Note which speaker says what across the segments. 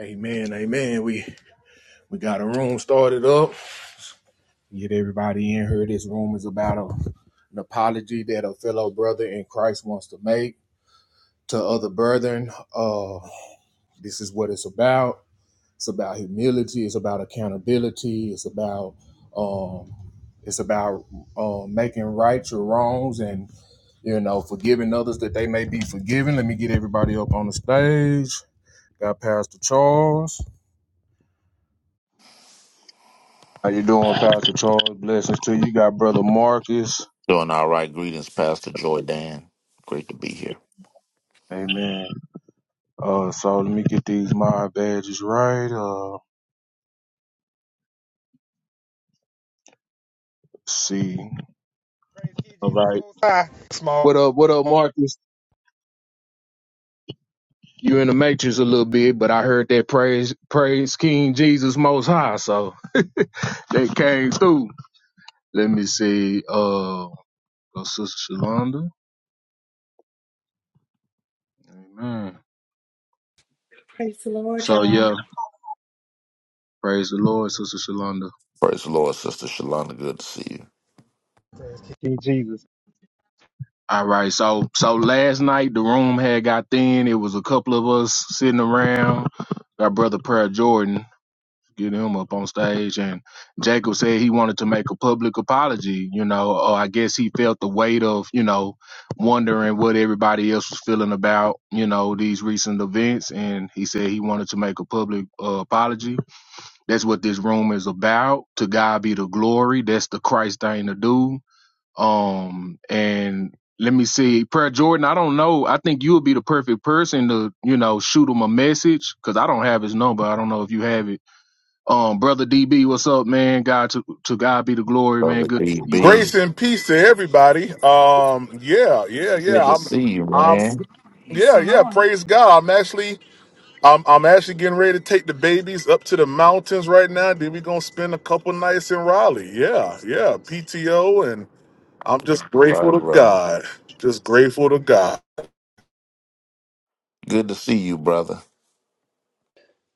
Speaker 1: Amen, amen. We we got a room started up. Get everybody in here. This room is about a, an apology that a fellow brother in Christ wants to make to other brethren. Uh, this is what it's about. It's about humility. It's about accountability. It's about um, it's about um, making right your wrongs and you know forgiving others that they may be forgiven. Let me get everybody up on the stage. Got Pastor Charles. How you doing, Pastor Charles? Blessings to you. got brother Marcus.
Speaker 2: Doing all right. Greetings, Pastor Joy Dan. Great to be here.
Speaker 1: Amen. Uh, so let me get these my badges right. Uh, let's see.
Speaker 3: Praise King
Speaker 1: All
Speaker 3: Jesus
Speaker 1: right.
Speaker 3: Most High. Small.
Speaker 1: What up? What up, Marcus? You in the matrix a little bit, but I heard that praise, praise King Jesus Most High. So they came through. Let me see. Uh, go Sister Shalonda. Amen.
Speaker 4: Praise the Lord,
Speaker 1: So
Speaker 4: y'all.
Speaker 1: yeah, praise the Lord, Sister Shalonda.
Speaker 2: Praise the Lord, Sister Shalonda. Good to see you.
Speaker 3: Praise King Jesus.
Speaker 1: All right, so so last night the room had got thin. It was a couple of us sitting around. Our brother Prayer Jordan, get him up on stage, and Jacob said he wanted to make a public apology. You know, or I guess he felt the weight of you know wondering what everybody else was feeling about you know these recent events, and he said he wanted to make a public uh, apology. That's what this room is about. To God be the glory. That's the Christ thing to do um, and let me see, Prayer Jordan. I don't know. I think you would be the perfect person to, you know, shoot him a message because I don't have his number. I don't know if you have it. Um, brother DB, what's up, man? God to to God be the glory, man.
Speaker 2: Brother
Speaker 1: Good to see you, brother.
Speaker 5: Grace
Speaker 2: DB.
Speaker 5: and peace to everybody. Um, yeah, yeah,
Speaker 2: Good
Speaker 5: yeah.
Speaker 2: to
Speaker 5: I'm,
Speaker 2: see you,
Speaker 5: I'm,
Speaker 2: man.
Speaker 4: Praise
Speaker 5: yeah,
Speaker 4: the
Speaker 5: yeah.
Speaker 4: Lord.
Speaker 5: Praise God. I'm actually, I'm, I'm actually getting ready to take the babies up to the mountains right now. Then we gonna spend a couple nights in Raleigh. Yeah, yeah. PTO, and I'm just grateful
Speaker 2: Bye,
Speaker 5: to
Speaker 2: brother.
Speaker 5: God. Just grateful to God.
Speaker 2: Good to see you, brother.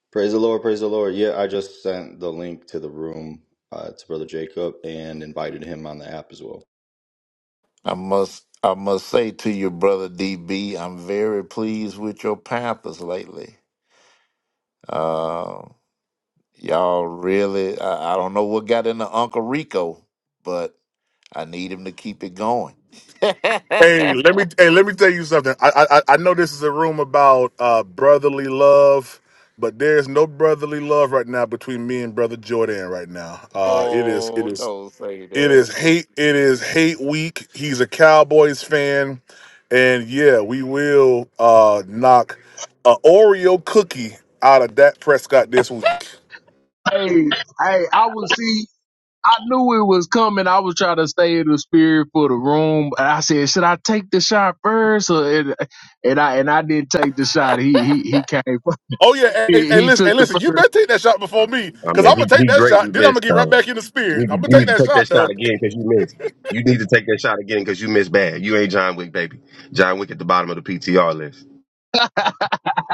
Speaker 6: Praise the Lord, praise the Lord. Yeah, I just sent the link to the room uh, to Brother Jacob and invited him on the app as well.
Speaker 2: I must I must say to you, brother DB, I'm very pleased with your Panthers lately. Uh, y'all really I, I don't know what got into Uncle Rico, but I need him to keep it going.
Speaker 5: Hey, let me, hey, let me tell you something. I, I, I I know this is a room about uh brotherly love. But there's no brotherly love right now between me and brother Jordan right now. Uh, it is it
Speaker 2: oh,
Speaker 5: is
Speaker 2: don't say
Speaker 5: It
Speaker 2: that.
Speaker 5: is hate. It is hate week. He's a Cowboys fan, and yeah, we will uh knock a Oreo cookie out of Dak Prescott this week.
Speaker 1: Hey, hey, I was see. I knew it was coming. I was trying to stay in the spirit for the room. And I said, should I take the shot first? Or, and, and I and I didn't take the shot. He he he came.
Speaker 5: Oh yeah, hey,
Speaker 1: He,
Speaker 5: hey
Speaker 1: he
Speaker 5: listen, hey
Speaker 1: took the
Speaker 5: listen, you
Speaker 1: first.
Speaker 5: better take that shot before me,
Speaker 7: I
Speaker 5: cause
Speaker 7: mean,
Speaker 5: I'm gonna
Speaker 7: he,
Speaker 5: take
Speaker 7: he
Speaker 5: that shot.
Speaker 7: greatly
Speaker 5: Then I'm gonna
Speaker 7: missed
Speaker 5: get right
Speaker 7: though.
Speaker 5: back in the
Speaker 7: You
Speaker 5: spirit.
Speaker 7: need, to,
Speaker 5: I'm gonna
Speaker 7: you
Speaker 5: take
Speaker 7: need
Speaker 5: that
Speaker 7: to take that
Speaker 5: shot
Speaker 7: shot
Speaker 5: though,
Speaker 7: again because you missed. You need to take that shot again because you missed bad. You ain't John Wick, baby. John Wick at the bottom of the PTR list.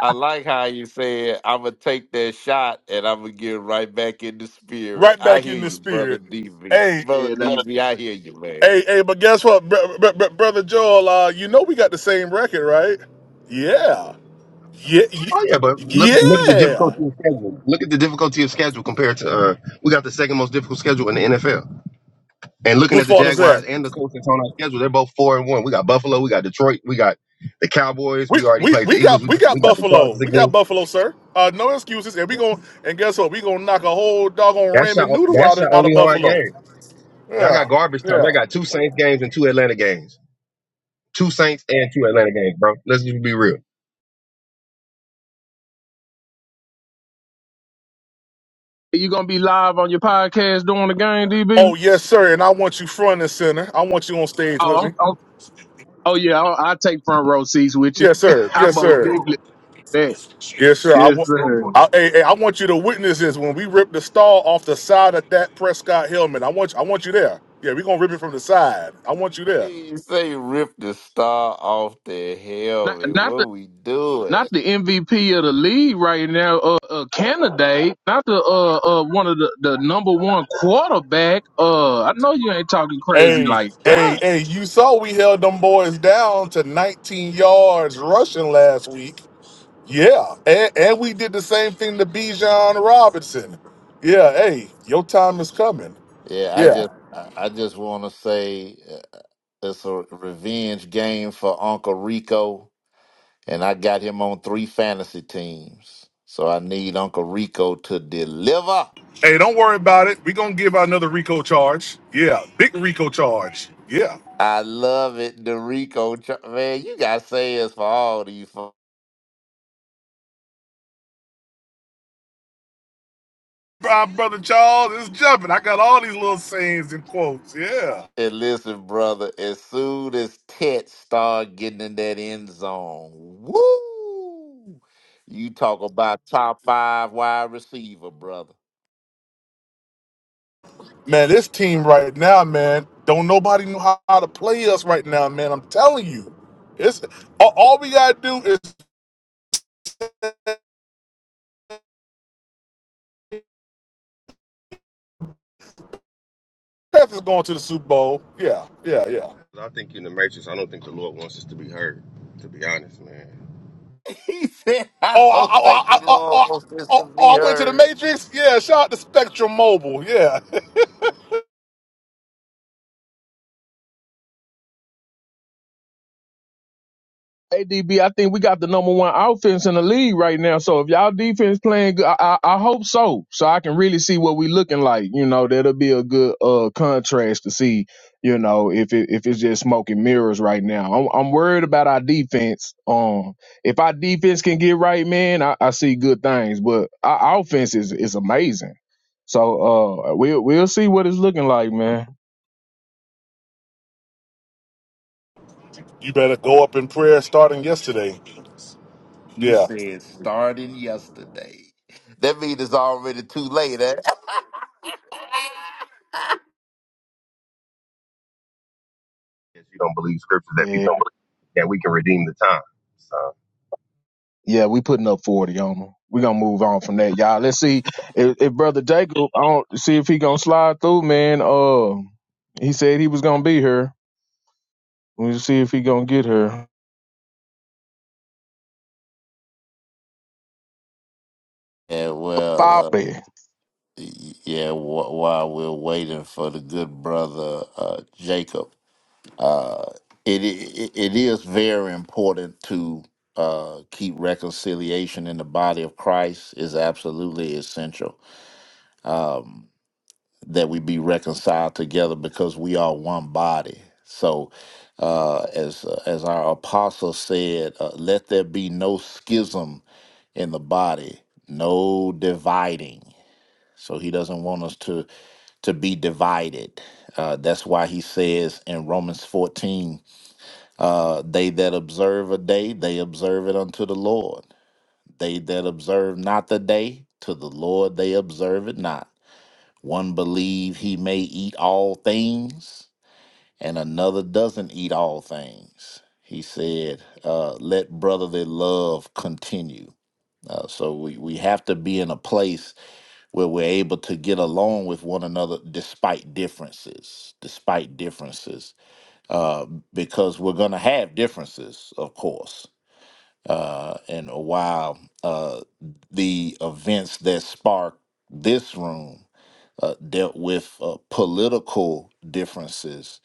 Speaker 2: I like how you said I'm gonna take that shot and I'm gonna get right back in the spirit.
Speaker 5: right
Speaker 2: I
Speaker 5: back
Speaker 2: hear
Speaker 5: in the
Speaker 2: you, brother
Speaker 5: spirit.
Speaker 2: DV.
Speaker 5: Hey,
Speaker 2: Brother
Speaker 1: and.
Speaker 2: DV, I hear you, man.
Speaker 5: hey, hey, but guess what, br- br- br- brother Joel? Uh, you know we got the same record, right? Yeah, yeah,
Speaker 7: Oh yeah, but
Speaker 5: yeah.
Speaker 7: look look at the
Speaker 5: yeah.
Speaker 7: difficulty of schedule. Look at the difficulty of schedule compared to uh, we got the second most difficult schedule in the NFL. And looking
Speaker 5: Whose
Speaker 7: at the
Speaker 5: fault is that?
Speaker 7: Jaguars and the Colts that's on our schedule, they're both four and one. We got Buffalo, we got Detroit, we got the Cowboys.
Speaker 5: We,
Speaker 7: We already
Speaker 5: we
Speaker 7: played the
Speaker 5: we
Speaker 7: Eagles.
Speaker 5: got
Speaker 7: We,
Speaker 5: we got
Speaker 7: we got the
Speaker 5: Buffalo.
Speaker 7: Chargers
Speaker 5: We got
Speaker 7: again.
Speaker 5: Buffalo, sir. Uh, no excuses. And we going and guess what? We gonna knock a whole doggone
Speaker 7: That's your
Speaker 5: ramen noodle
Speaker 7: that's
Speaker 5: out of
Speaker 7: your
Speaker 5: out of
Speaker 7: only hard
Speaker 5: Buffalo.
Speaker 7: game. Y'all got
Speaker 5: Yeah,
Speaker 7: garbage time.
Speaker 5: yeah.
Speaker 7: They got two Saints games and two Atlanta games. Two Saints and two Atlanta games, bro. Let's just be real.
Speaker 1: You gonna be live on your podcast during the game, DB?
Speaker 5: Oh yes, sir. And I want you front and center. I want you on stage
Speaker 1: Oh,
Speaker 5: with
Speaker 1: I'm,
Speaker 5: me.
Speaker 1: I'm, oh yeah, I'll, I'll take front row seats with you.
Speaker 5: Yes, sir.
Speaker 1: I
Speaker 5: Yes,
Speaker 1: most
Speaker 5: sir.
Speaker 1: definitely that.
Speaker 5: Yes, sir. I
Speaker 1: Yes,
Speaker 5: want.
Speaker 1: sir.
Speaker 5: I, hey, hey, I want you to witness this when we rip the star off the side of that Prescott helmet. I want I want you there. Yeah, we gonna rip it from the side. I want you there.
Speaker 2: You say rip the star off the
Speaker 1: Not,
Speaker 2: helmet.
Speaker 1: not the
Speaker 2: What we doing?
Speaker 1: not the MVP of the league right now, uh, uh candidate. Not the uh, uh one of the, the number one quarterback. Uh, I know you ain't talking crazy
Speaker 5: Hey,
Speaker 1: like that.
Speaker 5: hey, hey, you saw we held them boys down to 19 yards rushing last week. Yeah. And, and we did the same thing to Bijan Robinson. Yeah, hey, your time is coming.
Speaker 2: Yeah, I
Speaker 5: Yeah.
Speaker 2: just, I, I just want to say uh, it's a revenge game for Uncle Rico, and I got him on three fantasy teams. So I need Uncle Rico to deliver.
Speaker 5: Hey, don't worry about it. We're going to give out another Rico charge. Yeah. Big Rico charge. Yeah.
Speaker 2: I love it, Dorico. Ch- Man, you got sayings for all these. fo-
Speaker 5: Our brother Charles is jumping. I got all these little sayings and quotes. Yeah.
Speaker 2: And listen, brother, as soon as Tet start getting in that end zone, woo! You talk about top five wide receiver, brother.
Speaker 5: Man, this team right now, man, don't nobody know how how to play us right now, man. I'm telling you. It's all, all we gotta do is Panthers going to the Super Bowl. Yeah, yeah, yeah.
Speaker 7: I think in the matrix, I don't think the Lord wants us to be heard. To be honest, man.
Speaker 2: He said, I
Speaker 5: Oh,
Speaker 2: don't
Speaker 5: I, I,
Speaker 2: think
Speaker 5: I,
Speaker 2: the
Speaker 5: I,
Speaker 2: Lord
Speaker 5: I,
Speaker 2: wants this to
Speaker 5: oh,
Speaker 2: be
Speaker 5: oh, I went to the
Speaker 2: heard.
Speaker 5: Matrix. Yeah, shout out to Spectrum Mobile. Yeah,
Speaker 1: ADB, I think we got the number one offense in the league right now. So if y'all defense playing good, I, I, I hope so. So I can really see what we looking like. You know, that'll be a good uh contrast to see. You know, if it, if it's just smoke and mirrors right now, I'm I'm worried about our defense. Um, if our defense can get right, man, I, I see good things. But our offense is is amazing. So uh, we will we'll we'll see what it's looking like, man.
Speaker 5: you better go up in prayer starting yesterday.
Speaker 2: He
Speaker 5: Yeah.
Speaker 2: said, starting yesterday. That means it's already too late. Eh?
Speaker 7: If you don't believe scripture that people that we can redeem the time. So
Speaker 1: Yeah, we putting up forty on them. We gonna move on from that, y'all. Let's see if, if brother Jacob. I don't see if he gonna slide through, man. Uh, he said he was gonna be here. We'll see if he gonna get here.
Speaker 2: Yeah, well, uh,
Speaker 1: Forty.
Speaker 2: Yeah, wh- while we're waiting for the good brother uh, Jacob, uh, it, it it is very important to uh, keep reconciliation in the body of Christ is absolutely essential um, that we be reconciled together because we are one body. So, uh, as uh, as our apostle said, uh, let there be no schism in the body, no dividing. So he doesn't want us to to be divided. Uh, that's why he says in Romans 14, uh, they that observe a day, they observe it unto the Lord. They that observe not the day, to the Lord they observe it not. One believe he may eat all things, and another doesn't eat all things. He said, uh, let brotherly love continue. Uh, so we, we have to be in a place where we're able to get along with one another despite differences, despite differences, uh, because we're going to have differences, of course. Uh, and while uh, the events that sparked this room uh, dealt with uh, political differences,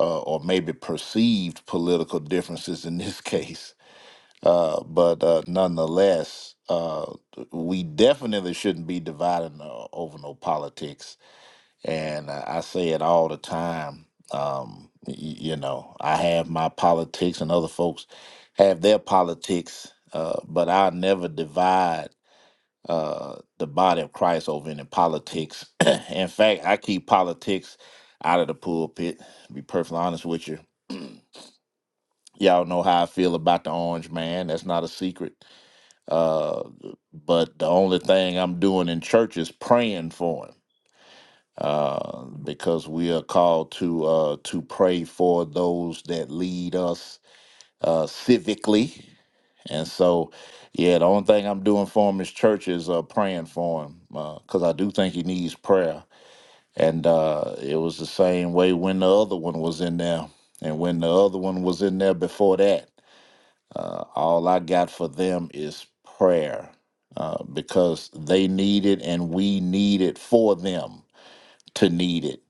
Speaker 2: uh, or maybe perceived political differences in this case, uh, but uh, nonetheless, uh, we definitely shouldn't be dividing uh, over no politics. And uh, I say it all the time. Um, y- you know, I have my politics, and other folks have their politics, uh, but I never divide uh, the body of Christ over any politics. In fact, I keep politics out of the pulpit. To be perfectly honest with you, y'all know how I feel about the orange man. That's not a secret. Uh, but the only thing I'm doing in church is praying for him uh, because we are called to uh, to pray for those that lead us uh, civically. And so, yeah, the only thing I'm doing for him is church is uh, praying for him because I do think he needs prayer. And uh, it was the same way when the other one was in there, and when the other one was in there before that. Uh, all I got for them is prayer uh, because they need it and we need it for them to need it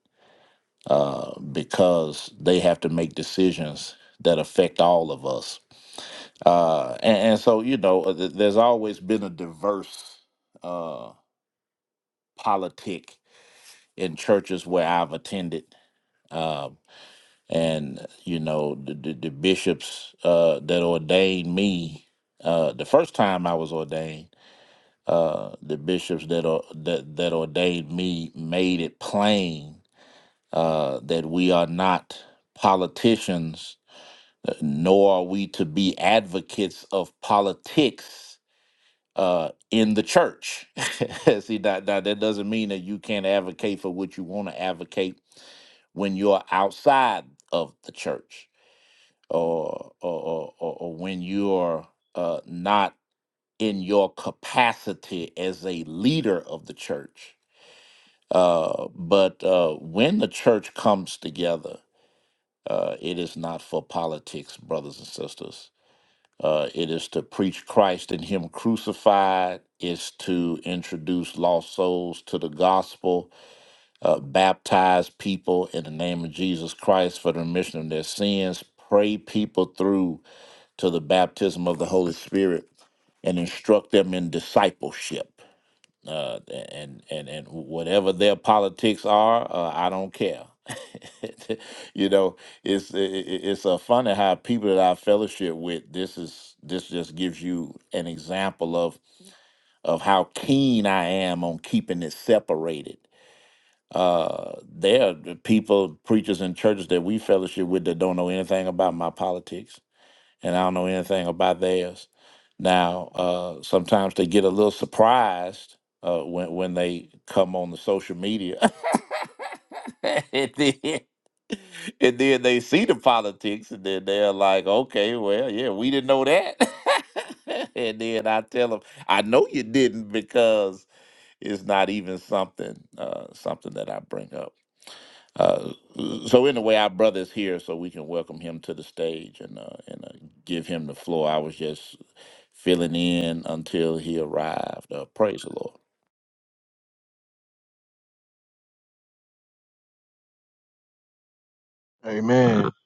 Speaker 2: uh, because they have to make decisions that affect all of us. Uh, and, and so, you know, uh, th- there's always been a diverse uh, politic in churches where I've attended. Uh, and, you know, the, the, the bishops uh, that ordained me uh, the first time I was ordained uh, the bishops that are that that ordained me made it plain uh, that we are not politicians, uh, nor are we to be advocates of politics uh, in the church. See, now, now that doesn't mean that you can't advocate for what you want to advocate when you're outside of the church, or or or, or or when you're uh, not in your capacity as a leader of the church Uh, but uh, when the church comes together, uh, it is not for politics, brothers and sisters. Uh, it is to preach Christ and Him crucified. It's to introduce lost souls to the gospel, uh, baptize people in the name of Jesus Christ for the remission of their sins, pray people through to the baptism of the Holy Spirit, and instruct them in discipleship uh, and and and whatever their politics are, uh, I don't care. you know, it's i- i- it's uh, funny how people that I fellowship with. This is this just gives you an example of of how keen I am on keeping it separated. Uh, there are the people, preachers, and churches that we fellowship with that don't know anything about my politics and I don't know anything about theirs. Now, uh, sometimes they get a little surprised uh, when when they come on the social media, and then and then they see the politics, and then they're like, "Okay, well, yeah, we didn't know that." and then I tell them, "I know you didn't because it's not even something uh, something that I bring up." Uh, so in a way, our brother is here, so we can welcome him to the stage and uh, and uh, give him the floor. I was just filling in until he arrived. Uh, praise the Lord.
Speaker 1: Amen.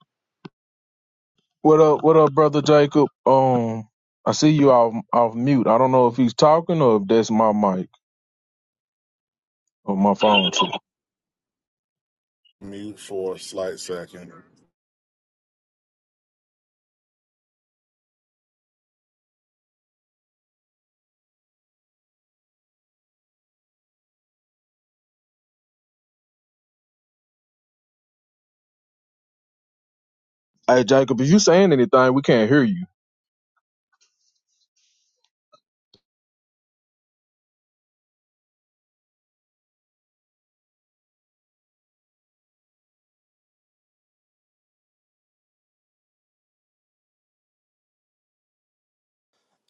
Speaker 1: What up? What up, brother Jacob? Um, I see you off off mute. I don't know if he's talking or if that's my mic or my phone too.
Speaker 5: Mute for a slight second.
Speaker 1: Hey, Jacob, if you saying anything, we can't hear you.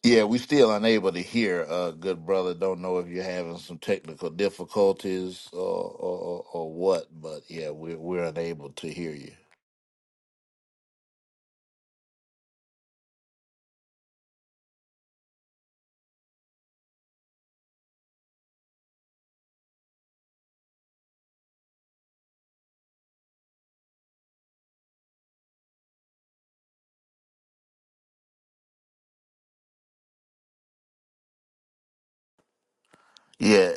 Speaker 2: Yeah, we still unable to hear. Uh, good brother, don't know if you're having some technical difficulties or or, or what, but yeah, we're we're unable to hear you. Yeah,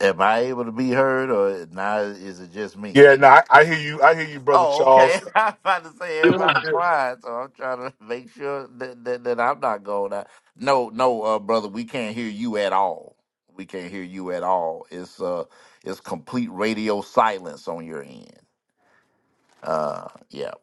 Speaker 2: am I able to be heard, or now is it just me?
Speaker 5: Yeah, no, I, I hear you. I hear you, brother
Speaker 2: Oh, okay.
Speaker 5: Charles.
Speaker 2: I'm about to say everybody quiet, so I'm trying to make sure that, that, that I'm not going out. No, no, uh, brother, we can't hear you at all. We can't hear you at all. It's uh, it's complete radio silence on your end. Uh, yeah,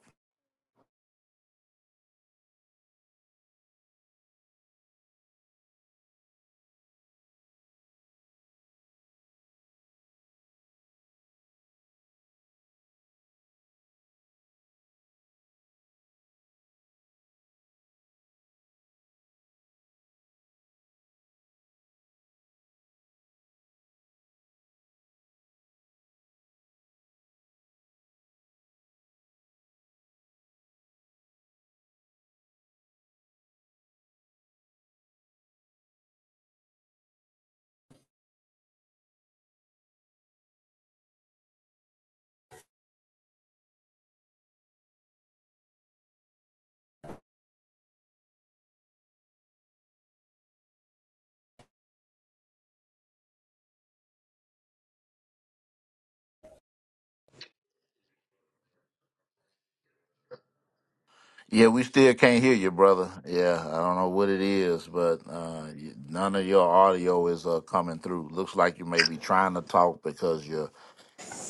Speaker 2: yeah, we still can't hear you, brother. Yeah, I don't know what it is, but uh, y- none of your audio is uh coming through. Looks like you may be trying to talk because your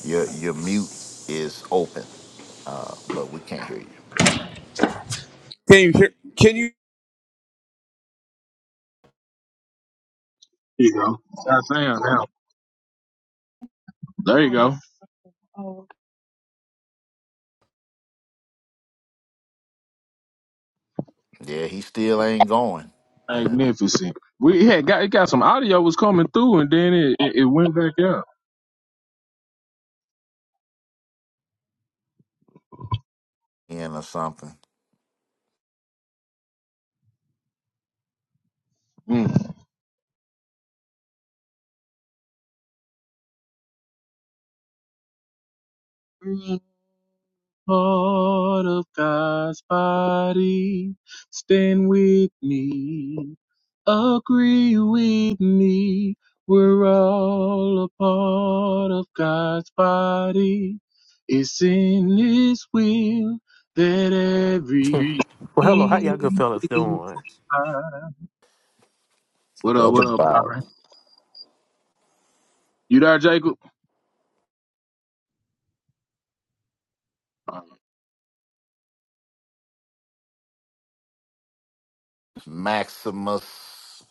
Speaker 2: your your mute is open, uh, but we can't hear you.
Speaker 8: Can you hear? Can you
Speaker 1: There you go. That's now. There you go.
Speaker 2: Yeah, he still ain't going. Yeah,
Speaker 1: Magnificent. We had got it got some audio was coming through and then it, it, it went back out.
Speaker 2: in or something.
Speaker 1: Mm. Lord of God's body, stand with me, agree with me. We're all a part of God's body. It's in His will that every
Speaker 9: Well, hello. How y'all good
Speaker 1: need
Speaker 9: fellas
Speaker 1: is
Speaker 9: doing?
Speaker 1: supplied. What up?
Speaker 2: Brother
Speaker 1: What up,
Speaker 2: Bob.
Speaker 1: Byron? You there, Jacob?
Speaker 2: Maximus,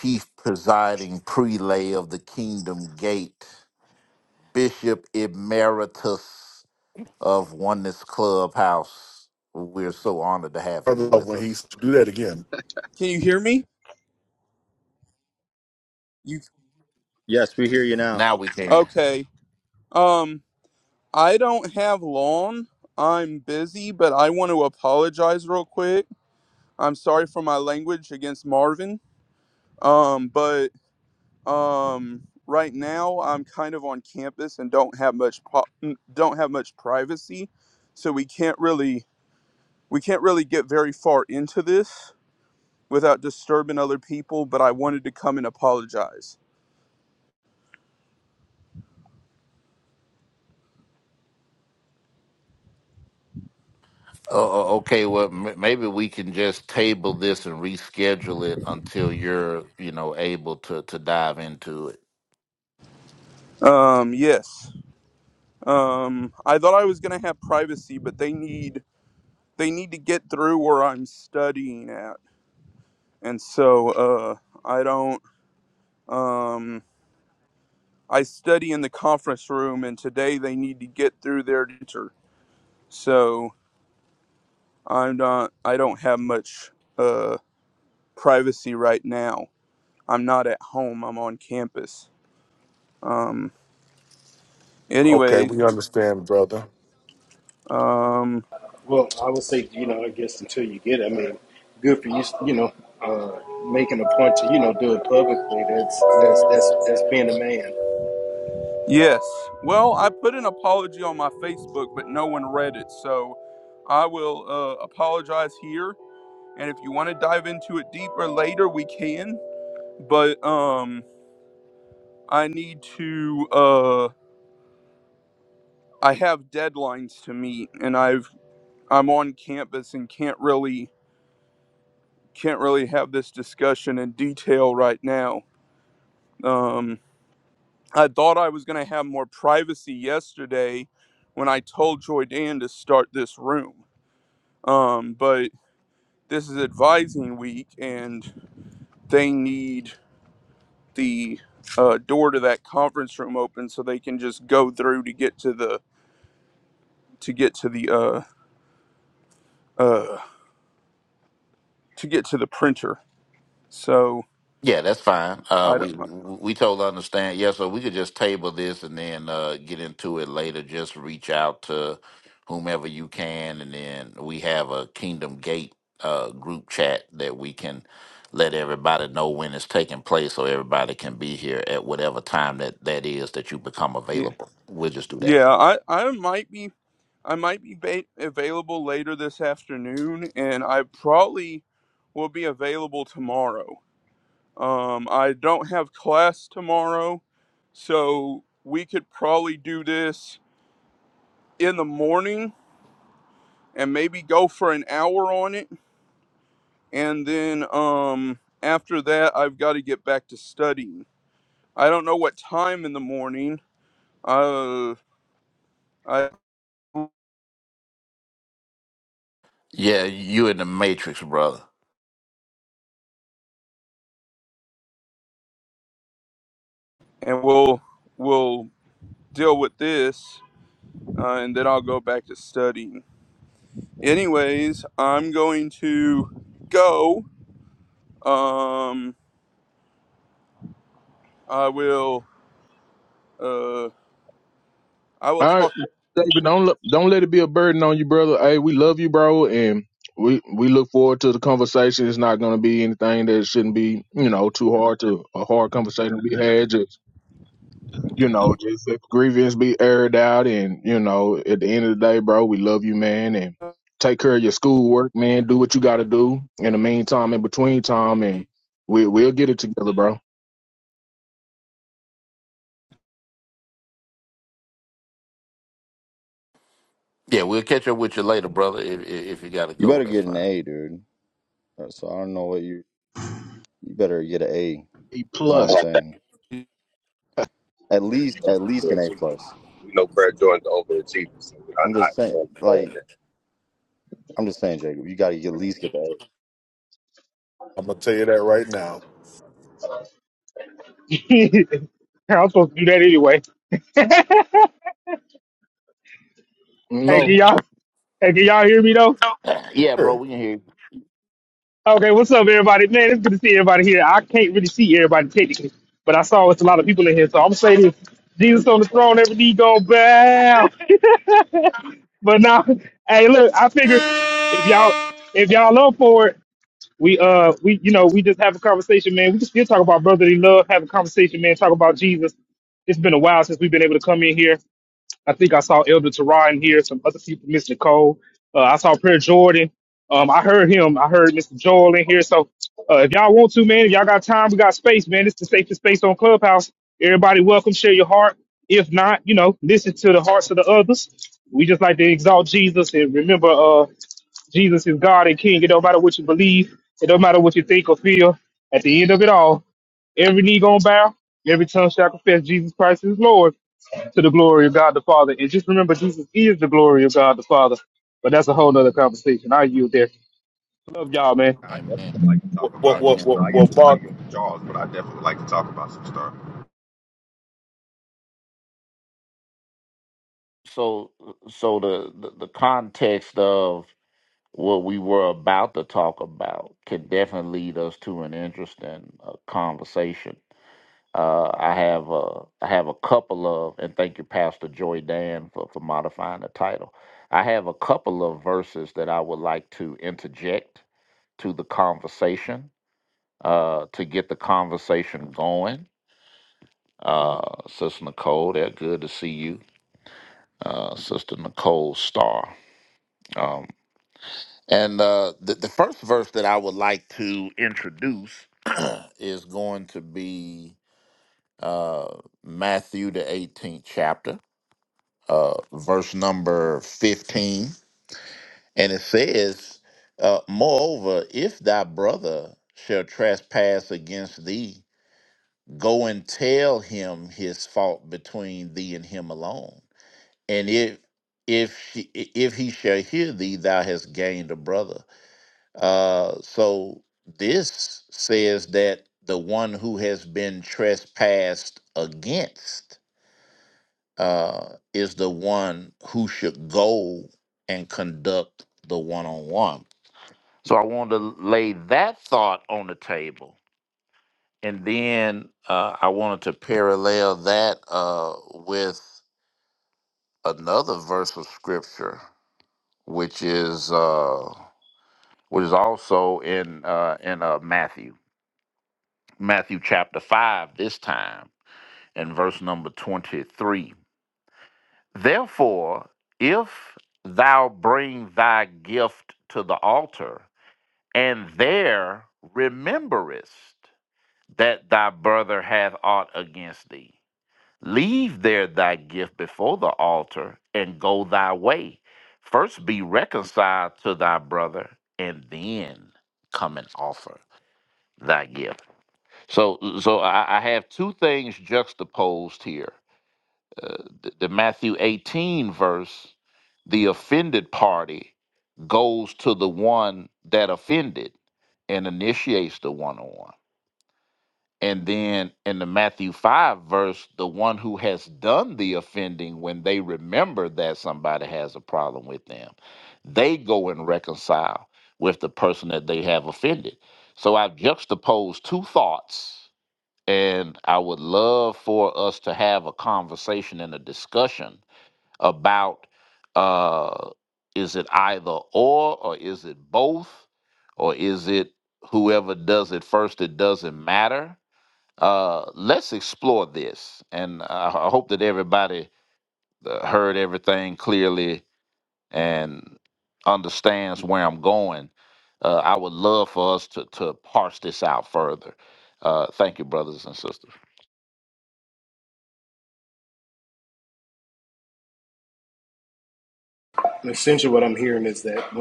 Speaker 2: chief presiding prelay of the Kingdom Gate, Bishop Emeritus of Oneness Clubhouse. We're so honored to have you
Speaker 5: Brother,
Speaker 2: with
Speaker 5: when he
Speaker 2: us.
Speaker 5: do that again.
Speaker 8: can you hear me? You
Speaker 6: Yes, we hear you now.
Speaker 2: Now we can.
Speaker 8: okay? Um, I don't have long. I'm busy, but I want to apologize real quick. I'm sorry for my language against Marvin. Um, but um, right now I'm kind of on campus and don't have much po- n- don't have much privacy, so we can't really we can't really get very far into this without disturbing other people. But I wanted to come and apologize.
Speaker 2: Oh, oh, okay. Well, m- maybe we can just table this and reschedule it until you're, you know, able to to dive into it.
Speaker 8: Um, yes. Um, I thought I was gonna have privacy, but they need they need to get through where I'm studying at, and so uh, I don't. Um, I study in the conference room, and today they need to get through their teacher, so I'm not. I don't have much uh, privacy right now. I'm not at home. I'm on campus. Um.
Speaker 5: Okay,
Speaker 8: Anyways.
Speaker 5: we understand, brother.
Speaker 8: Um.
Speaker 10: Well, I would say, you know, I guess until you get it, I mean, good for you, you know, uh, making a point to, you know, do it publicly. That's that's that's that's being a man.
Speaker 8: Yes. Well, I put an apology on my Facebook, but no one read it. So I will uh, apologize here. And if you want to dive into it deeper later, we can. But um, I need to. Uh, I have deadlines to meet, and I've I'm on campus and can't really can't really have this discussion in detail right now. Um, I thought I was going to have more privacy yesterday when I told Joy Dan to start this room Um, but this is advising week, and they need the uh, door to that conference room open so they can just go through to get to the to get to the uh uh to get to the printer. So
Speaker 2: Yeah, that's fine. Uh,
Speaker 8: I don't.
Speaker 2: we we totally understand. Yeah, so we could just table this and then uh, get into it later. Just reach out to whomever you can, and then we have a Kingdom Gate uh, group chat that we can let everybody know when it's taking place, so everybody can be here at whatever time that that is that you become
Speaker 8: Yeah,
Speaker 2: available. We'll just do that.
Speaker 8: yeah. I I might be I might be ba- available later this afternoon, and I probably will be available tomorrow. Um, I don't have class tomorrow, so we could probably do this in the morning and maybe go for an hour on it and then um after that I've got to get back to studying. I don't know what time in the morning. Uh I
Speaker 2: Yeah, you in the matrix, brother.
Speaker 8: and we'll we'll deal with this uh, and then I'll go back to studying. Anyways, I'm going to go um I will uh I will
Speaker 1: All right,
Speaker 8: talk to
Speaker 1: David, don't let, don't let it be a burden on you, brother. Hey, we love you, bro, and we we look forward to the conversation. It's not going to be anything that shouldn't be, you know, too hard to a hard conversation to be had. Just you know, just if grievance be aired out, and you know, at the end of the day, bro, we love you, man, and take care of your schoolwork, man. Do what you got to do in the meantime, in between time, and we we'll get it together, bro.
Speaker 2: Yeah, we'll catch up with you later, brother. If if, if you gotta
Speaker 6: You
Speaker 2: go,
Speaker 6: better
Speaker 2: that's
Speaker 6: get an
Speaker 2: fine.
Speaker 6: A, dude. Uh, So I don't know what you. You better get an A.
Speaker 1: E
Speaker 6: That's all
Speaker 1: plus,
Speaker 6: I'm saying. At
Speaker 7: prayer
Speaker 6: least,
Speaker 7: joint
Speaker 6: at least an A plus.
Speaker 7: we know prayer joint the overachiever, so I,
Speaker 6: I'm
Speaker 7: I
Speaker 6: just saying,
Speaker 7: we understand
Speaker 6: like,
Speaker 7: that.
Speaker 6: I'm just saying, Jacob. You got to at least get the A.
Speaker 5: I'm gonna tell you that right now.
Speaker 3: I'm supposed to do that anyway.
Speaker 1: no,
Speaker 3: Hey, can
Speaker 2: Yeah,
Speaker 3: y'all? Hey, can y'all hear me though?
Speaker 2: yeah, bro,
Speaker 5: Well,
Speaker 2: we can hear you.
Speaker 3: Okay, what's up, everybody? Man, it's good to see everybody here. I can't really see everybody technically, but I saw it's a lot of people in here, so I'm saying this: Jesus on the throne, every knee gonna bow. but now, hey, look, I figure if y'all if y'all up for it. We uh we you know we just have a conversation, man. We just still talk about brotherly love, have a conversation, man. Talk about Jesus. It's been a while since we've been able to come in here I think I saw Elder Teron here, some other people, Miss Nicole. Uh, I saw Prayer Jordan. Um, I heard him. I heard Mr. Joel in here. So uh, if y'all want to, man, if y'all got time, we got space, man. This is the safest space on Clubhouse. Everybody welcome, share your heart. If not, you know, listen to the hearts of the others. We just like to exalt Jesus and remember uh, Jesus is God and King. It don't matter what you believe. It don't matter what you think or feel. At the end of it all, every knee gonna bow, every tongue shall confess Jesus Christ is Lord to the glory of God the Father. And just remember, Jesus is the glory of God the Father. But that's a whole nother conversation. I yield there. Love y'all, man.
Speaker 7: I
Speaker 2: Amen.
Speaker 7: definitely like to talk
Speaker 5: well,
Speaker 7: about it.
Speaker 5: well,
Speaker 2: Amen.
Speaker 7: You know,
Speaker 5: well,
Speaker 7: I
Speaker 2: Love you
Speaker 7: give
Speaker 5: well,
Speaker 2: too,
Speaker 7: I
Speaker 2: brother.
Speaker 5: Mark,
Speaker 7: give the jaws, but I definitely like to talk about some stuff.
Speaker 2: So, so the, the the context of what we were about to talk about can definitely lead us to an interesting uh, conversation. Uh, I have uh, I have a couple of, and thank you, Pastor Joy Dan, for for modifying the title. I have a couple of verses that I would like to interject to the conversation uh, to get the conversation going. Uh, Sister Nicole, they're good to see you. uh, Sister Nicole Starr. Um, and uh, the, the first verse that I would like to introduce is going to be uh, Matthew, the 18th chapter, uh, verse number 15. And it says, uh, Moreover, if thy brother shall trespass against thee, go and tell him his fault between thee and him alone. and if if he, if he shall hear thee, thou hast gained a brother. Uh, so this says that the one who has been trespassed against uh, is the one who should go and conduct the one on one. So I wanted to lay that thought on the table, and then uh, I wanted to parallel that uh, with another verse of scripture which is uh which is also in uh in uh Matthew. Matthew chapter 5 this time in verse number 23. Therefore, if thou bring thy gift to the altar and there rememberest that thy brother hath aught against thee, Leave there thy gift before the altar and go thy way. First be reconciled to thy brother, and then come and offer thy gift. So, so I, I have two things juxtaposed here: uh, the, the Matthew eighteen verse, the offended party goes to the one that offended and initiates the one-on-one and then in the Matthew 5 verse, the one who has done the offending, when they remember that somebody has a problem with them, they go and reconcile with the person that they have offended. So I've juxtaposed two thoughts, and I would love for us to have a conversation and a discussion about uh, is it either or, or is it both, or is it whoever does it first, it doesn't matter? Uh, let's explore this, and I, I hope that everybody uh, heard everything clearly and understands where I'm going. Uh, I would love for us to to parse this out further. Uh, thank you, brothers and sisters.
Speaker 10: And essentially, what I'm hearing is that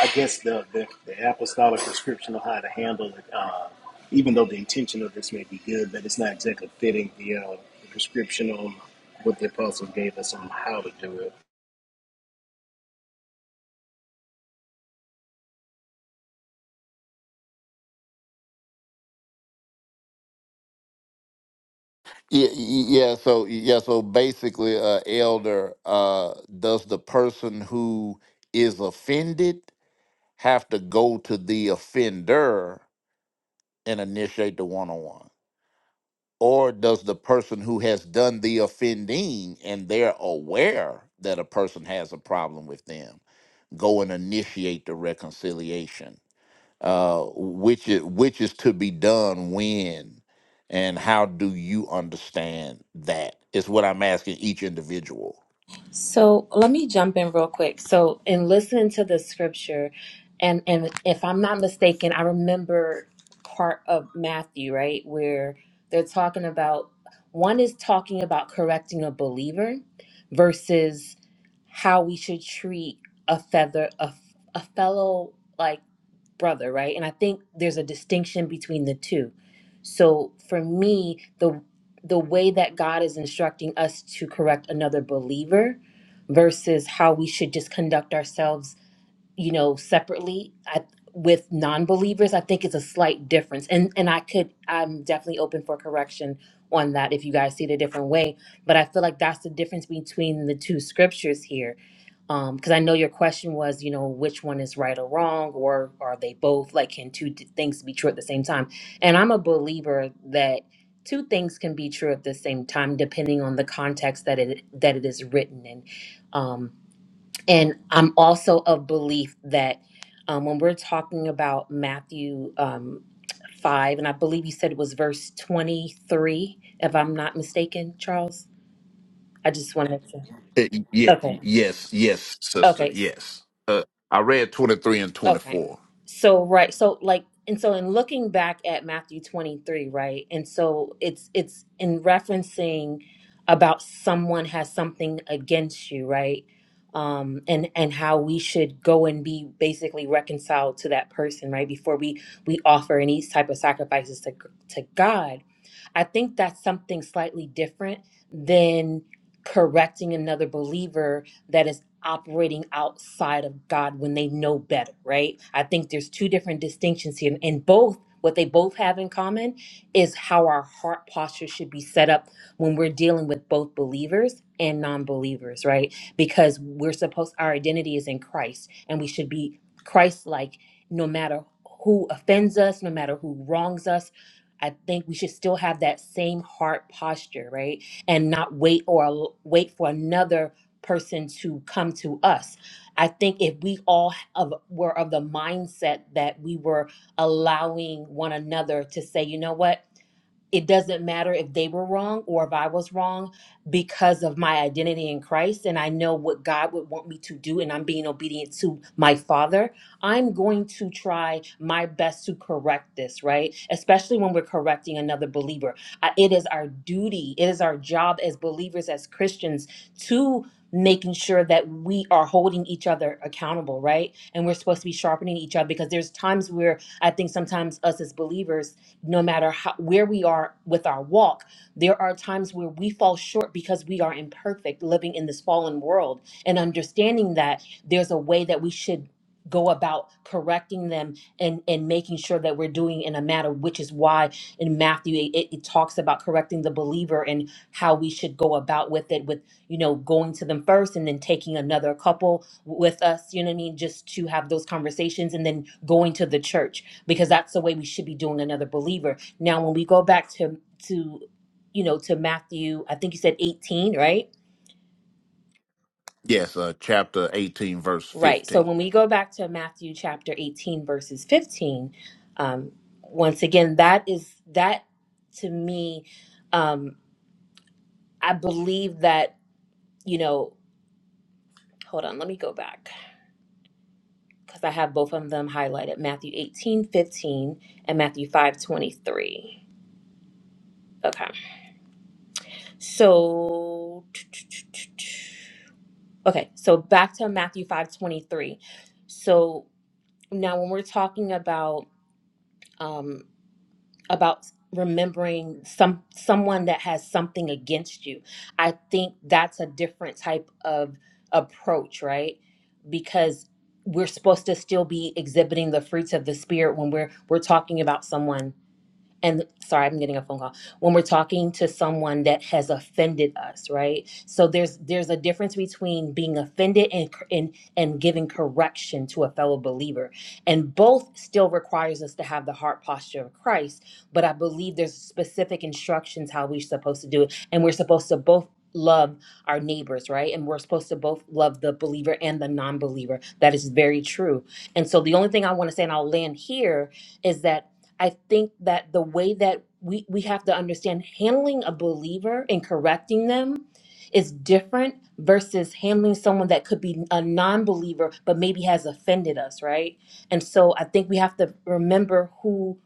Speaker 10: I guess the the, the apostolic prescription of how to handle it, uh, even though the intention of this may be good, but it's not exactly fitting the, uh, the prescription on what the apostle gave us on how to do it.
Speaker 2: Yeah, yeah. So yeah, so basically, uh, elder, uh, does the person who is offended have to go to the offender and initiate the one-on-one? or does the person who has done the offending and they're aware that a person has a problem with them go and initiate the reconciliation uh, which is which is to be done when and how do you understand that is what i'm asking each individual
Speaker 11: So let me jump in real quick. So in listening to the scripture, and and if I'm not mistaken, I remember part of Matthew right where they're talking about one is talking about correcting a believer versus how we should treat a feather a, a fellow like brother right and i think there's a distinction between the two so for me the the way that god is instructing us to correct another believer versus how we should just conduct ourselves you know separately I, with non-believers i think it's a slight difference and and i could i'm definitely open for correction on that if you guys see it a different way but i feel like that's the difference between the two scriptures here um because i know your question was you know which one is right or wrong or are they both like can two d- things be true at the same time and i'm a believer that two things can be true at the same time depending on the context that it that it is written in um and i'm also of belief that um, when we're talking about matthew um 5 and i believe you said it was verse 23 if i'm not mistaken charles i just wanted to
Speaker 2: Uh, y- yeah,
Speaker 11: okay
Speaker 2: y- yes yes sister
Speaker 11: okay
Speaker 2: yes uh, i read 23 and
Speaker 11: Okay.
Speaker 2: 24
Speaker 11: So right, so like and so in looking back at Matthew 23, right? And so it's it's in referencing about someone has something against you, right? Um and and how we should go and be basically reconciled to that person, right? Before we we offer any type of sacrifices to to God. I think that's something slightly different than correcting another believer that is operating outside of God when they know better, right? I think there's two different distinctions here. And both, what they both have in common is how our heart posture should be set up when we're dealing with both believers and non believers, right? Because we're supposed, our identity is in Christ and we should be Christ like no matter who offends us, no matter who wrongs us. I think we should still have that same heart posture, right? And not wait or wait for another person to come to us. I think if we all of, were of the mindset that we were allowing one another to say, you know what? it doesn't matter if they were wrong or if I was wrong because of my identity in Christ and I know what God would want me to do and I'm being obedient to my Father, I'm going to try my best to correct this, right? Especially when we're correcting another believer. I- It is our duty, it is our job as believers, as Christians, to making sure that we are holding each other accountable, right? And we're supposed to be sharpening each other because there's times where I think sometimes us as believers, no matter how, where we are with our walk, there are times where we fall short because we are imperfect living in this fallen world and understanding that there's a way that we should go about correcting them and and making sure that we're doing in a manner which is why in matthew it, it it talks about correcting the believer and how we should go about with it with you know going to them first and then taking another couple with us you know what i mean just to have those conversations and then going to the church because that's the way we should be doing another believer. Now, when we go back to to you know to Matthew, I think you said 18, right?
Speaker 2: yes uh, chapter 18 verse
Speaker 11: Right. So
Speaker 2: 15
Speaker 11: when we go back to Matthew chapter 18 verses 15, um, once again, that is that to me, um, I believe that you know. Hold on, let me go back because I have both of them highlighted: Matthew eighteen fifteen and Matthew five twenty three. Okay. So Okay, so back to Matthew 5 23. So now when we're talking about um about remembering some someone that has something against you, I think that's a different type of approach, right? Because we're supposed to still be exhibiting the fruits of the spirit when we're we're talking about someone and sorry i'm getting a phone call when we're talking to someone that has offended us right so there's there's a difference between being offended and cor- and, and giving correction to a fellow believer and both still requires us to have the heart posture of christ but i believe there's specific instructions how we're supposed to do it and we're supposed to both love our neighbors right and we're supposed to both love the believer and the non-believer that is very true and so the only thing i want to say and i'll land here is that I think that the way that we, we have to understand handling a believer and correcting them is different versus handling someone that could be a non believer but maybe has offended us, right? And so I think we have to remember who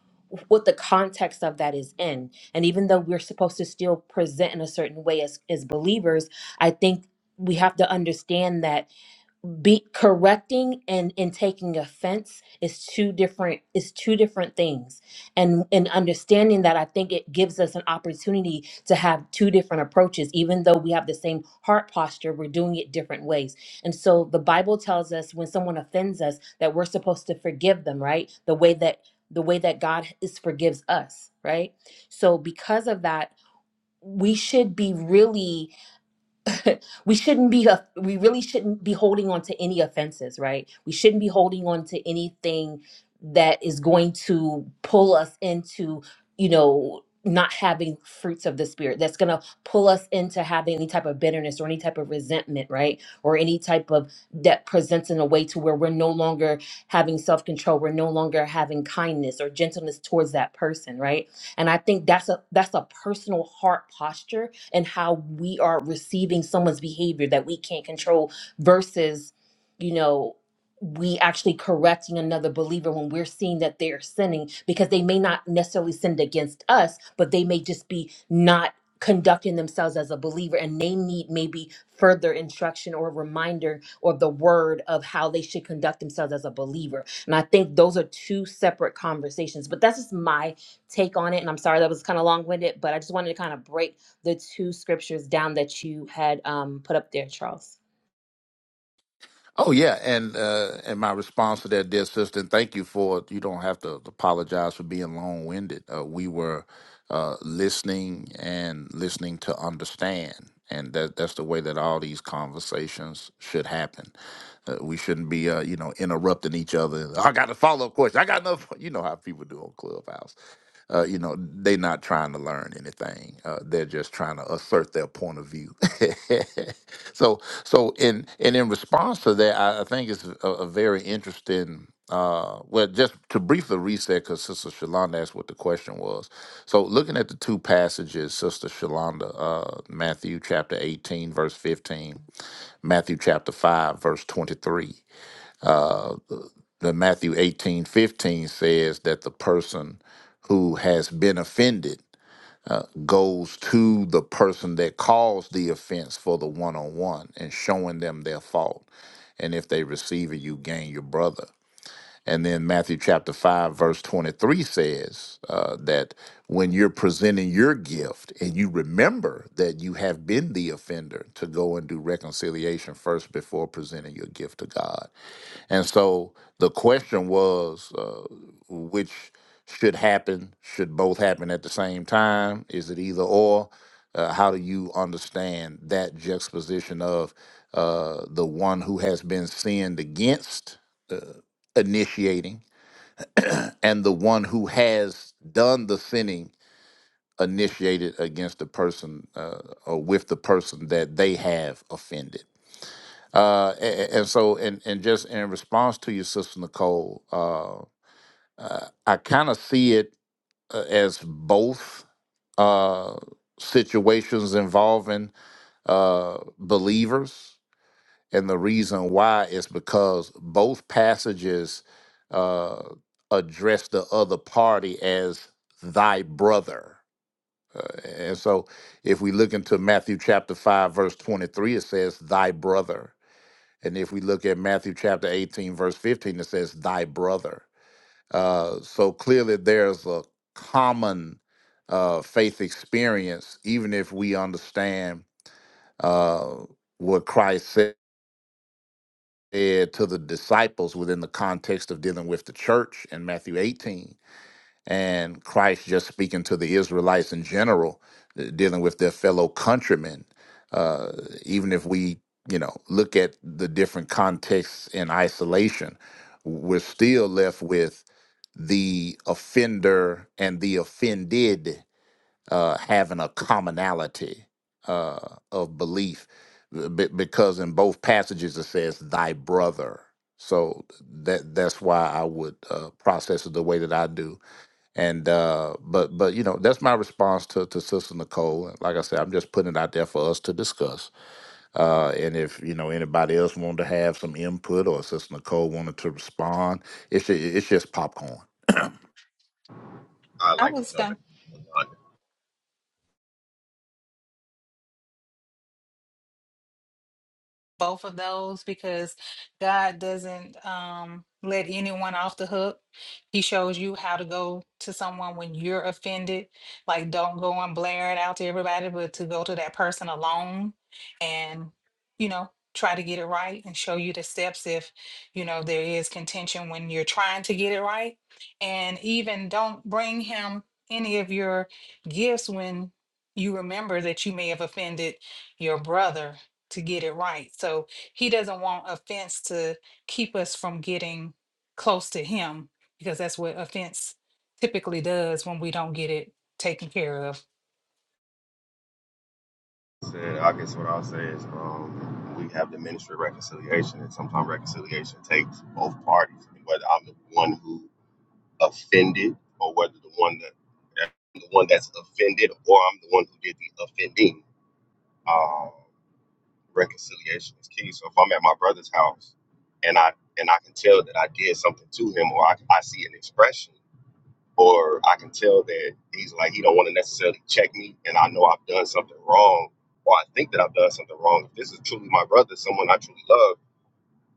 Speaker 11: what the context of that is in. And even though we're supposed to still present in a certain way as, as believers, I think we have to understand that be correcting and and taking offense is two different is two different things and and understanding that i think it gives us an opportunity to have two different approaches even though we have the same heart posture we're doing it different ways and so the bible tells us when someone offends us that we're supposed to forgive them right the way that the way that god is forgives us right so because of that we should be really we shouldn't be a- we really shouldn't be holding on to any offenses right we shouldn't be holding on to anything that is going to pull us into you know not having fruits of the spirit that's going to pull us into having any type of bitterness or any type of resentment right or any type of that presents in a way to where we're no longer having self-control we're no longer having kindness or gentleness towards that person right and i think that's a that's a personal heart posture and how we are receiving someone's behavior that we can't control versus, you know, we actually correcting another believer when we're seeing that they're sinning because they may not necessarily sinned against us, but they may just be not conducting themselves as a believer and they need maybe further instruction or reminder or the word of how they should conduct themselves as a believer. And I think those are two separate conversations. But that's just my take on it. And I'm sorry that was kind of long winded, but I just wanted to kind of break the two scriptures down that you had um, put up there, Charles.
Speaker 2: Oh yeah, and uh, and my response to that, dear sister, and thank you for you don't have to apologize for being long winded. Uh, we were uh, listening and listening to understand, and that that's the way that all these conversations should happen. Uh, we shouldn't be uh, you know interrupting each other. I got a follow up question. I got enough. You know how people do on Clubhouse. Uh, you know they're not trying to learn anything. Uh, they're just trying to assert their point of view. so so in and in response to that i, I think it's a, a very interesting uh well just to briefly reset because sister shalonda asked what the question was so looking at the two passages sister shalonda uh matthew chapter 18 verse 15 matthew chapter 5 verse 23 the matthew 18 15 says that the person who has been offended goes to the person that caused the offense for the one on one and showing them their fault. And if they receive it, you gain your brother. And then Matthew chapter 5, verse 23 says uh, that when you're presenting your gift and you remember that you have been the offender, to go and do reconciliation first before presenting your gift to God. And so the question was uh, which should happen? Should both happen at the same time? Is it either or? Uh, how do you understand that juxtaposition of uh, the one who has been sinned against initiating? and the one who has done the sinning initiated against the person uh, or with the person that they have offended. Uh, a- and, so, and, and just in response to your sister Nicole, uh, uh, I kind of see it uh, as both uh, situations involving uh, believers and the reason why is because both passages uh, address the other party as thy brother. Uh, and so if we look into Matthew chapter 5, verse 23, it says, thy brother. And if we look at Matthew chapter 18, verse 15, it says, thy brother. Uh, so clearly there's a common uh, faith experience, even if we understand uh, what Christ said. said to the disciples within the context of dealing with the church in Matthew 18, and Christ just speaking to the Israelites in general, uh, dealing with their fellow countrymen. Uh, even if we, you know, look at the different contexts in isolation, we're still left with the offender and the offended uh, having a commonality uh, of belief b- because in both passages it says thy brother so that that's why i would uh, process it the way that i do and uh, but but you know that's my response to, to sister nicole And like i said i'm just putting it out there for us to discuss uh, and if you know anybody else wanted to have some input or sister nicole wanted to respond it's, ju- it's just popcorn
Speaker 7: I
Speaker 4: I
Speaker 7: like
Speaker 4: was
Speaker 7: to
Speaker 4: going.
Speaker 7: jump
Speaker 4: to
Speaker 7: in.
Speaker 4: both of those because God doesn't um, let anyone off the hook. He shows you how to go to someone when you're offended. Like, don't go and blare it out to everybody, but to go to that person alone and, you know, try to get it right and show you the steps if, you know, there is contention when you're trying to get it right. And even don't bring him any of your gifts when you remember that you may have offended your brother to get it right. So he doesn't want offense to keep us from getting close to him because that's what offense typically does when we don't get it taken care of.
Speaker 7: Said, I guess what I'll say is um, we have the ministry of reconciliation, and sometimes reconciliation takes both parties. Whether I'm the one who offended or whether the one that the one that's offended or I'm the one who did the offending. Uh, reconciliation is key. So if I'm at my brother's house and I and I can tell that I did something to him or I, I see an expression or I can tell that he's like he don't want to necessarily check me and I know I've done something wrong or I think that I've done something wrong. If this is truly my brother, someone I truly love,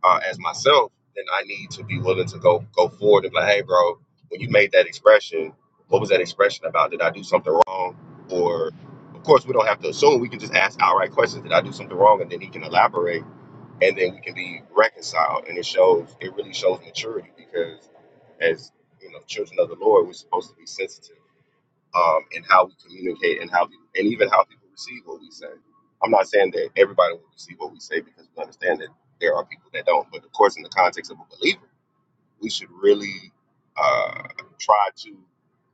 Speaker 7: uh, as myself, then I need to be willing to go go forward and be like, hey, bro, when you made that expression, what was that expression about? Did I do something wrong? Or, of course, we don't have to assume. We can just ask outright questions. Did I do something wrong? And then he can elaborate, and then we can be reconciled. And it shows. It really shows maturity because, as you know, children of the Lord, we're supposed to be sensitive um, and how we communicate and how people, and even how people receive what we say. I'm not saying that everybody will receive what we say because we understand that there are people that don't. But of course, in the context of a believer, we should really uh, try to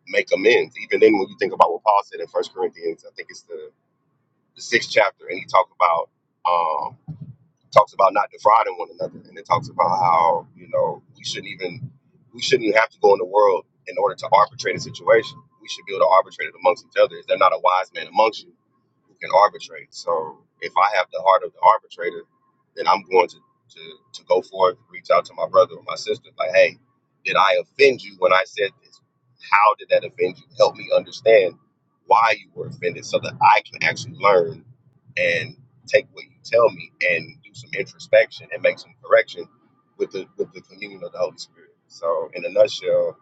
Speaker 7: make amends. Even then, when you think about what Paul said in First Corinthians, I think it's the, the sixth chapter, and he talked about um, talks about not defrauding one another, and it talks about how you know we shouldn't even we shouldn't even have to go in the world in order to arbitrate a situation. We should be able to arbitrate it amongst each other. Is there not a wise man amongst you who can arbitrate? So if I have the heart of the arbitrator, then I'm going to to, to go forth, reach out to my brother or my sister, like, hey, did I offend you when I said this? How did that offend you? Help me understand why you were offended so that I can actually learn and take what you tell me and do some introspection and make some correction with the with the communion of the Holy Spirit. So in a nutshell,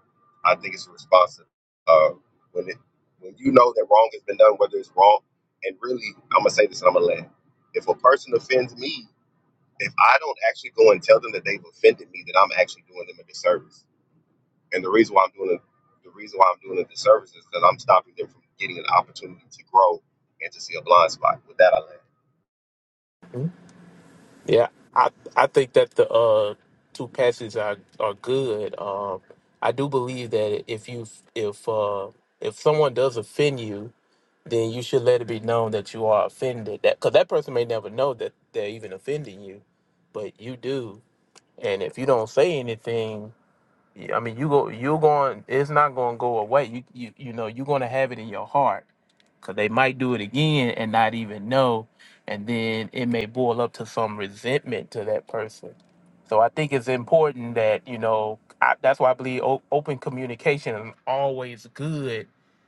Speaker 7: I think it's responsive. Uh, when it when you know that wrong has been done, whether it's wrong, and really I'm gonna say this and I'm gonna land. If a person offends me, if I don't actually go and tell them that they've offended me, then I'm actually doing them a disservice. And the reason why I'm doing a, the reason why I'm doing a disservice is that I'm stopping them from getting an opportunity to grow and to see a blind spot. With that, I land.
Speaker 9: Yeah, I I think that the uh, two passages are are good. Um, I do believe that if you if uh, if someone does offend you, then you should let it be known that you are offended. That because that person may never know that they're even offending you, but you do. And if you don't say anything, I mean, you go you're going. It's not going to go away. You you you know you're going to have it in your heart because they might do it again and not even know and then it may boil up to some resentment to that person so i think it's important that you know I, that's why i believe o- open communication is always good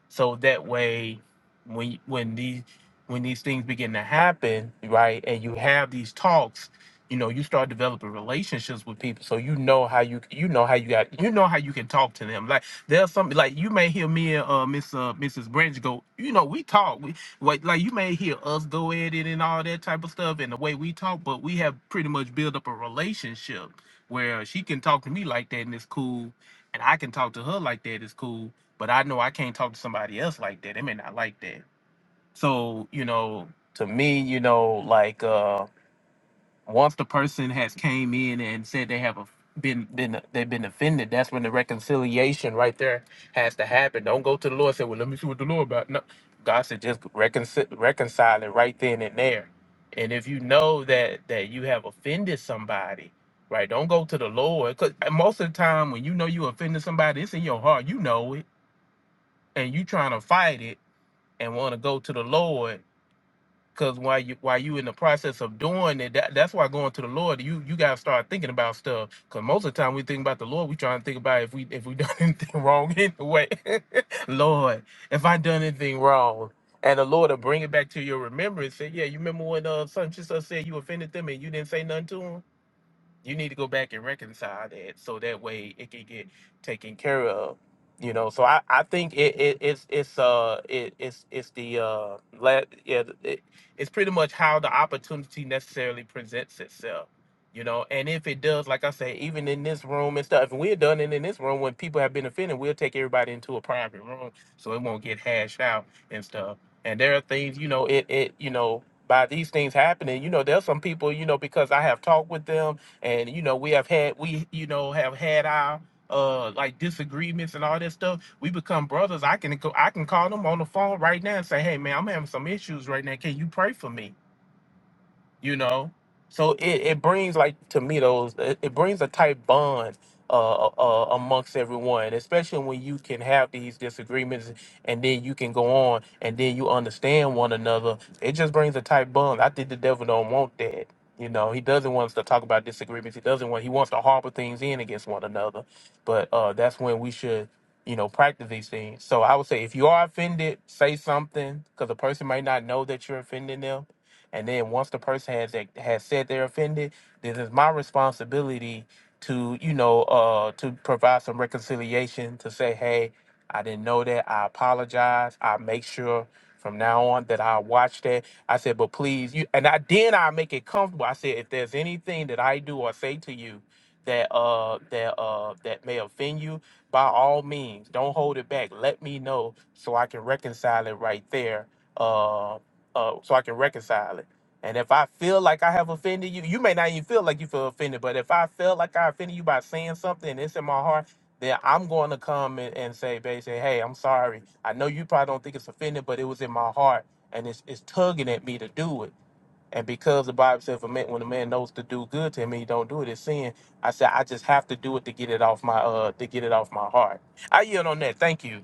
Speaker 9: so that way when when these when these things begin to happen right and you have these talks you know you start developing relationships with people so you know how you you know how you got you know how you can talk to them like. There's something like you may hear me and uh, Miss uh, Mrs. Branch go. You know, we talk. We like like you may hear us go at it and all that type of stuff, and the way we talk. But we have pretty much built up a relationship where she can talk to me like that and it's cool, and I can talk to her like that it's cool. But I know I can't talk to somebody else like that. They may not like that. So you know, to me, you know, like. Uh, once the person has came in and said they have a, been been they've been offended, that's when the reconciliation right there has to happen. Don't go to the Lord and say, "Well, let me see what the Lord about." No, God said just reconcile reconcile it right then and there. And if you know that that you have offended somebody, right? Don't go to the Lord because most of the time when you know you offended somebody, it's in your heart. You know it, and you trying to fight it and want to go to the Lord Cause while you while you in the process of doing it, that, that's why going to the Lord, you you gotta start thinking about stuff. Cause most of the time we think about the Lord, we trying to think about if we if we done anything wrong anyway. Lord, if I done anything wrong, and the Lord will bring it back to your remembrance. Say, yeah, you remember when uh son just said you offended them and you didn't say nothing to them you need to go back and reconcile that so that way it can get taken care of you know so i i think it, it it's it's uh it, it's it's the uh la- yeah it, it's pretty much how the opportunity necessarily presents itself you know and if it does like i say even in this room and stuff if we're done it in this room when people have been offended we'll take everybody into a private room so it won't get hashed out and stuff and there are things you know it it you know by these things happening you know there's some people you know because i have talked with them and you know we have had we you know have had our uh like disagreements and all that stuff we become brothers i can go i can call them on the phone right now and say hey man i'm having some issues right now can you pray for me you know so it, it brings like to me those it, it brings a tight bond uh, uh uh, amongst everyone especially when you can have these disagreements and then you can go on and then you understand one another it just brings a tight bond i think the devil don't want that you know he doesn't want us to talk about disagreements he doesn't want he wants to harbor things in against one another but uh that's when we should you know practice these things so i would say if you are offended say something because the person might not know that you're offending them and then once the person has ac- has said they're offended, then it's my responsibility to you know uh to provide some reconciliation to say, hey, I didn't know that. I apologize. I make sure from now on that I watch that. I said, but please, you and I then I make it comfortable. I said, if there's anything that I do or say to you that uh that uh that may offend you, by all means, don't hold it back. Let me know so I can reconcile it right there. Uh, uh, so I can reconcile it. And if I feel like I have offended you, you may not even feel like you feel offended, but if I feel like I offended you by saying something and it's in my heart, then I'm going to come and, and say, basically, hey, I'm sorry. I know you probably don't think it's offended, but it was in my heart and it's, it's tugging at me to do it. And because the Bible says, if man, when a man knows to do good to him and he don't do it, it's sin. I said, I just have to do it to get it off my uh to get it off my heart. I yield on that. Thank you.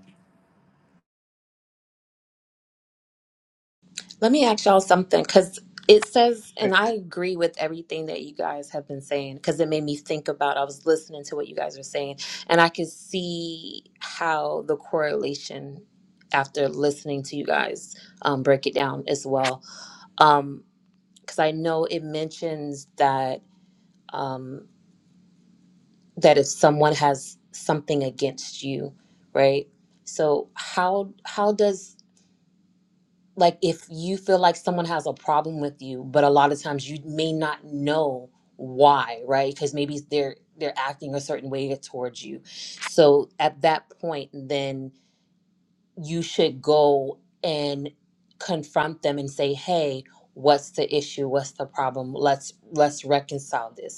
Speaker 11: Let me ask y'all something because it says,
Speaker 3: Hey,
Speaker 11: and I agree with everything that you guys have been saying because it made me think about. I was listening to what you guys were saying, and I could see how the correlation after listening to you guys um, break it down as well. Um, Because I know it mentions that um, that if someone has something against you, right? So how how does like if you feel like someone has a problem with you but a lot of times you may not know why right because maybe they're they're acting a certain way towards you so at that point then you should go and confront them and say hey what's the issue what's the problem let's let's reconcile this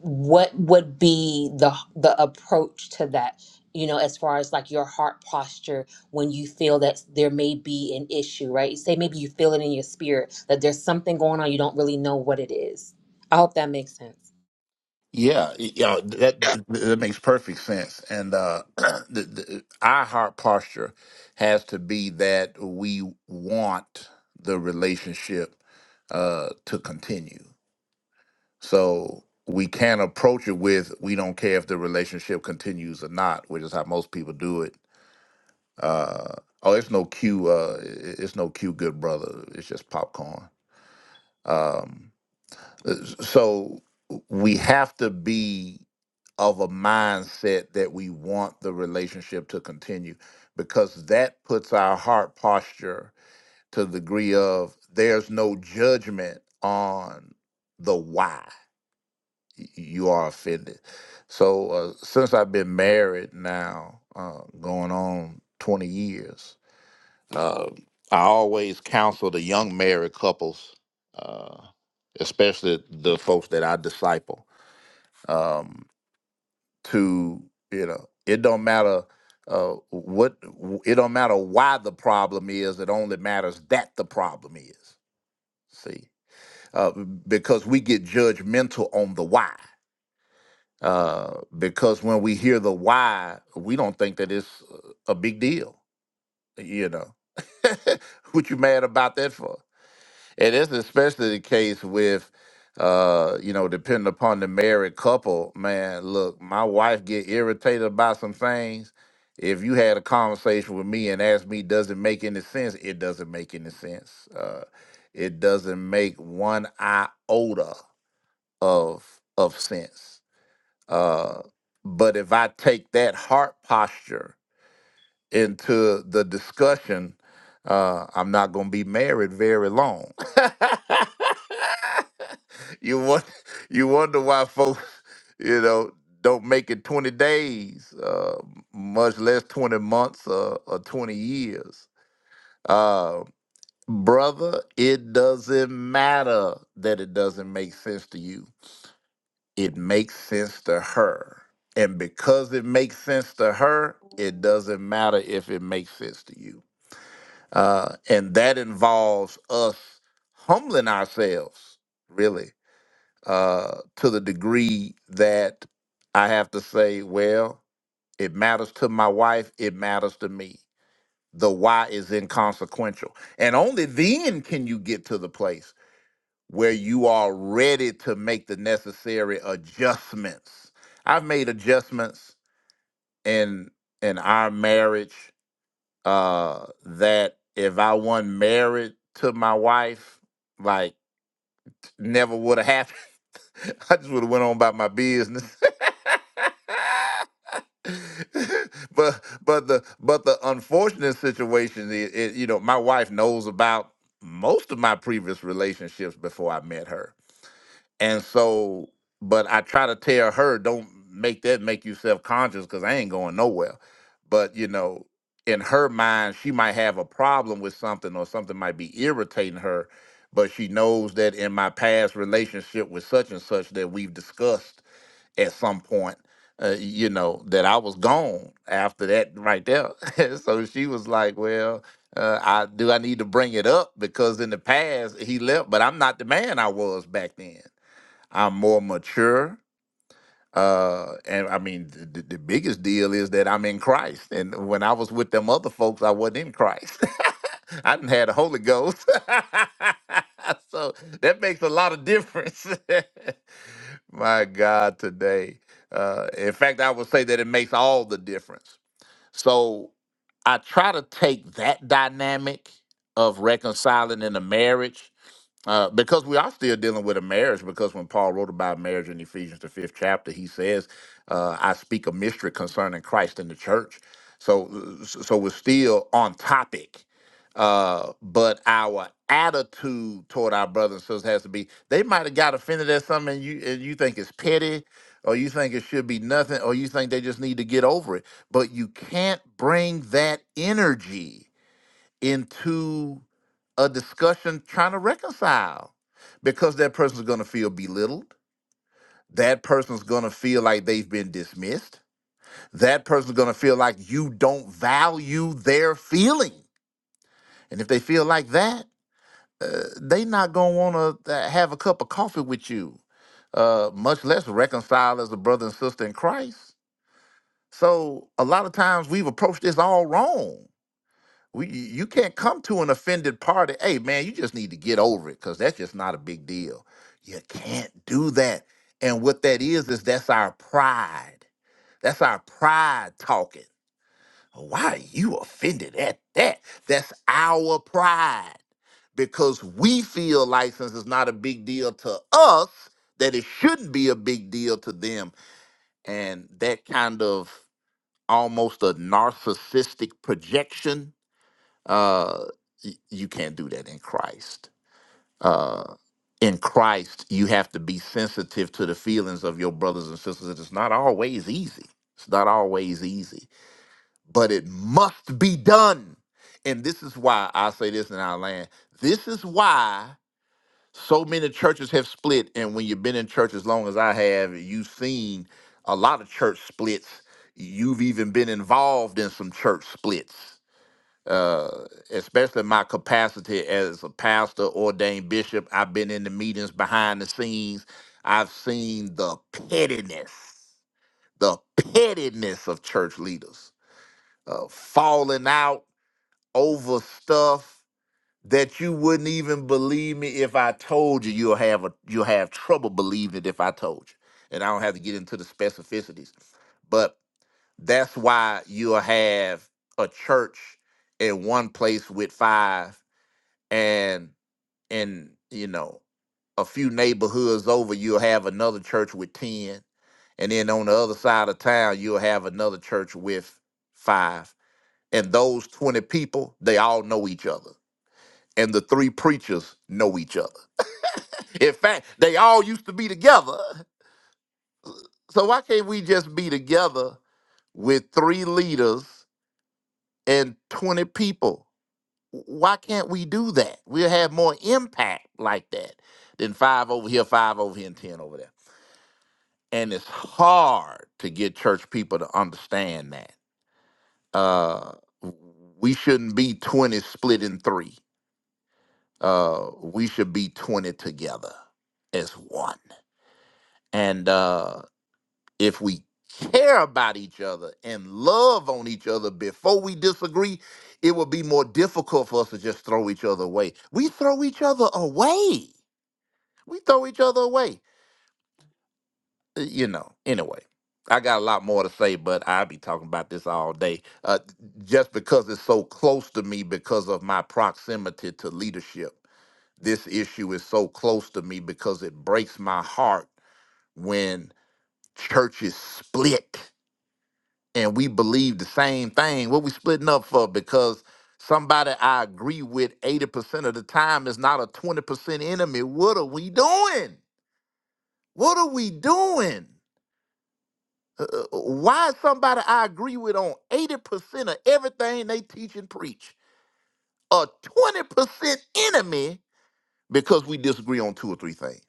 Speaker 11: what would be the the approach to that you know as far as like your heart posture when you feel that there may be an issue right say maybe you feel it in your spirit that there's something going on you don't really know what it is i hope that makes sense
Speaker 2: Yeah, y- yeah, that that that makes perfect sense. And uh, the, the, our heart posture has to be that we want the relationship uh, to continue. So we can't approach it with we don't care if the relationship continues or not, which is how most people do it. Uh, oh, it's no cue. Uh, i- i- it's no cue, good brother. It's just popcorn. Um, so we have to be of a mindset that we want the relationship to continue because that puts our heart posture to the degree of there's no judgment on the why y- you are offended. So uh, since I've been married now, uh, going on 20 years, uh, I always counsel the young married couples, uh, especially the folks that I disciple, um, to you know, it don't matter uh, what, it don't matter why the problem is. It only matters that the problem is. See, uh, because we get judgmental on the why. Uh, because when we hear the why, we don't think that it's a big deal. You know, what you mad about that for? And that's especially the case with, uh, you know, depending upon the married couple. Man, look, my wife get irritated about some things. If you had a conversation with me and asked me, does it make any sense? It doesn't make any sense. Uh, it doesn't make one iota of of sense. Uh, but if I take that heart posture into the discussion, uh, I'm not going to be married very long. you want you wonder why folks, you know, don't make it 20 days, uh, much less 20 months uh, or 20 years. Uh, brother, it doesn't matter that it doesn't make sense to you. It makes sense to her. And because it makes sense to her, it doesn't matter if it makes sense to you. Uh, and that involves us humbling ourselves, really uh, to the degree that I have to say, well, it matters to my wife, it matters to me. The why is inconsequential. And only then can you get to the place where you are ready to make the necessary adjustments. I've made adjustments in in our marriage uh that if I wasn't married to my wife, like never would have happened. I just would have went on about my business. but but the but the unfortunate situation is, is, you know, my wife knows about most of my previous relationships before I met her and so, but I try to tell her, don't make that make you self conscious because I ain't going nowhere. But, you know, in her mind, she might have a problem with something or something might be irritating her. But she knows that in my past relationship with such and such that we've discussed at some point, uh, you know, that I was gone after that right there. so she was like, well, uh, I do I need to bring it up because in the past he left, but I'm not the man I was back then. I'm more mature. Uh, and I mean, the, the the biggest deal is that I'm in Christ. And when I was with them other folks, I wasn't in Christ. I didn't have the Holy Ghost. so that makes a lot of difference. My God, today. Uh, in fact, I would say that it makes all the difference. So I try to take that dynamic of reconciling in a marriage uh, because we are still dealing with a marriage, because when Paul wrote about marriage in Ephesians, the fifth chapter, he says, uh, I speak a mystery concerning Christ and the church. So, uh, so so we're still on topic. Uh, but our attitude toward our brothers and sisters has to be, they might have got offended at something and you, and you think it's petty, or you think it should be nothing, or you think they just need to get over it. But you can't bring that energy into a discussion trying to reconcile because that person's going to feel belittled. That person's going to feel like they've been dismissed. That person's going to feel like you don't value their feeling. And if they feel like that, uh, they not going to want to have a cup of coffee with you, uh, much less reconcile as a brother and sister in Christ. So a lot of times we've approached this all wrong. We, you you can't come to an offended party. Hey, man, you just need to get over it because that's just not a big deal. You can't do that. And what that is, is that's our pride. That's our pride talking. Why are you offended at that? That's our pride because we feel license is not a big deal to us, that it shouldn't be a big deal to them. And that kind of almost a narcissistic projection uh y- you can't do that in Christ. Uh in Christ, you have to be sensitive to the feelings of your brothers and sisters. It's not always easy. It's not always easy, but it must be done. And this is why I say this in our land. This is why so many churches have split. And when you've been in church as long as I have, you've seen a lot of church splits. You've even been involved in some church splits uh, especially my capacity as a pastor, ordained bishop. I've been in the meetings behind the scenes. I've seen the pettiness, the pettiness of church leaders, uh, falling out over stuff that you wouldn't even believe me if I told you. You'll have a, you'll have trouble believing it if I told you. And I don't have to get into the specificities, but that's why you'll have a church in one place with five and in you know a few neighborhoods over you'll have another church with 10 and then on the other side of town you'll have another church with 5 and those 20 people they all know each other and the three preachers know each other in fact they all used to be together so why can't we just be together with three leaders and 20 people why can't we do that? We'll have more impact like that than five over here, five over here, and ten over there. And it's hard to get church people to understand that. Uh, we shouldn't be 20 split in three. Uh, we should be 20 together as one. And uh, if we care about each other and love on each other before we disagree, it would be more difficult for us to just throw each other away. We throw each other away we throw each other away. Uh, You know, anyway, I got a lot more to say, but I'll be talking about this all day uh, just because it's so close to me because of my proximity to leadership. This issue is so close to me because it breaks my heart when churches split and we believe the same thing. What we splitting up for? Because somebody I agree with 80% of the time is not a 20% enemy. What are we doing? What are we doing? Uh, uh, why is somebody I agree with on 80% of everything they teach and preach a 20% enemy because we disagree on two or three things?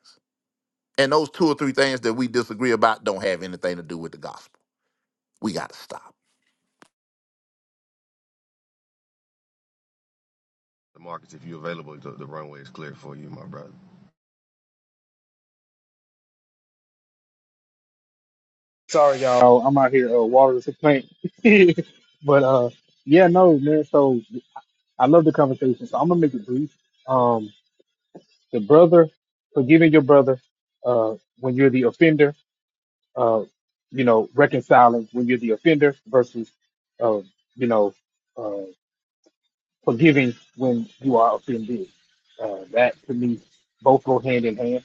Speaker 2: And those two or three things that we disagree about don't have anything to do with the gospel. We got to stop.
Speaker 7: The markets, if you're available, the, the runway is clear for you, my brother.
Speaker 3: sorry, y'all. I'm out here uh, watering some plants. but uh, yeah, no, man. So I love the conversation. So I'm gonna make it brief. Um, the brother forgiving your brother uh, when you're the offender. Uh, you know, reconciling when you're the offender versus, uh, you know. uh, forgiving when you are offended. Uh, that to me, both go hand in hand.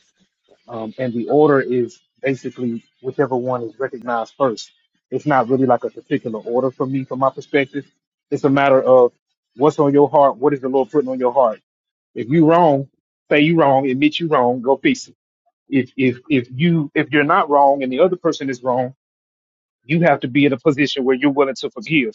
Speaker 3: Um, and the order is basically whichever one is recognized first. It's not really like a particular order for me, from my perspective. It's a matter of what's on your heart. What is the Lord putting on your heart? If you wrong, say you wrong, admit you wrong, go fix it. If if if you if you're not wrong and the other person is wrong, you have to be in a position where you're willing to forgive.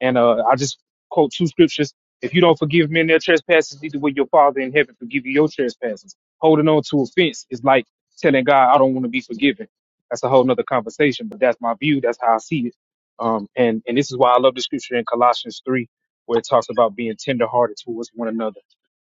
Speaker 3: And uh, I just quote two scriptures. If you don't forgive men their trespasses, neither will your Father in heaven forgive you your trespasses. Holding on to offense is like telling God, I don't want to be forgiven. That's a whole nother conversation, but that's my view. That's how I see it. Um, and, and this is why I love the scripture in Colossians 3, where it talks about being tenderhearted towards one another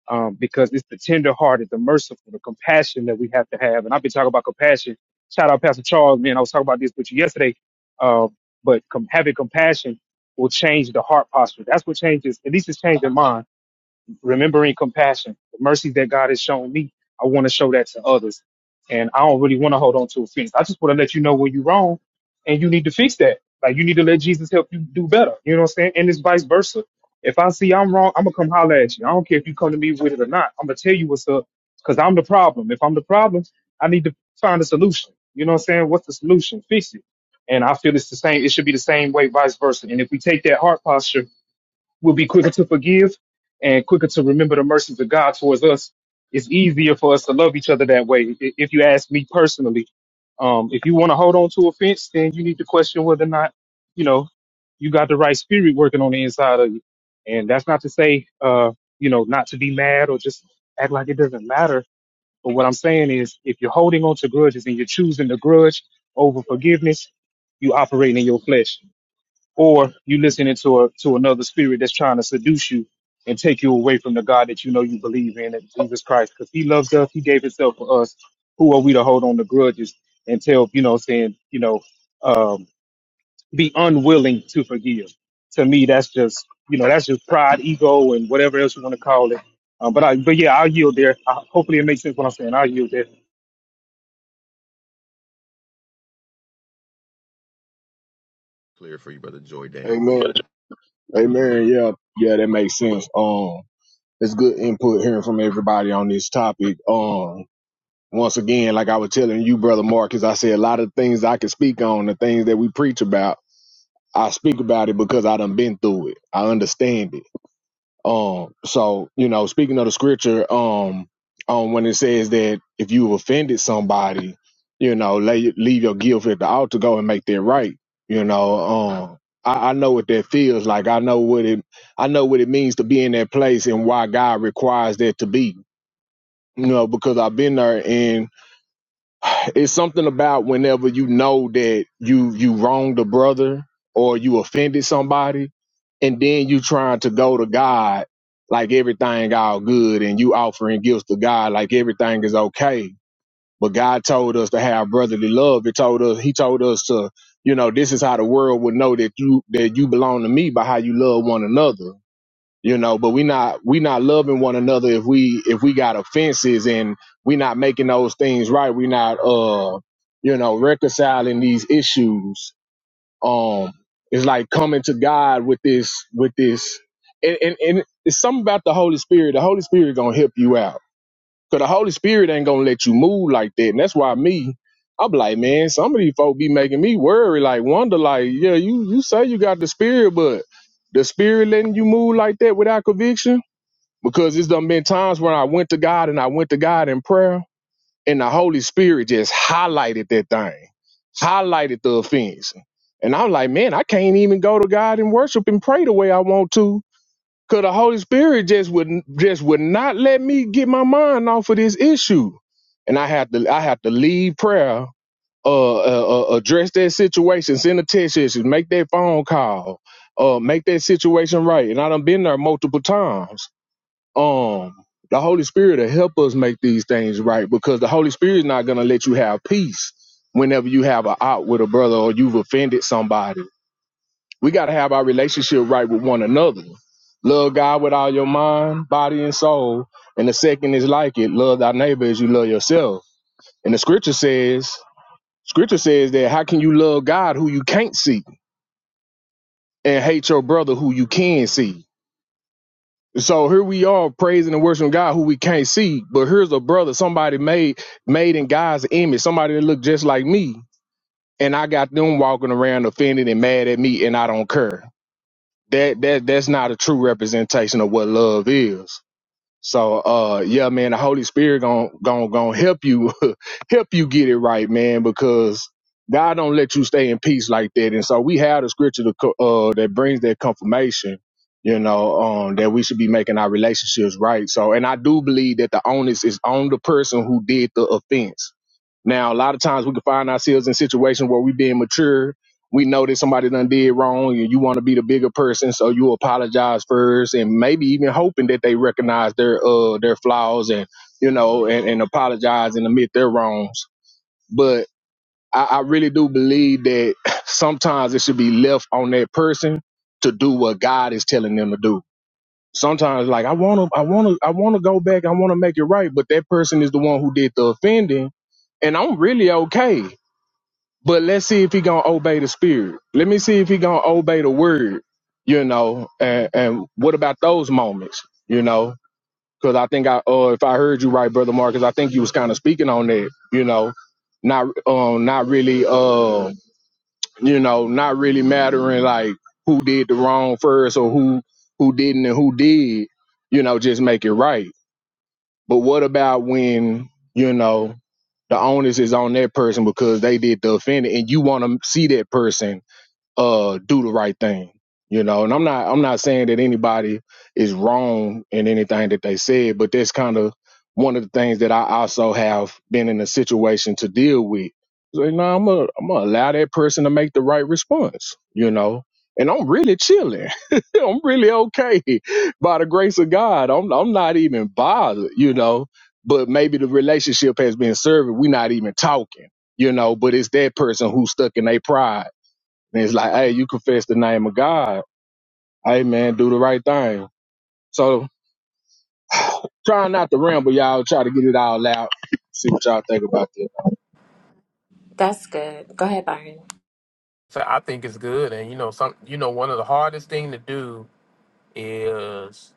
Speaker 3: um, because it's the tenderhearted, the merciful, the compassion that we have to have. And I've been talking about compassion. Shout out Pastor Charles, man. I was talking about this with you yesterday uh, but com- having compassion will change the heart posture. That's what changes, at least it's changing mine remembering compassion, the mercy that God has shown me, I want to show that to others. And I don't really want to hold on to offense. I just want to let you know when you're wrong and you need to fix that. Like you need to let Jesus help you do better. You know what I'm saying? And it's vice versa. If I see I'm wrong, I'm gonna come holler at you. I don't care if you come to me with it or not. I'm gonna tell you what's up because I'm the problem. If I'm the problem, I need to find a solution. You know what I'm saying? What's the solution? Fix it. And I feel it's the same. It should be the same way, vice versa. And if we take that heart posture We'll be quicker to forgive and quicker to remember the mercies of God towards us. It's easier for us to love each other that way. i- If you ask me personally, um, if you want to hold on to offense, then you need to question whether or not, you know, you got the right spirit working on the inside of you. And that's not to say, uh, you know, not to be mad or just act like it doesn't matter. But what I'm saying is, if you're holding on to grudges and you're choosing the grudge over forgiveness, you operating in your flesh or you listening to a to another spirit that's trying to seduce you and take you away from the God that you know you believe in, and Jesus Christ, because He loves us, He gave Himself for us. Who are we to hold on to grudges and tell you know saying you know um, be unwilling to forgive? To me, that's just you know that's just pride, ego, and whatever else you want to call it. Uh, but I but yeah, I'll yield there. I, hopefully, it makes sense what I'm saying. I'll yield there.
Speaker 7: Clear for you, brother Joy Dan.
Speaker 1: amen, amen. Yeah, yeah, that makes sense. Um. it's good input hearing from everybody on this topic. Um, once again, like I was telling you, brother Marcus, I say a lot of things I can speak on, the things that we preach about. I speak about it because I done been through it. I understand it. Um, so you know, speaking of the scripture, um, um, when it says that if you've offended somebody, you know, lay, leave your guilt at the altar, go and make that right. You know, um, I, I know what that feels like. I know what it, I know what it means to be in that place and why God requires that to be. You know, because I've been there and it's something about whenever you know that you you wronged a brother or you offended somebody and then you trying to go to god like everything all good and you offering gifts to god like everything is okay but god told us to have brotherly love he told us he told us to you know this is how the world would know that you that you belong to me by how you love one another you know but we not we not loving one another if we if we got offenses and we not making those things right we not uh you know reconciling these issues um it's like coming to god with this with this and and, and it's something about the holy spirit the holy spirit gonna help you out Cause the Holy Spirit ain't gonna let you move like that. And that's why me, I'm like, man, some of these folk be making me worry, like wonder, like, yeah, you you say you got the spirit, but the spirit letting you move like that without conviction? Because it's done been times when I went to God and I went to God in prayer, and the Holy Spirit just highlighted that thing, highlighted the offense. And I'm like, man, I can't even go to God and worship and pray the way I want to Cause the Holy Spirit just would just would not let me get my mind off of this issue, and I had to I had to leave prayer, uh, uh, uh address that situation, send a text message, make that phone call, uh, make that situation right. And I done been there multiple times. Um, the Holy Spirit will help us make these things right because the Holy Spirit is not gonna let you have peace whenever you have a out with a brother or you've offended somebody we got to have our relationship right with one another. Love God with all your mind, body, and soul. And the second is like it, love thy neighbor as you love yourself. And the scripture says, scripture says that how can you love God who you can't see and hate your brother who you can see? So here we are praising and worshiping God who we can't see, but here's a brother somebody made made in God's image, somebody that looked just like me, and I got them walking around offended and mad at me, and I don't care. that that that's not a true representation of what love is. So uh yeah, man, the Holy Spirit gon' gon' gon' help you help you get it right, man, because God don't let you stay in peace like that. And so we have the scripture to, co- uh that brings that confirmation, you know, um that we should be making our relationships right. So and I do believe that the onus is on the person who did the offense now, a lot of times we can find ourselves in situations where we being mature. We know that somebody done did wrong and you want to be the bigger person, so you apologize first and maybe even hoping that they recognize their uh their flaws and you know and, and apologize and admit their wrongs. But I, I really do believe that sometimes it should be left on that person to do what God is telling them to do. Sometimes like I wanna I wanna I wanna go back, I wanna make it right, but that person is the one who did the offending and I'm really okay. But let's see if he gonna obey the spirit. Let me see if he gonna obey the word. You know, and, and what about those moments? You know, because I think I, uh, if I heard you right, brother Marcus, I think you was kind of speaking on that. You know, not, um, not really, uh, you know, not really mattering like who did the wrong first or who who didn't and who did. You know, just make it right. But what about when you know the onus is on that person because they did the offending, and you want to see that person uh do the right thing you know and i'm not i'm not saying that anybody is wrong in anything that they said but that's kind of one of the things that i also have been in a situation to deal with so, you know i'm gonna I'm gonna allow that person to make the right response you know and i'm really chilling i'm really okay by the grace of god i'm, I'm not even bothered you know but maybe the relationship has been serving we're not even talking you know but it's that person who's stuck in their pride and it's like, hey, you confess the name of God. Hey, man, do the right thing. So try not to ramble, y'all. Try to get it all out. See what y'all think about this.
Speaker 11: That's good. Go ahead, Byron.
Speaker 9: So I think it's good. And you know, some you know, one of the hardest thing to do is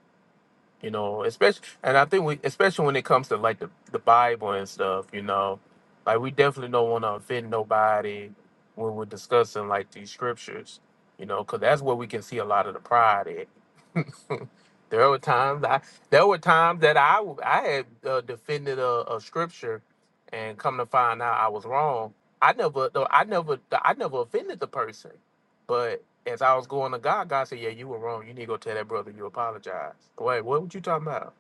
Speaker 9: you know especially and i think we especially when it comes to like the, the bible and stuff you know like we definitely don't want to offend nobody when we're discussing like these scriptures you know because that's where we can see a lot of the pride at there were times i there were times that I I had uh, defended a, a scripture and come to find out i was wrong i never though i never i never offended the person but as I was going to God, God said, "Yeah, you were wrong. You need to go tell that brother you apologize." Wait, what were you talking about?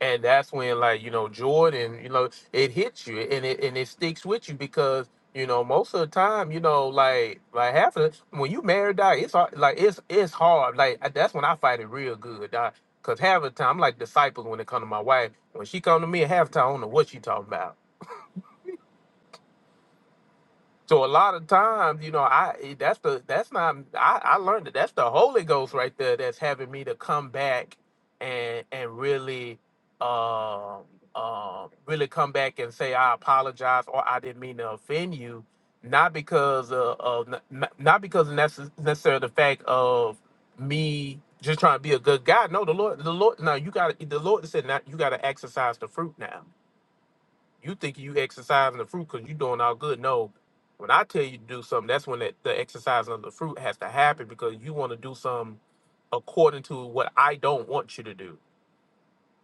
Speaker 9: And that's when, like you know, Jordan, you know, it hits you and it and it sticks with you because you know most of the time, you know, like like half of the, when you married, dog, it's hard, like it's it's hard. Like that's when I fight it real good, dog. Cause half of the time, I'm like disciples when it come to my wife. When she come to me, half the time, I don't know what she talking about. So a lot of times, you know, I eh, that's the that's not I, I learned that that's the Holy Ghost right there that's having me to come back and and really um um really come back and say I apologize or I didn't mean to offend you, not because of, of n- not because of necess- necessarily the fact of me just trying to be a good guy. No, the Lord, the Lord. Now you got to the Lord said now you got to exercise the fruit now you think you exercising the fruit because you doing all good. No, when I tell you to do something, that's when that, the exercising of the fruit has to happen because you want to do something according to what I don't want you to do,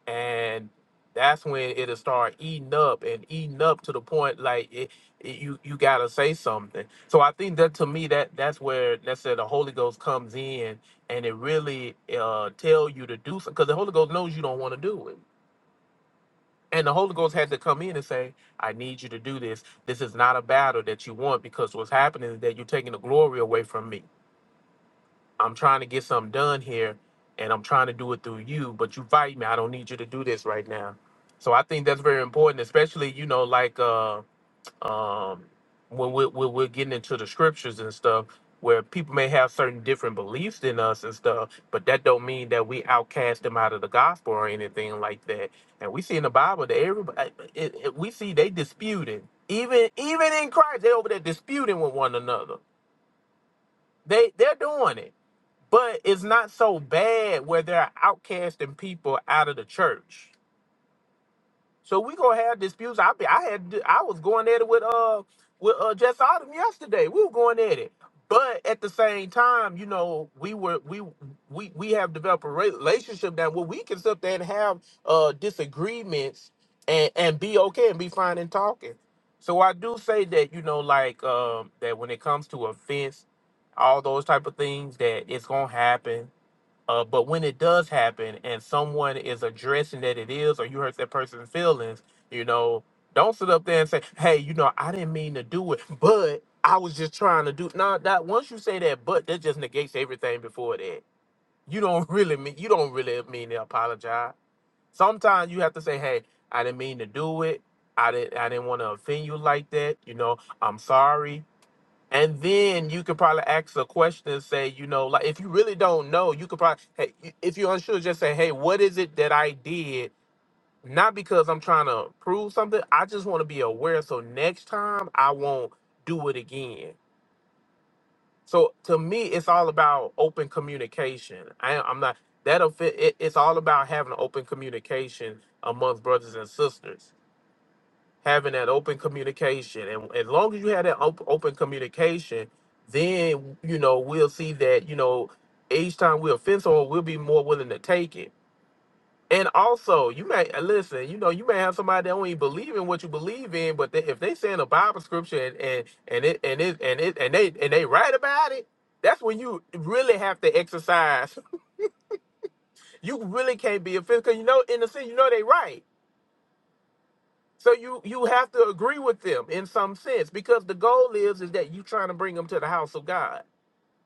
Speaker 9: and that's when it'll start eating up and eating up to the point like it, it- you you gotta say something. So I think that to me that that's where that's where the Holy Ghost comes in and it really uh tell you to do something because the Holy Ghost knows you don't want to do it and the Holy Ghost had to come in and say, I need you to do this. This is not a battle that you want because what's happening is that you're taking the glory away from me. I'm trying to get something done here and I'm trying to do it through you, but you fight me. I don't need you to do this right now. So I think that's very important, especially, you know, like uh, um when we're, when we're getting into the scriptures and stuff where people may have certain different beliefs than us and stuff but that don't mean that we outcast them out of the gospel or anything like that and we see in the bible that everybody it, it- we see they disputing even even in christ they over there disputing with one another they they're doing it but it's not so bad where they're outcasting people out of the church so we gonna have disputes. I be, I had I was going at it with uh with uh Jess Autumn yesterday. We were going at it, but at the same time, you know, we were we we we have developed a relationship that where we can sit there and have uh disagreements and and be okay and be fine in talking. So I do say that you know like um that when it comes to offense, all those type of things that it's gonna happen uh, but when it does happen and someone is addressing that it is, or you hurt that person's feelings, you know, don't sit up there and say, "Hey, you know, I didn't mean to do it, but I was just trying to do." No, that once you say that, but that just negates everything before that. You don't really mean you don't really mean to apologize. Sometimes you have to say, "Hey, I didn't mean to do it. I didn't I didn't want to offend you like that. You know, I'm sorry. And then you could probably ask a question and say, you know, like if you really don't know, you could probably, hey, if you're unsure, just say, hey, what is it that I did? Not because I'm trying to prove something. I just want to be aware. So next time I won't do it again. So to me, it's all about open communication. I, I'm not, that'll fit. It, it's all about having open communication amongst brothers and sisters having that open communication and as long as you have that op- open communication then you know we'll see that you know each time we offend someone we'll be more willing to take it and also you may uh, listen you know you may have somebody that don't even believe in what you believe in but they, if they saying a bible scripture and and and it and it and it and they and they right about it that's when you really have to exercise you really can't be offended because you know in the sense you know they right So you you have to agree with them in some sense because the goal is is that you trying to bring them to the house of God.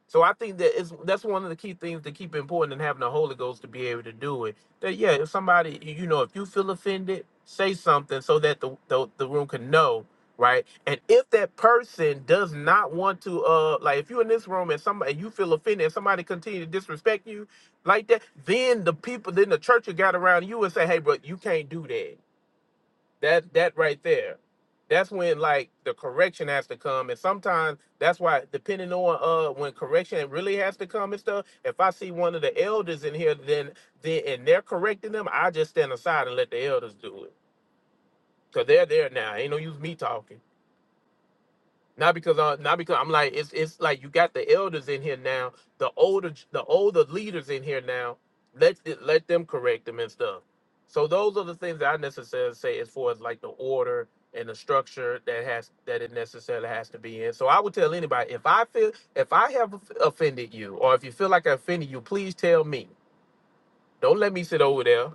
Speaker 9: So I think that is that's one of the key things to keep important in having the Holy Ghost to be able to do it. That yeah, if somebody you know if you feel offended, say something so that the the, the room can know right. And if that person does not want to uh like if you're in this room and somebody you feel offended and somebody continue to disrespect you like that, then the people then the church will gather around you and say hey bro you can't do that that that right there that's when like the correction has to come and sometimes that's why depending on uh when correction really has to come and stuff if i see one of the elders in here then then and they're correcting them i just stand aside and let the elders do it because they're there now ain't no use me talking not because I, not because I'm like it's it's like you got the elders in here now, the older the older leaders in here now. Let th- let them correct them and stuff. So those are the things that I necessarily say as far as like the order and the structure that has that it necessarily has to be in. So I would tell anybody if I feel if I have offended you or if you feel like I offended you, please tell me. Don't let me sit over there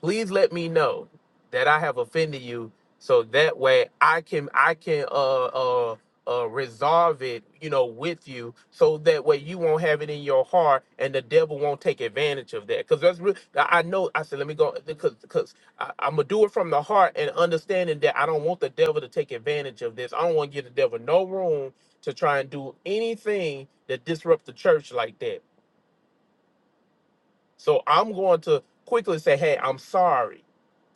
Speaker 9: please let me know that I have offended you so that way I can I can uh uh uh resolve it, you know, with you so that way you won't have it in your heart and the devil won't take advantage of that. Cause that's real I I know I said let me go because because I, I'm gonna do it from the heart and understanding that I don't want the devil to take advantage of this. I don't want to give the devil no room to try and do anything that disrupt the church like that. So I'm going to quickly say, hey, I'm sorry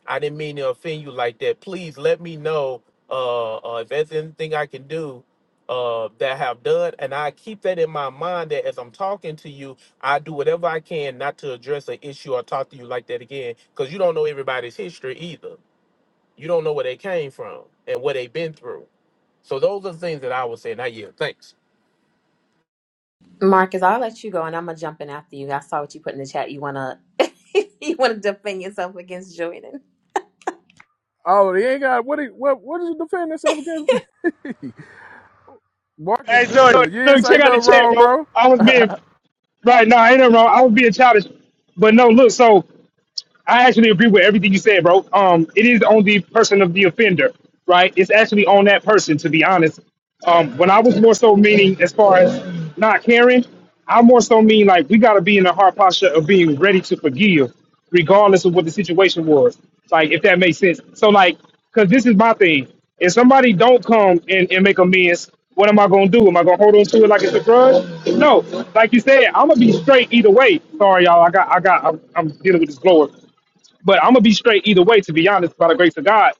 Speaker 9: I didn't mean to offend you like that. Please let me know uh, uh, if there's anything I can do uh, that I have done. And I keep that in my mind that as I'm talking to you, I do whatever I can not to address an issue or talk to you like that again. Because you don't know everybody's history either. You don't know where they came from and what they've been through. So those are the things that I would say. Now, yeah, thanks.
Speaker 11: Marcus, I'll let you go and I'm gonna jump in after you. I saw what you put in the chat. You wanna you wanna defend yourself against Jordan.
Speaker 1: Oh, they ain't got what? He, what? What did you defend yourself against? Mark is
Speaker 3: Hey, Doug, Doug,
Speaker 1: good. You didn't say
Speaker 3: check out the
Speaker 1: nothing
Speaker 3: chat,
Speaker 1: wrong,
Speaker 3: bro.
Speaker 1: bro.
Speaker 3: I was being right now. Nah, ain't nothing wrong. I was being childish, but no, look. So I actually agree with everything you said, bro. Um, it is on the person of the offender, right? It's actually on that person, to be honest. Um, when I was more so meaning as far as not caring, I more so mean like we gotta be in the hard posture of being ready to forgive, regardless of what the situation was. Like, if that makes sense. So, like, cause this is my thing. If somebody don't come and, and make amends, what am I gonna do? Am I gonna hold on to it like it's a grudge? No, like you said, I'm gonna be straight either way. Sorry, y'all. I got, I got, I'm, I'm dealing with this blower. But I'm gonna be straight either way, to be honest, by the grace of God.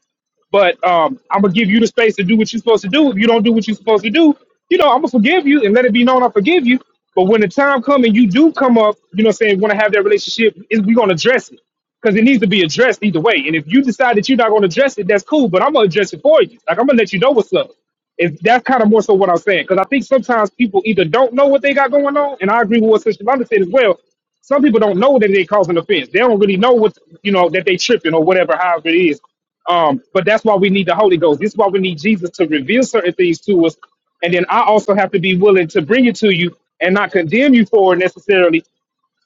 Speaker 3: But um, I'm gonna give you the space to do what you're supposed to do. If you don't do what you're supposed to do, you know, I'm gonna forgive you and let it be known I forgive you. But when the time comes and you do come up, you know, what I'm saying want to have that relationship, is we gonna address it because it needs to be addressed either way. And if you decide that you're not gonna address it, that's cool. But I'm gonna address it for you. Like I'm gonna let you know what's up. If that's kind of more so what I'm saying, because I think sometimes people either don't know what they got going on, and I agree with what Sister London said as well. Some people don't know that they causing offense. They don't really know what you know that they tripping or whatever, however it is. Um, but that's why we need the Holy Ghost. This is why we need Jesus to reveal certain things to us, and then I also have to be willing to bring it to you and not condemn you for it necessarily.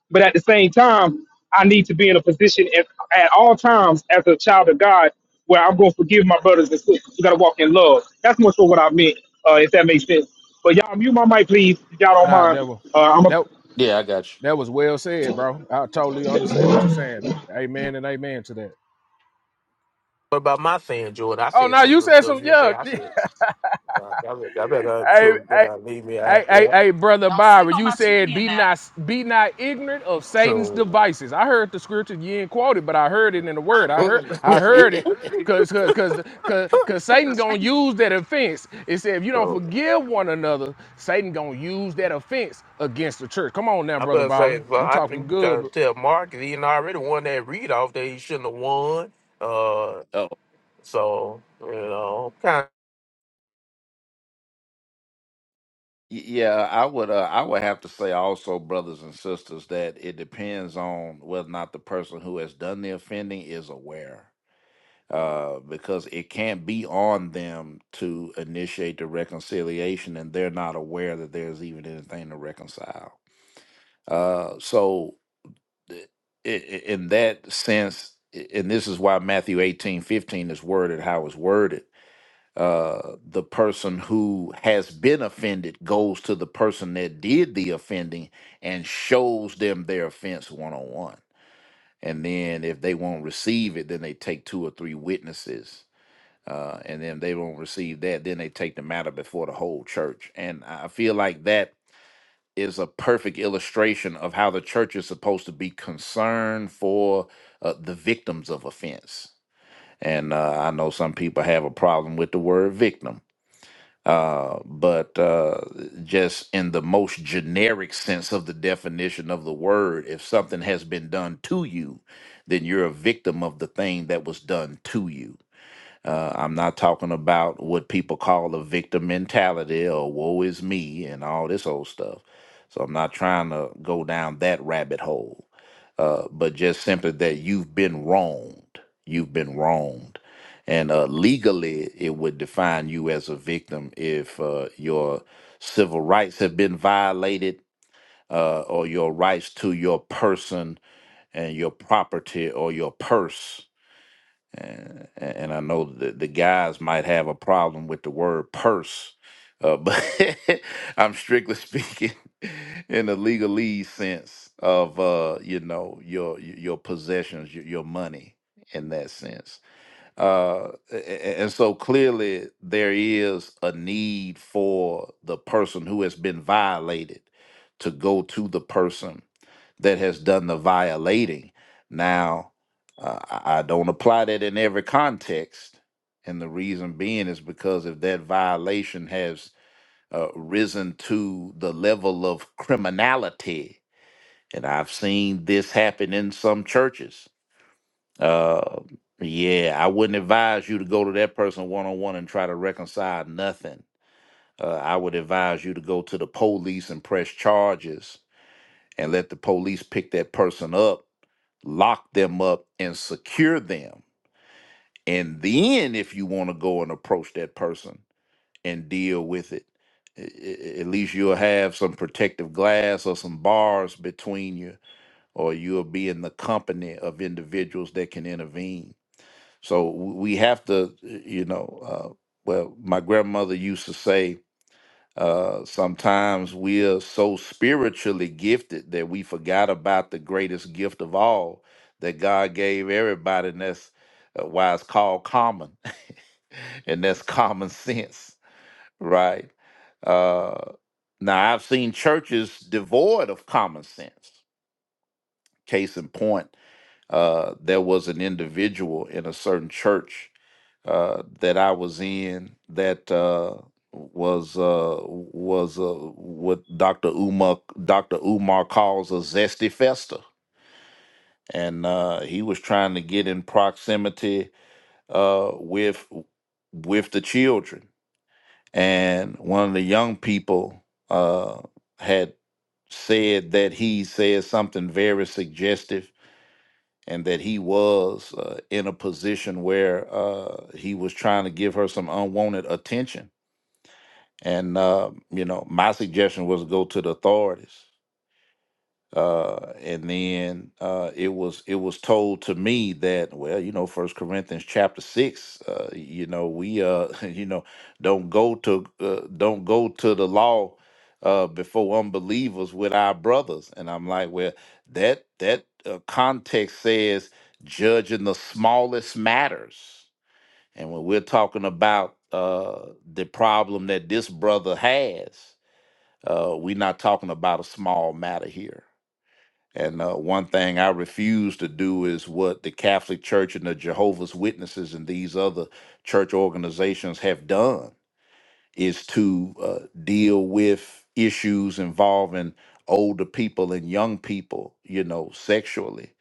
Speaker 3: But at the same time, I need to be in a position at, at all times as a child of God where I'm going to forgive my brothers and sisters. We got to walk in love. That's more so what I meant, uh, if that makes sense. But y'all mute my mic, please, if y'all don't
Speaker 1: Nah,
Speaker 3: mind.
Speaker 1: never. was
Speaker 3: Uh, I'm a,
Speaker 1: that
Speaker 2: Yeah, I got
Speaker 1: that was well said, bro. I totally understand what you're saying. Amen and amen to that.
Speaker 9: What about my saying, Jordan? I
Speaker 1: Oh
Speaker 9: said
Speaker 1: no,
Speaker 9: some
Speaker 1: you
Speaker 9: good
Speaker 1: said
Speaker 9: stuff.
Speaker 1: some.
Speaker 9: You didn't say
Speaker 1: Yeah,
Speaker 9: I
Speaker 1: hey,
Speaker 9: said. I better, I better, shoot,
Speaker 1: hey,
Speaker 9: better leave me out
Speaker 1: Hey, hey,
Speaker 9: here.
Speaker 1: hey, brother
Speaker 4: Don't sleep
Speaker 1: Byron,
Speaker 4: on
Speaker 1: you
Speaker 4: my
Speaker 1: said
Speaker 4: twin
Speaker 1: be
Speaker 4: now.
Speaker 1: not be not ignorant of Satan's
Speaker 9: So,
Speaker 1: devices. I heard the scripture you ain't quoted, but I heard it in the word. I heard
Speaker 2: you.
Speaker 1: I heard it because because because because because Satan gonna use that offense. It said if you don't
Speaker 9: so
Speaker 1: forgive one another, Satan gonna use that offense against the church. Come on now,
Speaker 9: I'm
Speaker 1: brother
Speaker 9: gonna say,
Speaker 1: Byron,
Speaker 9: well,
Speaker 1: you
Speaker 9: I think
Speaker 1: talking
Speaker 9: you
Speaker 1: good?
Speaker 9: to
Speaker 1: But,
Speaker 9: tell Marcus he done already won that readoff that he shouldn't have won. Uh,
Speaker 2: oh, y-
Speaker 9: so you know, kind of
Speaker 2: yeah, I would. Uh, I would have to say also, brothers and sisters, that it depends on whether or not the person who has done the offending is aware. uh, because it can't be on them to initiate the reconciliation and they're not aware that there's even anything to reconcile. Uh, so, th- i- i- in that sense, i- and this is why Matthew eighteen fifteen is worded how it's worded. Uh, the person who has been offended goes to the person that did the offending and shows them their offense one on one. And then if they won't receive it, then they take two or three witnesses uh, and then they don't receive that. Then they take the matter before the whole church. And I feel like that is a perfect illustration of how the church is supposed to be concerned for uh, the victims of offense. And uh, I know some people have a problem with the word victim. Uh, but uh, just in the most generic sense of the definition of the word, if something has been done to you, then you're a victim of the thing that was done to you uh, I'm not talking about what people call a victim mentality or woe is me and all this old stuff. So I'm not trying to go down that rabbit hole, uh, but just simply that you've been wronged. You've been wronged. And uh, legally, it would define you as a victim if uh, your civil rights have been violated uh, or your rights to your person and your property or your purse and, and I know the, the guys might have a problem with the word purse, uh, but I'm strictly speaking in the legalese sense of uh, you know your your possessions, your, your money in that sense. Uh, a- a- and so clearly there is a need for the person who has been violated to go to the person that has done the violating. Now, uh, I I don't apply that in every context. And the reason being is because if that violation has uh, risen to the level of criminality, and I've seen this happen in some churches, uh, yeah, I wouldn't advise you to go to that person one on one and try to reconcile nothing. Uh, I would advise you to go to the police and press charges and let the police pick that person up lock them up and secure them. And then, if you want to go and approach that person and deal with it, a- a- at least you'll have some protective glass or some bars between you, or you'll be in the company of individuals that can intervene. So w- we have to, you know, uh, well, my grandmother used to say, uh, sometimes we are so spiritually gifted that we forgot about the greatest gift of all that God gave everybody, and that's uh, why it's called common, and that's common sense, right? Uh, now, I've seen churches devoid of common sense. Case in point, uh, there was an individual in a certain church uh, that I was in that uh, was uh, was uh, what Dr. Umar Dr. Umar calls a zesty festa, and uh, he was trying to get in proximity uh, with with the children, and one of the young people uh, had said that he said something very suggestive and that he was uh, in a position where uh, he was trying to give her some unwanted attention. And uh, you know, my suggestion was to go to the authorities uh and then uh it was it was told to me that well you know first corinthians chapter 6 uh you know we uh you know don't go to uh, don't go to the law uh before unbelievers with our brothers and i'm like well that that uh, context says judging the smallest matters and when we're talking about uh the problem that this brother has uh we're not talking about a small matter here and uh, one thing I refuse to do is what the Catholic Church and the Jehovah's Witnesses and these other church organizations have done is to uh, deal with issues involving older people and young people, you know, sexually,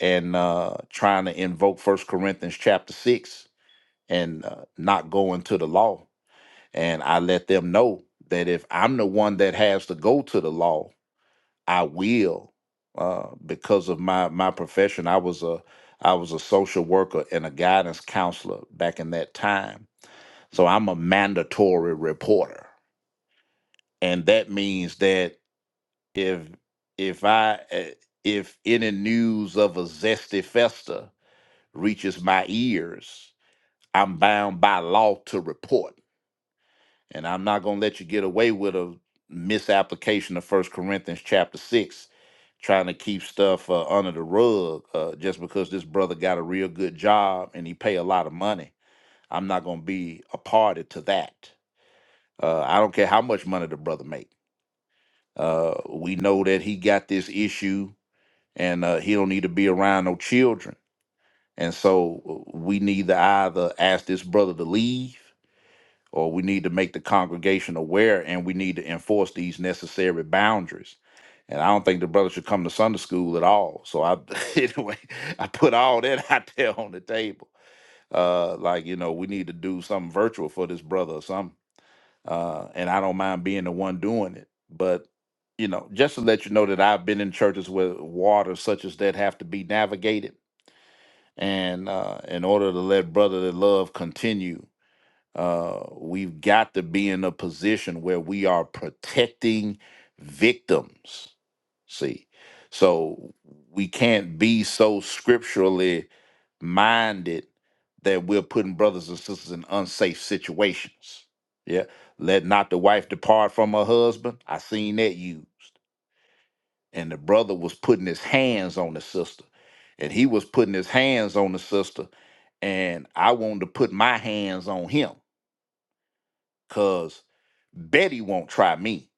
Speaker 2: and uh, trying to invoke First Corinthians chapter six and uh, not going to the law. And I let them know that if I'm the one that has to go to the law I will uh, because of my my profession. I was a I was a social worker and a guidance counselor back in that time. So I'm a mandatory reporter, and that means that if if I eh, if any news of a zesty festa reaches my ears, I'm bound by law to report, and I'm not gonna let you get away with a misapplication of First Corinthians chapter six trying to keep stuff uh, under the rug uh, just because this brother got a real good job and he pay a lot of money. I'm not going to be a party to that. Uh, I don't care how much money the brother make. Uh, we know that he got this issue and uh, he don't need to be around no children. And so uh, we need to either ask this brother to leave or we need to make the congregation aware and we need to enforce these necessary boundaries. And I don't think the brother should come to Sunday school at all. So I anyway, I put all that out there on the table. Uh like, you know, we need to do something virtual for this brother or something. Uh and I don't mind being the one doing it. But, you know, just to let you know that I've been in churches where waters such as that have to be navigated. And uh in order to let brotherly love continue, uh, we've got to be in a position where we are protecting victims. See, so we can't be so scripturally minded that we're putting brothers and sisters in unsafe situations. Yeah. Let not the wife depart from her husband. I seen that used. And the brother was putting his hands on the sister. And he was putting his hands on the sister. And I wanted to put my hands on him. Cause Betty won't try me.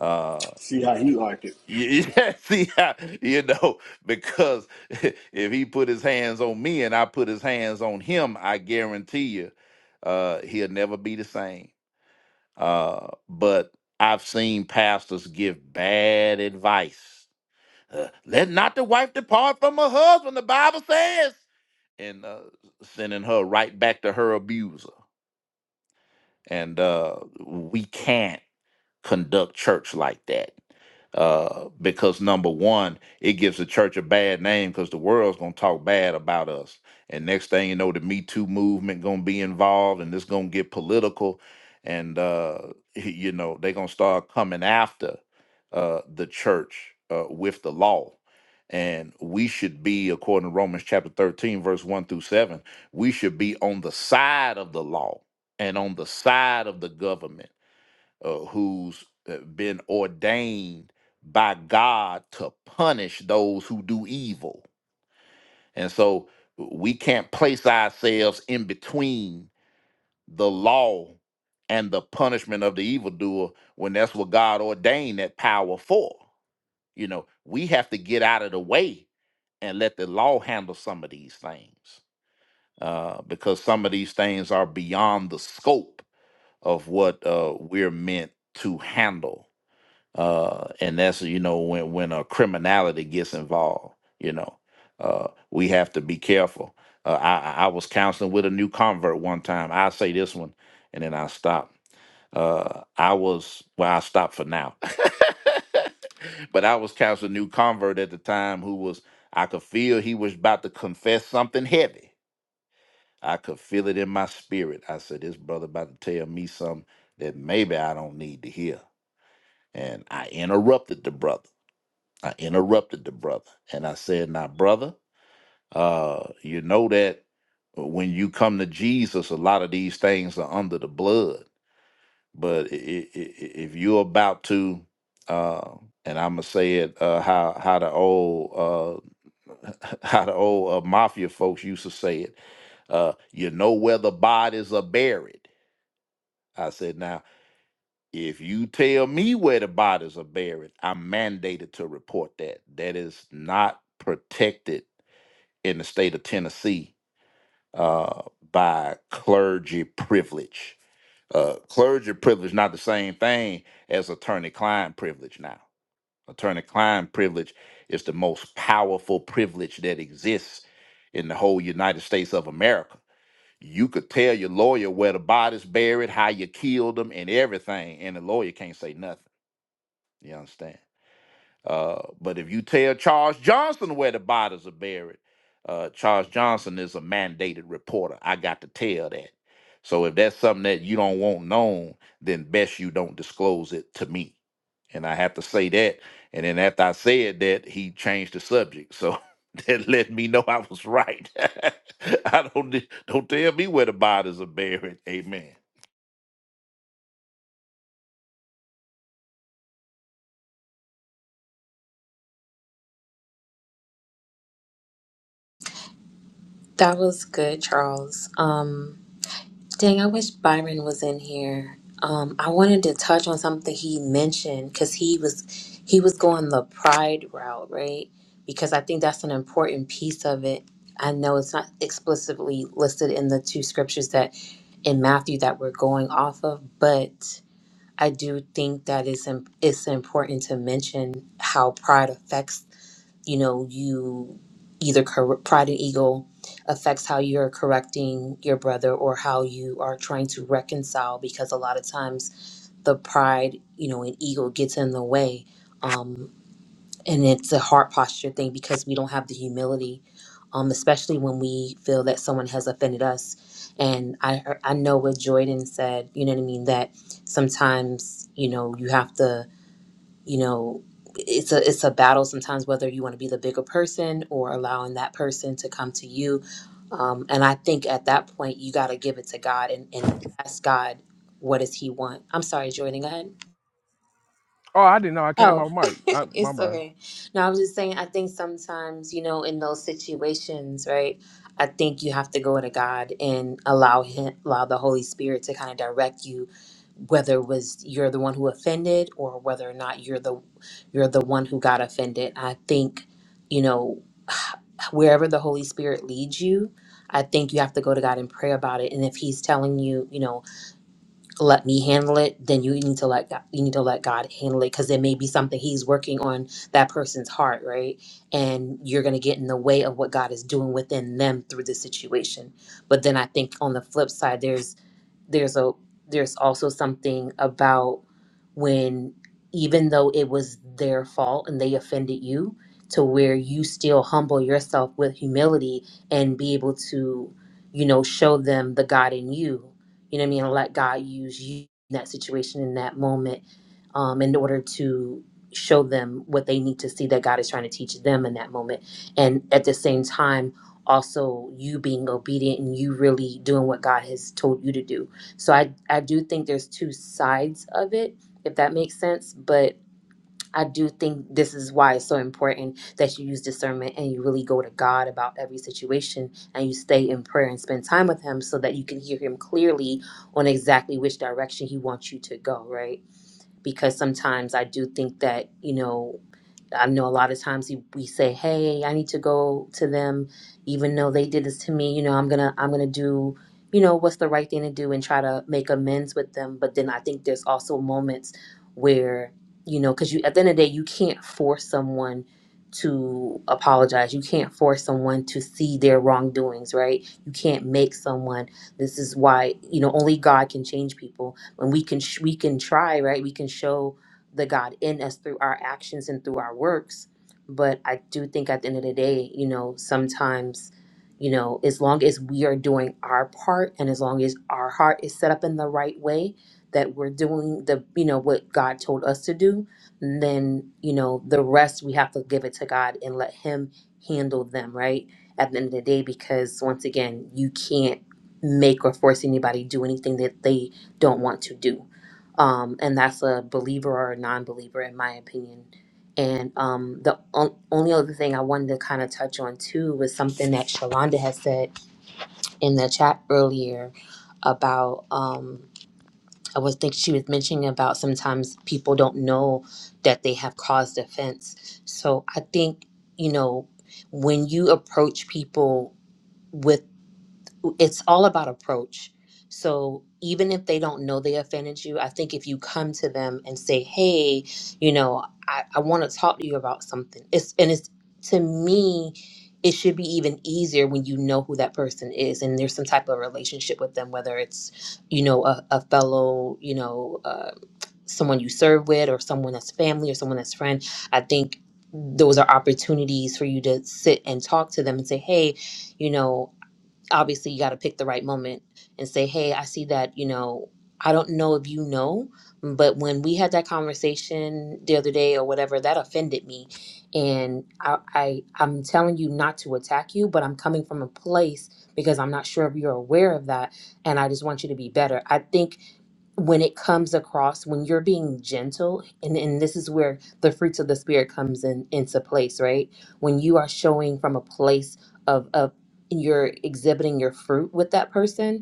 Speaker 2: Uh,
Speaker 10: See how he liked it.
Speaker 2: yeah, see, how- you know, because if he put his hands on me and I put his hands on him, I guarantee you, uh, he'll never be the same. Uh, but I've seen pastors give bad advice. Uh, Let not the wife depart from her husband, the Bible says, and uh, sending her right back to her abuser. And uh, we can't. conduct church like that. Uh, because number one, it gives the church a bad name because the world's gonna talk bad about us. And next thing you know, the Me Too movement gonna be involved, and it's gonna get political, and uh, you know they gonna start coming after uh, the church uh, with the law. And we should be, according to Romans chapter thirteen, verse one through seven, we should be on the side of the law and on the side of the government uh, who's uh, been ordained by God to punish those who do evil. And so we can't place ourselves in between the law and the punishment of the evildoer when that's what God ordained that power for. You know, we have to get out of the way and let the law handle some of these things uh, because some of these things are beyond the scope of what uh, we're meant to handle uh, and that's you know when when uh, criminality gets involved, you know, uh, we have to be careful. Uh, I I I was counseling with a new convert one time. I say this one, and then I stop. Uh, I was well, I stopped for now, but I was counseling a new convert at the time who was I could feel he was about to confess something heavy. I could feel it in my spirit. I said, "This brother about to tell me something that maybe I don't need to hear." And I interrupted the brother. I interrupted the brother and I said, Now, brother, uh, you know that when you come to Jesus, a lot of these things are under the blood. But i- i- i- if you're about to, uh, and I'm gonna say it uh, how how the old uh, how the old uh, mafia folks used to say it, uh, you know where the bodies are buried. I said, "Now." If you tell me where the bodies are buried, I'm mandated to report that. That is not protected in the state of Tennessee uh, by clergy privilege. Uh, clergy privilege is not the same thing as attorney-client privilege. Now, attorney-client privilege is the most powerful privilege that exists in the whole United States of America. You could tell your lawyer where the body's buried, how you killed them, and everything, and the lawyer can't say nothing you understand? Uh, but if you tell Charles Johnson where the bodies are buried, uh, Charles Johnson is a mandated reporter. I got to tell that. So if that's something that you don't want known, then best you don't disclose it to me. And I have to say that. And then after I said that, he changed the subject. So that let me know I was right. I don't di- don't tell me where the bodies are buried. Amen.
Speaker 11: That was good, Charles. Um Dang, I wish Byron was in here. Um, I wanted to touch on something he mentioned because he was he was going the pride route, right? Because I think that's an important piece of it. I know it's not explicitly listed in the two scriptures that in Matthew that we're going off of, but I do think that it's im- it's important to mention how pride affects you know you either cor- pride and ego affects how you're correcting your brother or how you are trying to reconcile because a lot of times the pride you know and ego gets in the way um, and it's a heart posture thing because we don't have the humility um, especially when we feel that someone has offended us and I, I know what jordan said you know what i mean that sometimes you know you have to you know it's a it's a battle sometimes whether you want to be the bigger person or allowing that person to come to you um, and i think at that point you got to give it to god and, and ask god what does he want i'm sorry jordan go ahead
Speaker 1: oh, I didn't know I came
Speaker 11: Oh,
Speaker 1: off mic. I, my
Speaker 11: it's
Speaker 1: bad.
Speaker 11: okay. No, I was just saying, I think sometimes, you know, in those situations, right, I think you have to go to God and allow Him, allow the Holy Spirit to kind of direct you, whether it was you're the one who offended or whether or not you're the you're the one who got offended. I think, you know, wherever the Holy Spirit leads you, I think you have to go to God and pray about it. And if He's telling you, you know, let me handle it then you need to let god, you need to let god handle it because there may be something he's working on that person's heart right and you're going to get in the way of what god is doing within them through the situation but then i think on the flip side there's there's a there's also something about when even though it was their fault and they offended you to where you still humble yourself with humility and be able to you know show them the god in you you know what i mean and let god use you in that situation in that moment um, in order to show them what they need to see that god is trying to teach them in that moment and at the same time also you being obedient and you really doing what god has told you to do so I I do think there's two sides of it, if that makes sense. But I do think this is why it's so important that you use discernment and you really go to God about every situation and you stay in prayer and spend time with Him so that you can hear Him clearly on exactly which direction He wants you to go, right? Because sometimes I do think that, you know, I know a lot of times you- we say, "Hey, I need to go to them, even though they did this to me." You know, I'm gonna I'm gonna do, you know, what's the right thing to do and try to make amends with them. But then I think there's also moments where you know, because you at the end of the day, you can't force someone to apologize. You can't force someone to see their wrongdoings, right? You can't make someone. This is why you know only God can change people, and we can sh- we can try, right? We can show the God in us through our actions and through our works. But I do think at the end of the day, you know, sometimes, you know, as long as we are doing our part and as long as our heart is set up in the right way, that we're doing the, you know, what God told us to do, then, you know, the rest we have to give it to God and let Him handle them, right? At the end of the day, because once again, you can't make or force anybody do anything that they don't want to do um, and that's a believer or a non-believer in my opinion. And um, the on- only other thing I wanted to kind of touch on too was something that Shalonda has said in the chat earlier about um, I was think she was mentioning about sometimes people don't know that they have caused offense. So I think you know when you approach people with it's all about approach. So even if they don't know they offended you, I think if you come to them and say, "Hey, you know, I, I want to talk to you about something," it's and it's to me, it should be even easier when you know who that person is and there's some type of relationship with them, whether it's you know a, a fellow, you know, uh, someone you serve with, or someone that's family, or someone that's friend. I think those are opportunities for you to sit and talk to them and say, "Hey, you know." obviously you got to pick the right moment and say hey i see that you know i don't know if you know but when we had that conversation the other day or whatever that offended me and i, I i'm telling you not to attack you but i'm coming from a place because i'm not sure if you're aware of that and i just want you to be better i think when it comes across when you're being gentle and, and this is where the fruits of the spirit comes in into place right when you are showing from a place of of you're exhibiting your fruit with that person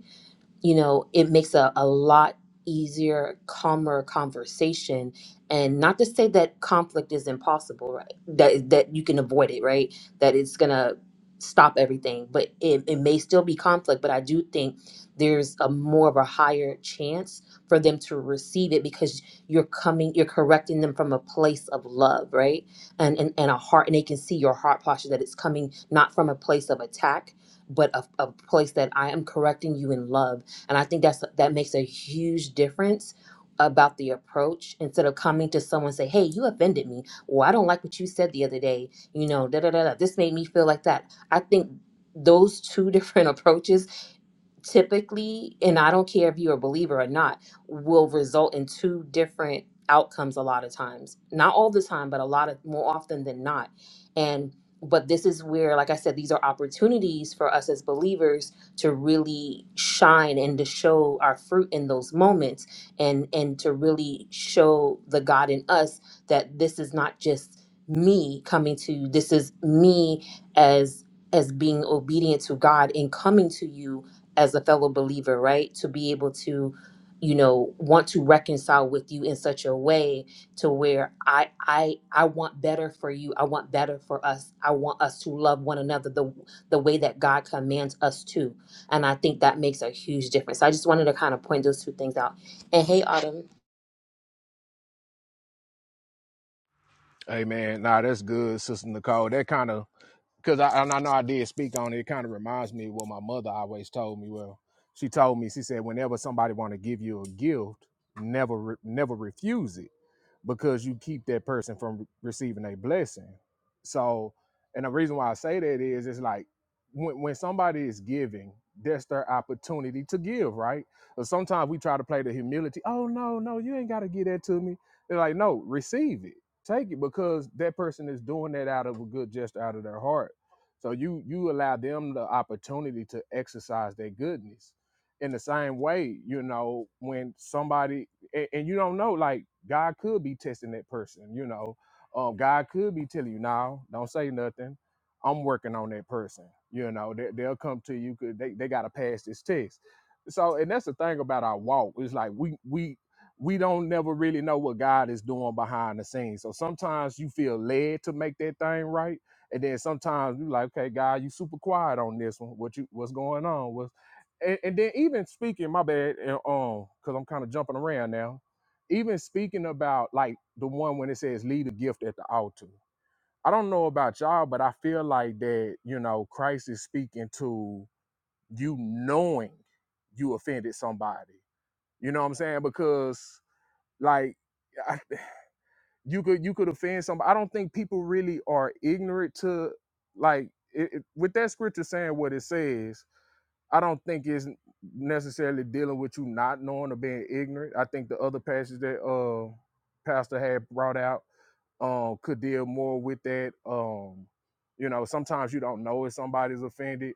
Speaker 11: you know, it makes a, a lot easier, calmer conversation. And not to say that conflict is impossible, right? That that you can avoid it, right? That it's gonna stop everything. But it, it may still be conflict, but I do think there's a more of a higher chance for them to receive it because you're coming you're correcting them from a place of love, right? And and, and a heart and they can see your heart posture that it's coming not from a place of attack, but a, a place that I am correcting you in love and i think that's that makes a huge difference about the approach instead of coming to someone and say hey you offended me well i don't like what you said the other day you know da da da da this made me feel like that i think those two different approaches typically, and I don't care if you're a believer or not, will result in two different outcomes a lot of times. Not all the time, but a lot of more often than not. And but this is where, like I said, these are opportunities for us as believers to really shine and to show our fruit in those moments and and to really show the God in us that this is not just me coming to you. This is me as as being obedient to God and coming to you as a fellow believer, right? To be able to, you know, want to reconcile with you in such a way to where I I I want better for you. I want better for us. I want us to love one another the the way that God commands us to. And I think that makes a huge difference. I just wanted to kind of point those two things out. And hey Autumn,
Speaker 1: Hey man, nah, that's good, Sister Nicole. That kind of because I and I know I did speak on it. It kind of reminds me of what my mother always told me. Well, she told me she said whenever somebody want to give you a gift, never re- never refuse it because you keep that person from re- receiving a blessing. So, and the reason why I say that is it's like when when somebody is giving, that's their opportunity to give, right? But sometimes we try to play the humility. Oh no, no, you ain't got to give that to me. They're like, no, receive it take it because that person is doing that out of a good gesture out of their heart so you you allow them the opportunity to exercise their goodness in the same way you know when somebody and, and you don't know like god could be testing that person you know um god could be telling you now don't say nothing i'm working on that person you know they, they'll come to you. you 'cause they, they got to pass this test so and that's the thing about our walk it's like we we we don't never really know what God is doing behind the scenes. So sometimes you feel led to make that thing right, and then sometimes you like, okay, God, you super quiet on this one. What you what's going on? What's and, and then even speaking, my bad, and um, because I'm kind of jumping around now. Even speaking about like the one when it says lead a gift at the altar. I don't know about y'all, but I feel like that, you know, Christ is speaking to you knowing you offended somebody. You know what I'm saying? Because like I- you could you could offend somebody. I don't think people really are ignorant to like it, it- with that scripture saying what it says. I don't think it's necessarily dealing with you not knowing or being ignorant. I think the other passage that uh Pastor had brought out um could deal more with that. Um, you know, sometimes you don't know if somebody's offended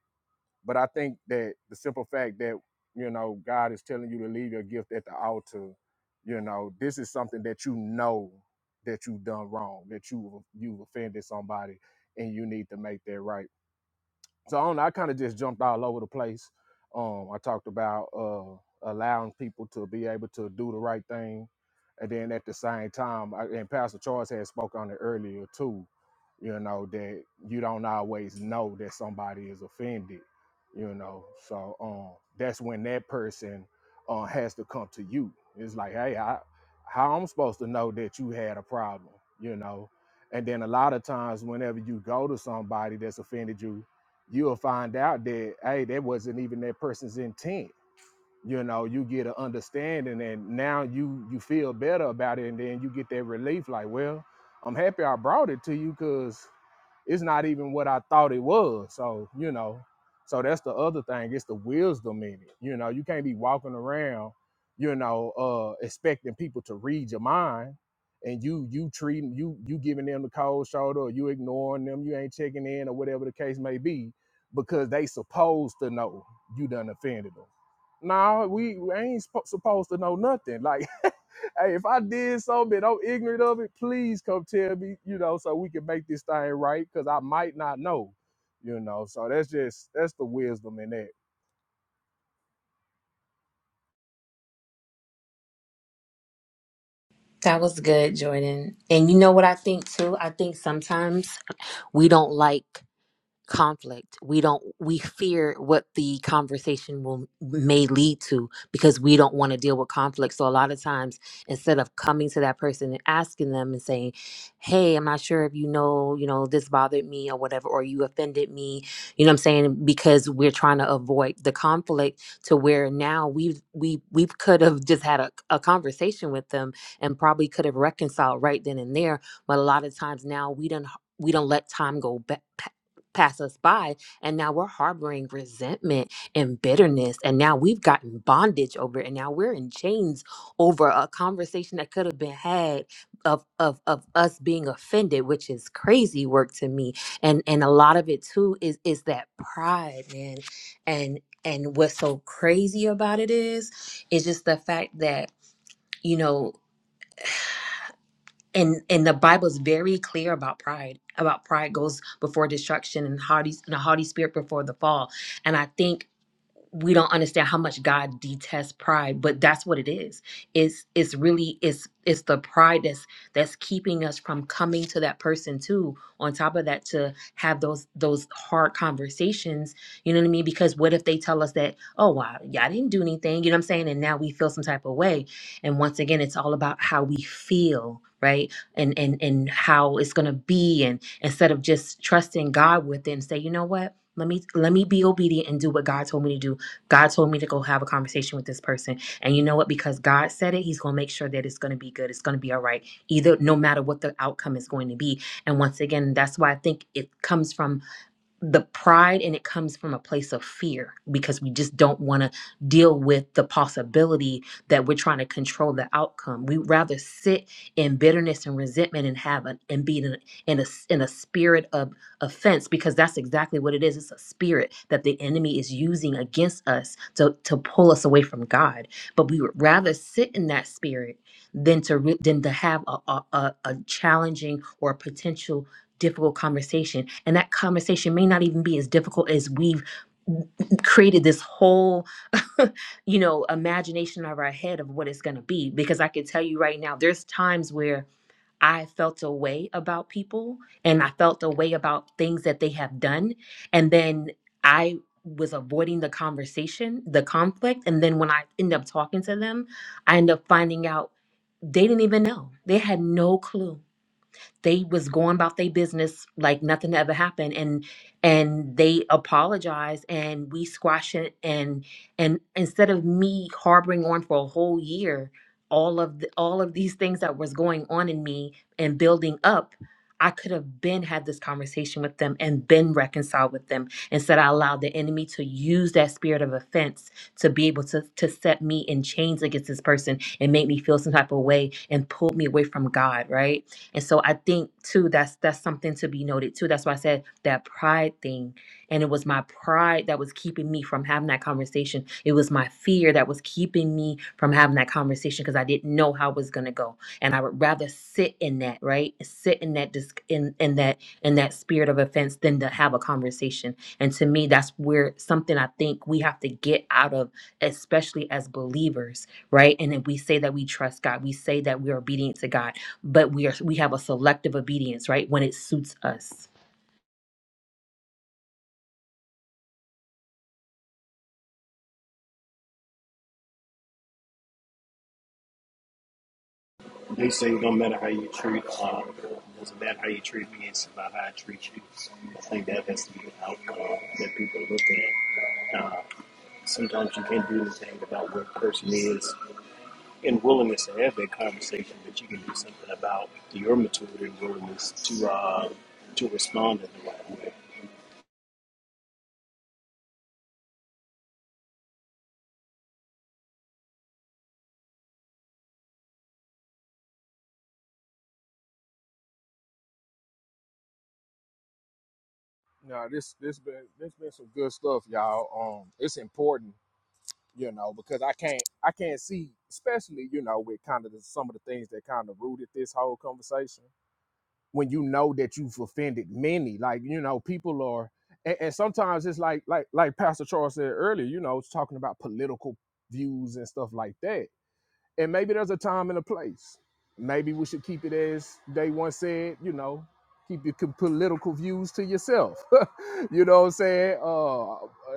Speaker 1: but I think that the simple fact that, you know, God is telling you to leave your gift at the altar, you know, this is something that you know that you've done wrong, that you you've offended somebody and you need to make that right so I, don't know, I kind of just jumped all over the place. Um, I talked about uh, allowing people to be able to do the right thing, and then at the same time, I, and Pastor Charles had spoke on it earlier too. You know that you don't always know that somebody is offended. You know, so um, that's when that person uh, has to come to you. It's like, hey, I, how I'm supposed to know that you had a problem? You know, and then a lot of times, whenever you go to somebody that's offended you you'll find out that hey, that wasn't even that person's intent you know you get an understanding and now you you feel better about it and then you get that relief like well i'm happy i brought it to you because it's not even what i thought it was so you know so that's the other thing it's the wisdom in it you know you can't be walking around you know uh expecting people to read your mind and you you treating you you giving them the cold shoulder or you ignoring them you ain't checking in or whatever the case may be because they supposed to know you done offended them no, we I ain't spo- supposed to know nothing. Like, hey, if I did something, I'm ignorant of it. Please come tell me, you know, so we can make this thing right, because I might not know, you know. So that's just that's the wisdom in that.
Speaker 11: that was good, Jordan. And you know what I think too? I think sometimes we don't like conflict we don't we fear what the conversation will may lead to because we don't want to deal with conflict so a lot of times instead of coming to that person and asking them and saying hey i'm not sure if you know you know this bothered me or whatever or you offended me you know what i'm saying because we're trying to avoid the conflict to where now we've we we could have just had a, a conversation with them and probably could have reconciled right then and there but a lot of times now we don't we don't let time go back pass us by and now we're harboring resentment and bitterness and now we've gotten bondage over it and now we're in chains over a conversation that could have been had of of of us being offended which is crazy work to me and and a lot of it too is is that pride man and and what's so crazy about it is is just the fact that you know and and the bible is very clear about pride about pride goes before destruction and haughty and a haughty spirit before the fall and i think we don't understand how much God detests pride, but that's what it is. It's it's really it's it's the pride that's that's keeping us from coming to that person too. On top of that, to have those those hard conversations, you know what I mean? Because what if they tell us that, oh wow, yeah, I didn't do anything, you know what I'm saying? And now we feel some type of way. And once again, it's all about how we feel, right? And and and how it's gonna be. And instead of just trusting God with it and say, you know what? Let me let me be obedient and do what God told me to do God told me to go have a conversation with this person. And you know what? Because God said it, He's going to make sure that it's going to be good. It's going to be all right, either no matter what the outcome is going to be. And once again, that's why I think it comes from the pride and it comes from a place of fear because we just don't want to deal with the possibility that we're trying to control the outcome. We rather sit in bitterness and resentment and have an and be in a, in a s- in a spirit of offense because that's exactly what it is. It's a spirit that the enemy is using against us to to pull us away from God. But we would rather sit in that spirit than to re- than to have a, a a a challenging or potential difficult conversation. And that conversation may not even be as difficult as we've created this whole you know imagination of our head of what it's going to be because i can tell you right now there's times where i felt a way about people and i felt a way about things that they have done and then i was avoiding the conversation the conflict and then when i end up talking to them i end up finding out they didn't even know they had no clue they was going about their business like nothing ever happened and and they apologized and we squashed it and and instead of me harboring on for a whole year all of the, all of these things that was going on in me and building up I could have been had this conversation with them and been reconciled with them. Instead, I allowed the enemy to use that spirit of offense to be able to, to set me in chains against this person and make me feel some type of way and pull me away from God, right? And so I think too that's that's something to be noted too. That's why I said that pride thing. And it was my pride that was keeping me from having that conversation. It was my fear that was keeping me from having that conversation because I didn't know how it was gonna go. And I would rather sit in that, right? Sit in that dis- in, in that in that spirit of offense than to have a conversation. And to me, that's where something I think we have to get out of, especially as believers, right? And then we say that we trust God, we say that we're obedient to God but we are we have a selective obedience, right? When it suits us.
Speaker 10: They say it don't matter how you treat, uh, it doesn't matter how you treat me, it's about how I treat you. I think that has to be the outcome that people look at. Uh, sometimes you can't do anything about what a person is and willingness to have that conversation, but you can do something about your maturity and willingness to uh, to respond in the right way.
Speaker 1: No, this this been this been some good stuff, y'all. Um, it's important, you know, because I can't I can't see, especially you know, with kind of the, some of the things that kind of rooted this whole conversation. when you know that you've offended many. Like, you know, people are and, and sometimes it's like like like Pastor Charles said earlier, you know, it's talking about political views and stuff like that. And maybe there's a time and a place. Maybe we should keep it as they once said, you know, keep your co- political views to yourself. you know what I'm saying? Uh, uh,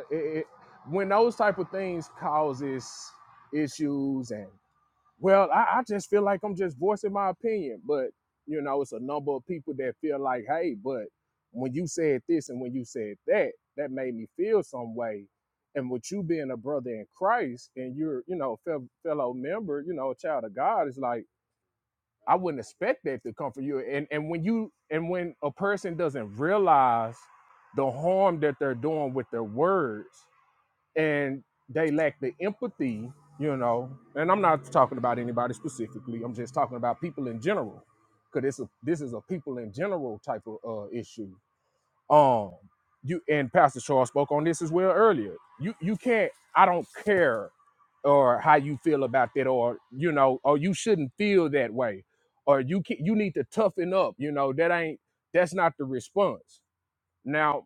Speaker 1: it, it, when those type of things causes issues and. Well, I, I just feel like I'm just voicing my opinion, but you know, it's a number of people that feel like, hey, but when you said this and when you said that, that made me feel some way. And with you being a brother in Christ and you're, you know, fel- fellow member, you know, a child of God, it's like I wouldn't expect that to come from you. And and when you and when a person doesn't realize the harm that they're doing with their words, and they lack the empathy, you know. And I'm not talking about anybody specifically. I'm just talking about people in general, because it's a this is a people in general type of uh, issue. Um, you and Pastor Charles spoke on this as well earlier. You you can't. I don't care, or how you feel about that, or you know, or you shouldn't feel that way, or you can, you need to toughen up. You know that ain't that's not the response. Now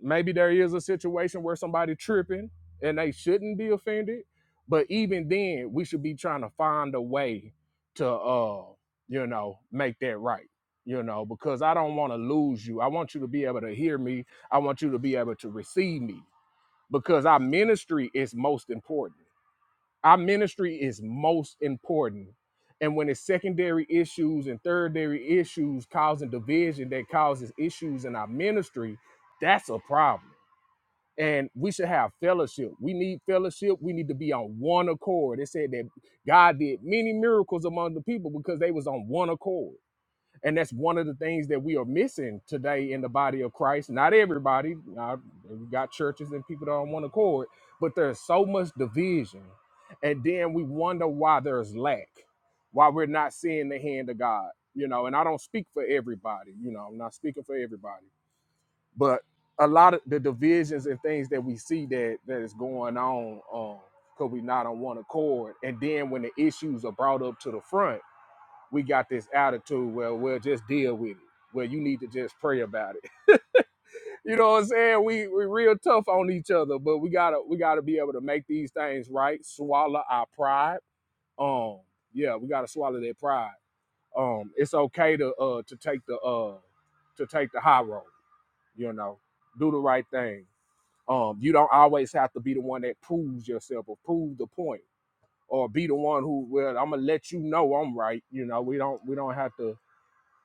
Speaker 1: maybe there is a situation where somebody tripping and they shouldn't be offended but even then we should be trying to find a way to uh you know make that right you know because i don't want to lose you i want you to be able to hear me i want you to be able to receive me because our ministry is most important our ministry is most important and when it's secondary issues and thirdary issues causing division that causes issues in our ministry that's a problem and we should have fellowship. We need fellowship. We need to be on one accord. It said that God did many miracles among the people because they was on one accord. And that's one of the things that we are missing today in the body of Christ. Not everybody. Not, we got churches and people that are on one accord, but there's so much division. And then we wonder why there's lack, why we're not seeing the hand of God. You know, and I don't speak for everybody. You know, I'm not speaking for everybody but a lot of the divisions and things that we see that that is going on um because we not on one accord and then when the issues are brought up to the front we got this attitude where we'll just deal with it well you need to just pray about it you know what i'm saying we we real tough on each other but we gotta we gotta be able to make these things right swallow our pride um yeah we gotta swallow that pride um it's okay to uh to take the uh to take the high road you know do the right thing um, you don't always have to be the one that proves yourself or prove the point or be the one who well, I'm gonna let you know I'm right. You know, we don't we don't have to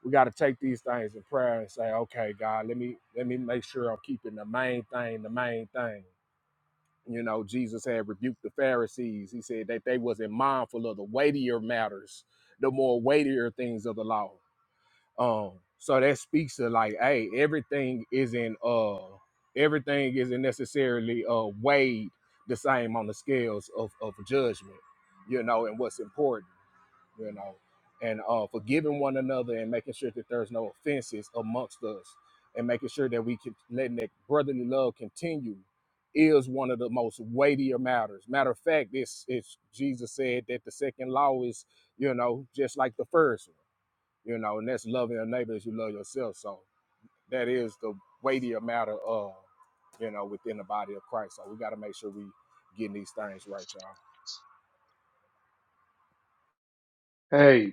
Speaker 1: we gotta take these things in prayer and say, Okay, God, let me let me make sure I'm keeping the main thing, the main thing. You know, Jesus had rebuked the Pharisees. He said that they wasn't mindful of the weightier matters, the more weightier things of the law. Um, so that speaks to like, hey, everything isn't uh everything isn't necessarily uh weighed the same on the scales of, of judgment, you know, and what's important, you know, and uh forgiving one another and making sure that there's no offenses amongst us and making sure that we can letting that brotherly love continue is one of the most weightier matters. Matter of fact, it's it's Jesus said that the second law is, you know, just like the first one you know, and that's loving your neighbor as you love yourself. So that is the weightier matter of, you know, within the body of Christ. So we got to make sure we getting these things right, y'all.
Speaker 3: Hey,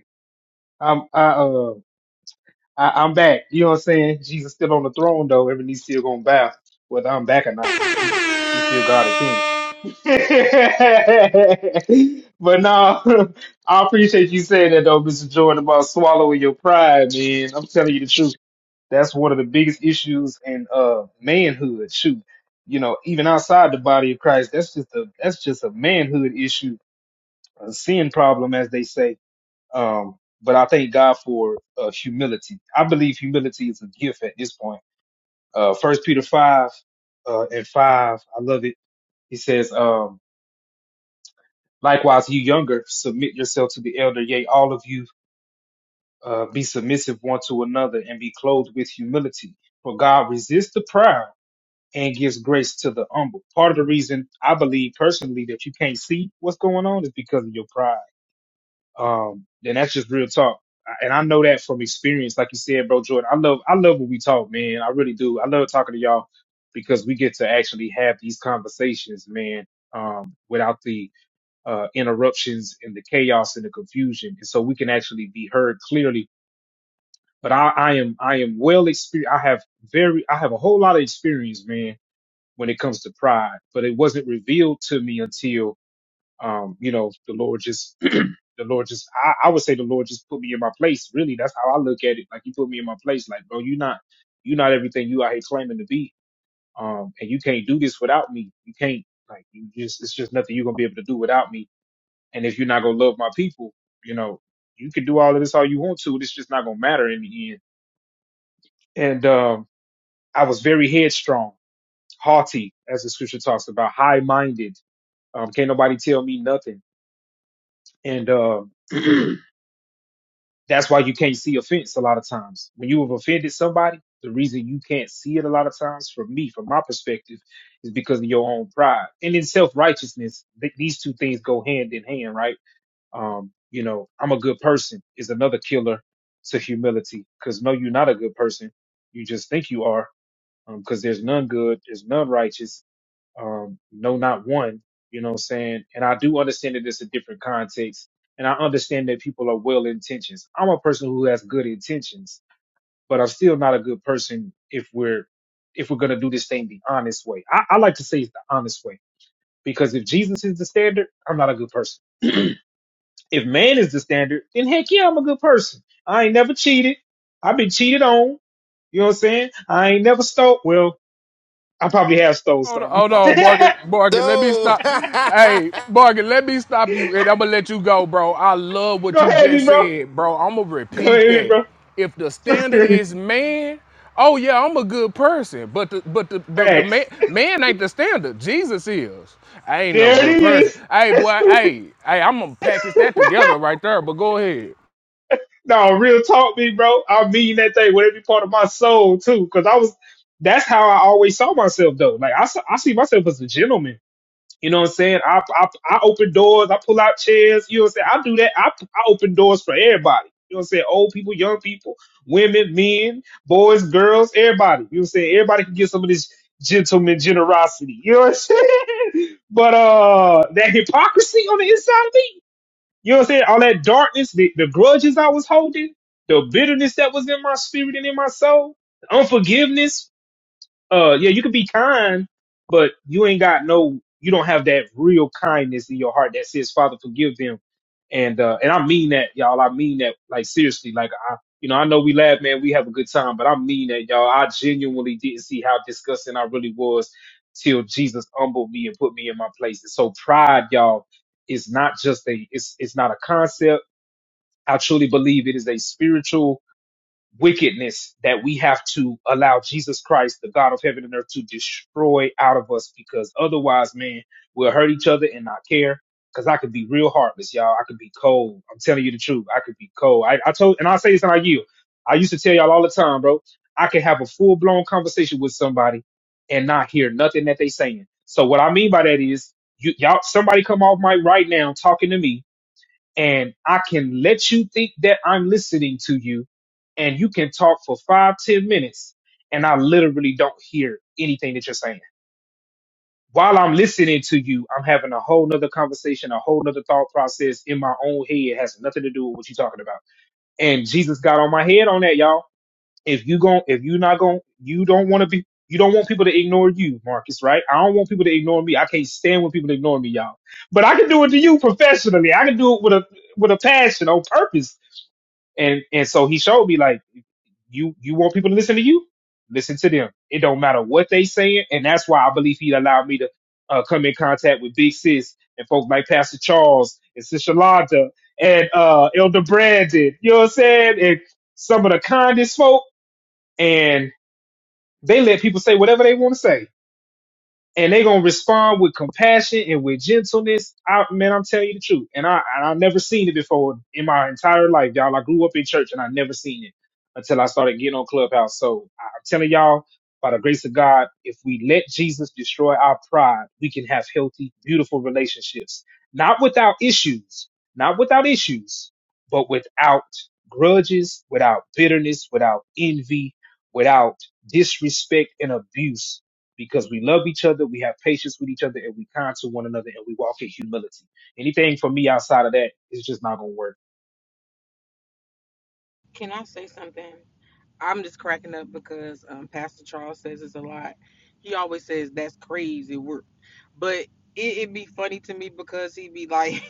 Speaker 3: I'm I uh I, I'm back. You know what I'm saying? Jesus still on the throne though. Every knee still gonna bow, whether I'm back or not. He's he's still God and King. but no, I appreciate you saying that though, Mr. Jordan, about swallowing your pride, man. I'm telling you the truth. That's one of the biggest issues in uh manhood. Shoot, you know, even outside the body of Christ, that's just a that's just a manhood issue, a sin problem, as they say um, but I thank God for uh, humility. I believe humility is a gift at this point. Uh, First Peter five uh, and five, I love it. He says, um, "Likewise, you younger, submit yourself to the elder. Yea, all of you, uh, be submissive one to another, and be clothed with humility. For God resists the proud and gives grace to the humble." Part of the reason I believe personally that you can't see what's going on is because of your pride Um, and that's just real talk. I- And I know that from experience, like you said, bro, Jordan. I love, I love what we talk, man. I really do. I love talking to y'all because we get to actually have these conversations, man, um, without the uh, interruptions and the chaos and the confusion, and so we can actually be heard clearly. But I, I am, I am well experienced. I have very, I have a whole lot of experience, man, when it comes to pride. But it wasn't revealed to me until um, you know, the Lord just, the Lord just, I, I would say the Lord just put me in my place. Really, that's how I look at it. Like He put me in my place. Like, bro, you're not, you're not everything you out here claiming to be. Um, and you can't do this without me. You can't, like, you just, it's just nothing you're gonna be able to do without me. And if you're not gonna love my people, you know, you can do all of this all you want to. It's just not gonna matter in the end. And um, I was very headstrong, haughty, as the scripture talks about, high-minded. Um, can't nobody tell me nothing. And um, That's why you can't see offense a lot of times. When you have offended somebody, the reason you can't see it a lot of times, from me, from my perspective, is because of your own pride and in self righteousness. Th- these two things go hand in hand, right? Um, you know, I'm a good person is another killer to humility because no, you're not a good person. You just think you are um, because there's none good, there's none righteous, um, no, not one. You know what I'm saying? And I do understand that it's a different context, and I understand that people are well intentions. I'm a person who has good intentions, but I'm still not a good person if we're if we're gonna do this thing the honest way. I, I like to say it's the honest way because if Jesus is the standard, I'm not a good person. If man is the standard, then heck yeah, I'm a good person. I ain't never cheated. I've been cheated on. You know what I'm saying? I ain't never stole. Well, I probably have stole
Speaker 1: Hold on,
Speaker 3: something.
Speaker 1: hold on, Morgan. Morgan, let me stop.
Speaker 2: So
Speaker 1: Hey, Morgan, let me stop you, and I'm gonna let you go, bro. I love what
Speaker 3: Go
Speaker 1: you
Speaker 3: ahead, me,
Speaker 1: just
Speaker 3: bro.
Speaker 1: said, bro. I'm gonna
Speaker 3: Go
Speaker 1: repeat
Speaker 3: ahead, me,
Speaker 1: that.
Speaker 3: bro.
Speaker 1: If the standard is man, oh yeah, I'm a good person, but the but the but the man
Speaker 3: Facts.
Speaker 1: man ain't the standard. Jesus is. I ain't no
Speaker 3: There
Speaker 1: good
Speaker 3: it
Speaker 1: person.
Speaker 3: is.
Speaker 1: Hey, boy. Hey, hey, I'm gonna package that together right there. But go ahead.
Speaker 3: No, real talk, me, bro. I mean that thing with every part of my soul too, because I was. That's how I always saw myself, though. Like I, saw, I see myself as a gentleman. You know what I'm saying? I, I, I open doors, I pull out chairs, you know what I'm saying? I do that. I, I open doors for everybody. You know what I'm saying? Old people, young people, women, men, boys, girls, everybody. You know what I'm saying? Everybody can get some of this gentleman generosity. You know what I'm saying? But uh that hypocrisy on the inside of me, you know what I'm saying? All that darkness, the, the grudges I was holding, the bitterness that was in my spirit and in my soul, unforgiveness, uh yeah you can be kind but you ain't got no you don't have that real kindness in your heart that says father forgive them and uh and i mean that y'all i mean that like seriously like i you know i know we laugh man we have a good time but i mean that y'all i genuinely didn't see how disgusting i really was till jesus humbled me and put me in my place and so pride y'all is not just a it's it's not a concept i truly believe it is a spiritual wickedness that we have to allow Jesus Christ, the God of heaven and earth, to destroy out of us because otherwise, man, we'll hurt each other and not care. Cause I could be real heartless, y'all. I could be cold. I'm telling you the truth. I could be cold. I, I told, and I'll say this and I yield. I used to tell y'all all the time, bro. I could have a full blown conversation with somebody and not hear nothing that they saying. So what I mean by that is, you, y'all, somebody come off mic right now talking to me and I can let you think that I'm listening to you, and you can talk for five, ten minutes, and I literally don't hear anything that you're saying. While I'm listening to you, I'm having a whole nother conversation, a whole nother thought process in my own head. It has nothing to do with what you're talking about. And Jesus got on my head on that, y'all if you gon' if you not gon' you don't want to be you don't want people to ignore you, Marcus, right? I don't want people to ignore me. I can't stand when people ignore me, y'all. But I can do it to you professionally. I can do it with a with a passion on purpose. And and so he showed me like you you want people to listen to you, listen to them. It don't matter what they saying, and that's why I believe he allowed me to uh, come in contact with Big Sis and folks like Pastor Charles and Sister Londa and uh, Elder Brandon. You know what I'm saying? And some of the kindest folk and they let people say whatever they want to say and they gonna respond with compassion and with gentleness. I man, I'm telling you the truth, and I and I never seen it before in my entire life, y'all. I grew up in church and I never seen it until I started getting on Clubhouse. So I- I'm telling y'all, by the grace of God, if we let Jesus destroy our pride, we can have healthy, beautiful relationships, not without issues, not without issues, but without grudges, without bitterness, without envy, without disrespect and abuse because we love each other, we have patience with each other, and we kind to one another, and we walk in humility. Anything for me outside of that is just not gonna work.
Speaker 12: Can I say something? I'm just cracking up because um, Pastor Charles says this a lot. He always says that's crazy work, but it, it be funny to me because he be like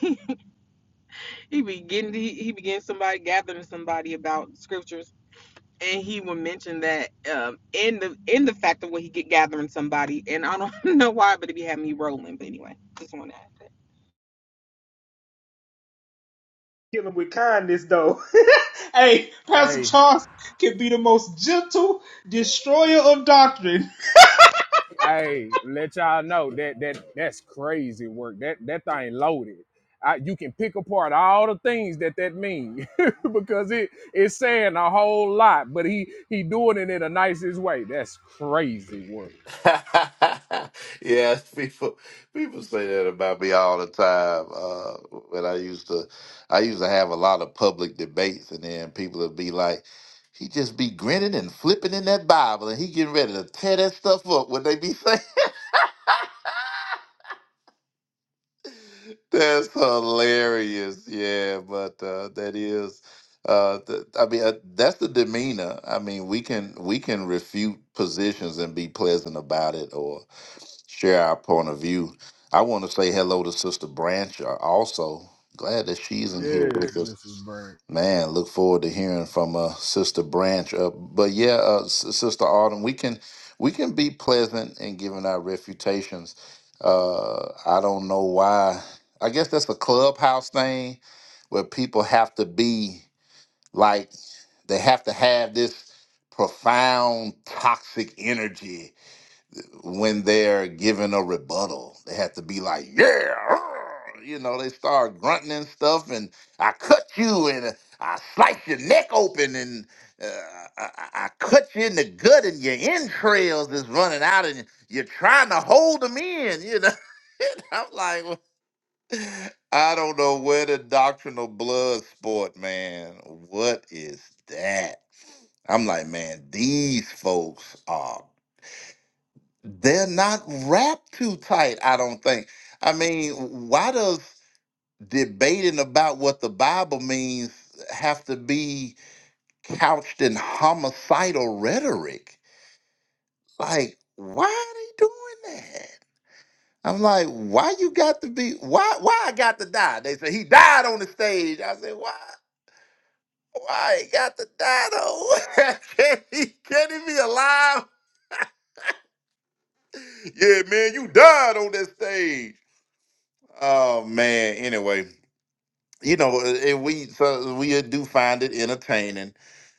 Speaker 12: he be getting he, he be getting somebody gathering somebody about scriptures, and he would mention that um, in the in the fact of what he get gathering somebody, and I don't know why, but it be having me rolling. But anyway, just want to add that.
Speaker 3: Kill him with kindness, though. hey, Pastor
Speaker 1: Hey.
Speaker 3: Charles can be the most gentle destroyer of doctrine.
Speaker 1: Hey, let y'all know that that that's crazy work. That that thing loaded. I, you can pick apart all the things that that mean because it it's saying a whole lot, but he he doing it in the nicest way. That's crazy work.
Speaker 2: yes, people people say that about me all the time. Uh, when I used to, I used to have a lot of public debates, and then people would be like, "He just be grinning and flipping in that Bible, and he getting ready to tear that stuff up." When they be saying. That's hilarious. Yeah, but uh, that is, uh, th- I mean, uh, that's the demeanor. I mean, we can we can refute positions and be pleasant about it, or share our point of view. I want to say hello to Sister Branch. uh, Also, glad that she's in here
Speaker 1: Yes,
Speaker 2: with
Speaker 1: Mrs.
Speaker 2: us.
Speaker 1: Brand.
Speaker 2: Man, look forward to hearing from uh, Sister Branch. Uh, but yeah, uh, S- Sister Autumn, we can we can be pleasant in giving our refutations. Uh, I don't know why. I guess that's a clubhouse thing where people have to be like they have to have this profound toxic energy when they're given a rebuttal. They have to be like, yeah, argh," you know, they start grunting and stuff, and I cut you and uh, I slice your neck open and uh, I, I I cut you in the gut and your entrails is running out and you're trying to hold them in, you know. I'm like, I don't know where the doctrinal blood sport, man. What is that? I'm like, man, these folks are they're not wrapped too tight, I don't think. I mean, why does debating about what the Bible means have to be couched in homicidal rhetoric? Like, why are they doing that? I'm like, why you got to be why why I got to die? They say he died on the stage. I said, why? Why he got the dino? can, he, can he be alive? Yeah, man, you died on that stage. Oh man. Anyway, you know, uh, and we so we uh, do find it entertaining.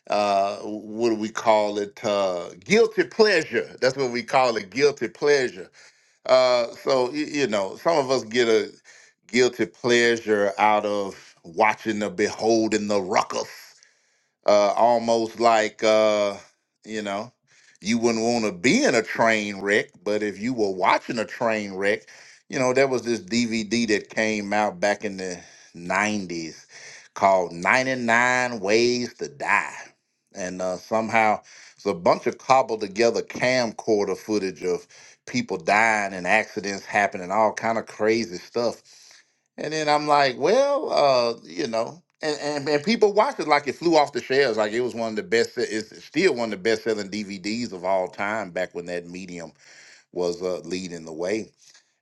Speaker 2: Uh, what do we call it? Uh, guilty pleasure. That's what we call it. Guilty pleasure. Uh, so y- you know, some of us get a guilty pleasure out of watching the beholding the ruckus. uh, almost like uh, you know you wouldn't want to be in a train wreck but if you were watching a train wreck you know there was this dvd that came out back in the 90s called 99 ways to die and uh, somehow it's a bunch of cobbled together camcorder footage of people dying and accidents happening all kind of crazy stuff and then I'm like, well, uh, you know, and, and and people watched it like it flew off the shelves, like it was one of the best. se- It's still one of the best selling DVDs of all time. Back when that medium was uh, leading the way,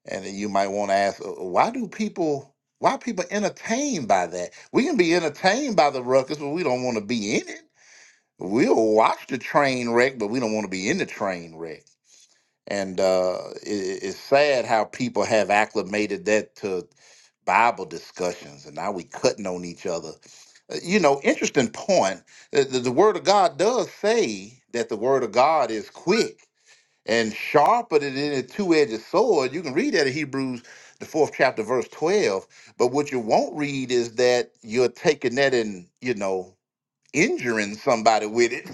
Speaker 2: and then you might want to ask, uh, why do people? Why are people entertained by that? We can be entertained by the ruckus, but we don't want to be in it. We'll watch the train wreck, but we don't want to be in the train wreck. And uh, it, it's sad how people have acclimated that to. Bible discussions, and now we cutting on each other. Uh, You know, interesting point. The, the, the Word of God does say that the Word of God is quick and sharper than a two-edged sword. You can read that in Hebrews, the fourth chapter, verse twelve. But what you won't read is that you're taking that and you know injuring somebody with it.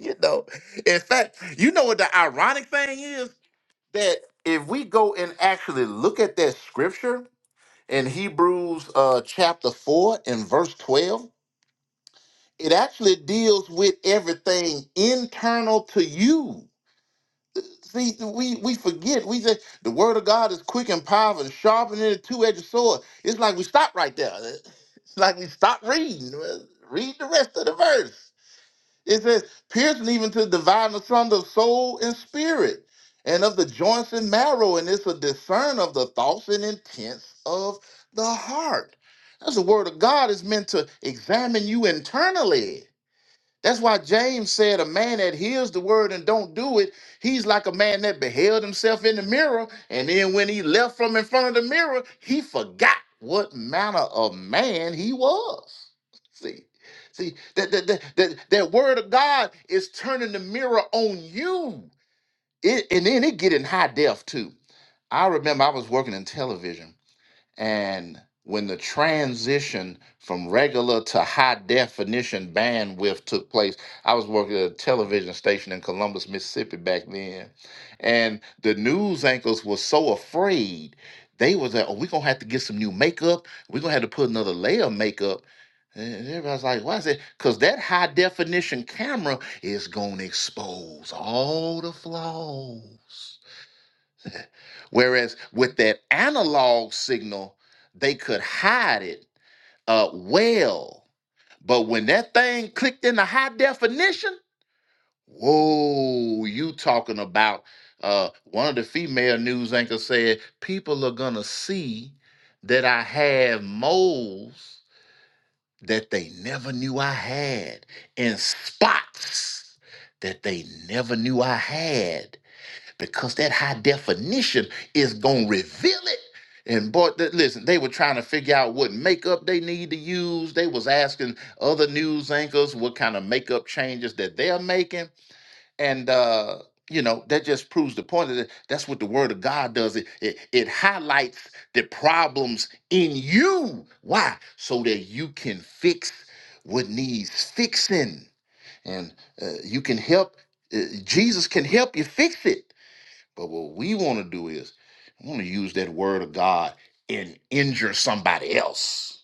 Speaker 2: you know, in fact, you know what the ironic thing is that if we go and actually look at that scripture in Hebrews uh, chapter 4 and verse 12, it actually deals with everything internal to you. See, we, we forget. We say the word of God is quick and powerful and sharper than a two-edged sword. It's like we stop right there. It's like we stop reading. Well, Read the rest of the verse. It says, piercing even to the divine asunder of soul and spirit, and of the joints and marrow, and it's a discern of the thoughts and intents of the heart. That's the word of God is meant to examine you internally. That's why James said, A man that hears the word and don't do it, he's like a man that beheld himself in the mirror. And then when he left from in front of the mirror, he forgot what manner of man he was. See, see, that, that, that, that, that word of God is turning the mirror on you. It, and then it get in high def too. I remember I was working in television and when the transition from regular to high definition bandwidth took place, I was working at a television station in Columbus, Mississippi back then. And the news anchors were so afraid. They was like, oh, we're gonna have to get some new makeup. We're gonna have to put another layer of makeup. And everybody's like, why is it? Because that high definition camera is gonna expose all the flaws. Whereas with that analog signal, they could hide it uh, well. But when that thing clicked into high definition, whoa, you talking about uh, one of the female news anchors said, people are going to see that I have moles that they never knew I had and spots that they never knew I had because that high definition is going to reveal it. And boy, th- listen, they were trying to figure out what makeup they need to use. They was asking other news anchors what kind of makeup changes that they're making. And, uh, you know, that just proves the point that that's what the word of God does. It, it, it highlights the problems in you. Why? So that you can fix what needs fixing. And uh, you can help, uh, Jesus can help you fix it but what we want to do is we want to use that word of God and injure somebody else.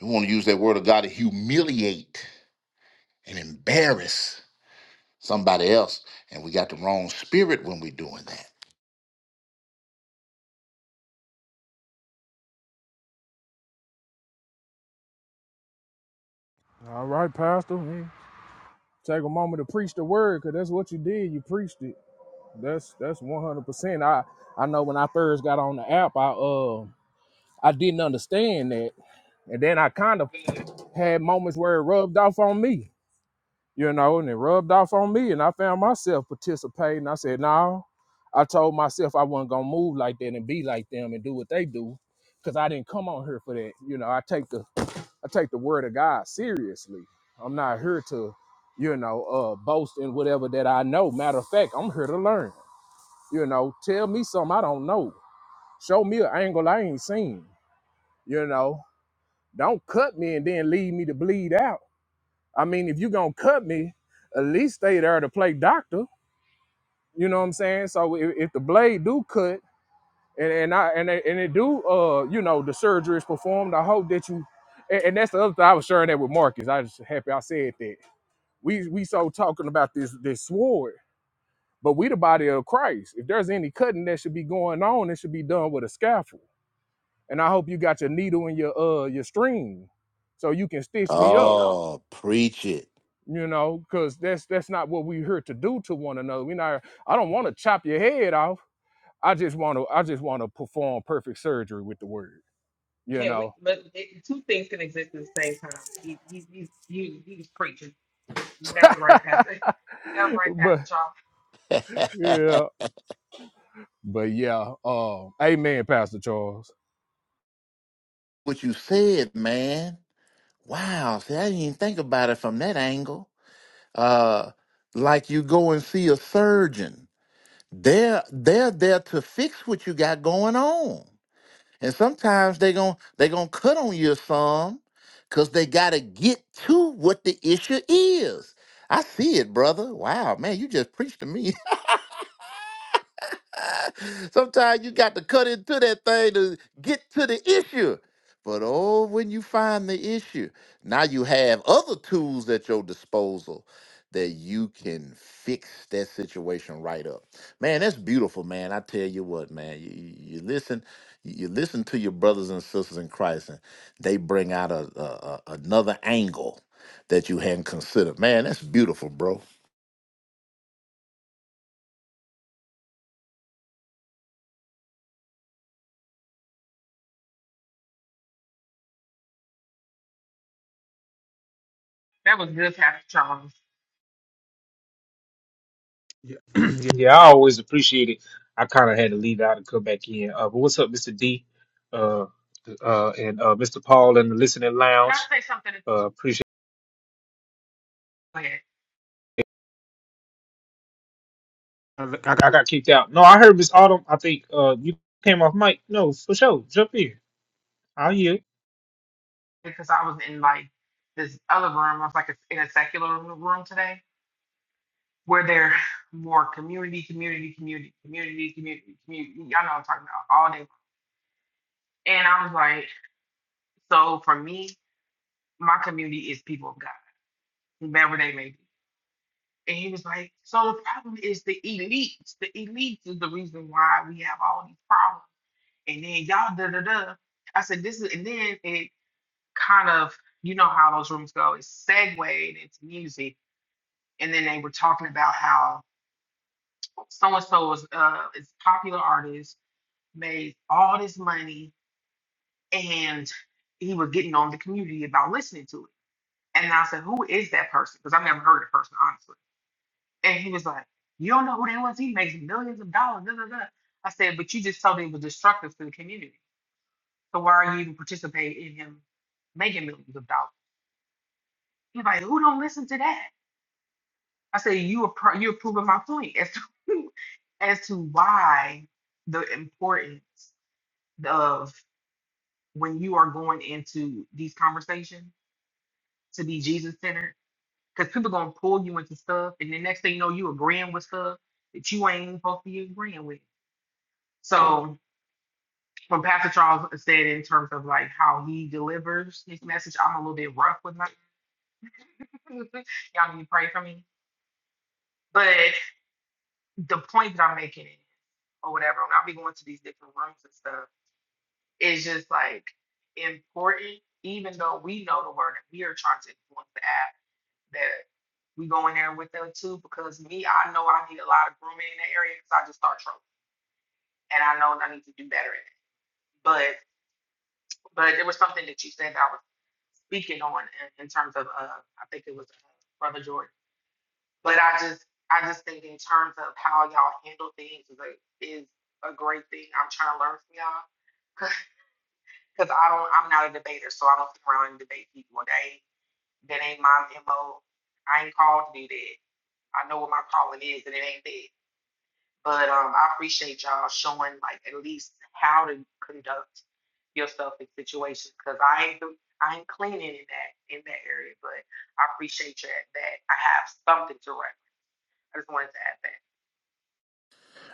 Speaker 2: We want to use that word of God to humiliate and embarrass somebody else. And we got the wrong spirit when we're doing that.
Speaker 1: All right, Pastor. Mm. Take a moment to preach the word because that's what you did. You preached it. That's that's one hundred percent. I I know when I first got on the app, I uh I didn't understand that, and then I kind of had moments where it rubbed off on me, you know, and it rubbed off on me. And I found myself participating. I said, no, I told myself I wasn't going to move like that and be like them and do what they do because I didn't come on here for that. You know, I take the I take the word of God seriously. I'm not here to, you know, uh, boast in whatever that I know. Matter of fact, I'm here to learn. You know, tell me something I don't know. Show me an angle I ain't seen. You know, don't cut me and then leave me to bleed out I mean, if you gonna cut me, at least stay there to play doctor. You know what I'm saying? So if, if the blade do cut and, and I and it, and it do uh you know the surgery is performed, I hope that you and, and that's the other thing I was sharing that with Marcus. I just happy I said that. We we so talking about this this sword, but we the body of Christ. If there's any cutting that should be going on, it should be done with a scaffold. And I hope you got your needle and your uh your string so you can stitch me up
Speaker 2: Oh, preach it.
Speaker 1: you know, because that's that's not what we're here to do to one another. We're not. I don't want to chop your head off. I just want to. I just want to perform perfect surgery with the word, you know. but yeah, but yeah. Uh, amen, Pastor Charles.
Speaker 2: What you said, man. Wow, see, I didn't even think about it from that angle. Uh like you go and see a surgeon. They're they're there to fix what you got going on. And sometimes they gon' they gonna cut on you some because they gotta get to what the issue is. I see it, brother. Wow, man, you just preached to me. Sometimes you got to cut into that thing to get to the issue. But oh, when you find the issue, now you have other tools at your disposal that you can fix that situation right up. Man, that's beautiful, man. I tell you what, man. You, you you listen, you listen to your brothers and sisters in Christ, and they bring out a, a a- another angle that you hadn't considered. Man, that's beautiful, bro.
Speaker 3: Yeah, yeah yeah, I always appreciate it. I kind of had to leave out and come back in. Uh, but what's up, Mr. D, uh, uh, and uh, Mr. Paul in the listening lounge? Uh, appreciate. I, I got kicked out. No, I heard Miss Autumn. I think uh, you came off mic. No, for sure. Jump in. How you?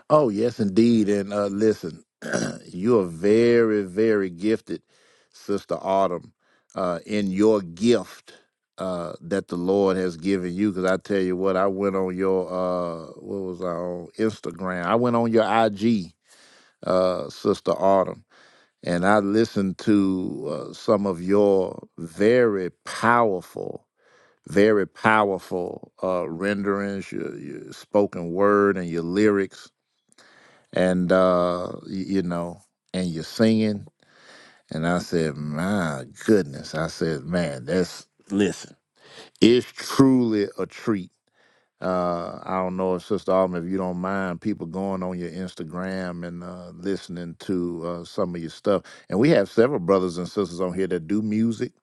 Speaker 2: Oh, yes, indeed. And uh, listen, you are very, very gifted, Sister Autumn, uh, in your gift uh, that the Lord has given you. Because I tell you what, I went on your, uh, what was I on? Instagram. I went on your IG, uh, Sister Autumn, and I listened to uh, some of your very powerful. Very powerful uh, renderings, your, your spoken word, and your lyrics and uh y- you know and you're singing and i said my goodness i said man that's listen it's truly a treat uh i don't know if sister Alma, if you don't mind people going on your instagram and uh listening to uh some of your stuff and we have several brothers and sisters on here that do music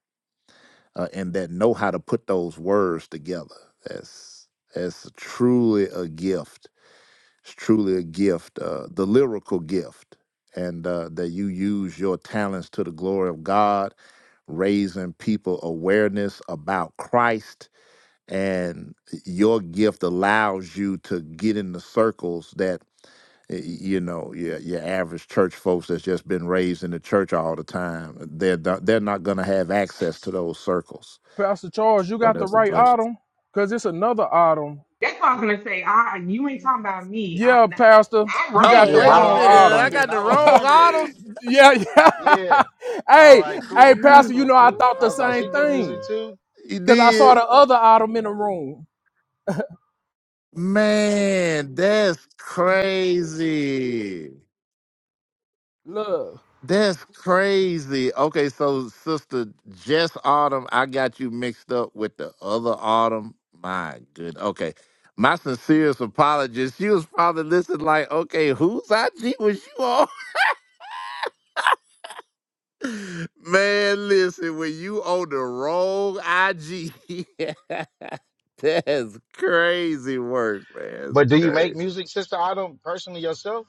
Speaker 2: uh, and that know how to put those words together that's that's truly a gift it's truly a gift, uh, the lyrical gift, and uh, that you use your talents to the glory of God, raising people awareness about Christ. And your gift allows you to get in the circles that y- you know your, your average church folks that's just been raised in the church all the time they're not, they're not going to have access to those circles
Speaker 1: Pastor Charles, you
Speaker 2: so
Speaker 1: got the
Speaker 2: that's a
Speaker 1: right
Speaker 2: blessing
Speaker 1: autumn, cause it's another autumn. Yeah, Pastor, you got
Speaker 2: oh
Speaker 1: the
Speaker 13: Yeah,
Speaker 2: wait a
Speaker 1: wrong
Speaker 13: I, I was
Speaker 2: minute
Speaker 1: autumn.
Speaker 2: i
Speaker 13: wondering.
Speaker 2: got the
Speaker 13: I was
Speaker 2: wrong
Speaker 13: wondering.
Speaker 2: auto
Speaker 1: yeah, yeah.
Speaker 13: Yeah. All right.
Speaker 1: hey, hey,
Speaker 13: Cool. Cool.
Speaker 1: Pastor, you
Speaker 13: Cool.
Speaker 1: know I
Speaker 13: Cool.
Speaker 1: thought
Speaker 13: I
Speaker 1: the
Speaker 13: was like, she
Speaker 1: same
Speaker 13: do music
Speaker 1: thing.
Speaker 13: too.
Speaker 2: You
Speaker 1: Cause I saw
Speaker 2: did?
Speaker 1: the other Autumn in the room.
Speaker 2: Man, that's crazy.
Speaker 1: Love,
Speaker 2: That's crazy. Okay, so sister Jess Autumn, I got you mixed up with the other Autumn. My good. Okay. My sincerest apologies. She was probably listening like, okay, whose IG was you on? Man, listen, when you on the wrong IG, that's crazy work, man. That's
Speaker 13: But do you make
Speaker 2: crazy.
Speaker 13: music, Sister Autumn, personally yourself?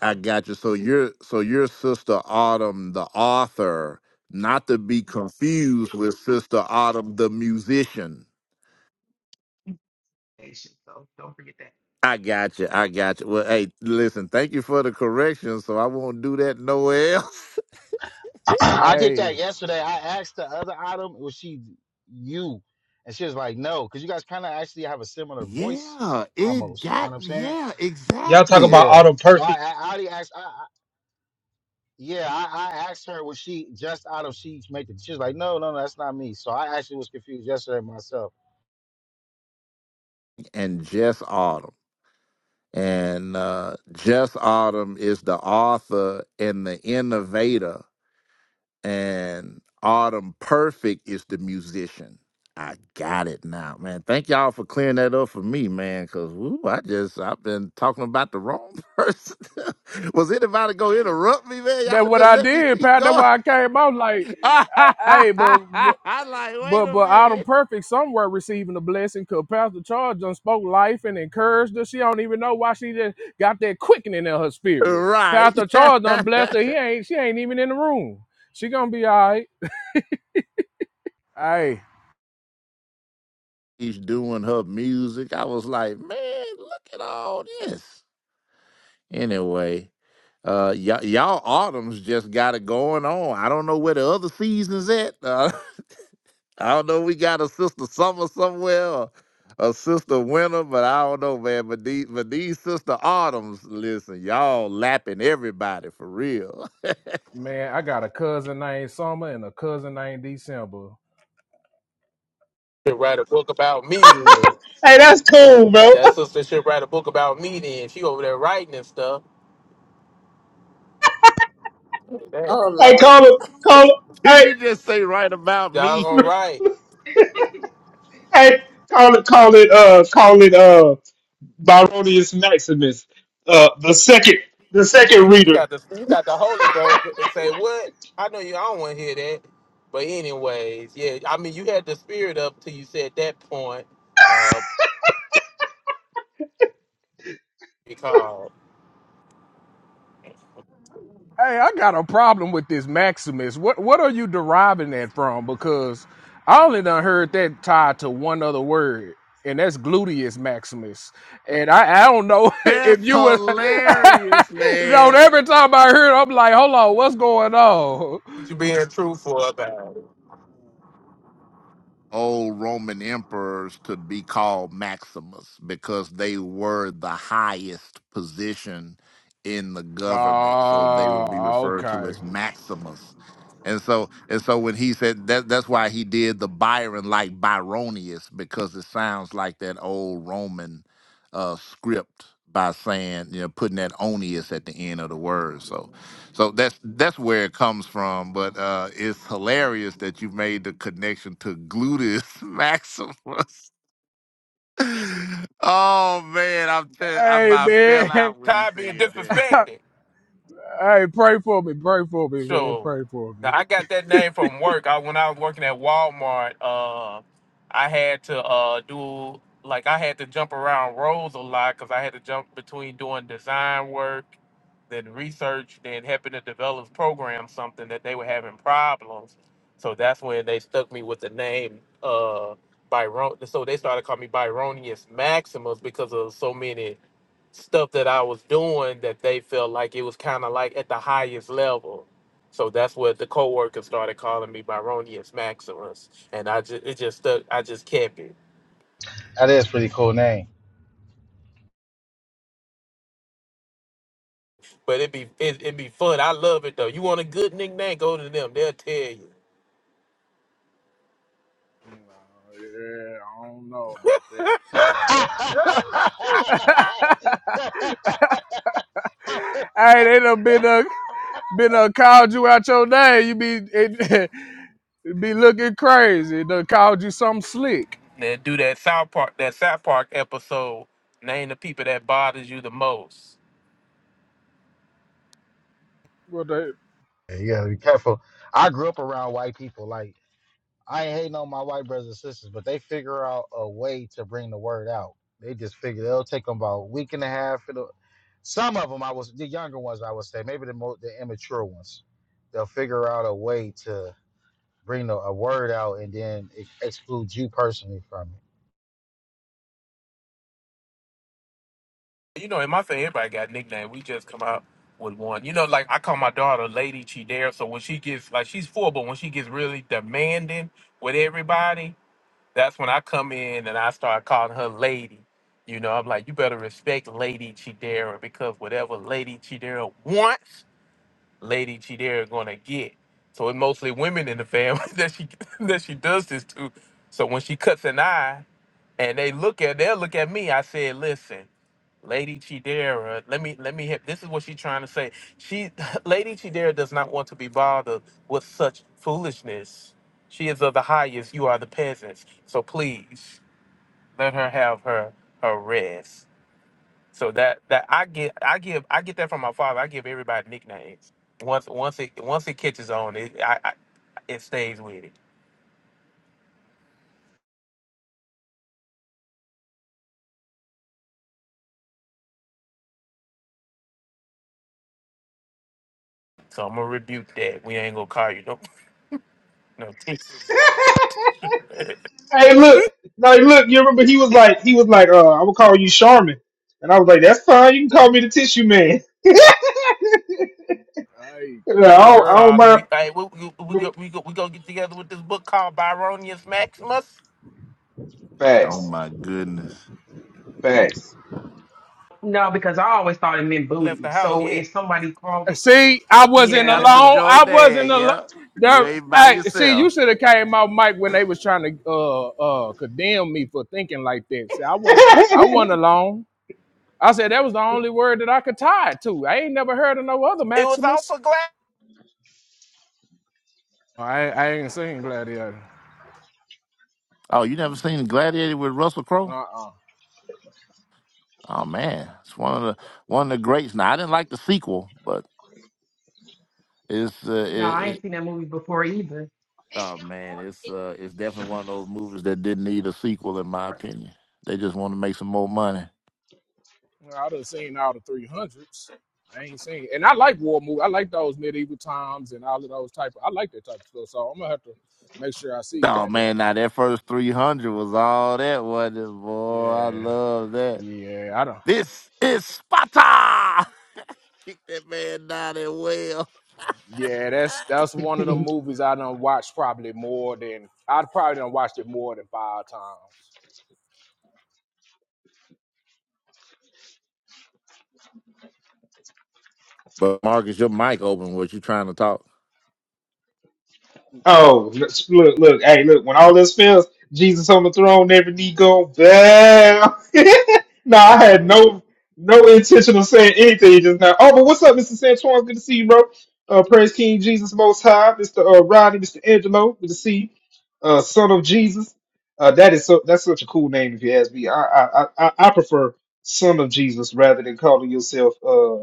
Speaker 2: I got you. So your so your sister Autumn, the author, not to be confused with Sister Autumn, the musician. I got you. I got you. Well, hey, listen, thank you for the correction. So I won't do that nowhere else.
Speaker 13: I did
Speaker 1: Hey.
Speaker 13: that yesterday. I asked the other Autumn, was she you? And she was like, no, because you guys kind of actually have a similar voice,
Speaker 2: Yeah, it
Speaker 13: almost. You know
Speaker 2: got,
Speaker 13: what I'm saying?
Speaker 2: yeah,
Speaker 3: Y'all talk
Speaker 2: exactly.
Speaker 3: about
Speaker 13: Yeah.
Speaker 3: auto
Speaker 13: So I,
Speaker 3: perfect.
Speaker 13: I, I already asked. I, I, yeah, I, I asked her, was she just out of she's making? She was like, no, no, no, that's not me. So I actually was confused yesterday myself.
Speaker 2: And just Autumn. And uh, Jess Autumn is the author and the innovator, and Autumn Perfect is the musician. I got it now, man. Thank y'all for clearing that up for me, man. Cause woo, I just I've been talking about the wrong person. Was anybody gonna interrupt me, man? Y'all
Speaker 1: That's what
Speaker 2: just
Speaker 1: I
Speaker 2: let me
Speaker 1: did,
Speaker 2: keep
Speaker 1: Pat. That's
Speaker 2: going.
Speaker 1: why I came out like,
Speaker 2: I
Speaker 1: hey, hey, but but
Speaker 2: am like,
Speaker 1: but but Autumn
Speaker 2: wait
Speaker 1: Perfect somewhere receiving a blessing because Pastor Charles done spoke life and encouraged her. She don't even know why she just got that quickening in her spirit. Pastor
Speaker 2: a
Speaker 1: Charles done
Speaker 2: minute.
Speaker 1: blessed her. He
Speaker 2: Right.
Speaker 1: ain't she ain't even in the room. She gonna be all right. Hey.
Speaker 2: She's doing her music. I was like, man, look at all this. Anyway, uh, y- y'all autumns just got it going on. I don't know where the other seasons at. Uh, I don't know. We got a sister summer somewhere, or a sister winter, but I don't know, man. But these, but these sister autumns, listen, y'all lapping everybody for real.
Speaker 1: Man, I got a cousin named Summer and a cousin named December.
Speaker 9: should write a book about me then.
Speaker 3: Hey, that's cool, bro.
Speaker 9: That sister should write a book about me then. She over there writing and stuff. That
Speaker 3: Hey, call it, call
Speaker 2: Did
Speaker 3: it.
Speaker 2: you just say right about me?
Speaker 9: doggone
Speaker 3: Hey,
Speaker 9: right.
Speaker 3: hey, call it, call it, uh, call it, uh, Byronius Maximus, uh, the second, the
Speaker 9: And
Speaker 3: second
Speaker 9: you, you
Speaker 3: reader.
Speaker 9: got the you got the Holy Ghost to say what? I know you. I don't want to hear that. But anyways, yeah. I mean, you had the spirit up till you said that point. Uh, because
Speaker 1: Hey, I got a problem with this Maximus. What what are you deriving that from? Because I only done heard that tied to one other word, and that's gluteus maximus. And I, I don't know if
Speaker 2: That's
Speaker 1: you were
Speaker 2: hilarious,
Speaker 1: no,
Speaker 2: man.
Speaker 1: every time I heard, it, I'm like, hold on, what's going on?
Speaker 9: you being truthful about it.
Speaker 2: old Roman emperors to be called Maximus because they were the highest position in the government. So they would be
Speaker 1: Oh,
Speaker 2: referred to
Speaker 1: okay.
Speaker 2: as Maximus. And so and so when he said that that's why he did the Byron like Byronius, because it sounds like that old Roman uh script by saying, you know, putting that onius at the end of the word. So so that's that's where it comes from. But uh, it's hilarious that you made the connection to gluteus maximus. oh man, I'm tell- I
Speaker 1: Hey
Speaker 2: about fell
Speaker 1: man.
Speaker 2: out when he
Speaker 9: tired of being
Speaker 2: said that.
Speaker 9: disrespected.
Speaker 1: hey, pray for me, pray for me, man,
Speaker 9: So
Speaker 1: pray for me.
Speaker 9: now I got that name from work. I when I was working at Walmart, uh, I had to uh, do like I had to jump around roles a lot because I had to jump between doing design work, then research, then helping the developers program something that they were having problems. So that's when they stuck me with the name uh, Byron. So they started calling me Byronius Maximus because of so many stuff that I was doing that they felt like it was kind of like at the highest level. So that's what the coworkers started calling me Byronius Maximus, and I just it just stuck. I just kept it.
Speaker 13: That is a pretty cool name.
Speaker 9: But it'd be it, it'd be fun. I love it though. You want a good nickname? Go to them. They'll tell you.
Speaker 1: yeah, I don't know about that. hey, they done been uh, been uh, called you out your name. You be it, it be looking crazy. They called you something slick.
Speaker 9: then do that South Park that South Park episode. Name the people that bothers you the most.
Speaker 1: What the?
Speaker 13: Yeah, you gotta be careful. I grew up around white people. Like I ain't hating on my white brothers and sisters, but they figure out a way to bring the word out. They just figure it'll take them about a week and a half. It'll, some of them, I was the younger ones, I would say, maybe the more the immature ones, they'll figure out a way to bring the, a word out and then ex- exclude you personally from
Speaker 9: You know, in my family, everybody got a nickname. We just come out with one. You know, like I call my daughter Lady Chidera. So when she gets like she's four, but when she gets really demanding with everybody, that's when I come in and I start calling her Lady. You know, I'm like, you better respect Lady Chidera because whatever Lady Chidera wants, Lady Chidera gonna get. So it's mostly women in the family that she that she does this to. So when she cuts an eye, and they look at they'll look at me. I said, listen, Lady Chidera, let me let me hit this is what she's trying to say. She Lady Chidera does not want to be bothered with such foolishness. She is of the highest, you are the peasants. So please let her have her her rest. So that that I get I give I get that from my father. I give everybody nicknames. Once once it once it catches on, it I, I it stays with it. So I'm gonna rebuke that. We ain't gonna call you no no teacher.
Speaker 3: Hey, look, like, look, you remember he was like, he was like, uh, I'm gonna call you Charmin, and I was like, that's fine. You can call me the Tissue Man.
Speaker 1: Hey,
Speaker 3: I
Speaker 1: hey,
Speaker 3: don't, I
Speaker 1: Jeremy.
Speaker 3: don't
Speaker 9: Saw them.
Speaker 3: mind.
Speaker 9: We hey, we we, we go we go we go get together with this book called Byronius Maximus.
Speaker 2: Oh
Speaker 3: Facts.
Speaker 2: my goodness,
Speaker 3: Facts.
Speaker 9: Left the house yet?
Speaker 1: See, I wasn't
Speaker 2: Pastor
Speaker 1: alone.
Speaker 2: Joy
Speaker 1: I
Speaker 2: Dad,
Speaker 1: wasn't alone.
Speaker 2: yeah, you
Speaker 1: There,
Speaker 2: ain't by
Speaker 1: hey, see, you
Speaker 2: yourself.
Speaker 1: should have came out, Mike, when they was trying to uh uh condemn me for thinking like that. See, I wasn't I wasn't alone. I said that was the only word that I could tie it to. I ain't never heard of no other
Speaker 9: It was all
Speaker 1: Maximus.
Speaker 9: for glass.
Speaker 1: I ain't, I ain't seen Gladiator.
Speaker 2: Oh, you never seen Gladiator with Russell
Speaker 1: Uh
Speaker 2: Crowe?
Speaker 1: uh
Speaker 2: Oh man, it's one of the one of the greats. Now I didn't like the sequel, but it's uh, it, Oh man, it's uh, it's definitely one of those movies that didn't need a sequel, in my opinion. They just want to make some more money.
Speaker 1: I done seen all the three hundreds. I ain't seen, and I like war movies. I like those medieval times and all of those type. Of, I like that type of stuff. So I'm gonna have to make sure I see
Speaker 2: Oh man,
Speaker 1: Gladiator.
Speaker 2: now that first three hundred was all that wasn't it, boy. I
Speaker 1: Yeah,
Speaker 2: love that.
Speaker 1: yeah. I don't.
Speaker 2: This is Sparta. Kick that man down that well.
Speaker 1: Yeah, that's that's one of the movies I done watched probably more than I probably done watched it more than five times.
Speaker 2: But Marcus, your mic open. What you trying to talk?
Speaker 3: Oh, look, look, look, hey, look, when all this fails, Jesus on the throne, every knee go bow. no, I had no no intention of saying anything just now. Oh, but what's up, Mr. Santuan? Good to see you, bro. Uh, praise King Jesus Most High, Mr. Uh, Rodney, Mr. Angelo, good to see you. Uh, Son of Jesus. Uh, that is so. That's such a cool name, if you ask me. I I I, I I prefer Son of Jesus rather than calling yourself. uh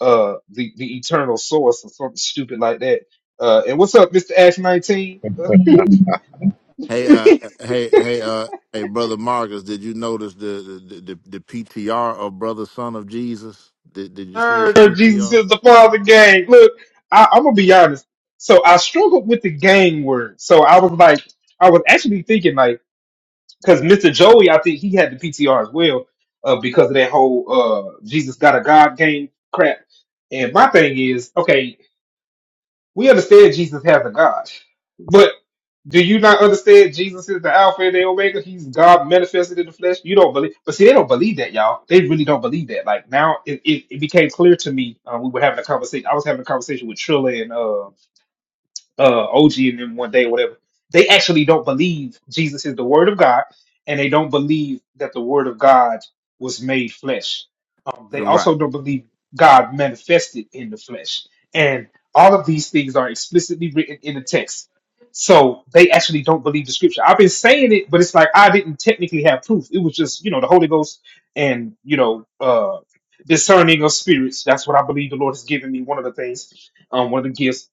Speaker 3: uh the the eternal source or something stupid like that. Uh, and what's up, Mister Ash nineteen?
Speaker 2: Hey, uh, hey, hey, uh, hey, brother Marcus, did you notice the the the, the PTR of brother son of Jesus? Did Did you see his
Speaker 3: Third, Jesus
Speaker 2: PTR?
Speaker 3: is the Father gang. Look, I, I'm gonna be honest. So I struggled with the gang word. So I was like, I was actually thinking like, because Mister Joey, I think he had the PTR as well, uh, because of that whole uh Jesus got a God gang crap. And my thing is, okay, we understand Jesus has a God, Do you not understand Jesus is the Alpha and the Omega? He's God manifested in the flesh. You don't believe, but see, they don't believe that, y'all. They really don't believe that. Like now, it, it, it became clear to me. Uh, we were having a conversation. I was having a conversation with Trilla and. uh uh, OG and them one day, whatever. They actually don't believe Jesus is the Word of God, and they don't believe that the Word of God was made flesh. Um, they
Speaker 2: Right,
Speaker 3: also don't believe God manifested in the flesh, and all of these things are explicitly written in the text. So they actually don't believe the scripture. I've been saying it, but it's like I didn't technically have proof. It was just you know the Holy Ghost and you know uh, discerning of spirits. That's what I believe the Lord has given me. One of the things, um, one of the gifts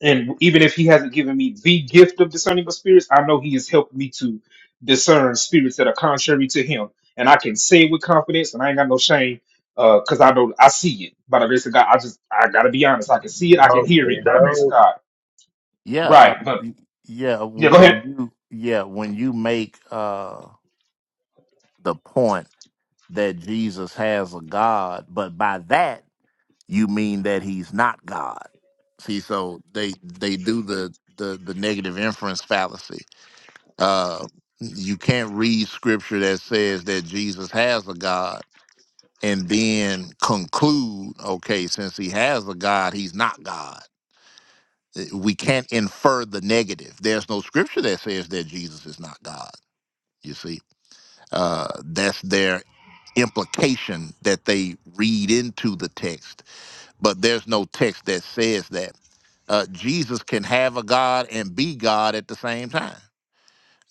Speaker 3: and even if he hasn't given me the gift of discerning of spirits, I know he has helped me to discern spirits that are contrary to him. And I can say it with confidence, and I ain't got no shame, because I know I see it. By the grace of God, I just I gotta be honest. I can see it, I can
Speaker 7: Oh,
Speaker 3: hear
Speaker 7: you
Speaker 3: it. By the grace of
Speaker 7: know,
Speaker 3: God,
Speaker 2: Yeah, uh,
Speaker 3: right? But
Speaker 2: y- yeah.
Speaker 3: yeah,
Speaker 2: w-
Speaker 3: go ahead.
Speaker 2: When you yeah, when you make uh, the point that Jesus has a God, but by that you mean that he's not God. See, so they they do the the, the negative inference fallacy. Uh, you can't read scripture that says that Jesus has a God and then conclude, okay, since he has a God, he's not God. Uh, We can't infer the negative. There's no scripture that says that Jesus is not God. You see, uh, that's their implication that they read into the text, but there's no text that says that uh, Jesus can have a God and be God at the same time.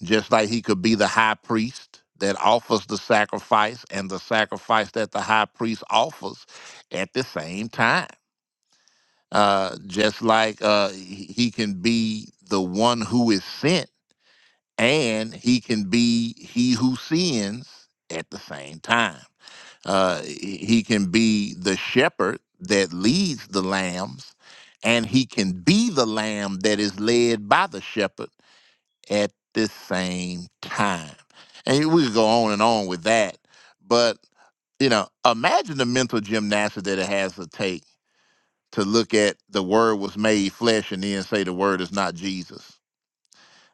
Speaker 2: Just like he could be the high priest that offers the sacrifice and the sacrifice that the high priest offers at the same time uh, just like uh, he he can be the one who is sent and he can be he who sins at the same time. Uh, he he can be the shepherd that leads the lambs and he can be the lamb that is led by the shepherd at the same time. And we could go on and on with that. But, you know, imagine the mental gymnastics that it has to take to look at the word was made flesh and then say the word is not Jesus.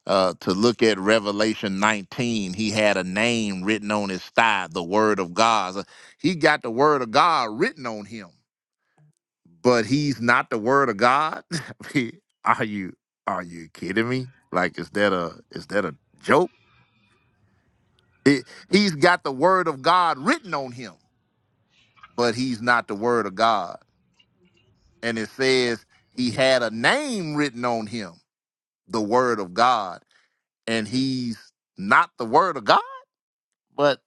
Speaker 2: Uh, to look at Revelation 19, he had a name written on his thigh, the word of God. So he got the word of God written on him, but he's not the word of God. I mean, are you are you kidding me? Like is that a is that a joke? It, he's got the word of God written on him, but he's not the word of God. And it says he had a name written on him the word of God. And he's not the word of God, but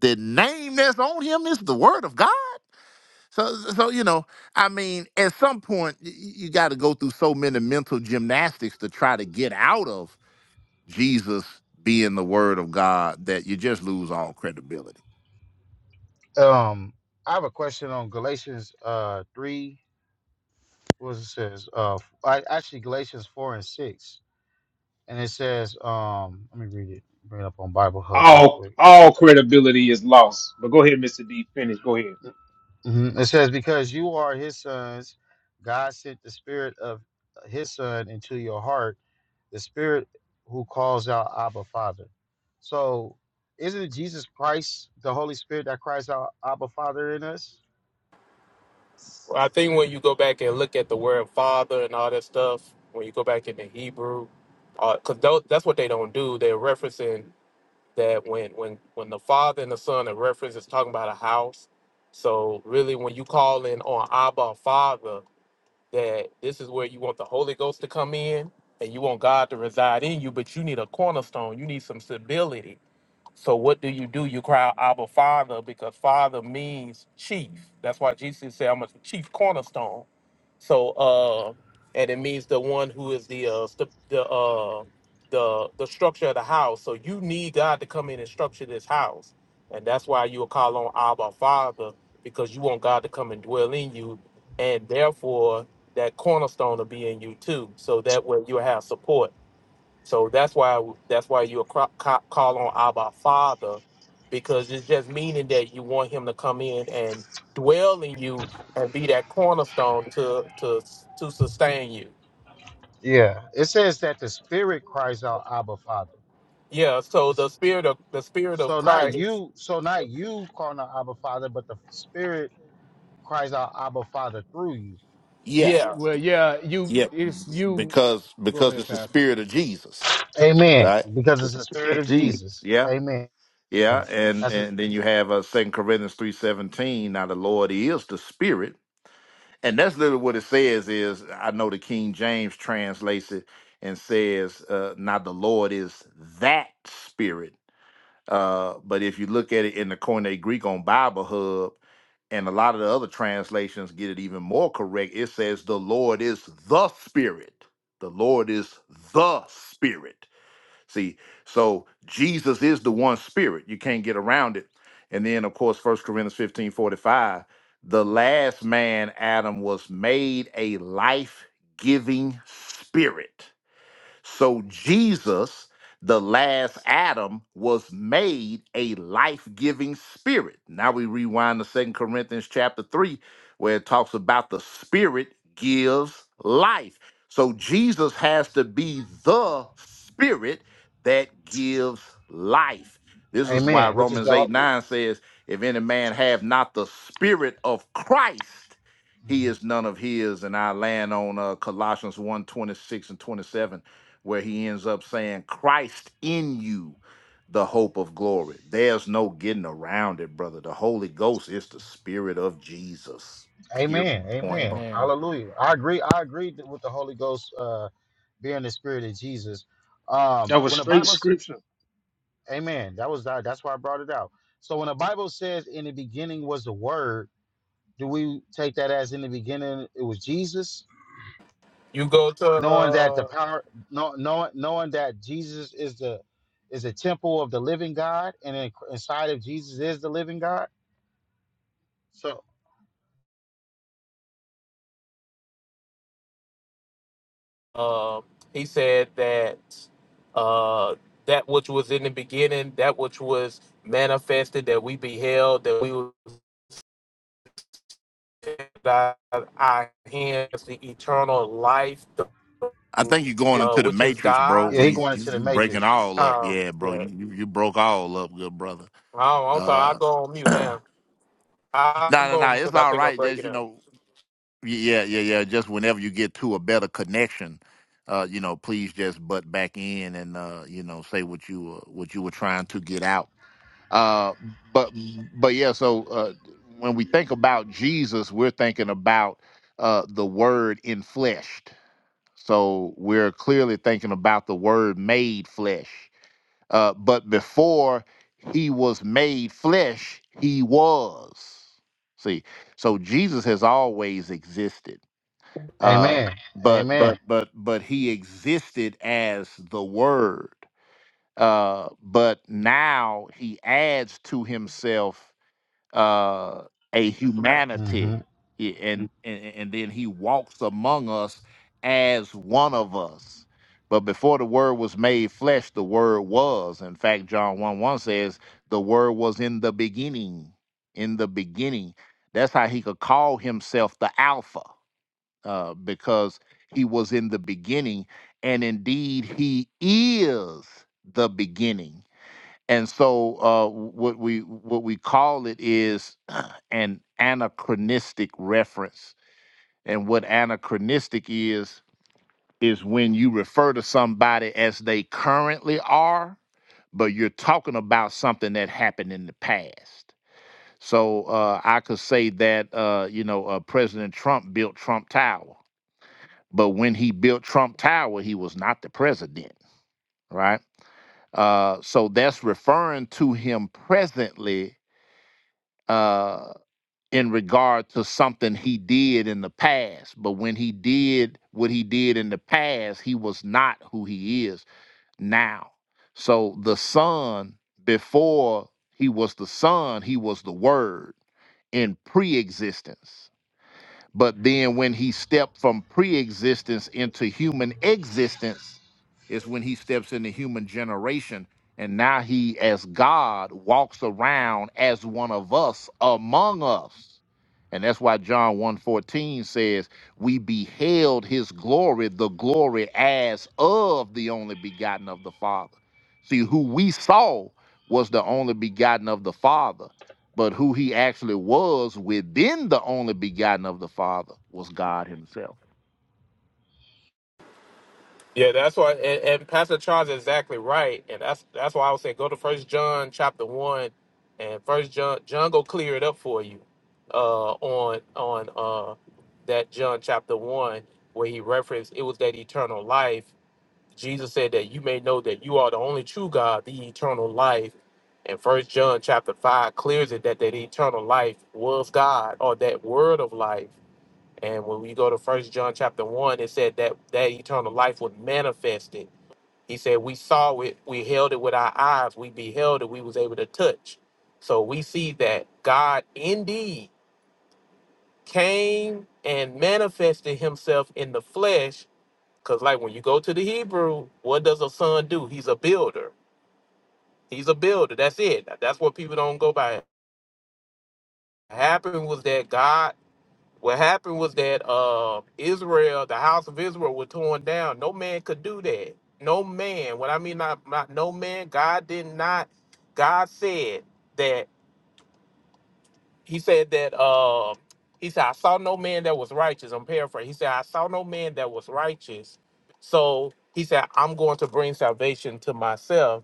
Speaker 2: the name that's on him is the word of God. So, so you know, I mean, at some point, y- y- you got to go through so many mental gymnastics to try to get out of Jesus being the word of God that you just lose all credibility.
Speaker 13: it. Um, I have a question on Galatians uh, three. what it says. Uh, I, actually, Galatians four and six, and it says, um, let me read it. Bring it up on Bible Hub real
Speaker 3: All
Speaker 13: quick.
Speaker 3: all credibility is lost. But go ahead, Mister D. Finish. Go ahead.
Speaker 13: hmm It says, "Because you are His sons, God sent the Spirit of uh, His Son into your heart, the Spirit who calls out Abba, Father." So, isn't it Jesus Christ, the Holy Spirit, that cries out Abba, Father in us?
Speaker 9: Well, I think when you go back and look at the word father and all that stuff, when you go back into Hebrew, because that's what they don't do. They're referencing that when when when the father and the son are referenced, it's talking about a house. So really, when you call in on Abba Father, that this is where you want the Holy Ghost to come in and you want God to reside in you, but you need a cornerstone. You need some stability. So what do you do? You cry Abba Father because Father means chief. That's why Jesus said, "I'm a chief cornerstone." So uh, and it means the one who is the uh, st- the uh, the the structure of the house. So you need God to come in and structure this house, and that's why you will call on Abba Father because you want God to come and dwell in you, and therefore that cornerstone will be in you too. So that way you will have support so that's why that's why you cro- ca- call on Abba Father, because it's just meaning that you want Him to come in and dwell in you and be that cornerstone to to to sustain you.
Speaker 13: Yeah. It says that the Spirit cries out Abba, Father.
Speaker 9: Yeah. So
Speaker 13: It's-
Speaker 9: the spirit of the spirit of
Speaker 13: So not
Speaker 9: Christ.
Speaker 13: you, so not you calling out Abba Father, but the Spirit cries out Abba Father through you.
Speaker 2: Yeah,
Speaker 9: Yeah.
Speaker 1: Well, yeah, you
Speaker 2: yeah,
Speaker 1: it's you.
Speaker 2: because
Speaker 1: Go
Speaker 2: because
Speaker 1: ahead,
Speaker 2: it's the
Speaker 1: Pastor.
Speaker 2: spirit of Jesus,
Speaker 13: Amen.
Speaker 2: right?
Speaker 13: Because it's the Spirit of Jesus.
Speaker 2: Jesus,
Speaker 13: Amen.
Speaker 2: Yeah,
Speaker 13: That's
Speaker 2: and
Speaker 13: his,
Speaker 2: and then you have uh, Second Corinthians three seventeen. Now the Lord is the Spirit, and that's literally what it says. Is I know the King James translates it and says, uh, "Now the Lord is that Spirit." Uh, but if you look at it in the Koine Greek on Bible Hub and a lot of the other translations get it even more correct, it says, "The Lord is the Spirit." The Lord is the Spirit. See, so Jesus is the one spirit. You can't get around it. And then, of course, First Corinthians 15 45: the last man, Adam, was made a life giving spirit. So Jesus, the last Adam, was made a life-giving spirit. Now we rewind to Second Corinthians chapter 3, where it talks about the spirit gives life. So Jesus has to be the spirit that gives life. This is why
Speaker 13: Amen. Which is
Speaker 2: Romans
Speaker 13: the
Speaker 2: 8 9 says, If any man have not the spirit of Christ, he
Speaker 13: Mhm.
Speaker 2: is none of his. And I land on uh, Colossians 1 and 27 where he ends up saying, Christ in you, the hope of glory. There's no getting around it, brother. The Holy Ghost is the spirit of Jesus. Period.
Speaker 13: Amen.
Speaker 2: Point
Speaker 13: Amen.
Speaker 2: blank.
Speaker 1: Amen.
Speaker 13: Hallelujah. I agree. I agree th- with the Holy Ghost uh, being the Spirit of Jesus. Um,
Speaker 3: That was
Speaker 13: when the
Speaker 3: straight
Speaker 13: Bible's
Speaker 3: scripture.
Speaker 13: Amen. That was that. That's why I brought it out. So when the Bible says, "In the beginning was the Word," do we take that as in the beginning it was Jesus?
Speaker 9: You go to.
Speaker 13: knowing that the
Speaker 9: Uh,
Speaker 13: power know, knowing, knowing that jesus is the is the temple of the living god and in, inside of jesus is the living god so
Speaker 9: uh, he said that uh, that which was in the beginning, that which was manifested, that we beheld, that we were that I hands the eternal life,
Speaker 2: I think you're going
Speaker 13: it,
Speaker 9: uh,
Speaker 2: into the
Speaker 9: which is
Speaker 2: matrix, bro.
Speaker 9: God.
Speaker 13: yeah, he
Speaker 2: We
Speaker 13: going into
Speaker 2: you,
Speaker 13: the
Speaker 2: you breaking
Speaker 13: matrix
Speaker 2: all up.
Speaker 9: Um,
Speaker 2: Yeah, bro.
Speaker 9: yeah.
Speaker 2: You, you you broke all up, good brother.
Speaker 9: Oh, I'm sorry. I'll
Speaker 2: Uh
Speaker 9: go on mute
Speaker 2: no,
Speaker 9: now. I'll
Speaker 2: no,
Speaker 9: go
Speaker 2: no.
Speaker 9: on
Speaker 2: It's
Speaker 9: because I
Speaker 2: all
Speaker 9: think I'm
Speaker 2: right. Just
Speaker 9: breaking
Speaker 2: you
Speaker 9: up.
Speaker 2: know, y- yeah, yeah, yeah. Just whenever you get to a better connection, uh, you know, please just butt back in and uh, you know, say what you were what you were trying to get out Uh, but but yeah, so uh, when we think about Jesus, we're thinking about uh, the Word in fleshed. So we're clearly thinking about the Word made flesh. Uh, but before he was made flesh, he was. See, so Jesus has always existed. Uh, Amen.
Speaker 13: amen
Speaker 2: but
Speaker 13: amen
Speaker 2: but but but he existed as the Word. Uh, but now he adds to himself uh, a
Speaker 13: hmm
Speaker 2: humanity, i- and, and and then he walks among us as one of us. But before the word was made flesh, the word was. In fact, John 1 1 says, the word was in the beginning. In the beginning. That's how he could call himself the Alpha, uh, because he was in the beginning. And indeed, he is the beginning and so uh, what we what we call it is an anachronistic reference and what anachronistic is is when you refer to somebody as they currently are but you're talking about something that happened in the past so uh, i could say that uh, you know uh, president trump built trump tower but when he built trump tower he was not the president right uh, so that's referring to him presently uh, in regard to something he did in the past. But when he did what he did in the past, he was not who he is now. So the Son, before he was the Son, he was the Word in pre existence. But then when he stepped from pre-existence into human existence is when he steps into human generation. And now he, as God, walks around as one of us among us. And that's why John one fourteen says, We beheld his glory, the glory as of the only begotten of the Father. See, who we saw was the only begotten of the Father but who he actually was within the only begotten of the Father was God himself.
Speaker 9: Yeah, that's why. And, and Pastor Charles is exactly right, and that's that's why I would say go to First John chapter one, and First John John go clear it up for you, uh, on on uh that John chapter one where he referenced it was that eternal life, Jesus said that you may know that you are the only true God, the eternal life. And first John chapter five clears it that that eternal life was God or that word of life. And when we go to first John chapter one, it said that that eternal life was manifested. He said, we saw it, we held it with our eyes, we beheld it, we was able to touch. So we see that God indeed came and manifested himself in the flesh because, like, when you go to the Hebrew, what does a son do? He's a builder. He's a builder. That's it. That's what people don't go by. What happened was that God, what happened was that uh, Israel, the house of Israel, were torn down. No man could do that. No man. What I mean, not, not no man, God did not, God said that, He said that, uh, He said, I saw no man that was righteous. I'm paraphrasing. He said, I saw no man that was righteous. So, He said, I'm going to bring salvation to myself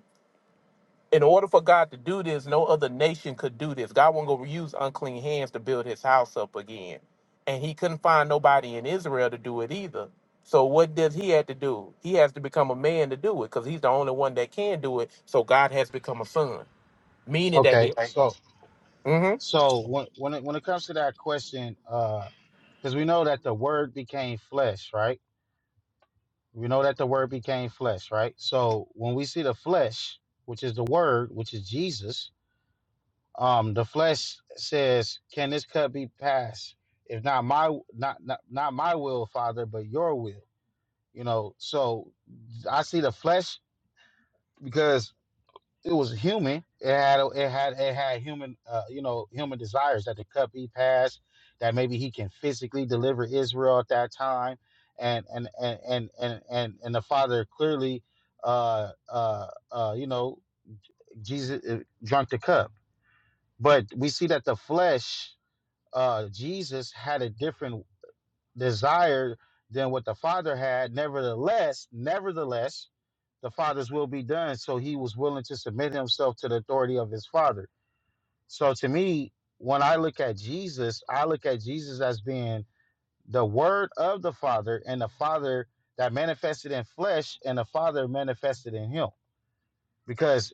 Speaker 9: in order for God to do this, no other nation could do this. God wasn't going to use unclean hands to build his house up again. And he couldn't find nobody in Israel to do it either. So what does he have to do? He has to become a man to do it because he's the only one that can do it. So God has become a son, meaning that
Speaker 13: okay
Speaker 9: he.
Speaker 13: so
Speaker 9: Mhm.
Speaker 13: so when when it, when it comes to that question uh because we know that the word became flesh right we know that the word became flesh right so when we see the flesh which is the word which is jesus Um, the flesh says, "Can this cup be passed? If not my not not, not my will, Father, but your will." You know, so I see the flesh because it was human. It had it had it had human uh, you know human desires that the cup be passed, that maybe he can physically deliver Israel at that time, and and and and and and, and the Father clearly, uh, uh, uh, you know, Jesus uh, drank the cup, but we see that the flesh uh, Jesus had a different desire than what the Father had. Nevertheless, nevertheless, the Father's will be done. So he was willing to submit himself to the authority of his Father. So to me, when I look at Jesus, I look at Jesus as being the Word of the Father and the Father that manifested in flesh and the Father manifested in Him. Because.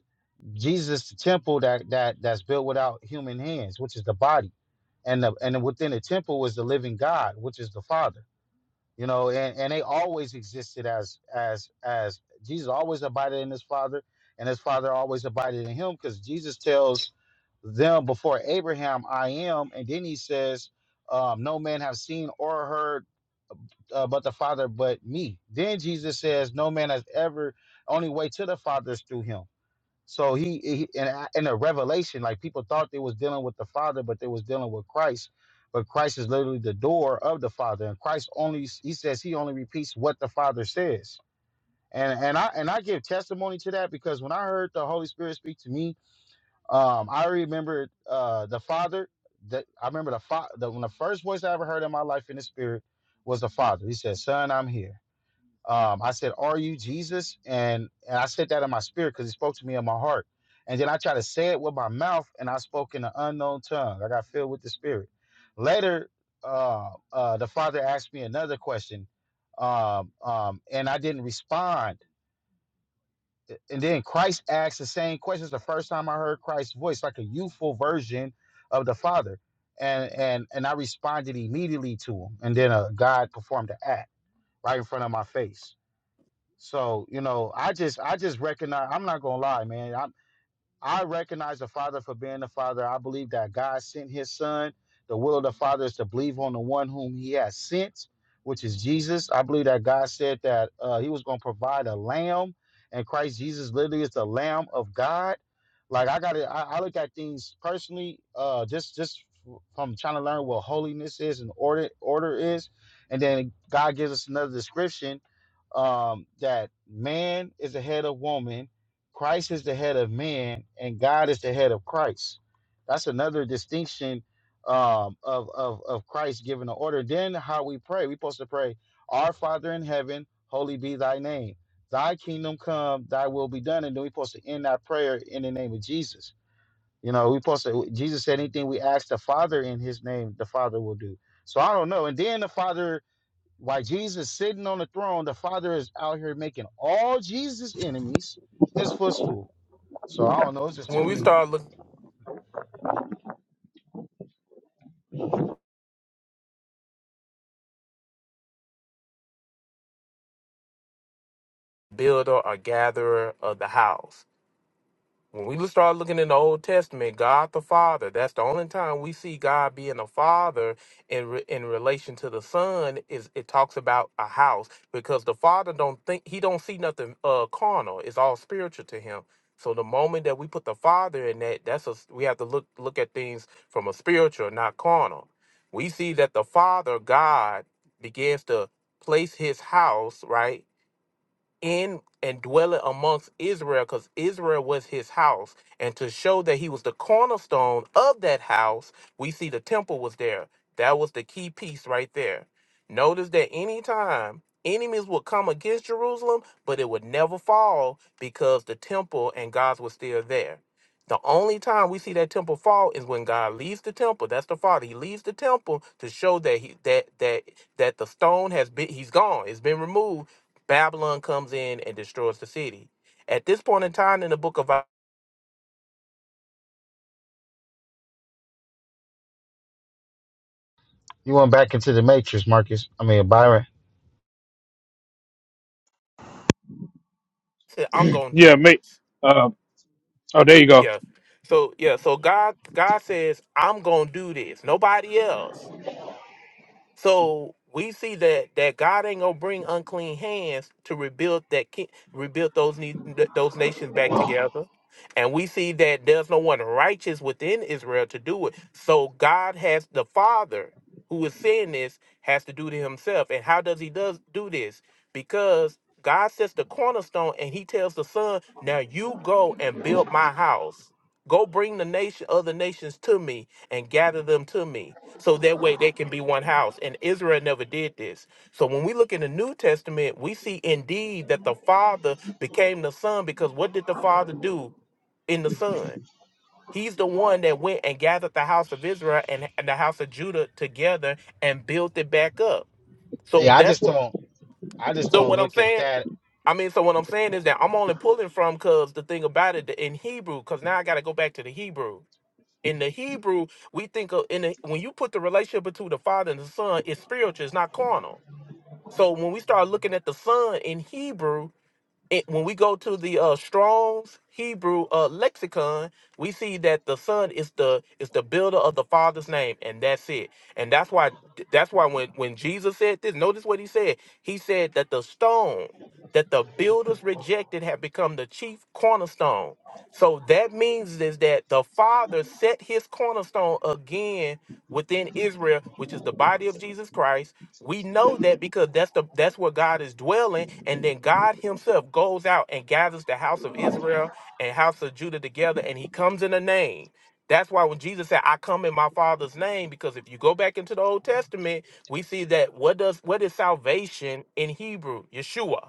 Speaker 13: Jesus, the temple that that that's built without human hands, which is the body, and the and within the temple was the living God, which is the Father. You know, and and they always existed as as as Jesus always abided in His Father, and His Father always abided in Him, because Jesus tells them before Abraham, I am, and then He says, um, No man have seen or heard. Uh, but the Father, but me. Then Jesus says, No man has ever, only way to the Father is through him. So he, he in, a, in a revelation, like people thought they was dealing with the Father, but they was dealing with Christ. But Christ is literally the door of the Father, and Christ only he says he only repeats what the Father says. And and I and I give testimony to that because when I heard the Holy Spirit speak to me, um, I remember uh, the Father. That I remember the, fa- the when the first voice I ever heard in my life in the Spirit was the Father. He said, "Son, I'm here." Um, I said, "Are you Jesus?" And and I said that in my spirit because He spoke to me in my heart. And then I tried to say it with my mouth, and I spoke in an unknown tongue. I got filled with the Spirit. Later, uh, uh, the Father asked me another question, um, um, and I didn't respond. And then Christ asked the same questions. The first time I heard Christ's voice, like a youthful version of the Father, and and and I responded immediately to Him. And then uh, God performed the act right in front of my face so you know, I just I just recognize. I'm not gonna lie, man. I I recognize the Father for being the Father. I believe that God sent His Son. The will of the Father is to believe on the one whom He has sent, which is Jesus. I believe that God said that uh, He was gonna provide a lamb, and Christ Jesus literally is the Lamb of God. Like I gotta, I, I look at things personally, uh, just just from trying to learn what holiness is and order order is, and then God gives us another description um, that man is the head of woman, Christ is the head of man, and God is the head of Christ. That's another distinction um, of, of, of Christ giving the order. Then how we pray, we're supposed to pray, Our Father in heaven, holy be thy name. Thy kingdom come, thy will be done. And then we're supposed to end that prayer in the name of Jesus. You know, we supposed to, Jesus said anything we ask the Father in his name, the Father will do. So I don't know. And then the Father while Jesus is sitting on the throne, the Father is out here making all Jesus' enemies his footstool. So I don't know. It's just too
Speaker 9: When we
Speaker 13: many.
Speaker 9: start looking builder or gatherer of the house, When we start looking in the Old Testament, God the Father, that's the only time we see God being a father in re- in relation to the son is it talks about a house because the father don't think he don't see nothing uh carnal. It's all spiritual to him. So the moment that we put the father in that, that's us we have to look look at things from a spiritual, not carnal. We see that the father God begins to place his house, right? in and dwelling amongst Israel, because Israel was his house. And to show that he was the cornerstone of that house, we see the temple was there. That was the key piece right there. Notice that anytime enemies would come against Jerusalem, but it would never fall because the temple and God was still there. The only time we see that temple fall is when God leaves the temple. That's the Father. He leaves the temple to show that he that that that the stone has been he's gone. It's been removed Babylon comes in and destroys the city. At this point in time in the book of Isaiah,
Speaker 13: You went back into the matrix, Marcus. I mean Byron.
Speaker 9: he said, I'm gonna
Speaker 3: Yeah,
Speaker 9: do
Speaker 3: mate.
Speaker 9: this.
Speaker 3: Uh, oh, there you go.
Speaker 9: Yeah. So yeah, so God God says, I'm gonna do this. Nobody else. So we see that that God ain't gonna bring unclean hands to rebuild that ki- rebuild those ne- th- those nations back together, and we see that there's no one righteous within Israel to do it. So God has the Father who is saying this has to do to Himself, and how does He does do this? Because God sets the cornerstone, and He tells the Son, "Now you go and build my house. Go bring the nation, other nations to me, and gather them to me." so that way they can be one house. And Israel never did this. So when we look in the New Testament, we see indeed that the Father became the Son because what did the Father do in the Son? He's the one that went and gathered the house of Israel and, and the house of Judah together and built it back up. So
Speaker 13: Yeah, I
Speaker 9: that's
Speaker 13: just
Speaker 9: what.
Speaker 13: don't. I just
Speaker 9: So
Speaker 13: don't
Speaker 9: what I'm
Speaker 13: look at
Speaker 9: saying.
Speaker 13: that.
Speaker 9: I mean, so what I'm saying is that I'm only pulling from because the thing about it in Hebrew, because now I got to go back to the Hebrew. In the Hebrew, we think of in the, when you put the relationship between the Father and the Son, it's spiritual, it's not carnal. So when we start looking at the Son in Hebrew, it, when we go to the uh, Strong's Hebrew uh, lexicon, we see that the son is the is the builder of the father's name, and that's it. And that's why that's why when when Jesus said this, notice what he said. He said that the stone that the builders rejected have become the chief cornerstone. So that means is that the father set his cornerstone again within Israel, which is the body of Jesus Christ we know that because that's the that's where God is dwelling, and then God Himself goes out and gathers the house of Israel and house of Judah together, and He comes in a name. That's why when Jesus said, "I come in my Father's name," because if you go back into the Old Testament, we see that what does what is salvation in Hebrew? Yeshua.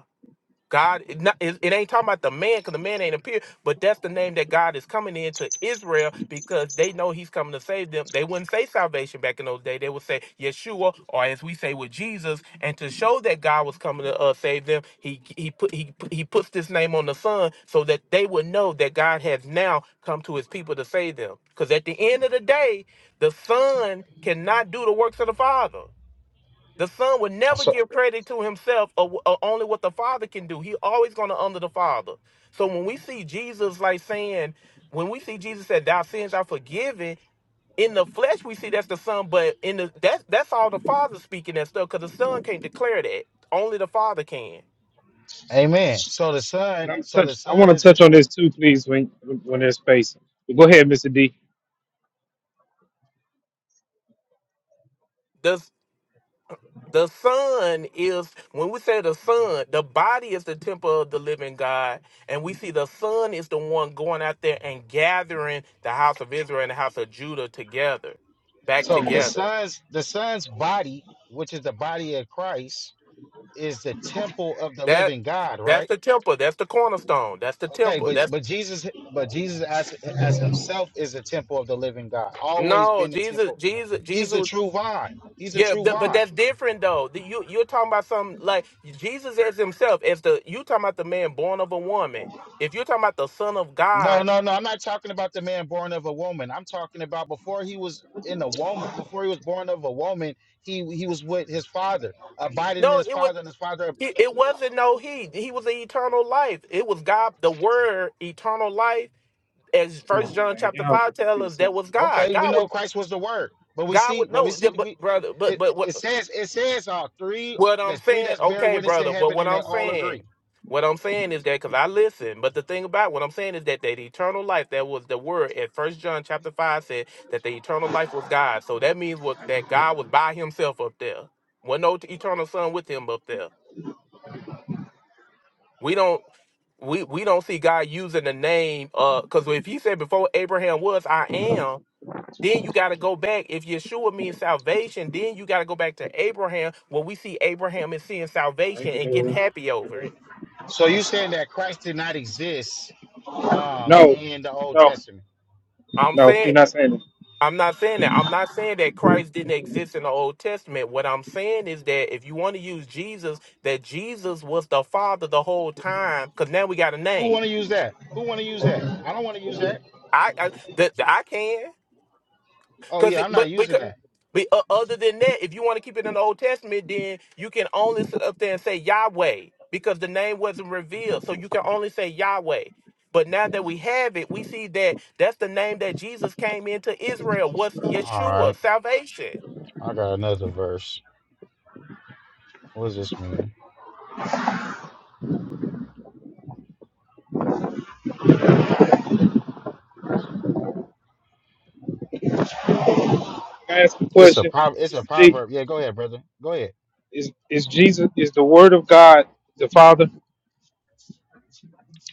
Speaker 9: God, it, not, it, it ain't talking about the man because the man ain't appeared, but that's the name that God is coming into Israel because they know he's coming to save them. They wouldn't say salvation back in those days. They would say Yeshua, or as we say with Jesus. And to show that God was coming to uh, save them, he he put he put- he puts this name on the Son so that they would know that God has now come to His people to save them. Because at the end of the day, the Son cannot do the works of the Father. The son would never
Speaker 13: So
Speaker 9: give credit to himself or, or only what the father can do. He always going to honor the father. So when we see Jesus like saying, when we see Jesus said, "Thy sins are forgiven," in the flesh we see that's the son, but in the that's that's all the father speaking that stuff because the son can't declare that. Only the father can.
Speaker 13: Amen. So the
Speaker 3: And
Speaker 13: Son.
Speaker 3: I'm
Speaker 13: So the
Speaker 3: touching. I
Speaker 13: Son
Speaker 3: want.
Speaker 13: is.
Speaker 3: to.
Speaker 9: Does. The Son is, when we say the Son, the body is the temple of the living God. And we see the Son is the one going out there and gathering the house of Israel and the house of Judah together, back
Speaker 13: So the
Speaker 9: together.
Speaker 13: Son's. The Son's body, which is the body of Christ, is the temple of the
Speaker 9: That
Speaker 13: living God,
Speaker 9: that's
Speaker 13: right?
Speaker 9: the temple. That's the cornerstone. That's the
Speaker 13: Okay,
Speaker 9: temple.
Speaker 13: but
Speaker 9: That's
Speaker 13: but Jesus, but Jesus as as himself is a temple of the living God. Always
Speaker 9: no
Speaker 13: been the
Speaker 9: Jesus,
Speaker 13: temple.
Speaker 9: Jesus,
Speaker 13: He's the
Speaker 9: Jesus.
Speaker 13: true vine. He's the
Speaker 9: Yeah,
Speaker 13: true
Speaker 9: th- but
Speaker 13: vine.
Speaker 9: that's different though. The- You you're talking about some like Jesus as himself, as the you talking about the man born of a woman. If you're talking about the Son of
Speaker 13: No,
Speaker 9: God,
Speaker 13: no, no. I'm not talking about the man born of a woman. I'm talking about before he was in a woman, before he was born of a woman, he he was with his father, abiding in
Speaker 9: no,
Speaker 13: his
Speaker 9: it was.
Speaker 13: father, and his father.
Speaker 9: It, it wasn't no he. He was the eternal life. It was God, the word, eternal life. As First John chapter five tells us, that was God.
Speaker 13: Okay, we
Speaker 9: God
Speaker 13: know
Speaker 9: would,
Speaker 13: Christ was the Word, but we
Speaker 9: God
Speaker 13: see,
Speaker 9: would
Speaker 13: but we
Speaker 9: know. yeah,
Speaker 13: see,
Speaker 9: But
Speaker 13: we
Speaker 9: brother, but
Speaker 13: it
Speaker 9: but what
Speaker 13: it says it says uh three.
Speaker 9: what I'm
Speaker 13: There's three
Speaker 9: saying,
Speaker 13: that's bear
Speaker 9: okay,
Speaker 13: witness in
Speaker 9: brother. But
Speaker 13: heaven,
Speaker 9: what
Speaker 13: and they
Speaker 9: I'm
Speaker 13: all agree.
Speaker 9: saying, what I'm saying is that because I listen. But the thing about what I'm saying is that that eternal life, that was the word. At First John chapter five said that the eternal life was God. So that means what that God was by Himself up there. Wasn't no eternal Son with Him up there. We don't we we don't see God using the name uh because if he said before Abraham was I am, then you gotta go back. If Yeshua means salvation, then you gotta go back to Abraham where we see Abraham is seeing salvation and getting happy over it.
Speaker 13: So you saying that Christ did not exist um
Speaker 3: No,
Speaker 13: in the Old
Speaker 3: no,
Speaker 13: Testament?
Speaker 9: I'm
Speaker 3: no. He's
Speaker 9: saying
Speaker 3: not saying that.
Speaker 9: I'm not saying that. I'm not saying that Christ didn't exist in the Old Testament. What I'm saying is that if you want to use Jesus, that Jesus was the Father the whole time, because now we got a
Speaker 13: Who want
Speaker 9: name.
Speaker 13: to use that? Who want to use that? I don't want to use that.
Speaker 9: I, I that
Speaker 13: J-
Speaker 9: I can.
Speaker 13: Oh
Speaker 9: Because
Speaker 13: yeah,
Speaker 9: it,
Speaker 13: I'm not
Speaker 9: but
Speaker 13: using
Speaker 9: because
Speaker 13: that.
Speaker 9: but, uh, other than that, if you want to keep it in the Old Testament, then you can only sit up there and say Yahweh because the name wasn't revealed, so you can only say Yahweh. But now that we have it, we see that that's the name that Jesus came into Israel was
Speaker 13: All
Speaker 9: Yeshua,
Speaker 13: right,
Speaker 9: salvation.
Speaker 13: I got another verse. What does this mean? It's a prov- It's a proverb. Yeah, go ahead, brother. Go ahead.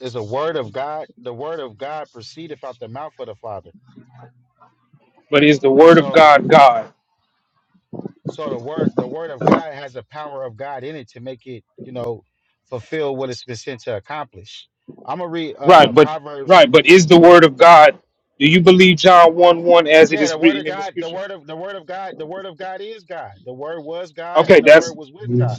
Speaker 13: It's a word of God. The word of God proceedeth out the mouth of the Father.
Speaker 3: But is the word of
Speaker 13: So,
Speaker 3: God God?
Speaker 13: so the word, the word of God has the power of God in it to make it, you know, fulfill what it's been sent to accomplish. I'm gonna read uh
Speaker 3: Right, but
Speaker 13: Proverbs.
Speaker 3: right, but is the
Speaker 13: Go ahead.
Speaker 3: word of God? Do you believe John one one as it
Speaker 13: Yeah,
Speaker 3: is
Speaker 13: the word of
Speaker 3: written in the
Speaker 13: God, the
Speaker 3: scripture?
Speaker 13: word of the word of God, the word of God is God. The word was God
Speaker 3: Okay,
Speaker 13: and the word
Speaker 3: that's
Speaker 13: was with God.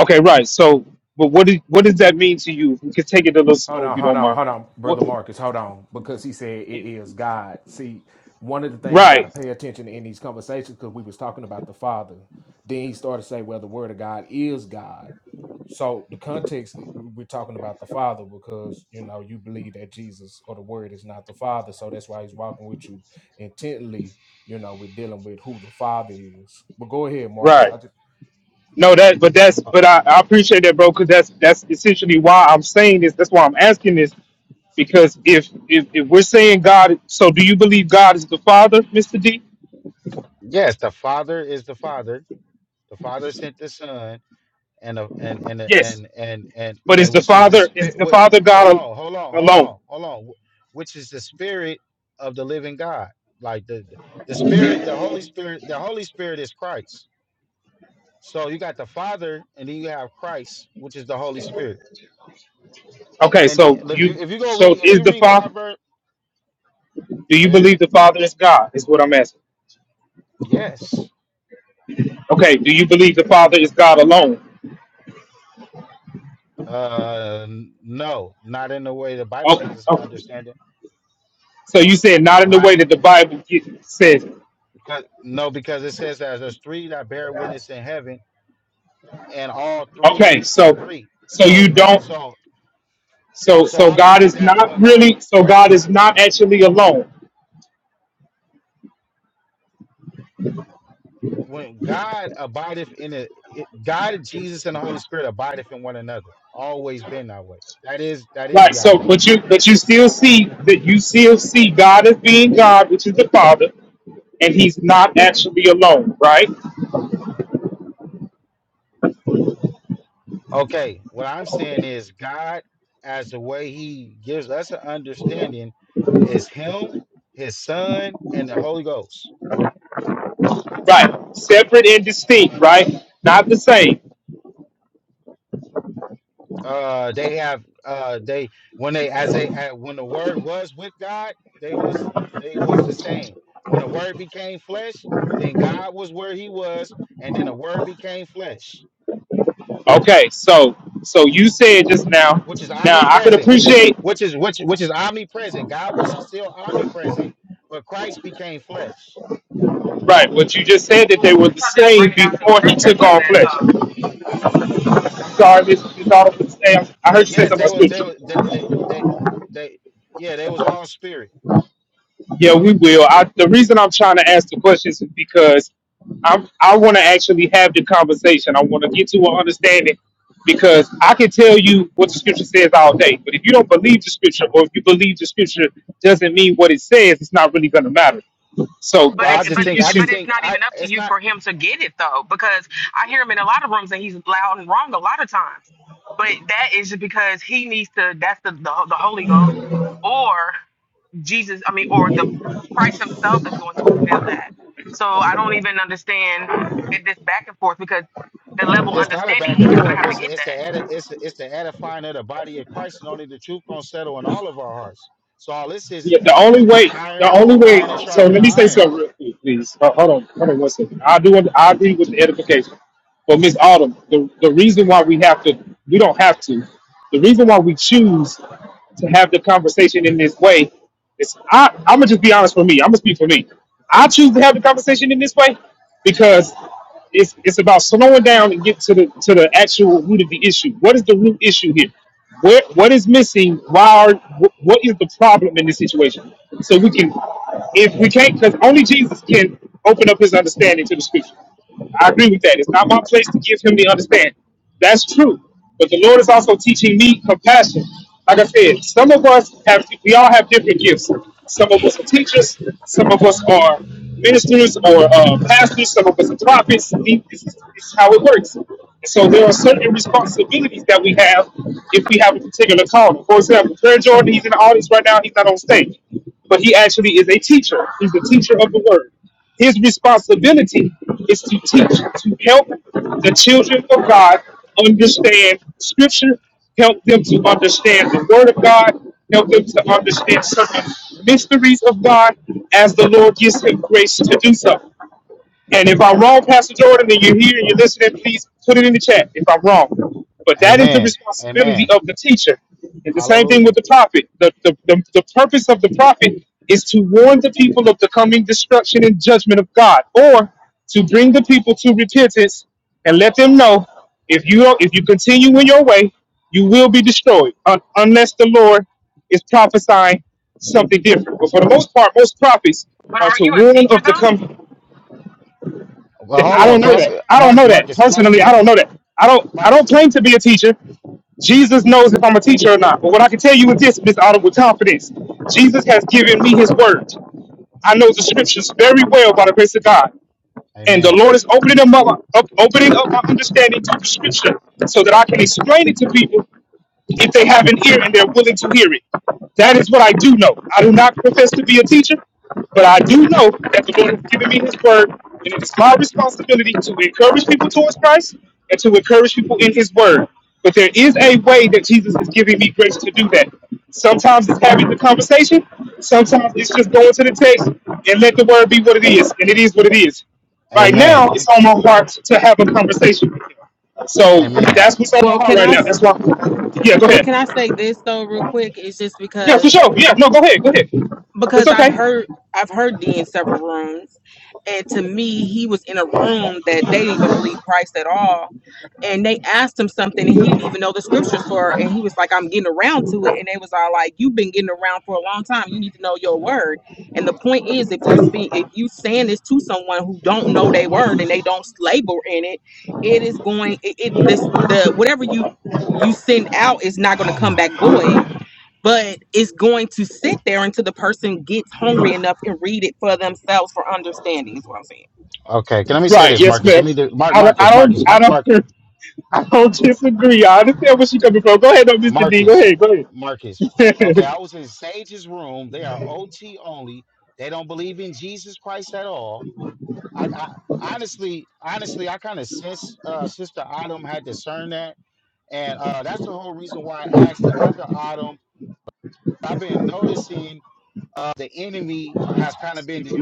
Speaker 3: okay. Right. So, but what did what does that mean to you? We could take it a little
Speaker 1: Hold
Speaker 3: slow
Speaker 1: on,
Speaker 3: if you
Speaker 1: hold
Speaker 3: don't
Speaker 1: on,
Speaker 3: mind.
Speaker 1: hold on, brother
Speaker 3: What?
Speaker 1: Marcus, hold on, because he said it is God. See, one of the things we got
Speaker 3: Right.
Speaker 1: to pay attention in these conversations because we was talking about the Father. Then he started to say, well, the Word of God is God. So the context we- we're talking about the Father because you know you believe that Jesus or the Word is not the Father, so that's why he's walking with you intently. You know, we're dealing with who the Father is. But go ahead, Marcus.
Speaker 3: Right.
Speaker 1: I just
Speaker 3: No, that but that's
Speaker 13: Uh,
Speaker 3: but I, I appreciate that, bro, because that's that's essentially why I'm saying this. That's why I'm asking this because if if if we're saying God, so do you believe God is the Father, Mister D?
Speaker 13: yes, the Father is the Father. The Father sent the Son and the and and uh,
Speaker 3: Yes.
Speaker 13: and and and
Speaker 3: But is
Speaker 13: and
Speaker 3: the
Speaker 13: which is the
Speaker 3: Father
Speaker 13: spirit
Speaker 3: is the
Speaker 13: what
Speaker 3: Father
Speaker 13: hold
Speaker 3: God
Speaker 13: on, hold on,
Speaker 3: al-
Speaker 13: hold
Speaker 3: alone?
Speaker 13: on, hold on. wh- Which is the spirit of the living God. Like the the the spirit, the Holy Spirit, the Holy Spirit is Christ. So you got the Father and then you have Christ, which is the Holy Spirit.
Speaker 3: Okay,
Speaker 13: And the,
Speaker 3: so
Speaker 13: if you
Speaker 3: you
Speaker 13: if you go
Speaker 3: so
Speaker 13: read if
Speaker 3: is
Speaker 13: you
Speaker 3: the
Speaker 13: read
Speaker 3: Father?
Speaker 13: Proverbs,
Speaker 3: Do
Speaker 13: go
Speaker 3: you
Speaker 13: ahead.
Speaker 3: believe the Father is God? Is what I'm asking.
Speaker 13: Yes.
Speaker 3: Okay, do you believe the Father is God alone?
Speaker 13: Uh, no, not in the way the Bible
Speaker 3: Okay,
Speaker 13: gives us an
Speaker 3: okay.
Speaker 13: understanding.
Speaker 3: so you said not in the
Speaker 13: Not
Speaker 3: way that the Bible get- says.
Speaker 13: because no, because it says that there's three that bear witness in heaven, and all three
Speaker 3: Okay, so
Speaker 13: agree.
Speaker 3: so you
Speaker 13: So,
Speaker 3: don't.
Speaker 13: so,
Speaker 3: So
Speaker 13: so
Speaker 3: so
Speaker 13: I
Speaker 3: God
Speaker 13: believe
Speaker 3: is
Speaker 13: that
Speaker 3: not
Speaker 13: when God,
Speaker 3: really. So God is not actually alone.
Speaker 13: when God abideth in it, it God, Jesus, and the Holy Spirit abideth in one another. Always been that way. That is that is
Speaker 3: Right. So
Speaker 13: Yahweh.
Speaker 3: but you but you still see that you still see God as being God, which is the Father, and He's not actually alone. Right.
Speaker 13: Okay, what I'm saying is God, as the way He gives us an understanding, is Him, His Son, and the Holy Ghost.
Speaker 3: Right. Separate and distinct, right? Not the same.
Speaker 13: Uh, they have uh, they when they as they uh, when the Word was with God, they was they was the same. When the Word became flesh, then God was where He was, and then the Word became flesh,
Speaker 3: Okay, so so you said just now.
Speaker 13: which is
Speaker 3: Now I could
Speaker 13: omnipresent, which is
Speaker 3: appreciate
Speaker 13: which is which which is omnipresent. God was still omnipresent, but Christ became flesh.
Speaker 3: right what you just said that they were the same before he took on flesh. Sorry, this is all Autumn, the Sam, I heard you say
Speaker 13: Yes,
Speaker 3: something
Speaker 13: they
Speaker 3: about
Speaker 13: was they
Speaker 3: scripture.
Speaker 13: was- they they they, they yeah, they was all spirit.
Speaker 3: Yeah, we will. I, the reason I'm trying to ask the questions is because I'm, I want to actually have the conversation. I want to get to an understanding because I can tell you what the scripture says all day. But if you don't believe the scripture or if you believe the scripture doesn't mean what it says, it's not really going to matter. So
Speaker 13: Well, I
Speaker 3: that's
Speaker 13: just
Speaker 3: the
Speaker 13: think I
Speaker 3: issue
Speaker 13: just think I it's not it's not a back and forth. It's it's the edit it's the, it's the edifying of the body of Christ, and only the truth gonna settle in all of our hearts. So all this is
Speaker 3: Yeah, the only
Speaker 13: is is,
Speaker 3: way,
Speaker 13: iron
Speaker 3: the only way.
Speaker 13: iron is
Speaker 3: So let
Speaker 13: sharpening
Speaker 3: me say
Speaker 13: iron.
Speaker 3: something real quick, please. Ho- Hold on, hold on one second. I do. want- I agree with the edification, but Miss Autumn, the the reason why we have to, we don't have to. The reason why we choose to have the conversation in this way is, I, I'm gonna just be honest for me. I'm gonna speak for me. I choose to have the conversation in this way because it's it's about slowing down and get to the to the actual root of the issue. What is the root issue here? Where, what is missing? Why are wh- what is the problem in this situation? So we can, if we can't, because only Jesus can open up his understanding to the scripture. I agree with that. It's not my place to give him the understanding. That's true. But the Lord is also teaching me compassion. Like I said, some of us have, we all have different gifts. Some of us are teachers. Some of us are ministers or uh, pastors, some of us are prophets. This is, this is how it works. So there are certain responsibilities that we have if we have a particular calling. For example, Prayer Jordan, he's in the audience right now. He's not on stage, but he actually is a teacher. He's the teacher of the word. His responsibility is to teach, to help the children of God understand Scripture, help them to understand the Word of God, help them to understand certain mysteries of God as the Lord gives him grace to do so. And if I'm wrong, Pastor Jordan, and you're here and you're listening, please put it in the chat if I'm wrong. But that is the
Speaker 13: Amen. Amen.
Speaker 3: responsibility of the teacher. It's the same thing with
Speaker 13: Hallelujah.
Speaker 3: the prophet. The, the, the, the purpose of the prophet is to warn the people of the coming destruction and judgment of God, or to bring the people to repentance and let them know if you don't, if you continue in your way, you will be destroyed un- unless the Lord is prophesying something different. But for the most part, most prophets are to warn of the coming
Speaker 13: Well, hold
Speaker 3: I
Speaker 13: on,
Speaker 3: don't
Speaker 13: can
Speaker 3: know
Speaker 13: I
Speaker 3: that.
Speaker 13: say,
Speaker 3: I don't
Speaker 13: Mark
Speaker 3: know that
Speaker 13: Marcus Mark
Speaker 3: personally. I don't
Speaker 13: Marcus
Speaker 3: know that. I don't. I don't
Speaker 13: Marcus.
Speaker 3: claim to be a teacher. Jesus knows if I'm a teacher or not. But what I can tell you is this, Miss Autumn, with confidence, Jesus has given me His word. I know the scriptures very well by the grace of God, and the
Speaker 13: Amen.
Speaker 3: Lord is opening them up, up opening up my understanding to the scripture, so that I can explain it to people if they haven't heard and they're willing to hear it. That is what I do know. I do not profess to be a teacher, but I do know that the Lord has given me His word, and it is my responsibility to encourage people towards Christ and to encourage people in His word. But there is a way that Jesus is giving me grace to do that. Sometimes it's having the conversation, sometimes it's just going to the text and let the word be what it is, and it is what it is. Right
Speaker 13: Amen.
Speaker 3: now,
Speaker 13: You
Speaker 3: it's on my heart to have a conversation. with him. So
Speaker 13: Amen.
Speaker 3: that's what's on my
Speaker 12: Well,
Speaker 3: heart
Speaker 12: can
Speaker 3: right
Speaker 12: I
Speaker 3: now.
Speaker 12: s-
Speaker 3: That's why. Yeah, go
Speaker 12: well
Speaker 3: ahead.
Speaker 12: can I say this though real quick? It's just
Speaker 3: Yeah,
Speaker 12: because
Speaker 3: for sure. Yeah, no, go ahead. Go ahead. It's
Speaker 12: because I've
Speaker 3: okay.
Speaker 12: heard I've heard D in several rooms, and to me, he was in a room that they didn't even believe Christ at all, and they asked him something, and he didn't even know the scriptures for, and he was like, "I'm getting around to it," and they was all like, "You've been getting around for a long time. You need to know your word." And the point is, if you speak, if you saying this to someone who don't know their word and they don't labor in it, it is going it, it this the whatever you you send out is not going to
Speaker 13: Oh
Speaker 12: come
Speaker 13: my.
Speaker 12: back
Speaker 13: God.
Speaker 12: void but it's going to sit there until the person gets hungry enough and read it for themselves for understanding is what i'm saying
Speaker 13: Okay, can let me say
Speaker 3: Right.
Speaker 13: this,
Speaker 3: Yes,
Speaker 13: Marcus.
Speaker 3: ma'am.
Speaker 13: Let me do Mark
Speaker 3: I don't. I
Speaker 13: Marcus
Speaker 3: don't.
Speaker 13: Marcus
Speaker 3: I
Speaker 13: Mark
Speaker 3: don't. I don't disagree. I understand where she's coming from. Go ahead, though, Mr. D. Go
Speaker 13: Marcus,
Speaker 3: ahead. Go ahead.
Speaker 13: Marcus. Okay, I was in Sage's room. They are OT only. They don't believe in Jesus Christ at all. I, I honestly, honestly, I kind of sense uh, Sister Autumn had discerned that, and uh, that's the whole reason why I asked the other Autumn. I've been noticing uh, the enemy has kind of been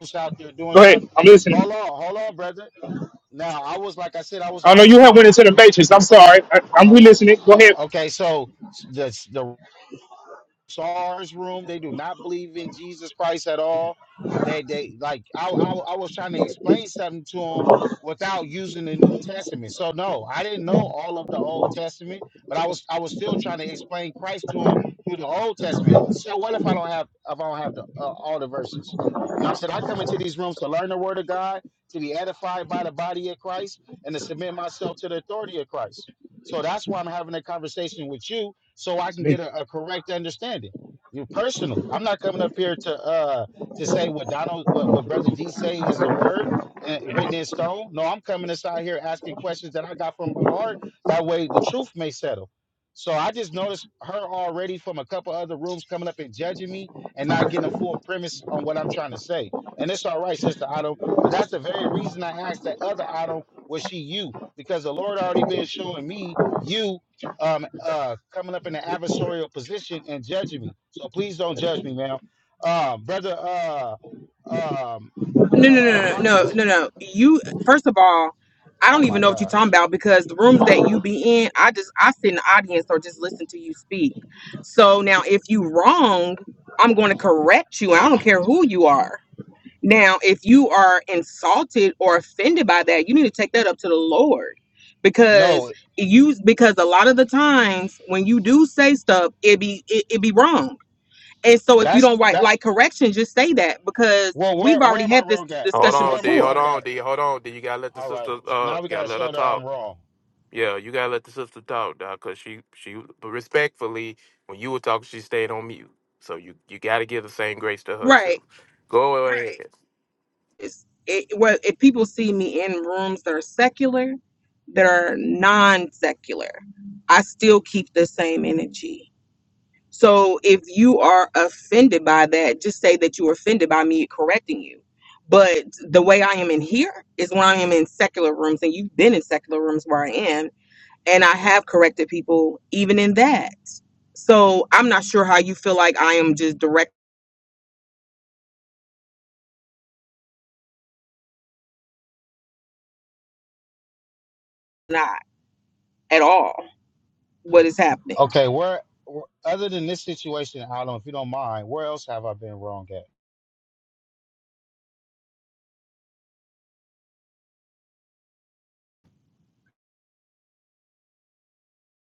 Speaker 13: just out there doing
Speaker 3: go
Speaker 13: something.
Speaker 3: ahead. I'm
Speaker 13: Hold
Speaker 3: listening.
Speaker 13: on, hold on, brother. Now I was like I said, I was
Speaker 3: I
Speaker 13: in a,
Speaker 3: know you have went into the matrix. I'm sorry. I, I'm
Speaker 13: a
Speaker 3: re-listening. Go ahead.
Speaker 13: okay. So the the SARS room. They do not believe in Jesus Christ at all. They they like I I, I was trying to explain something to them without using the New Testament. So no, I didn't know all of the Old Testament, but I was I was still trying to explain Christ to them through the Old Testament. So what if I don't have if I don't have the uh, all the verses? You know what I'm saying? I come into these rooms to learn the word of God, to be edified by the body of Christ, and to submit myself to the authority of Christ. So that's why I'm having a conversation with you so I can get a, a correct understanding. You personally, I'm not coming up here to uh to say what Donald what, what brother D say is the word uh, written in stone. No, I'm coming inside here asking questions that I got from my heart. That way the truth may settle. So I just noticed her already from a couple other rooms coming up and judging me and not getting a full premise on what I'm trying to say. And it's all right, sister Otto, but that's the very reason I asked that other Otto was she you? Because the Lord already been showing me you um uh coming up in an adversarial position and judging me. So please don't judge me, ma'am. Um, brother uh um
Speaker 12: no no no
Speaker 13: uh
Speaker 12: no no
Speaker 13: Marcus.
Speaker 12: no no you first of all i
Speaker 13: Oh
Speaker 12: don't even
Speaker 13: my
Speaker 12: know what you're talking
Speaker 13: gosh.
Speaker 12: about because the rooms that you be in i just i sit in the audience or just listen to you speak so now if you wrong i'm going to correct you i don't care who you are Now, if you are insulted or offended by that, you need to take that up to the Lord because
Speaker 13: No,
Speaker 12: you because a lot of the times when you do say stuff, it be it, it be wrong. And so if you
Speaker 13: that's
Speaker 12: don't write like
Speaker 13: that's
Speaker 12: correction, just say that because
Speaker 13: well
Speaker 12: we've
Speaker 13: where where
Speaker 12: already
Speaker 13: am I
Speaker 12: had this
Speaker 13: wrong at?
Speaker 9: Hold
Speaker 12: discussion
Speaker 13: Where
Speaker 9: on,
Speaker 13: am
Speaker 9: D.
Speaker 13: I
Speaker 9: Hold
Speaker 12: before.
Speaker 13: wrong
Speaker 9: on,
Speaker 13: at?
Speaker 9: D. Hold on, D. You gotta let the
Speaker 13: All right.
Speaker 9: sister. Uh,
Speaker 13: Now we
Speaker 9: you gotta
Speaker 13: gotta
Speaker 9: let her
Speaker 13: show that
Speaker 9: talk.
Speaker 13: I'm wrong.
Speaker 9: Yeah, you gotta let the sister talk, dog, cause she she but respectfully, when you were talking, she stayed on mute. So you you gotta give the same grace to her
Speaker 12: Right.
Speaker 9: too. Go ahead. Right.
Speaker 12: It's, it, well, if people see me in rooms that are secular, that are non-secular, I still keep the same energy So if you are offended by that, just say that you were offended by me correcting you. But the way I am in here is when I am in secular rooms, and you've been in secular rooms where I am, and I have corrected people even in that. So I'm not sure how you feel like I am just direct not at all what is happening.
Speaker 13: Okay, where wh- other than this situation, I don't if you don't mind, where else have I been wrong at?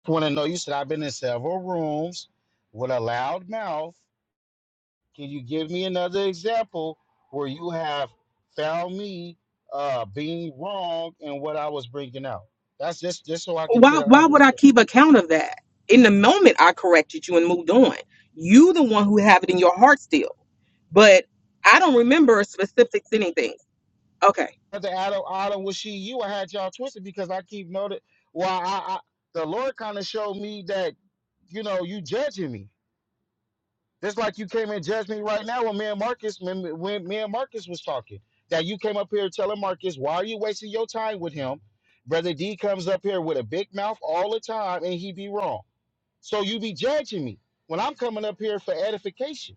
Speaker 13: want to know you said I've been in several rooms with a loud mouth. Can you give me another example where you have found me uh, being wrong in what I was bringing out? That's just just so I can get
Speaker 12: Why
Speaker 13: an
Speaker 12: why would I
Speaker 13: understanding.
Speaker 12: keep account of that? In the moment I corrected you and moved on. You the one who have it in your heart still. But I don't remember specifics anything. Okay.
Speaker 13: The Adam, Adam was she you? I had y'all twisted because I keep noting. Well, I, I the Lord kind of showed me that you know you judging me. Just like you came and judged me right now when me and Marcus when, when me and Marcus was talking. That you came up here telling Marcus, why are you wasting your time with him? Brother D comes up here with a big mouth all the time and he be wrong. So you be judging me when I'm coming up here for edification.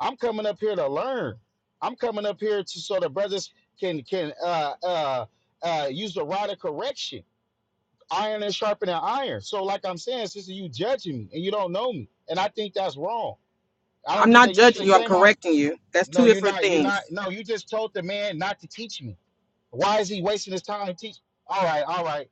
Speaker 13: I'm coming up here to learn. I'm coming up here to so the brothers can can uh uh uh use the rod of correction. Iron and sharpening iron. So like I'm saying, sister, you judging me and you don't know me. And I think that's wrong. I don't
Speaker 12: I'm
Speaker 13: think
Speaker 12: not
Speaker 13: that you should
Speaker 12: judging
Speaker 13: have
Speaker 12: you. I'm
Speaker 13: came out
Speaker 12: correcting you. That's two
Speaker 13: no, you're
Speaker 12: different
Speaker 13: not. You're not.
Speaker 12: things.
Speaker 13: No, you just told the man not to teach me. Why is he wasting his time to teach? All right. All right.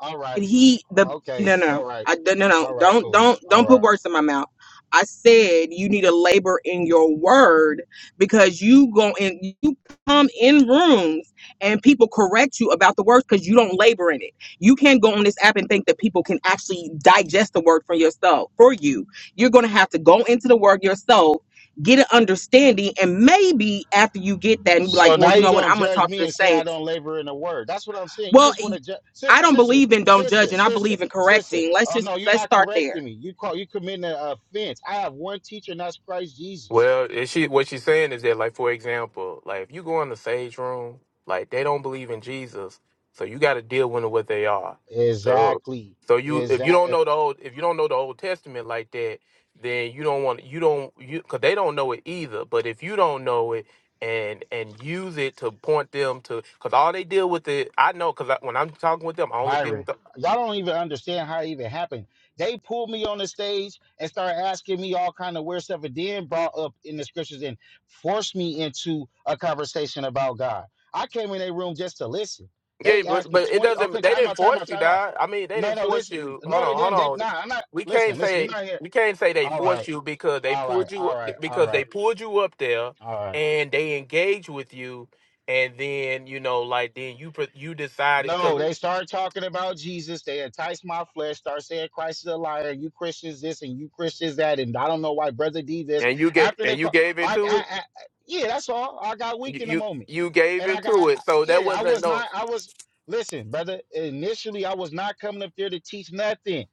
Speaker 13: All right.
Speaker 12: And he, the
Speaker 13: Okay.
Speaker 12: no,
Speaker 13: All
Speaker 12: no,
Speaker 13: right.
Speaker 12: I no, no, no.
Speaker 13: All right.
Speaker 12: don't,
Speaker 13: Cool.
Speaker 12: don't,
Speaker 13: All
Speaker 12: don't put
Speaker 13: right.
Speaker 12: words in my mouth. I said you need to labor in your word because you go and you come in rooms and people correct you about the word because you don't labor in it. You can't go on this app and think that people can actually digest the word for yourself for you. You're gonna have to go into the word yourself get an understanding and maybe after you get that and you be like
Speaker 13: So
Speaker 12: well
Speaker 13: now
Speaker 12: you
Speaker 13: you're
Speaker 12: know what
Speaker 13: gonna
Speaker 12: i'm going to
Speaker 13: judge
Speaker 12: talk to
Speaker 13: me
Speaker 12: the
Speaker 13: and say I
Speaker 12: saints
Speaker 13: don't labor in the word. That's what I'm saying. You
Speaker 12: Well,
Speaker 13: just want to judge,
Speaker 12: I
Speaker 13: sister,
Speaker 12: don't
Speaker 13: sister,
Speaker 12: believe in don't judge,
Speaker 13: sister,
Speaker 12: and I
Speaker 13: sister,
Speaker 12: believe in
Speaker 13: sister.
Speaker 12: correcting. Let's
Speaker 13: Oh
Speaker 12: just
Speaker 13: no, you're
Speaker 12: let's
Speaker 13: not
Speaker 12: start there.
Speaker 13: correcting me. You call you committing an offense. I have one teacher, and that's Christ Jesus.
Speaker 9: Well, is she what she's saying is that, like, for example, like if you go in the sage room, like they don't believe in Jesus, so you got to deal with what they are. So,
Speaker 13: Exactly.
Speaker 9: so you if you
Speaker 13: Exactly.
Speaker 9: don't know the old if you don't know the Old Testament like that, then you don't want you don't you because they don't know it either. But if you don't know it and and use it to point them to because all they deal with it, I know because when I'm talking with them, I only deal
Speaker 13: Byron.
Speaker 9: with the
Speaker 13: Y'all don't even understand how it even happened. They pulled me on the stage and started asking me all kind of weird stuff, and then brought up in the scriptures and forced me into a conversation about God. I came in their room just to listen.
Speaker 9: Yeah,
Speaker 13: They
Speaker 9: but
Speaker 13: asked me
Speaker 9: but it
Speaker 13: 20.
Speaker 9: doesn't.
Speaker 13: Okay,
Speaker 9: They
Speaker 13: time
Speaker 9: didn't
Speaker 13: out, time
Speaker 9: force
Speaker 13: out,
Speaker 9: you,
Speaker 13: time out.
Speaker 9: dog. I mean, they
Speaker 13: No,
Speaker 9: didn't
Speaker 13: no,
Speaker 9: force
Speaker 13: listen.
Speaker 9: you. Hold
Speaker 13: No, they
Speaker 9: on, hold
Speaker 13: didn't. They, nah,
Speaker 9: on.
Speaker 13: I'm not.
Speaker 9: We can't
Speaker 13: Listen, listen, you're
Speaker 9: say
Speaker 13: not here.
Speaker 9: we can't say they
Speaker 13: All
Speaker 9: forced
Speaker 13: right,
Speaker 9: you because they
Speaker 13: all right,
Speaker 9: pulled you
Speaker 13: all right, all
Speaker 9: because they
Speaker 13: right,
Speaker 9: pulled you up there
Speaker 13: all right.
Speaker 9: and they engaged with you, and then you know, like then you pre- you decided because
Speaker 13: No, they start talking about Jesus. They entice my flesh, start saying Christ is a liar, you Christians this and you Christians that, and I don't know why Brother D this.
Speaker 9: and you get
Speaker 13: After they
Speaker 9: and you
Speaker 13: call,
Speaker 9: gave
Speaker 13: I,
Speaker 9: into
Speaker 13: I,
Speaker 9: it.
Speaker 13: I, yeah, that's all. I got weak
Speaker 9: You,
Speaker 13: in the
Speaker 9: you
Speaker 13: moment.
Speaker 9: you gave
Speaker 13: And I
Speaker 9: into
Speaker 13: got,
Speaker 9: it, so that
Speaker 13: yeah, I
Speaker 9: wasn't
Speaker 13: was
Speaker 9: no.
Speaker 13: not, I was, listen, brother, initially I was not coming up there to teach nothing.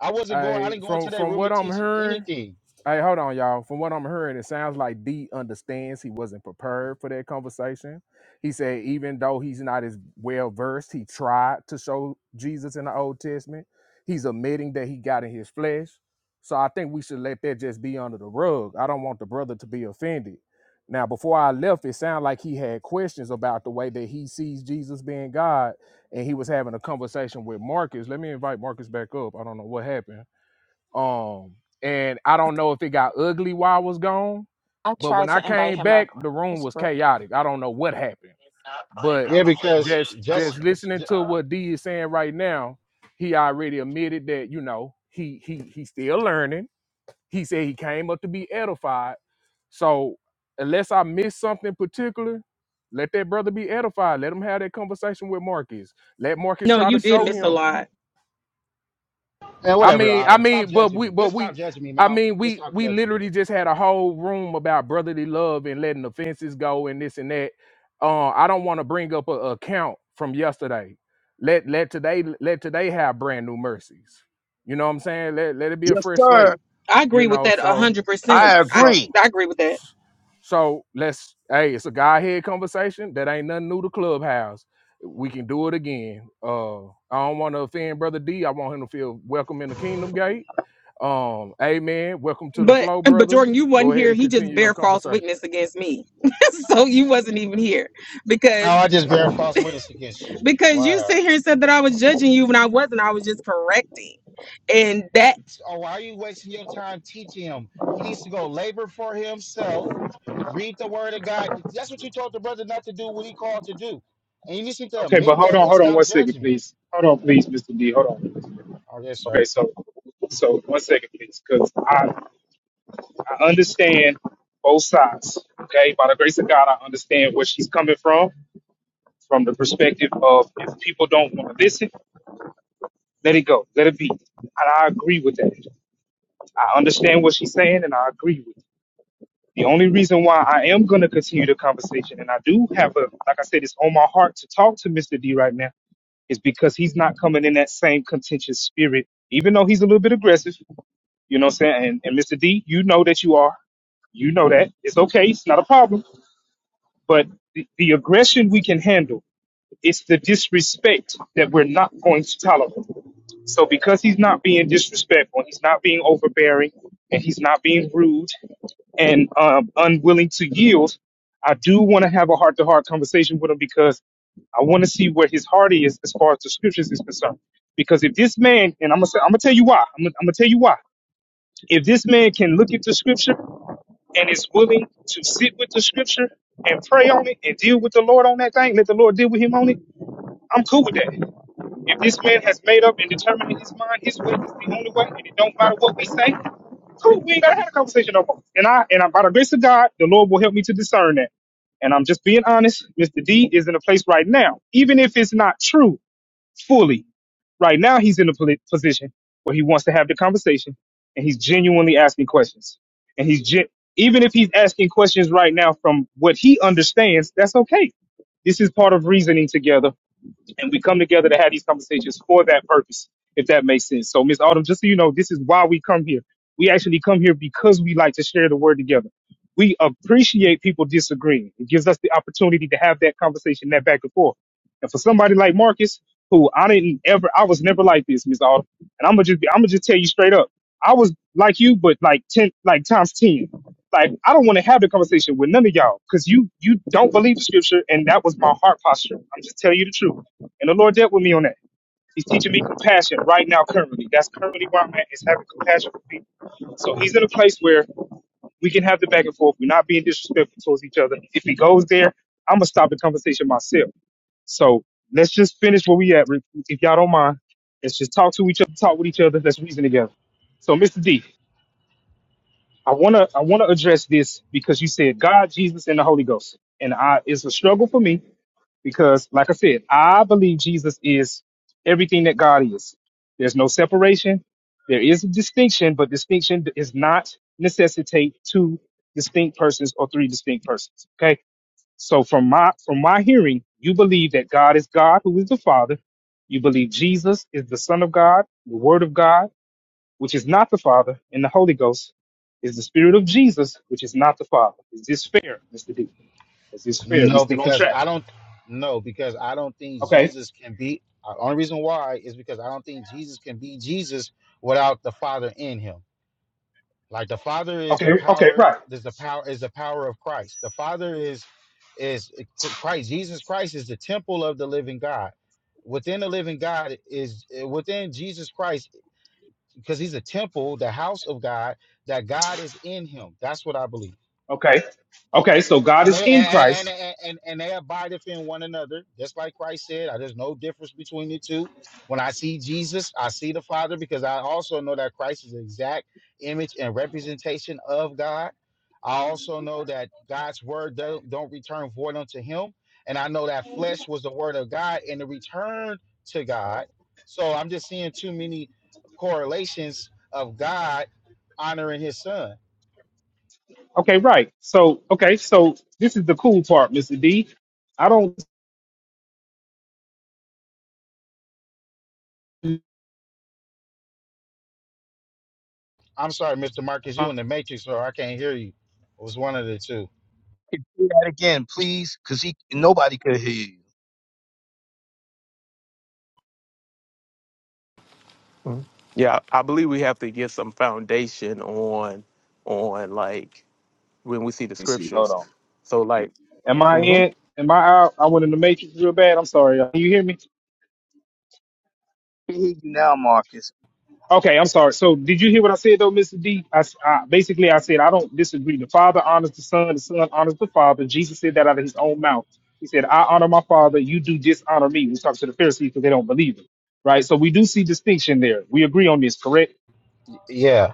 Speaker 13: I wasn't going, I
Speaker 1: I
Speaker 13: didn't go
Speaker 1: from
Speaker 13: into that
Speaker 1: from
Speaker 13: room to
Speaker 1: what I'm
Speaker 13: teach
Speaker 1: hearing.
Speaker 13: anything.
Speaker 1: Hey, hold on, y'all. From what I'm hearing, it sounds like D understands he wasn't prepared for that conversation. He said, even though he's not as well versed, he tried to show Jesus in the Old Testament. He's admitting that he got in his flesh. So I think we should let that just be under the rug. I don't want the brother to be offended. Now, before I left, it sounded like he had questions about the way that he sees Jesus being God, and he was having a conversation with Marcus. Let me invite Marcus back up. I don't know what happened. Um, and I don't know if it got ugly while I was gone,
Speaker 14: I
Speaker 1: but
Speaker 14: tried
Speaker 1: when I
Speaker 14: to invite
Speaker 1: came
Speaker 14: him up.
Speaker 1: back, the room
Speaker 14: It's
Speaker 1: was
Speaker 14: Brooke.
Speaker 1: chaotic. I don't know what happened, but
Speaker 13: Yeah, because
Speaker 1: just
Speaker 13: just,
Speaker 1: just listening
Speaker 13: just
Speaker 1: to what D is saying right now, he already admitted that you know he he he's still learning. He said he came up to be edified. So unless I miss something particular, let that brother be edified. Let him have that conversation with Marcus. Let Marcus
Speaker 12: No,
Speaker 1: try to
Speaker 12: you did
Speaker 1: show
Speaker 12: miss a
Speaker 1: him
Speaker 12: lot.
Speaker 13: man,
Speaker 1: I
Speaker 13: whatever,
Speaker 1: mean, I
Speaker 13: Adam, stop
Speaker 1: mean, but
Speaker 13: judging
Speaker 1: we,
Speaker 13: me.
Speaker 1: but
Speaker 13: Just stop
Speaker 1: we,
Speaker 13: judging me,
Speaker 1: I
Speaker 13: Mal.
Speaker 1: mean,
Speaker 13: Just
Speaker 1: we,
Speaker 13: stop
Speaker 1: we
Speaker 13: judging me.
Speaker 1: literally just had a whole room about brotherly love and letting offenses go and this and that. Uh, I don't want to bring up a a account from yesterday. Let let today let today have brand new mercies. You know what I'm saying? Let let it be a
Speaker 15: Yes,
Speaker 1: fresh
Speaker 15: sir.
Speaker 1: slate.
Speaker 12: I
Speaker 1: You
Speaker 12: agree with
Speaker 1: know,
Speaker 12: that a
Speaker 1: so
Speaker 12: hundred percent.
Speaker 15: I
Speaker 12: I
Speaker 1: so.
Speaker 15: agree.
Speaker 12: I agree with that.
Speaker 1: So let's hey, it's a Godhead conversation. That ain't nothing new to Clubhouse. We can do it again. Uh I don't want to offend Brother D. I want him to feel welcome in the kingdom gate. Um, amen. Welcome to the
Speaker 12: But
Speaker 1: flow,
Speaker 12: but
Speaker 1: brother.
Speaker 12: Jordan, you
Speaker 1: Go
Speaker 12: wasn't
Speaker 1: ahead
Speaker 12: here.
Speaker 1: and
Speaker 12: He just
Speaker 1: continue your
Speaker 12: bare false
Speaker 1: conversation.
Speaker 12: witness against me, so you wasn't even here because
Speaker 13: Now I just bear false witness against you.
Speaker 12: because you
Speaker 13: Wow.
Speaker 12: sit here and said that I was judging you when I wasn't. I was just correcting, and that
Speaker 13: Oh, why are you wasting your time teaching him? He needs to go labor for himself, read the word of God. That's what you told the brother not to do what he called to do. And you just need to
Speaker 3: Okay, but
Speaker 13: admit
Speaker 3: hold
Speaker 13: that
Speaker 3: on.
Speaker 13: and
Speaker 3: Hold on. One
Speaker 13: stop
Speaker 3: second,
Speaker 13: judging me.
Speaker 3: please. Hold on, please, Mr. D. Hold on.
Speaker 13: Oh, yes,
Speaker 3: Okay,
Speaker 13: sir.
Speaker 3: so so one second, please, please, 'cause I understand both sides. Okay, by the grace of God, I understand where she's coming from, from the perspective of if people don't want to listen, let it go, let it be. And I agree with that. I understand what she's saying, and I agree with it. The only reason why I am going to continue the conversation, and I do have a, like I said, it's on my heart to talk to Mr. D right now, is because he's not coming in that same contentious spirit, even though he's a little bit aggressive. You know what I'm saying? And, and Mr. D, you know that you are. You know that. It's okay. It's not a problem But the, the aggression we can handle. It's the disrespect that we're not going to tolerate. So because he's not being disrespectful, he's not being overbearing, and he's not being rude and um, unwilling to yield, I do want to have a heart-to-heart conversation with him because I want to see where his heart is as far as the scriptures is concerned. Because if this man, and I'm gonna, say- I'm gonna tell you why, I'm gonna, I'm gonna tell you why. If this man can look at the scripture and is willing to sit with the scripture and pray on it and deal with the Lord on that thing, let the Lord deal with him on it, I'm cool with that. If this man has made up and determined in his mind his way is the only way and it don't matter what we say, cool, we ain't gotta have a conversation no more. And I and I by the grace of God, the Lord will help me to discern that. And I'm just being honest, Mr. D is in a place right now, even if it's not true, fully. Right now, he's in a poli- position where he wants to have the conversation and he's genuinely asking questions. And he's gen- even if he's asking questions right now from what he understands, that's okay. This is part of reasoning together and we come together to have these conversations for that purpose, if that makes sense. So, Miss Autumn, just so you know, this is why we come here. We actually come here because we like to share the word together. We appreciate people disagreeing. It gives us the opportunity to have that conversation, that back and forth. And for somebody like Marcus, who I didn't ever, I was never like this, Miss Autumn. And I'm gonna just, be, I'm gonna just tell you straight up, I was like you, but like ten, like times ten. Like I don't want to have the conversation with none of y'all because you, you don't believe the scripture, and that was my heart posture. I'm just telling you the truth. And the Lord dealt with me on that. He's teaching me compassion right now, currently. That's currently where I'm at, is having compassion for people. So he's in a place where we can have the back and forth. We're not being disrespectful towards each other. If he goes there, I'm going to stop the conversation myself. So let's just finish where we at. Rick. If y'all don't mind, let's just talk to each other, talk with each other. Let's reason together. So, Mr. D, I want to I want to address this because you said God, Jesus, and the Holy Ghost. And I it's a struggle for me because, like I said, I believe Jesus is everything that God is. There's no separation. There is a distinction, but distinction is not necessitate two distinct persons or three distinct persons. Okay. So from my from my hearing, you believe that God is God, who is the Father. You believe Jesus is the Son of God, the Word of God, which is not the Father, and the Holy Ghost is the Spirit of Jesus, which is not the Father. Is this fair, Mr. D? Is this fair? We
Speaker 13: No,
Speaker 3: still on
Speaker 13: because
Speaker 3: track.
Speaker 13: I don't no, because I don't think
Speaker 3: Okay.
Speaker 13: Jesus can be uh, only reason why is because I don't think Jesus can be Jesus without the Father in him. Like the Father is
Speaker 3: Okay,
Speaker 13: the
Speaker 3: okay,
Speaker 13: power,
Speaker 3: right.
Speaker 13: is the power, is the power of Christ. The Father is is Christ. Jesus Christ is the temple of the living God. Within the living God is eh, within Jesus Christ, because he's a temple, the house of God, that God is in him. That's what I believe
Speaker 3: Okay. Okay, so God
Speaker 13: and
Speaker 3: is
Speaker 13: they
Speaker 3: in
Speaker 13: and, and
Speaker 3: Christ.
Speaker 13: and and they abideth in one another, just like Christ said. uh, There's no difference between the two. When I see Jesus, I see the Father, because I also know that Christ is the exact image and representation of God. I also know that God's word don't, don't return void unto Him, and I know that flesh was the word of God and it returned to God. So I'm just seeing too many correlations of God honoring His Son.
Speaker 3: Okay, right. So okay, so this is the cool part, Mr. D. I don't let
Speaker 13: I'm sorry, Mr. Marcus, you in the Matrix, or I can't hear you. It was one of the two.
Speaker 15: Do that again, please, because he nobody could hear you.
Speaker 9: Mhm. Yeah, I believe we have to get some foundation on on like when we see the
Speaker 3: me see, hold
Speaker 9: scriptures.
Speaker 3: on.
Speaker 9: So like.
Speaker 3: Am I in am I out? I went in the matrix real bad. I'm sorry. Can you hear me?
Speaker 15: He hear you now, Marcus.
Speaker 3: Okay, I'm sorry. So did you hear what I said though, Mr. D? I, s- I- basically I said I don't disagree. The Father honors the Son, the Son honors the Father. Jesus said that out of his own mouth. He said, I honor my father, you do dishonor me. We talk to the Pharisees because they don't believe Him. Right? So we do see distinction there. We agree on this, correct?
Speaker 13: Yeah,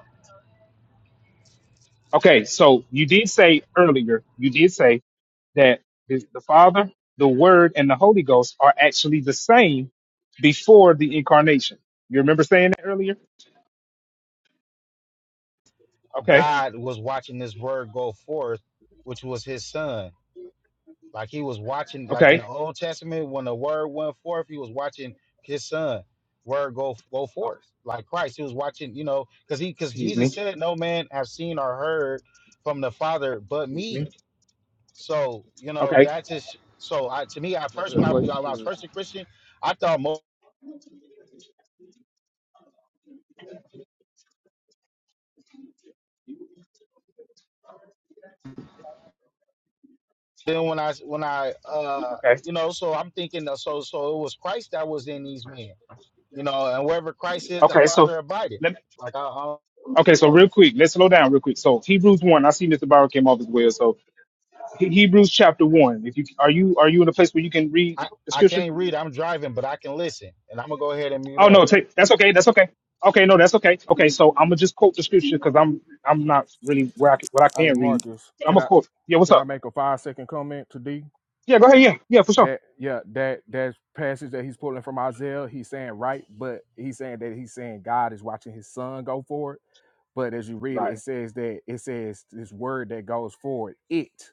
Speaker 3: Okay, so you did say earlier, you did say that the, the Father, the Word, and the Holy Ghost are actually the same before the incarnation. You remember saying that earlier? Okay,
Speaker 13: God was watching this word go forth, which was His Son. Like He was watching, like in
Speaker 3: okay.
Speaker 13: the Old Testament, when the word went forth, He was watching His Son word go go forth. Like Christ, He was watching, you know, because He because
Speaker 3: Excuse me.
Speaker 13: Jesus said, "No man have seen or heard from the Father but
Speaker 3: Excuse me.
Speaker 13: Me." So you know
Speaker 3: Okay,
Speaker 13: that's just so. I to me, I first
Speaker 9: Another
Speaker 13: when I when I was
Speaker 9: question.
Speaker 13: first a Christian, I thought most. then when I when I uh
Speaker 3: okay,
Speaker 13: you know, so I'm thinking that so so it was Christ that was in these men, you know, and wherever Christ is, the
Speaker 3: okay. So
Speaker 13: Father abideth.
Speaker 3: let
Speaker 13: Like I I
Speaker 3: okay. So real quick, let's slow down real quick. So Hebrews one. I see Mr. Bauer came off as well. So He- Hebrews chapter one. If you are you are you in a place where you can read
Speaker 13: I
Speaker 3: the
Speaker 13: I
Speaker 3: scripture?
Speaker 13: can't read, I'm driving, but I can listen, and I'm gonna go ahead and mute
Speaker 3: Oh
Speaker 13: up.
Speaker 3: no, take, that's okay. That's okay. Okay, no, that's okay. Okay, so I'm gonna just quote the scripture because I'm I'm not really where I can, what I
Speaker 1: Hey
Speaker 3: can read.
Speaker 1: Marcus,
Speaker 3: I'm
Speaker 1: can
Speaker 3: gonna
Speaker 1: I
Speaker 3: quote. Yeah, what's
Speaker 1: can I
Speaker 3: up?
Speaker 1: make a five second comment to D?
Speaker 3: Yeah, go ahead. Yeah, yeah, for sure.
Speaker 1: that yeah that that passage that he's pulling from Isaiah he's saying right but he's saying that he's saying God is watching his son go for it but as you read it
Speaker 3: Right,
Speaker 1: it says that it says this word that goes forward it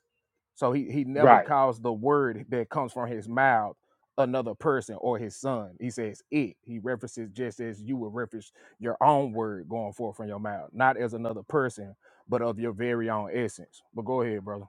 Speaker 1: so he he never
Speaker 3: right.
Speaker 1: calls the word that comes from his mouth another person or his son he says it he references just as you would reference your own word going forth from your mouth not as another person but of your very own essence but go ahead brother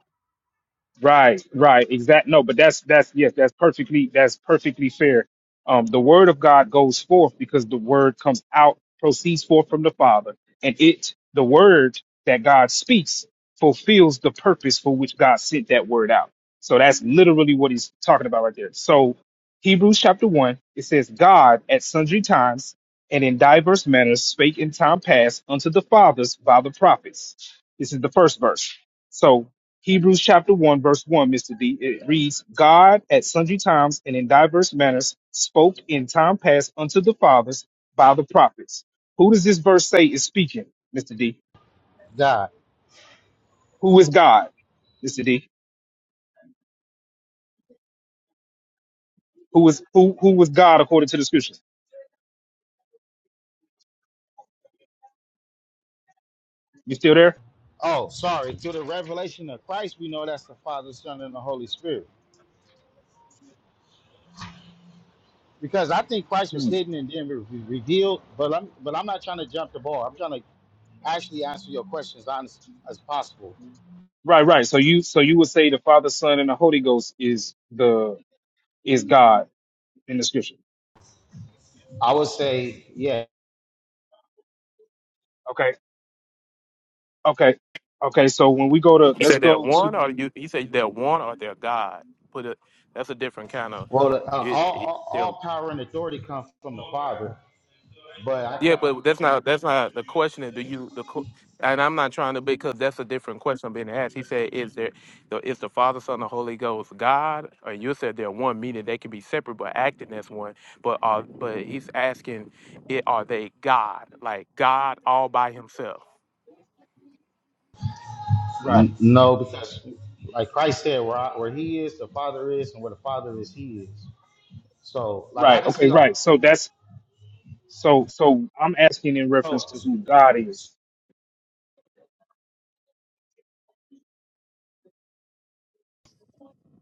Speaker 3: Right, right, exact. No, but that's that's yes, that's perfectly that's perfectly fair. Um, the word of God goes forth because the word comes out, proceeds forth from the Father, and it the word that God speaks fulfills the purpose for which God sent that word out. So that's literally what he's talking about right there. So Hebrews chapter one, it says, God at sundry times and in diverse manners spake in time past unto the fathers by the prophets. This is the first verse. So Hebrews chapter 1, verse 1, Mr. D. It reads, God at sundry times and in diverse manners spoke in time past unto the fathers by the prophets. Who does this verse say is speaking, Mr. D?
Speaker 13: God.
Speaker 3: Who is God, Mr. D? Who is who who was God according to the scriptures? You still there?
Speaker 13: Oh, sorry. Through the revelation of Christ, we know that's the Father, Son, and the Holy Spirit. Because I think Christ was
Speaker 3: Hmm.
Speaker 13: hidden and then re- re- revealed, but I'm but I'm not trying to jump the ball. I'm trying to actually answer your questions honest as possible.
Speaker 3: Right, right. So you so you would say the Father, Son, and the Holy Ghost is the is God in the scripture.
Speaker 13: I would say, yeah.
Speaker 3: Okay. Okay. Okay. So when we go to
Speaker 9: You
Speaker 3: let's
Speaker 9: said they're
Speaker 3: go
Speaker 9: one, or
Speaker 3: to
Speaker 9: you He said, they're one, or they're God. Put it. That's a different kind of.
Speaker 13: Well, uh,
Speaker 9: It,
Speaker 13: all,
Speaker 9: it,
Speaker 13: all
Speaker 9: they're,
Speaker 13: all power and authority comes from the Father, but I
Speaker 9: yeah,
Speaker 13: can't.
Speaker 9: but that's not that's not the question. Is do you the qu- and I'm not trying to because that's a different question being asked. He said, "Is there the, is the Father, Son, the Holy Ghost God?" Or you said they're one, meaning they can be separate but acting as one. But are but he's asking, it, are they God? Like God all by himself?
Speaker 3: right.
Speaker 13: n- No, because like Christ said, where I, where He is, the Father is, and where the Father is, He is. So, like I
Speaker 3: Right.
Speaker 13: just
Speaker 3: Okay.
Speaker 13: see. all-
Speaker 3: Right. So that's So so I'm asking in reference
Speaker 13: So,
Speaker 3: to who God is.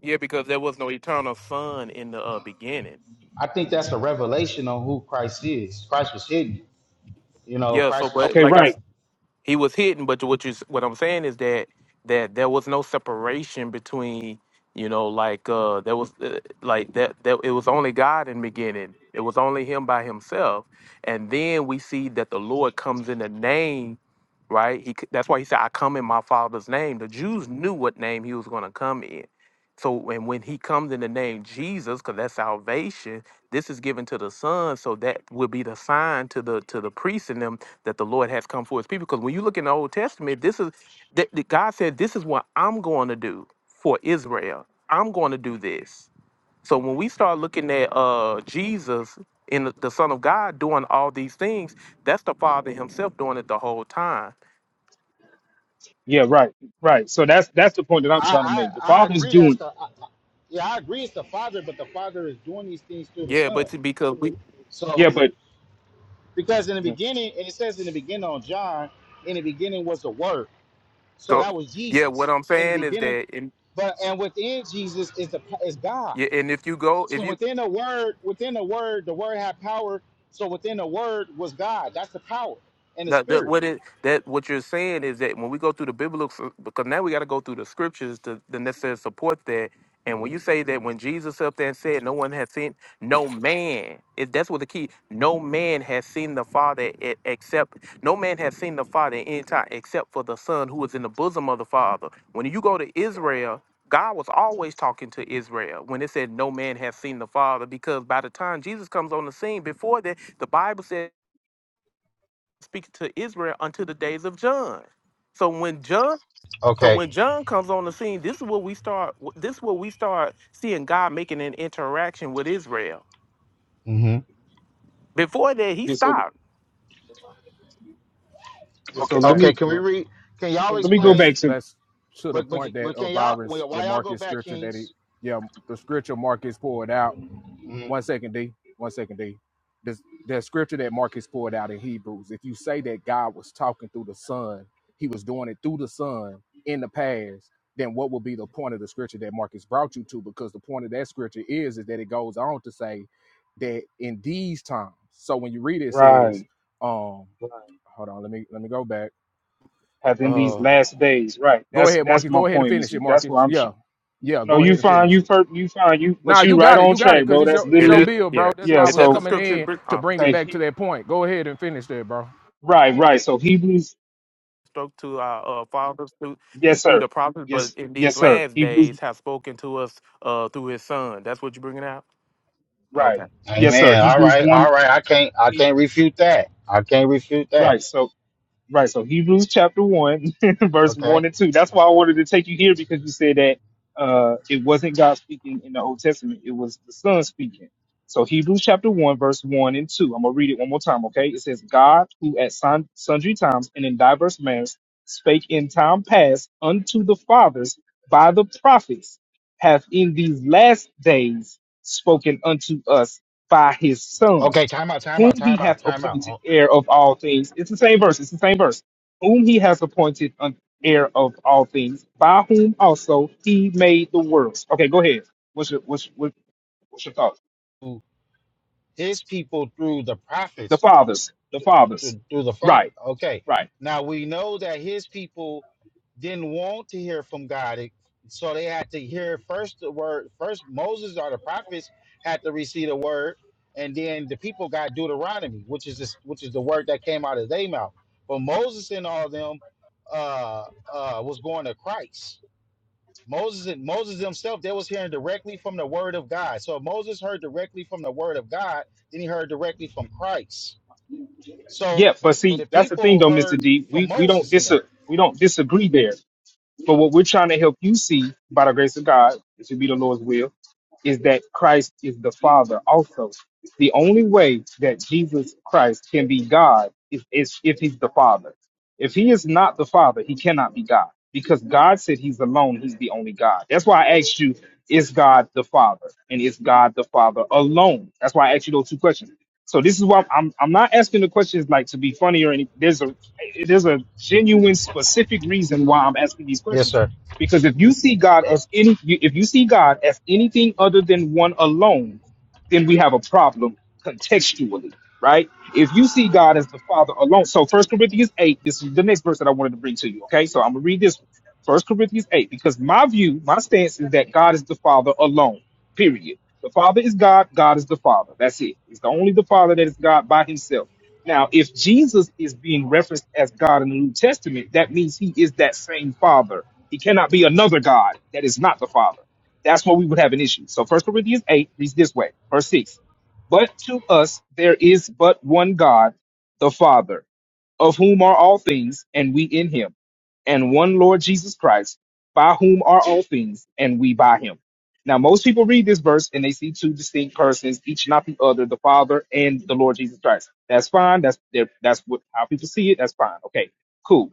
Speaker 9: Yeah, because there was no eternal Son in the uh, beginning.
Speaker 13: I think that's a revelation on who Christ is. Christ was hidden. You know,
Speaker 9: Yeah, so
Speaker 13: Christ was.
Speaker 9: but
Speaker 3: Okay,
Speaker 9: like I
Speaker 3: right.
Speaker 9: He was hidden, but what you what I'm saying is that that there was no separation between you know like uh there was uh, like that that it was only God in the beginning. It was only him by himself. And then we see that the Lord comes in the name right? He c- that's why he said, "I come in my Father's name." The Jews knew what name he was going to come in. So, and when he comes in the name Jesus, because that's salvation, this is given to the Son, so that will be the sign to the to the priests in them that the Lord has come for His people. Because when you look in the Old Testament, this is that that God said, "This is what I'm going to do for Israel. I'm going to do this." So when we start looking at uh, Jesus and the the Son of God doing all these things, that's the Father Himself doing it the whole time.
Speaker 3: Yeah, right, right. So that's that's the point that I'm trying to
Speaker 13: I
Speaker 3: make. The
Speaker 13: I, I
Speaker 3: Father's
Speaker 13: agree. That's
Speaker 3: doing
Speaker 13: the. I, I- yeah, I agree. It's the Father, but the Father is doing these things through the
Speaker 9: Yeah, but
Speaker 13: Son.
Speaker 9: it's because we
Speaker 3: yeah,
Speaker 13: So,
Speaker 3: but
Speaker 13: because in the
Speaker 3: yeah,
Speaker 13: beginning, and it says in the beginning on John, in the beginning was the Word So
Speaker 9: go.
Speaker 13: that was
Speaker 9: Yeah, what
Speaker 13: Jesus
Speaker 9: I'm
Speaker 13: in the
Speaker 9: saying is
Speaker 13: beginning.
Speaker 9: that, in,
Speaker 13: But and within Jesus is the is God.
Speaker 9: yeah, and if you go, if
Speaker 13: So
Speaker 9: you
Speaker 13: within the word, within the word, the word had power. So within the word was God. That's the power and the
Speaker 9: That, that
Speaker 13: spirit.
Speaker 9: what it that what you're saying is that when we go through the biblical because now we got to go through the scriptures to, the necessary support that. And when you say that when Jesus up there and said, "No one has seen, no man," it, that's what the key. No man has seen the Father e- except no man has seen the Father in any time except for the Son who is in the bosom of the Father. When you go to Israel, God was always talking to Israel when it said, "No man has seen the Father," because by the time Jesus comes on the scene, before that, the Bible says speak to Israel until the days of John. So when John, so
Speaker 13: Okay.
Speaker 9: when John comes on the scene, this is what we start. This is what we start seeing God making an interaction with Israel.
Speaker 13: hmm
Speaker 9: Before that, he
Speaker 3: yeah, so
Speaker 9: stopped.
Speaker 3: yeah,
Speaker 13: Okay.
Speaker 3: so
Speaker 1: all
Speaker 3: let
Speaker 1: right
Speaker 13: Okay.
Speaker 3: me
Speaker 13: Can we
Speaker 1: well.
Speaker 13: read? Can
Speaker 3: so
Speaker 13: y'all
Speaker 3: let me go
Speaker 13: explain?
Speaker 1: That's
Speaker 3: back to
Speaker 1: that's to the
Speaker 13: But but,
Speaker 1: point that
Speaker 13: but
Speaker 1: uh,
Speaker 13: can y'all?
Speaker 1: Byron's
Speaker 13: Well,
Speaker 1: the
Speaker 13: why y'all go
Speaker 1: market
Speaker 13: back,
Speaker 1: scripture that he
Speaker 13: Kings?
Speaker 1: yeah the scripture Marcus pulled out.
Speaker 13: mm
Speaker 1: One second, D. One second, D. The the scripture that Marcus pulled out in Hebrews. If you say that God was talking through the Son, He was doing it through the Son in the past. Then what would be the point of the scripture that Marcus brought you to? Because the point of that scripture is is that it goes on to say that in these times. So when you read it, it says,
Speaker 3: right,
Speaker 1: um,
Speaker 3: right.
Speaker 1: hold on, let me let me go back.
Speaker 3: Have in these
Speaker 1: Uh,
Speaker 3: last days, right?
Speaker 1: Go
Speaker 3: That's
Speaker 1: ahead,
Speaker 3: that's
Speaker 1: Marcus.
Speaker 3: my
Speaker 1: Go ahead and
Speaker 3: point,
Speaker 1: finish
Speaker 3: Mister.
Speaker 1: it,
Speaker 3: That's what
Speaker 1: Marcus.
Speaker 3: I'm
Speaker 1: Yeah.
Speaker 3: trying.
Speaker 1: Yeah,
Speaker 3: No,
Speaker 1: go
Speaker 3: you
Speaker 1: ahead and
Speaker 3: fine,
Speaker 1: finish
Speaker 3: you
Speaker 1: it.
Speaker 3: fir- you fine, you
Speaker 1: Nah,
Speaker 3: but
Speaker 1: you
Speaker 3: you right
Speaker 1: got it.
Speaker 3: on
Speaker 1: You got it.
Speaker 3: track,
Speaker 1: Cause
Speaker 3: bro.
Speaker 1: it's
Speaker 3: That's
Speaker 1: your it's
Speaker 9: Is
Speaker 1: your
Speaker 9: that
Speaker 3: literally
Speaker 1: bill, bro. That's
Speaker 9: yes?
Speaker 3: yeah.
Speaker 1: why I
Speaker 9: Is
Speaker 1: was
Speaker 9: that the
Speaker 3: So
Speaker 1: coming
Speaker 9: scripture
Speaker 1: in
Speaker 9: br-
Speaker 1: to
Speaker 9: uh,
Speaker 1: bring it
Speaker 3: okay,
Speaker 1: back to
Speaker 3: he,
Speaker 1: that point. Go ahead and finish that, bro.
Speaker 3: right, right. So Hebrews,
Speaker 9: spoke to our uh, fathers through
Speaker 3: yes,
Speaker 9: through
Speaker 3: sir.
Speaker 9: the prophets, but
Speaker 3: Yes,
Speaker 9: in these
Speaker 3: yes, sir.
Speaker 9: last
Speaker 3: Hebrews,
Speaker 9: days have spoken to us uh, through His Son. That's what you're bringing out. Okay.
Speaker 3: right. Yes, sir.
Speaker 13: Amen. All
Speaker 3: Hebrews
Speaker 13: right.
Speaker 3: one
Speaker 13: All right. I can't. I can't refute that. I can't refute that.
Speaker 3: Right. So right. So Hebrews chapter one, verse
Speaker 13: Okay.
Speaker 3: one and two. That's why I wanted to take you here because you said that uh it wasn't God speaking in the Old Testament, it was the Son speaking. So Hebrews chapter one, verse one and two. I'm gonna read it one more time, okay? It says, God who at son- sundry times and in diverse manners spake in time past unto the fathers by the prophets, hath in these last days spoken unto us by his son
Speaker 13: Okay. Time out. Time
Speaker 3: whom
Speaker 13: out.
Speaker 3: he
Speaker 13: Time out.
Speaker 3: hath
Speaker 13: Time
Speaker 3: appointed
Speaker 13: out.
Speaker 3: heir of all things. It's the same verse. It's the same verse. Whom he has appointed an heir of all things, by whom also he made the worlds. Okay, go ahead. What's your what's what, what's your thoughts?
Speaker 13: To His people through the prophets.
Speaker 3: The fathers. The
Speaker 13: Do, do,
Speaker 3: fathers.
Speaker 13: do the fa-
Speaker 3: Right.
Speaker 13: Okay.
Speaker 3: Right.
Speaker 13: Now we know that his people didn't want to hear from God, it- so they had to hear first the word. First, Moses or the prophets had to receive the word, and then the people got Deuteronomy, which is this, which is the word that came out of their mouth. But Moses and all them uh, uh, was going to Christ. Moses and Moses himself, they was hearing directly from the word of God. So if Moses heard directly from the word of God, then he heard directly from Christ. So
Speaker 3: Yeah. But see,
Speaker 13: the
Speaker 3: that's the thing,
Speaker 13: people
Speaker 3: though, Mister
Speaker 13: heard
Speaker 3: D.
Speaker 13: from
Speaker 3: We we don't
Speaker 13: Moses in
Speaker 3: dis
Speaker 13: them.
Speaker 3: we don't disagree there. But what we're trying to help you see by the grace of God, it should be the Lord's will, is that Christ is the Father also. The only way that Jesus Christ can be God is, is if he's the Father. If he is not the Father, he cannot be God because God said he's alone, he's the only God. That's why I asked you, is God the Father? And is God the Father alone? That's why I asked you those two questions. So this is why I'm I'm not asking the questions like to be funny or anything. There's a there's a genuine specific reason why I'm asking these
Speaker 13: Yes,
Speaker 3: questions.
Speaker 13: sir.
Speaker 3: Because if you see God as any if you see God as anything other than one alone, then we have a problem contextually, right? If you see God as the Father alone, so First Corinthians 8, this is the next verse that I wanted to bring to you, okay? So I'm going to read this one. 1 Corinthians 8, because my view, my stance is that God is the Father alone, period. The Father is God, God is the Father. That's it. It's the only the Father that is God by himself. Now, if Jesus is being referenced as God in the New Testament, that means he is that same Father. He cannot be another God that is not the Father. That's where we would have an issue. So First Corinthians 8 reads this way, verse 6. But to us there is but one God, the Father, of whom are all things, and we in him, and one Lord Jesus Christ, by whom are all things, and we by him. Now, most people read this verse and they see two distinct persons, each not the other, the Father and the Lord Jesus Christ. That's fine. That's they're- that's what how people see it. That's fine. Okay, cool.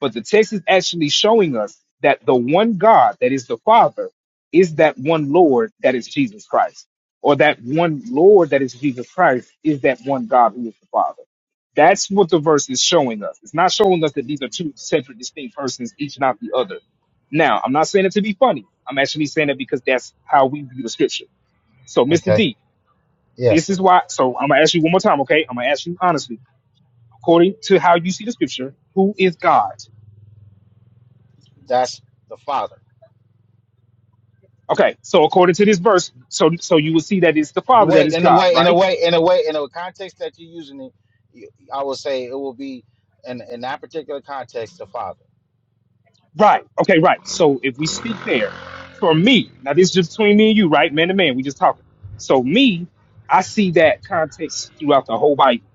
Speaker 3: But the text is actually showing us that the one God that is the Father is that one Lord that is Jesus Christ, or that one Lord that is Jesus Christ is that one God who is the Father. That's what the verse is showing us. It's not showing us that these are two separate, distinct persons, each not the other. Now, I'm not saying it to be funny. I'm actually saying it because that's how we view the scripture. So, Mr.
Speaker 13: Okay.
Speaker 3: D,
Speaker 13: Yeah,
Speaker 3: this is why. So, I'm gonna ask you one more time, okay? I'm gonna ask you honestly, according to how you see the scripture, who is God?
Speaker 13: That's the Father.
Speaker 3: Okay, so according to this verse, so so you will see that it's the
Speaker 13: The
Speaker 3: Father that
Speaker 13: way,
Speaker 3: is
Speaker 13: in the
Speaker 3: God,
Speaker 13: way, in
Speaker 3: right?
Speaker 13: the way, in the way, in the context that you're using it, you- I would say it will be in in that particular context the Father.
Speaker 3: Right. Okay, right. So if we speak there, for me, now this is just between me and you, right? Man to man, we just talking. So me, I see that context throughout the whole Bible.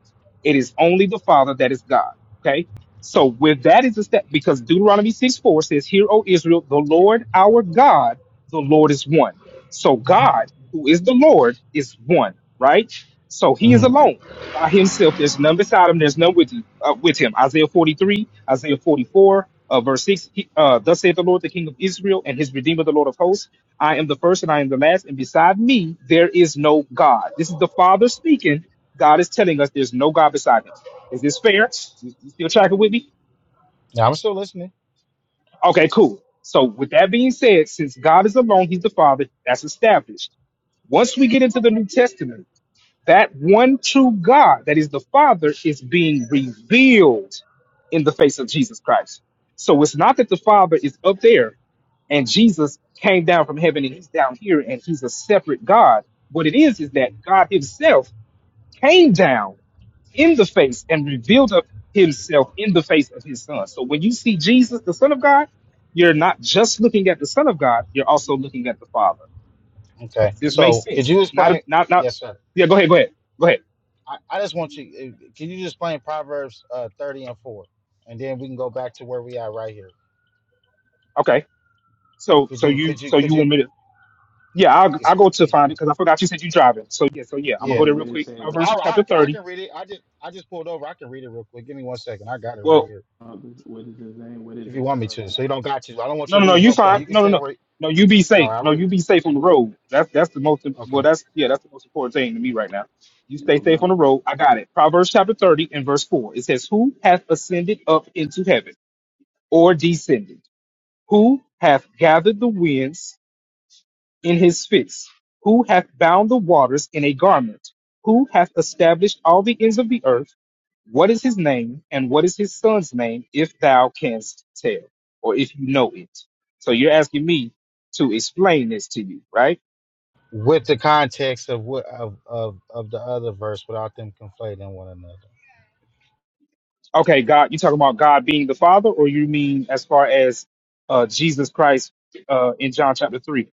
Speaker 3: It is only the Father that is God. Okay. So with that is a step because Deuteronomy 6 4 says, Hear, O Israel, the Lord our God, the Lord is one. So God, who is the Lord, is one, right? So he is
Speaker 13: hmm
Speaker 3: alone by himself. There's none beside him. There's none with you, uh, with him. Isaiah 43, Isaiah 44, uh, verse 6. He, uh, Thus saith the Lord, the King of Israel, and his Redeemer, the Lord of hosts. I am the first and I am the last, and beside me there is no God. This is the Father speaking. God is telling us there's no God beside him. Is this fair? You you still tracking with me?
Speaker 13: Yeah, I'm still listening.
Speaker 3: Okay, cool. So with that being said, since God is alone, he's the Father, that's established. Once we get into the New Testament, That one true God, that is the Father, is being revealed in the face of Jesus Christ. So it's not that the Father is up there and Jesus came down from heaven and he's down here and he's a separate God. What it is is that God himself came down in the face and revealed up himself in the face of his son. So when you see Jesus, the Son of God, you're not just looking at the Son of God, you're also looking at the Father.
Speaker 13: Okay.
Speaker 3: Does this make
Speaker 13: So, Could
Speaker 3: sense?
Speaker 13: you
Speaker 3: Not,
Speaker 13: explain?
Speaker 3: not, not.
Speaker 13: Yes, sir.
Speaker 3: Yeah, go ahead, go ahead, go ahead.
Speaker 13: I, I just want you. uh, Can you just explain Proverbs uh, thirty and four, and then we can go back to where we are right here.
Speaker 3: Okay. So
Speaker 13: Could
Speaker 3: so
Speaker 13: you?
Speaker 3: you
Speaker 13: Could you?
Speaker 3: so
Speaker 13: Could
Speaker 3: you
Speaker 13: you?
Speaker 3: want me to? Yeah, I'll
Speaker 13: it's-
Speaker 3: I'll go to
Speaker 13: it-
Speaker 3: find it because I forgot you said you driving. So yeah, so yeah,
Speaker 9: That's
Speaker 3: I'm
Speaker 9: the
Speaker 3: gonna go
Speaker 13: Yeah.
Speaker 9: one
Speaker 3: there
Speaker 9: where
Speaker 3: real
Speaker 9: it
Speaker 3: quick.
Speaker 9: says, uh,
Speaker 3: Proverbs
Speaker 13: All right, I,
Speaker 9: uh,
Speaker 3: chapter
Speaker 13: can- I
Speaker 3: thirty.
Speaker 13: can read it. I just I just pulled over. I can read it real quick. Give me one second. I got it right
Speaker 3: Well,
Speaker 13: here.
Speaker 9: uh, what is his name? What is
Speaker 13: If you
Speaker 9: his
Speaker 13: want me
Speaker 9: son's
Speaker 13: to, so you
Speaker 9: name?
Speaker 13: don't got to. I don't want
Speaker 3: no,
Speaker 13: you
Speaker 3: no,
Speaker 13: to
Speaker 3: no,
Speaker 13: lose
Speaker 3: you
Speaker 13: your point.
Speaker 3: fine.
Speaker 13: You can
Speaker 3: No, no,
Speaker 13: say
Speaker 3: no,
Speaker 13: where.
Speaker 3: no,
Speaker 13: You
Speaker 3: you
Speaker 13: can,
Speaker 3: be
Speaker 13: all
Speaker 3: safe.
Speaker 13: right, I
Speaker 3: No,
Speaker 13: read.
Speaker 3: you be safe on the road. That's that's the most well.
Speaker 13: Okay,
Speaker 3: That's yeah, that's the most important thing to me right now. You
Speaker 9: Yeah. If
Speaker 3: stay
Speaker 9: I'm
Speaker 3: safe
Speaker 9: not,
Speaker 3: on the road. I got it. Proverbs chapter thirty and verse four. It says, "Who hath ascended up into heaven, or descended? Who hath gathered the winds?" in his fist, who hath bound the waters in a garment, who hath established all the ends of the earth. What is his name, and what is his son's name, if thou canst tell, or if you know it? So you're asking me to explain this to you, right?
Speaker 13: with the context of what of of of the other verse, without them conflating one another.
Speaker 3: Okay, God, you talking about God being the Father, or you mean as far as uh, Jesus Christ uh, in John chapter 3?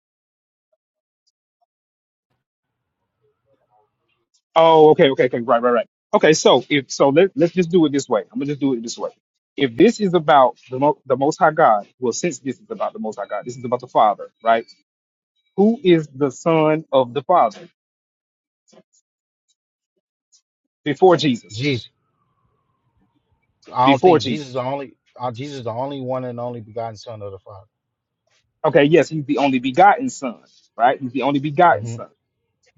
Speaker 3: Oh, okay, okay, okay, right, right, right. Okay, so if so, let let's just do it this way. I'm gonna just do it this way. If this is about the Mo- the Most High God, well, since this is about the Most High God, this is about the Father, right? Who is the Son of the Father before Jesus?
Speaker 13: Jesus, I don't
Speaker 3: Before
Speaker 13: think Jesus
Speaker 3: Jesus.
Speaker 13: is the only. Uh, Jesus is the only one and only begotten Son of the Father.
Speaker 3: Okay, yes, he's the only begotten Son, right? He's the only begotten
Speaker 13: hmm
Speaker 3: Son.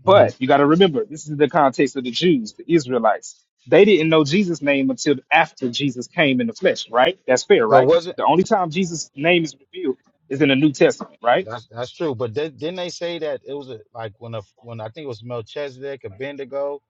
Speaker 13: hmm
Speaker 3: But you got to remember, this is the context of the Jews, the Israelites. They didn't know Jesus' name until after Jesus came in the flesh, right? That's fair,
Speaker 13: But
Speaker 3: right?
Speaker 13: wasn't
Speaker 3: The only time Jesus' name is revealed is in the New Testament, right?
Speaker 13: that's that's true. But they, didn't they say that it was a, like when a, when I think it was Melchizedek, Abednego.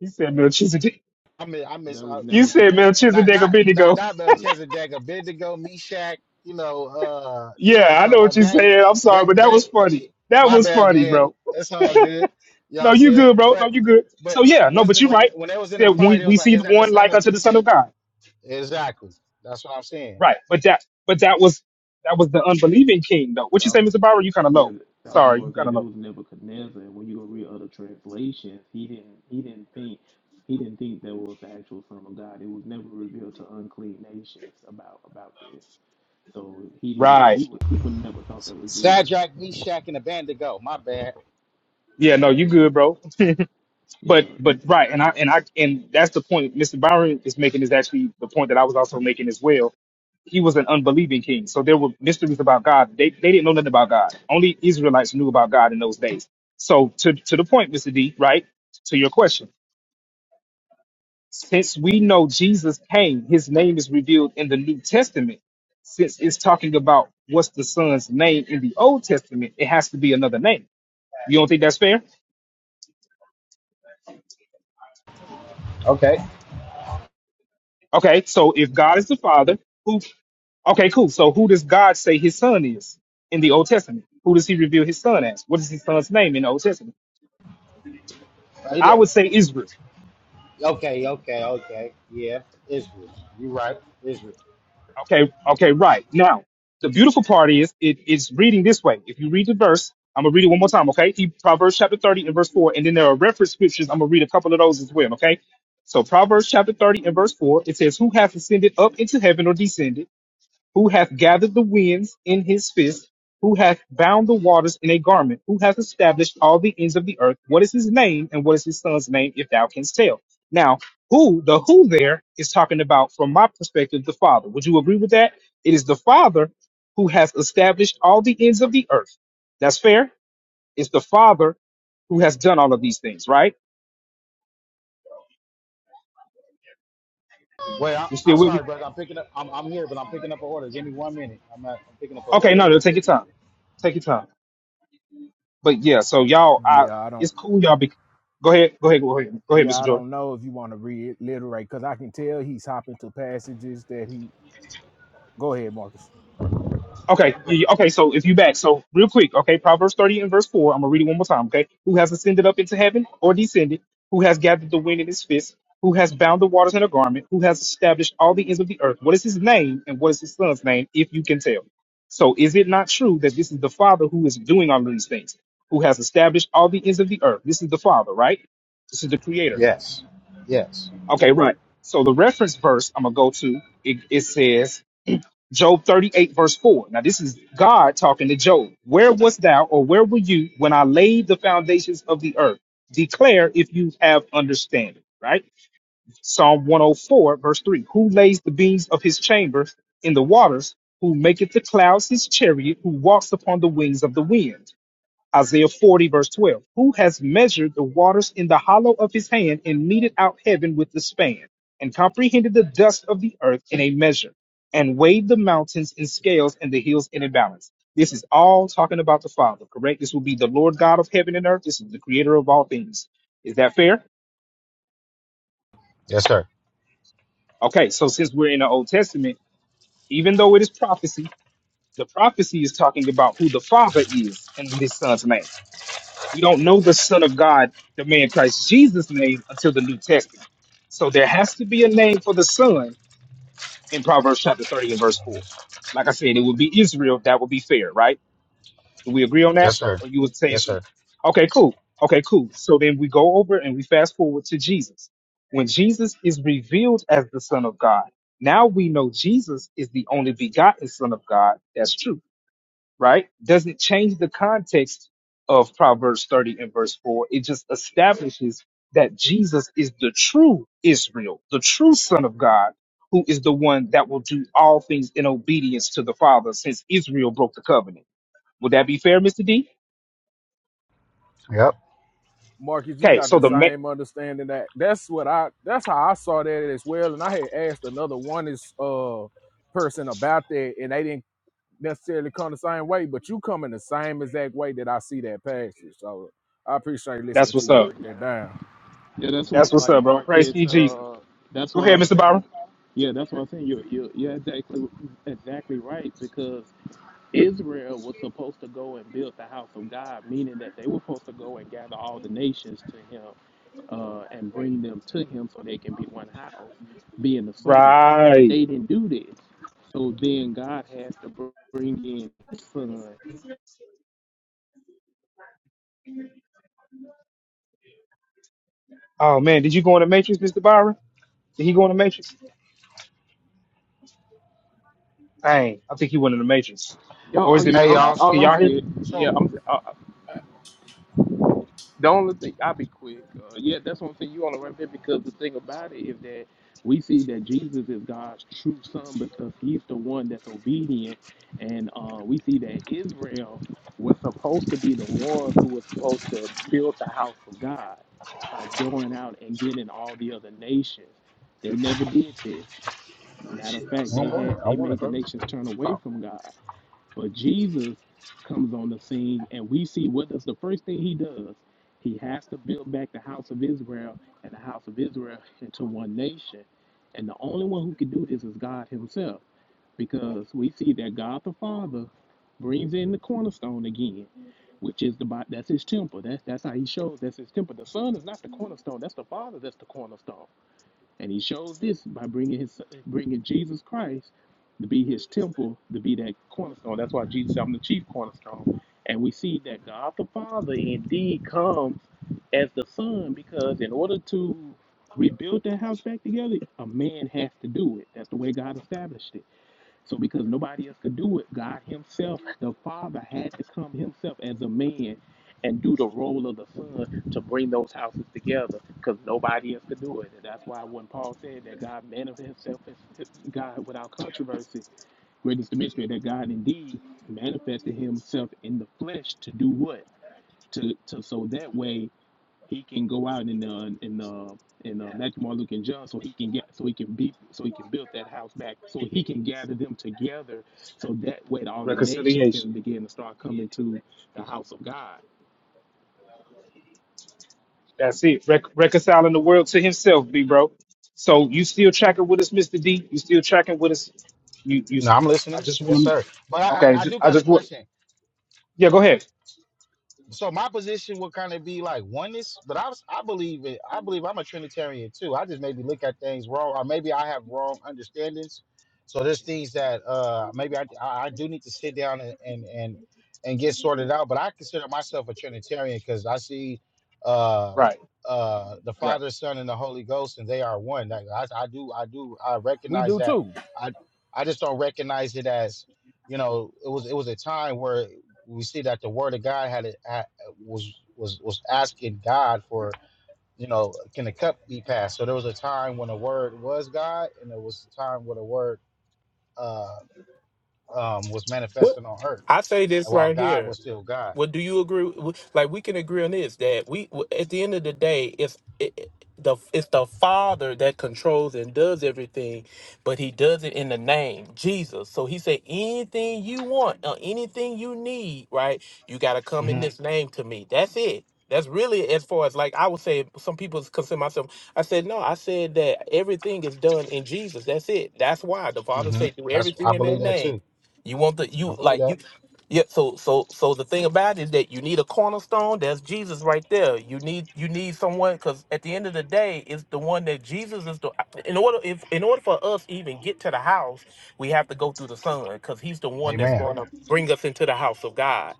Speaker 3: You said Melchizedek.
Speaker 13: I mean, I miss.
Speaker 9: that was
Speaker 13: I,
Speaker 3: You
Speaker 9: never.
Speaker 3: said
Speaker 13: not
Speaker 3: Melchizedek
Speaker 13: not not
Speaker 3: Abednego.
Speaker 13: not
Speaker 9: Yeah,
Speaker 13: Melchizedek, Abednego, Meshach. You know, uh, you know what I'm
Speaker 3: Yeah, I
Speaker 13: talking
Speaker 3: know what
Speaker 13: about.
Speaker 3: you
Speaker 13: Daniel,
Speaker 3: said. I'm sorry, but
Speaker 13: that
Speaker 3: that
Speaker 13: that
Speaker 3: was funny. That
Speaker 13: my
Speaker 3: was
Speaker 13: bad,
Speaker 3: funny,
Speaker 13: man.
Speaker 3: bro.
Speaker 13: That's all good. You know what
Speaker 3: No,
Speaker 13: I'm
Speaker 3: you
Speaker 13: saying?
Speaker 3: good, bro. No,
Speaker 13: But
Speaker 3: you good.
Speaker 13: but
Speaker 3: So yeah, no, but
Speaker 13: wasn't
Speaker 3: you're
Speaker 13: when
Speaker 3: right.
Speaker 13: when they
Speaker 3: You
Speaker 13: was in the
Speaker 3: said
Speaker 13: fire,
Speaker 3: we,
Speaker 13: they was
Speaker 3: we
Speaker 13: like,
Speaker 3: see
Speaker 13: is
Speaker 3: the
Speaker 13: that the
Speaker 3: one
Speaker 13: son
Speaker 3: like
Speaker 13: of
Speaker 3: unto the Son of God.
Speaker 13: exactly? That's what I'm saying.
Speaker 3: Right. But that but that was that was the unbelieving king though. What
Speaker 9: that
Speaker 3: you say,
Speaker 9: was
Speaker 3: Mr. Barber? You kinda
Speaker 9: yeah,
Speaker 3: low.
Speaker 9: that was the
Speaker 3: Sorry, you
Speaker 9: one thing.
Speaker 3: kinda
Speaker 9: That
Speaker 3: low.
Speaker 9: was Nebuchadnezzar. And when you go read other translations, he didn't he didn't think he didn't think that was the actual Son of God. It was never revealed to unclean nations about about this. So he didn't.
Speaker 3: Right.
Speaker 9: He would he would never thought that was Jesus.
Speaker 13: Sadrach, Meshach, and Abednego. My bad.
Speaker 9: Yeah,
Speaker 3: Yeah, no, you good, bro.
Speaker 9: yeah,
Speaker 3: But but right, and I and I and that's the point Mr. Byron is making is actually the point that I was also making as well. He was an unbelieving king. So there were mysteries about God. They they didn't know nothing about God. Only Israelites knew about God in those days. So to to the point, Mr. D, right? To your question. Since we know Jesus came, his name is revealed in the New Testament. Since it's talking about what's the son's name in the Old Testament, it has to be another name. You don't think that's fair?
Speaker 13: Okay.
Speaker 3: Okay, so if God is the Father, who Okay, cool. So who does God say his son is in the Old Testament? Who does he reveal his son as? What is his son's name in the Old Testament?
Speaker 13: He
Speaker 3: I
Speaker 13: did-
Speaker 3: would say Israel.
Speaker 13: Okay, okay, okay. Yeah, Israel. You right, Israel.
Speaker 3: Okay, okay, right. Now, the beautiful part is it is reading this way. If you read the verse, I'm gonna read it one more time, okay? He, Proverbs chapter 30 and verse 4, and then there are reference scriptures. I'm gonna read a couple of those as well, okay? So Proverbs chapter 30 and verse 4, it says, Who hath ascended up into heaven or descended? who hath gathered the winds in his fist, who hath bound the waters in a garment, who hath established all the ends of the earth. What is his name and what is his son's name, if thou canst tell? Now, who, the who there is talking about, from my perspective, the Father. Would you agree with that? It is the Father who has established all the ends of the earth. That's fair. It's the Father who has done all of these things, right?
Speaker 13: Wait, I,
Speaker 3: You
Speaker 13: I'm
Speaker 3: still with me?
Speaker 13: sorry, brother. I'm picking up. I'm, I'm here, but I'm picking up an order. Give me one minute. I'm, not, I'm picking up an
Speaker 3: Okay,
Speaker 13: order
Speaker 3: no,
Speaker 13: real
Speaker 3: no, take
Speaker 13: quick.
Speaker 3: your time. Take your time. But yeah, so y'all, I,
Speaker 1: Yeah, I don't.
Speaker 3: it's cool, y'all. Be, go ahead, go ahead, go ahead, go ahead,
Speaker 1: Yeah,
Speaker 3: Mr.
Speaker 1: I
Speaker 3: Jordan.
Speaker 1: don't know if you want to reiterate because I can tell he's hopping to passages that he. Go ahead, Marcus.
Speaker 3: Okay, yeah, yeah, okay. So if you back, so real quick, okay, Proverbs thirty and verse four. I'm gonna read it one more time. Okay, who has ascended up into heaven or descended? Who has gathered the wind in his fist? Who has bound the waters in a garment? Who has established all the ends of the earth? What is his name and what is his son's name? If you can tell. So is it not true that this is the Father who is doing all of these things? Who has established all the ends of the earth? This is the Father, right? This is the Creator.
Speaker 13: Yes. Yes.
Speaker 3: Okay, right. So the reference verse I'm gonna go to it, it says Job 38 verse 4. Now this is God talking to Job. Where wast thou, or where were you when I laid the foundations of the earth? Declare if you have understanding. Right. Psalm 104 verse 3. Who lays the beams of his chamber in the waters? Who maketh the clouds his chariot? Who walks upon the wings of the wind? Isaiah 40, verse 12. Who has measured the waters in the hollow of his hand and meted out heaven with the span, and comprehended the dust of the earth in a measure, and weighed the mountains in scales and the hills in a balance? This is all talking about the Father, correct? This will be the Lord God of heaven and earth. This is the creator of all things. Is that fair?
Speaker 13: Yes, sir.
Speaker 3: Okay, so since we're in the Old Testament, even though it is prophecy, the prophecy is talking about who the Father is and what his son's name. We don't know the Son of God, the man Christ Jesus' name, until the New Testament. So there has to be a name for the Son in Proverbs chapter 30 and verse 4. Like I said, it would be Israel. That would be fair, right? Do we agree on that?
Speaker 13: Yes, sir.
Speaker 3: Or you would say,
Speaker 13: Yes,
Speaker 3: it's,
Speaker 13: sir.
Speaker 3: okay, cool. Okay, cool. So then we go over and we fast forward to Jesus. When Jesus is revealed as the Son of God, now we know Jesus is the only begotten Son of God. That's true right? Doesn't change the context of Proverbs 30 and verse 4. It just establishes that Jesus is the true Israel, the true Son of God, who is the one that will do all things in obedience to the Father since Israel broke the covenant. Would that be fair, Mr. D?
Speaker 13: Yep.
Speaker 1: Marcus, you
Speaker 3: Okay,
Speaker 1: got
Speaker 3: so
Speaker 1: the
Speaker 3: the ma-
Speaker 1: same understanding that that's what I that's how I saw that as well. And I had asked another one is uh person about that and they didn't necessarily come the same way, but you come in the same exact way that I see that passage. So I appreciate
Speaker 3: that's
Speaker 1: listening to
Speaker 3: what's
Speaker 1: you
Speaker 3: up.
Speaker 1: break that down.
Speaker 9: yeah. That's why
Speaker 3: That's what's
Speaker 9: like
Speaker 3: up, bro. Praise
Speaker 9: Marcus.
Speaker 3: be Jesus.
Speaker 9: Uh, that's
Speaker 3: Go
Speaker 9: why
Speaker 3: ahead,
Speaker 9: I'm
Speaker 3: Mr.
Speaker 9: saying.
Speaker 3: Byron.
Speaker 9: Yeah, that's why I'm saying you're you're, you're exactly exactly right because Israel was supposed to go and build the house of God, meaning that they were supposed to go and gather all the nations to him uh, and bring them to him so they can be one house, being the son. But
Speaker 3: Right.
Speaker 9: they didn't do this. So then God has to bring in his son.
Speaker 3: Oh man, did you go in the matrix, Mr. Byron? Did he go in the matrix? Dang, I think he went in the matrix.
Speaker 9: Oh,
Speaker 3: Or
Speaker 9: oh
Speaker 3: is it
Speaker 9: yeah,
Speaker 3: me,
Speaker 13: Hey,
Speaker 9: I'm,
Speaker 13: y'all.
Speaker 3: y'all?
Speaker 13: So
Speaker 3: Can
Speaker 9: oh,
Speaker 13: my,
Speaker 9: I'm
Speaker 3: y'all
Speaker 9: still,
Speaker 13: so
Speaker 9: yeah, I'm, The only thing I'll be quick. Uh, yeah, that's what I'm saying. you want to remember because the thing about it is that we see that Jesus is God's true son because he's the one that's obedient, and uh, we see that Israel was supposed to be the ones who was supposed to build the house of God by going out and getting all the other nations. They never did this. Matter of
Speaker 13: I
Speaker 9: fact, they
Speaker 13: Outside. want
Speaker 9: had
Speaker 13: it. I
Speaker 9: they
Speaker 13: want it,
Speaker 9: made the
Speaker 13: bro.
Speaker 9: nations turn away
Speaker 13: Oh,
Speaker 9: from God. But Jesus comes on the scene, and we see what does the first thing he does. He has to build back the house of Israel and the house of Israel into one nation. And the only one who can do this is God Himself, because we see that God the Father brings in the cornerstone again, which is the that's His temple. That, that's how He shows that's His temple. The Son is not the cornerstone. That's the Father. That's the cornerstone. And he shows this by bringing his bringing Jesus Christ to be his temple, to be that cornerstone. That's why Jesus said, I'm the chief cornerstone. And we see that God the Father indeed comes as the Son because in order to rebuild that house back together, a man has to do it. That's the way God established it. So because nobody else could do it, God Himself, the Father, had to come Himself as a man and do the role of the Son to bring those houses together because nobody else could do it. And that's why when Paul said that God manifested Himself as God without controversy, great is the mystery that God indeed manifested Himself in the flesh to do what? To, to so that way he can go out and uh, and uh, and uh, Matthew, Mark, Luke, and John, so he can get so he can be so he can build that house back, so he can gather them together, so that way all the
Speaker 3: hear?
Speaker 9: nation can begin to start coming to the house of God.
Speaker 3: That's it. Rec- reconciling the world to himself, B bro. So you still tracking with us, Mr. D? You still tracking with us? You you
Speaker 13: No, I'm
Speaker 3: I
Speaker 13: listening.
Speaker 3: just
Speaker 13: Yes,
Speaker 3: want
Speaker 13: sir.
Speaker 3: to
Speaker 13: But I,
Speaker 3: Okay,
Speaker 13: I I
Speaker 3: ju-
Speaker 13: do
Speaker 3: I
Speaker 13: got a
Speaker 3: just want
Speaker 13: question.
Speaker 3: Yeah, go ahead.
Speaker 13: so my position would kind of be like oneness, but I was, I believe it. I believe I'm a Trinitarian too. I just maybe look at things wrong, or maybe I have wrong understandings. So there's things that uh, maybe I, I I do need to sit down and and and, and get sorted out. But I consider myself a Trinitarian because I see uh,
Speaker 3: Right.
Speaker 13: uh, the
Speaker 3: Right.
Speaker 13: Father, Son, and the Holy Ghost, and they are one. Like, I, I do I do I
Speaker 1: We
Speaker 13: recognize
Speaker 1: do
Speaker 13: that.
Speaker 1: too.
Speaker 13: I I just don't recognize it as you know it was it was a time where we see that the word of God had it had, was was was asking God for you know can the cup be passed? So there was a time when the word was God, and there was a time when the word uh, um, was
Speaker 9: What
Speaker 13: manifesting on earth,
Speaker 9: I say this
Speaker 13: and while
Speaker 9: right
Speaker 13: God
Speaker 9: here.
Speaker 13: was still God.
Speaker 9: Well, do you agree? with- Like we can agree on this that we w- at the end of the day, it's it, it- the it's the Father that controls and does everything, but He does it in the name Jesus. So He said, anything you want or anything you need, right? You got to come in
Speaker 13: hmm
Speaker 9: this name to me. That's it. That's really as far as like I would say. Some people consider myself. I said no. I said that everything is done in Jesus. That's it. That's why the Father
Speaker 13: hmm
Speaker 9: said, do
Speaker 13: That's
Speaker 9: everything
Speaker 13: I
Speaker 9: in that
Speaker 13: believe that
Speaker 9: name.
Speaker 13: too.
Speaker 9: You want the
Speaker 13: I
Speaker 9: you
Speaker 13: believe
Speaker 9: like you
Speaker 13: that.
Speaker 9: yeah, so so so the thing about it is that you need a cornerstone. That's Jesus right there. You need you need someone because at the end of the day, it's the one that Jesus is the. In order if in order for us even get to the house, we have to go through the Son because He's the one that's
Speaker 13: Amen.
Speaker 9: going to bring us into the house of God.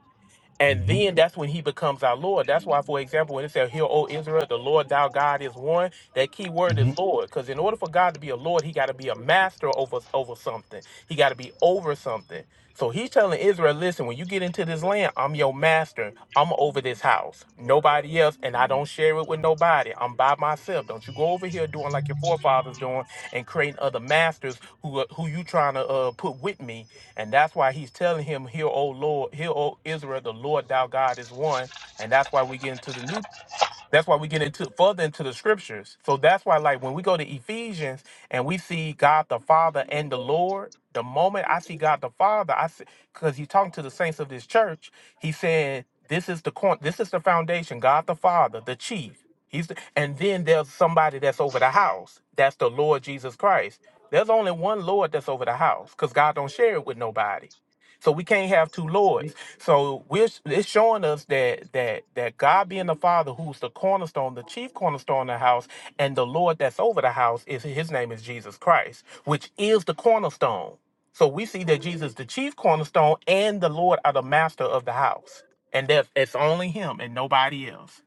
Speaker 9: And
Speaker 13: hmm
Speaker 9: then that's when He becomes our Lord. That's why, for example, when it says, "Hear, O Israel, the Lord thou God is one." That key word
Speaker 13: hmm
Speaker 9: is Lord, because in order for God to be a Lord, He got to be a master over over something. He got to be over something. So he's telling Israel, listen, when you get into this land, I'm your master. I'm over this house. Nobody else, and I don't share it with nobody. I'm by myself. Don't you go over here doing like your forefathers doing and creating other masters who uh, who you trying to uh, put with me. And that's why he's telling him, Hear, O Lord, hear, O Israel, the Lord thou God is one. And that's why we get into the New that's why we get into further into the scriptures. So that's why, like, when we go to Ephesians and we see God the Father and the Lord, the moment I see God the Father, I see because he's talking to the saints of this church. He's saying this is the corn, this is the foundation. God the Father, the chief. He's the, and then there's somebody that's over the house. That's the Lord Jesus Christ. There's only one Lord that's over the house because God don't share it with nobody. So we can't have two lords. So we're it's showing us that that that God being the Father, who's the cornerstone, the chief cornerstone of the house, and the Lord that's over the house is His name is Jesus Christ, which is the cornerstone. So we see that Jesus, the chief cornerstone, and the Lord are the master of the house, and that it's only Him and nobody else.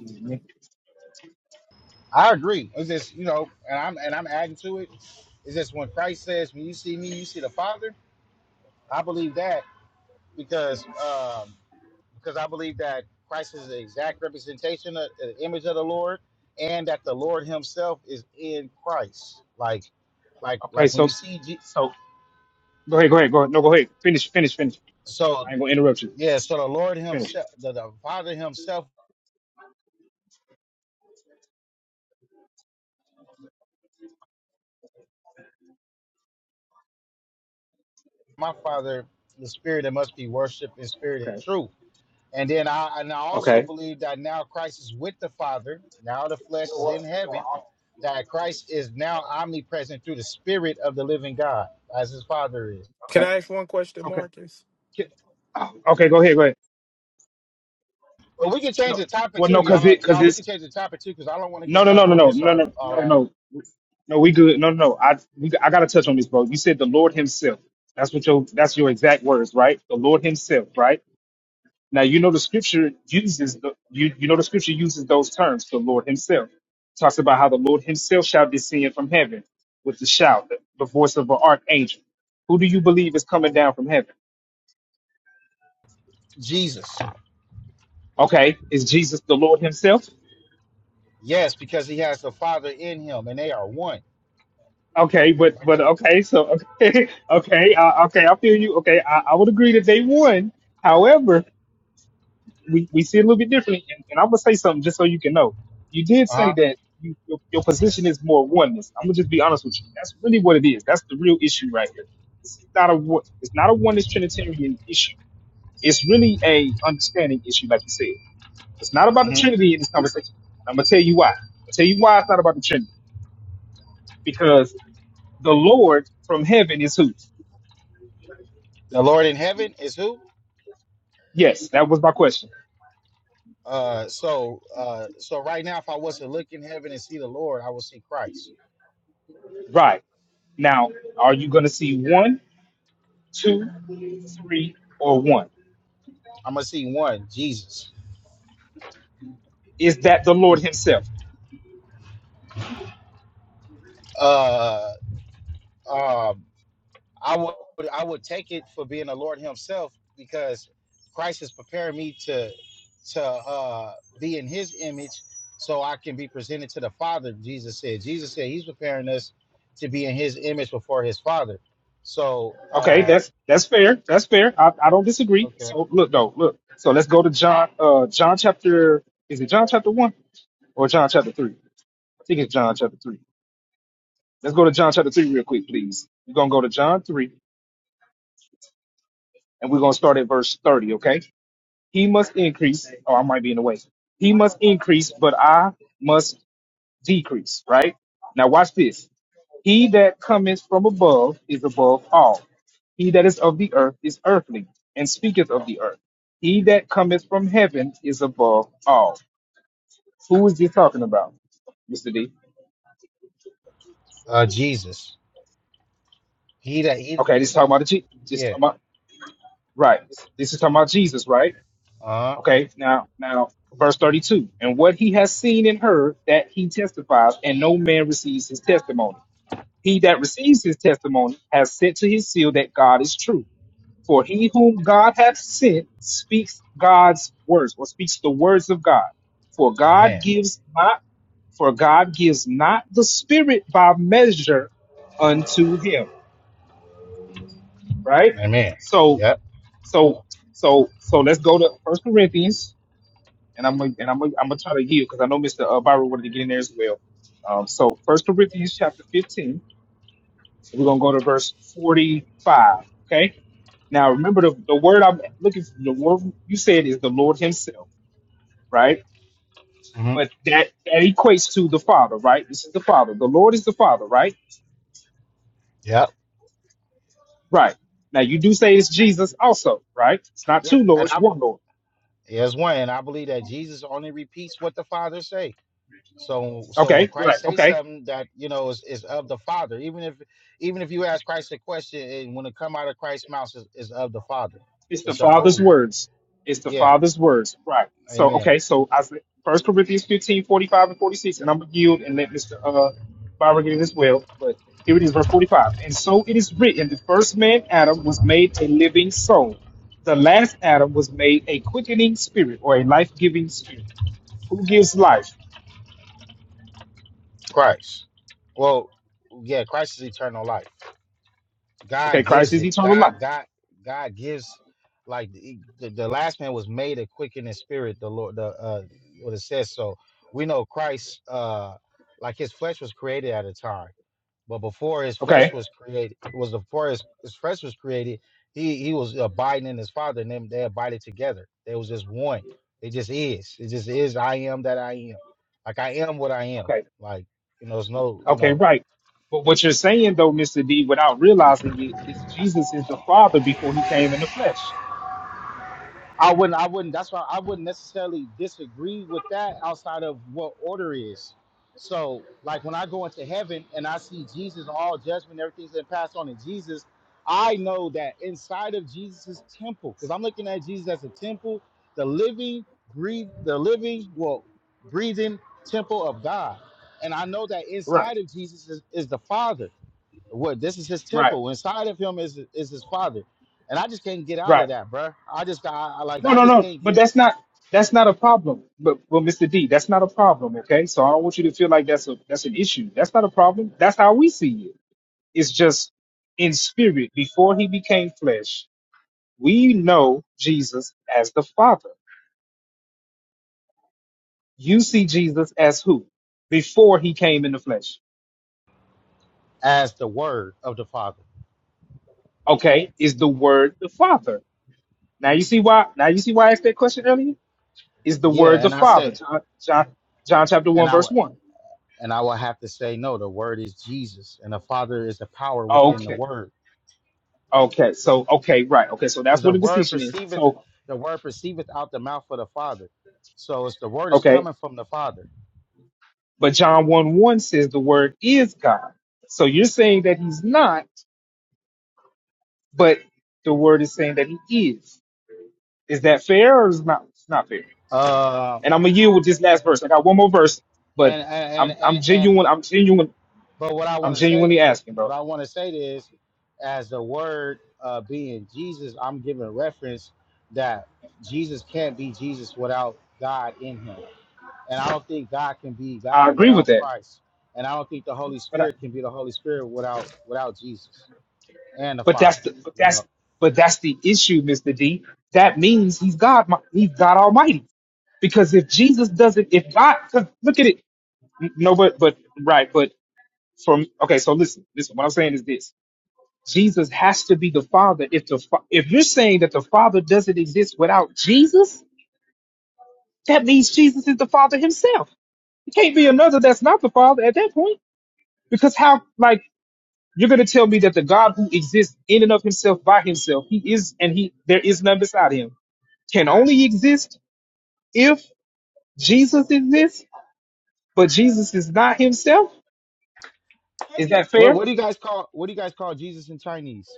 Speaker 3: Mhm.
Speaker 13: I agree. It's just you know, and I'm and I'm adding to it. It's just when Christ says, "When you see me, you see the Father." I believe that because. um, because I believe that Christ is the exact representation of the image of the Lord, and that the Lord Himself is in Christ. Like, like,
Speaker 3: Okay,
Speaker 13: like when you
Speaker 3: so
Speaker 13: see, Je-
Speaker 3: so go ahead, go ahead, go ahead. No, go ahead. Finish, finish, finish.
Speaker 13: so
Speaker 3: I ain't going to interrupt you.
Speaker 13: yeah, so the Lord
Speaker 3: Finish.
Speaker 13: Himself, the, the Father Himself, my Father, the Spirit that must be worshipped in spirit and truth. And then I and I also
Speaker 3: Okay.
Speaker 13: believe that now Christ is with the Father. Now the flesh is in heaven. That Christ is now omnipresent through the Spirit of the living God, as His Father is.
Speaker 9: Can
Speaker 3: Okay.
Speaker 9: I ask one question,
Speaker 3: Okay.
Speaker 9: Marcus?
Speaker 3: Ki- oh, Okay, go ahead, go ahead.
Speaker 13: Well, we can change
Speaker 3: No.
Speaker 13: the topic
Speaker 3: Well,
Speaker 13: too,
Speaker 3: no, cuz
Speaker 13: y'all.
Speaker 3: it cuz
Speaker 13: Y'all, we
Speaker 3: it's
Speaker 13: can change the topic too because I don't want to get
Speaker 3: No, no, no,
Speaker 13: stuck
Speaker 3: no,
Speaker 13: on
Speaker 3: no,
Speaker 13: this
Speaker 3: no,
Speaker 13: or,
Speaker 3: no,
Speaker 13: or
Speaker 3: no,
Speaker 13: uh,
Speaker 3: no. No, we good. No, no, no. I we, I gotta touch on this, bro. You said the Lord Himself. That's what your that's your exact words, right? The Lord Himself, right? Now you know the scripture uses the you you know the scripture uses those terms, the Lord Himself. talks about how the Lord Himself shall descend from heaven with the shout, the, the voice of an archangel. Who do you believe is coming down from heaven?
Speaker 13: Jesus.
Speaker 3: Okay, is Jesus the Lord Himself?
Speaker 13: Yes, because he has the Father in him, and they are one.
Speaker 3: Okay, but
Speaker 13: Right
Speaker 3: but
Speaker 13: there.
Speaker 3: okay, so okay, okay, uh, okay, I feel you. Okay, I, I would agree that they won. However, we, we see it a little bit differently, and, and I'm gonna say something just so you can know. You did
Speaker 13: Uh
Speaker 3: say
Speaker 13: huh.
Speaker 3: that you, your, your position is more oneness. I'm gonna just be honest with you. That's really what it is. That's the real issue right here. This is not a wo- it's not a oneness Trinitarian issue. It's really a understanding issue, like you said. It's not about the
Speaker 13: hmm
Speaker 3: Trinity in this conversation. And I'm gonna tell you why. I'll tell you why it's not about the Trinity because the Lord from heaven is who?
Speaker 13: The Lord in heaven is who?
Speaker 3: Yes, that was my question.
Speaker 13: Uh, so, uh, so right now, if I was to look in heaven and see the Lord, I will see Christ.
Speaker 3: Right. Now, are you going to see one, two, three, or one?
Speaker 13: I'm gonna see one, Jesus.
Speaker 3: Is that the Lord Himself?
Speaker 13: Uh, um I would I would take it for being the Lord Himself because Christ is preparing me to to uh, be in His image, so I can be presented to the Father. Jesus said. Jesus said He's preparing us to be in His image before His Father. So
Speaker 3: Okay,
Speaker 13: uh,
Speaker 3: that's that's fair. That's fair. I, I
Speaker 13: o-
Speaker 3: don't disagree.
Speaker 13: okay,
Speaker 3: So look though, look. So let's go to John. Uh, John chapter is it John chapter one or John chapter three? I think it's John chapter three. Let's go to John chapter three real quick, please. We're gonna go to John three. and we're going to start at verse 30, okay? He must increase, or I might be in the way. He must increase, but I must decrease, right? Now, watch this. He that cometh from above is above all. He that is of the earth is earthly, and speaketh of the earth. He that cometh from heaven is above all. Who is this talking about, Mr. D?
Speaker 13: uh, Jesus, He that He
Speaker 3: Okay, this is talking about the Je- this, is
Speaker 13: yeah,
Speaker 3: talking about- right. This is talking about Jesus, right?
Speaker 13: uh, huh.
Speaker 3: Okay, now now verse 32. And what he has seen and heard that he testifies, and no man receives his testimony. He that receives his testimony has sent to his seal that God is true. For he whom God hath sent speaks God's words, or speaks the words of God. For God
Speaker 13: Amen,
Speaker 3: gives not for God gives not the spirit by measure unto him. Right?
Speaker 13: Amen,
Speaker 3: So
Speaker 13: yep,
Speaker 3: so so so let's go to First Corinthians and I'm gonna- and I'm gonna- I'm gonna try to yield because I know Mr. Uh, Byron wanted to get in there as well. Um, so First Corinthians chapter 15, we're gonna go to verse 45. Okay. Now remember the, the word I'm looking for. The word you said is the Lord Himself, right?
Speaker 13: hmm
Speaker 3: But that that equates to the Father, right? This is the Father. The Lord is the Father, right?
Speaker 13: yep,
Speaker 3: Right. Now you do say it's Jesus also, right? It's not
Speaker 13: yeah,
Speaker 3: two
Speaker 13: and
Speaker 3: lords,
Speaker 13: I.
Speaker 3: one Lord.
Speaker 13: Yes, one, and I believe that Jesus only repeats what the Father say. So so when
Speaker 3: Okay. Right.
Speaker 13: Christ says
Speaker 3: Okay.
Speaker 13: something that you know is, is of the Father, even if even if you ask Christ a question and when it come out of Christ's mouth is, is of the Father,
Speaker 3: It's the
Speaker 13: it's
Speaker 3: Father's
Speaker 13: approved.
Speaker 3: words. It's the
Speaker 13: Yeah,
Speaker 3: Father's words. Right. So
Speaker 13: Amen.
Speaker 3: okay, so I said First Corinthians 15 45 and 46, and I'm gonna yield and let Mr. Uh Byron get it as well. But here it is, verse 45. And so it is written, the first man Adam was made a living soul. The last Adam was made a quickening spirit or a life-giving spirit. Who gives life?
Speaker 13: Christ. Well, yeah, Christ is eternal life.
Speaker 3: Okay,
Speaker 13: God
Speaker 3: Christ
Speaker 13: gives
Speaker 3: is
Speaker 13: it.
Speaker 3: eternal life.
Speaker 13: God God God gives like the, the, the last man was made a quickening spirit. The Lord the uh what it says. So we know Christ uh like his flesh was created at a time. But before his flesh
Speaker 3: Okay,
Speaker 13: was created, was before his, his flesh was created, he he was abiding in his father, and them they abided together. They was just one. It just is. It just is. I am that I am. Like I am what I am.
Speaker 3: okay,
Speaker 13: Like you know, there's no you know.
Speaker 3: okay, right. But what you're saying though, Mr. D, without realizing it, is Jesus is the Father before he came in the flesh.
Speaker 13: I wouldn't. I wouldn't. That's why I wouldn't necessarily disagree with that outside of what order is. So, like when I go into heaven and I see Jesus, all judgment, everything's been passed on in Jesus. I know that inside of Jesus' temple, because I'm looking at Jesus as a temple, the living, breathe, the living, well, breathing temple of God, and I know that
Speaker 3: Right,
Speaker 13: inside of Jesus is, is the Father. What this is his
Speaker 3: right,
Speaker 13: temple. Inside of him is is his father, and I just can't get out of
Speaker 3: right.
Speaker 13: that, bruh. I just I, I like
Speaker 3: No,
Speaker 13: I
Speaker 3: no,
Speaker 13: just
Speaker 3: no.
Speaker 13: can't
Speaker 3: But
Speaker 13: get
Speaker 3: that's not that's not a problem. But but, Mr. D, that's not a problem. Okay, so I don't want you to feel like that's a that's an issue. That's not a problem. That's how we see it. It's just in spirit. Before he became flesh, we know Jesus as the Father. You see Jesus as who? Before he came in the flesh.
Speaker 13: as the word of the father.
Speaker 3: Okay, is the Word the Father? Now you see why. Now you see why I asked that question earlier. Is the Word
Speaker 13: Yeah,
Speaker 3: the
Speaker 13: and I
Speaker 3: Father?
Speaker 13: say
Speaker 3: John, John, John chapter
Speaker 13: and
Speaker 3: one
Speaker 13: I
Speaker 3: verse
Speaker 13: w-
Speaker 3: one.
Speaker 13: and I will have to say no. The word is Jesus, and the Father is the power within the
Speaker 3: Okay.
Speaker 13: word,
Speaker 3: Okay, so okay, right. Okay, so
Speaker 13: because
Speaker 3: that's
Speaker 13: the
Speaker 3: what the
Speaker 13: word
Speaker 3: distinction is.
Speaker 13: perceiveth
Speaker 3: So
Speaker 13: the word perceiveth out the mouth of the Father. So it's the word is
Speaker 3: okay,
Speaker 13: coming from the Father.
Speaker 3: but John one one says the word is God. So you're saying that he's not, but the word is saying that he is. Is that fair or is not? It's not fair.
Speaker 13: Um,
Speaker 3: And I'm gonna yield with this last verse. I got one more verse, but
Speaker 13: and and and
Speaker 3: I'm I'm
Speaker 13: and, and
Speaker 3: genuine. I'm genuine.
Speaker 13: But what I
Speaker 3: I'm
Speaker 13: want to say,
Speaker 3: genuinely asking,
Speaker 13: but
Speaker 3: bro.
Speaker 13: I want to say is, as the word uh, being Jesus, I'm giving reference that Jesus can't be Jesus without God in him, and I don't think God can be
Speaker 3: I
Speaker 13: God
Speaker 3: agree with
Speaker 13: without
Speaker 3: that,
Speaker 13: Christ, and I don't think the Holy
Speaker 3: but
Speaker 13: Spirit can be the Holy Spirit without without Jesus and the
Speaker 3: But
Speaker 13: Father.
Speaker 3: that's the but
Speaker 13: You
Speaker 3: that's
Speaker 13: know,
Speaker 3: but that's the issue, Mr. D. That means he's God. He's God Almighty. Because if Jesus doesn't, if God, 'cause look at it. No, but but right, but from okay. So listen, listen. What I'm saying is this: Jesus has to be the Father. If the fa- if you're saying that the Father doesn't exist without Jesus, that means Jesus is the Father Himself. It can't be another that's not the Father at that point. Because how? like. You're going to tell me that the God who exists in and of himself by himself, he is and he there is none beside him, can only exist if Jesus exists, but Jesus is not himself? Is that
Speaker 13: what
Speaker 3: fair?
Speaker 13: what do you guys call what do you guys call Jesus in Chinese?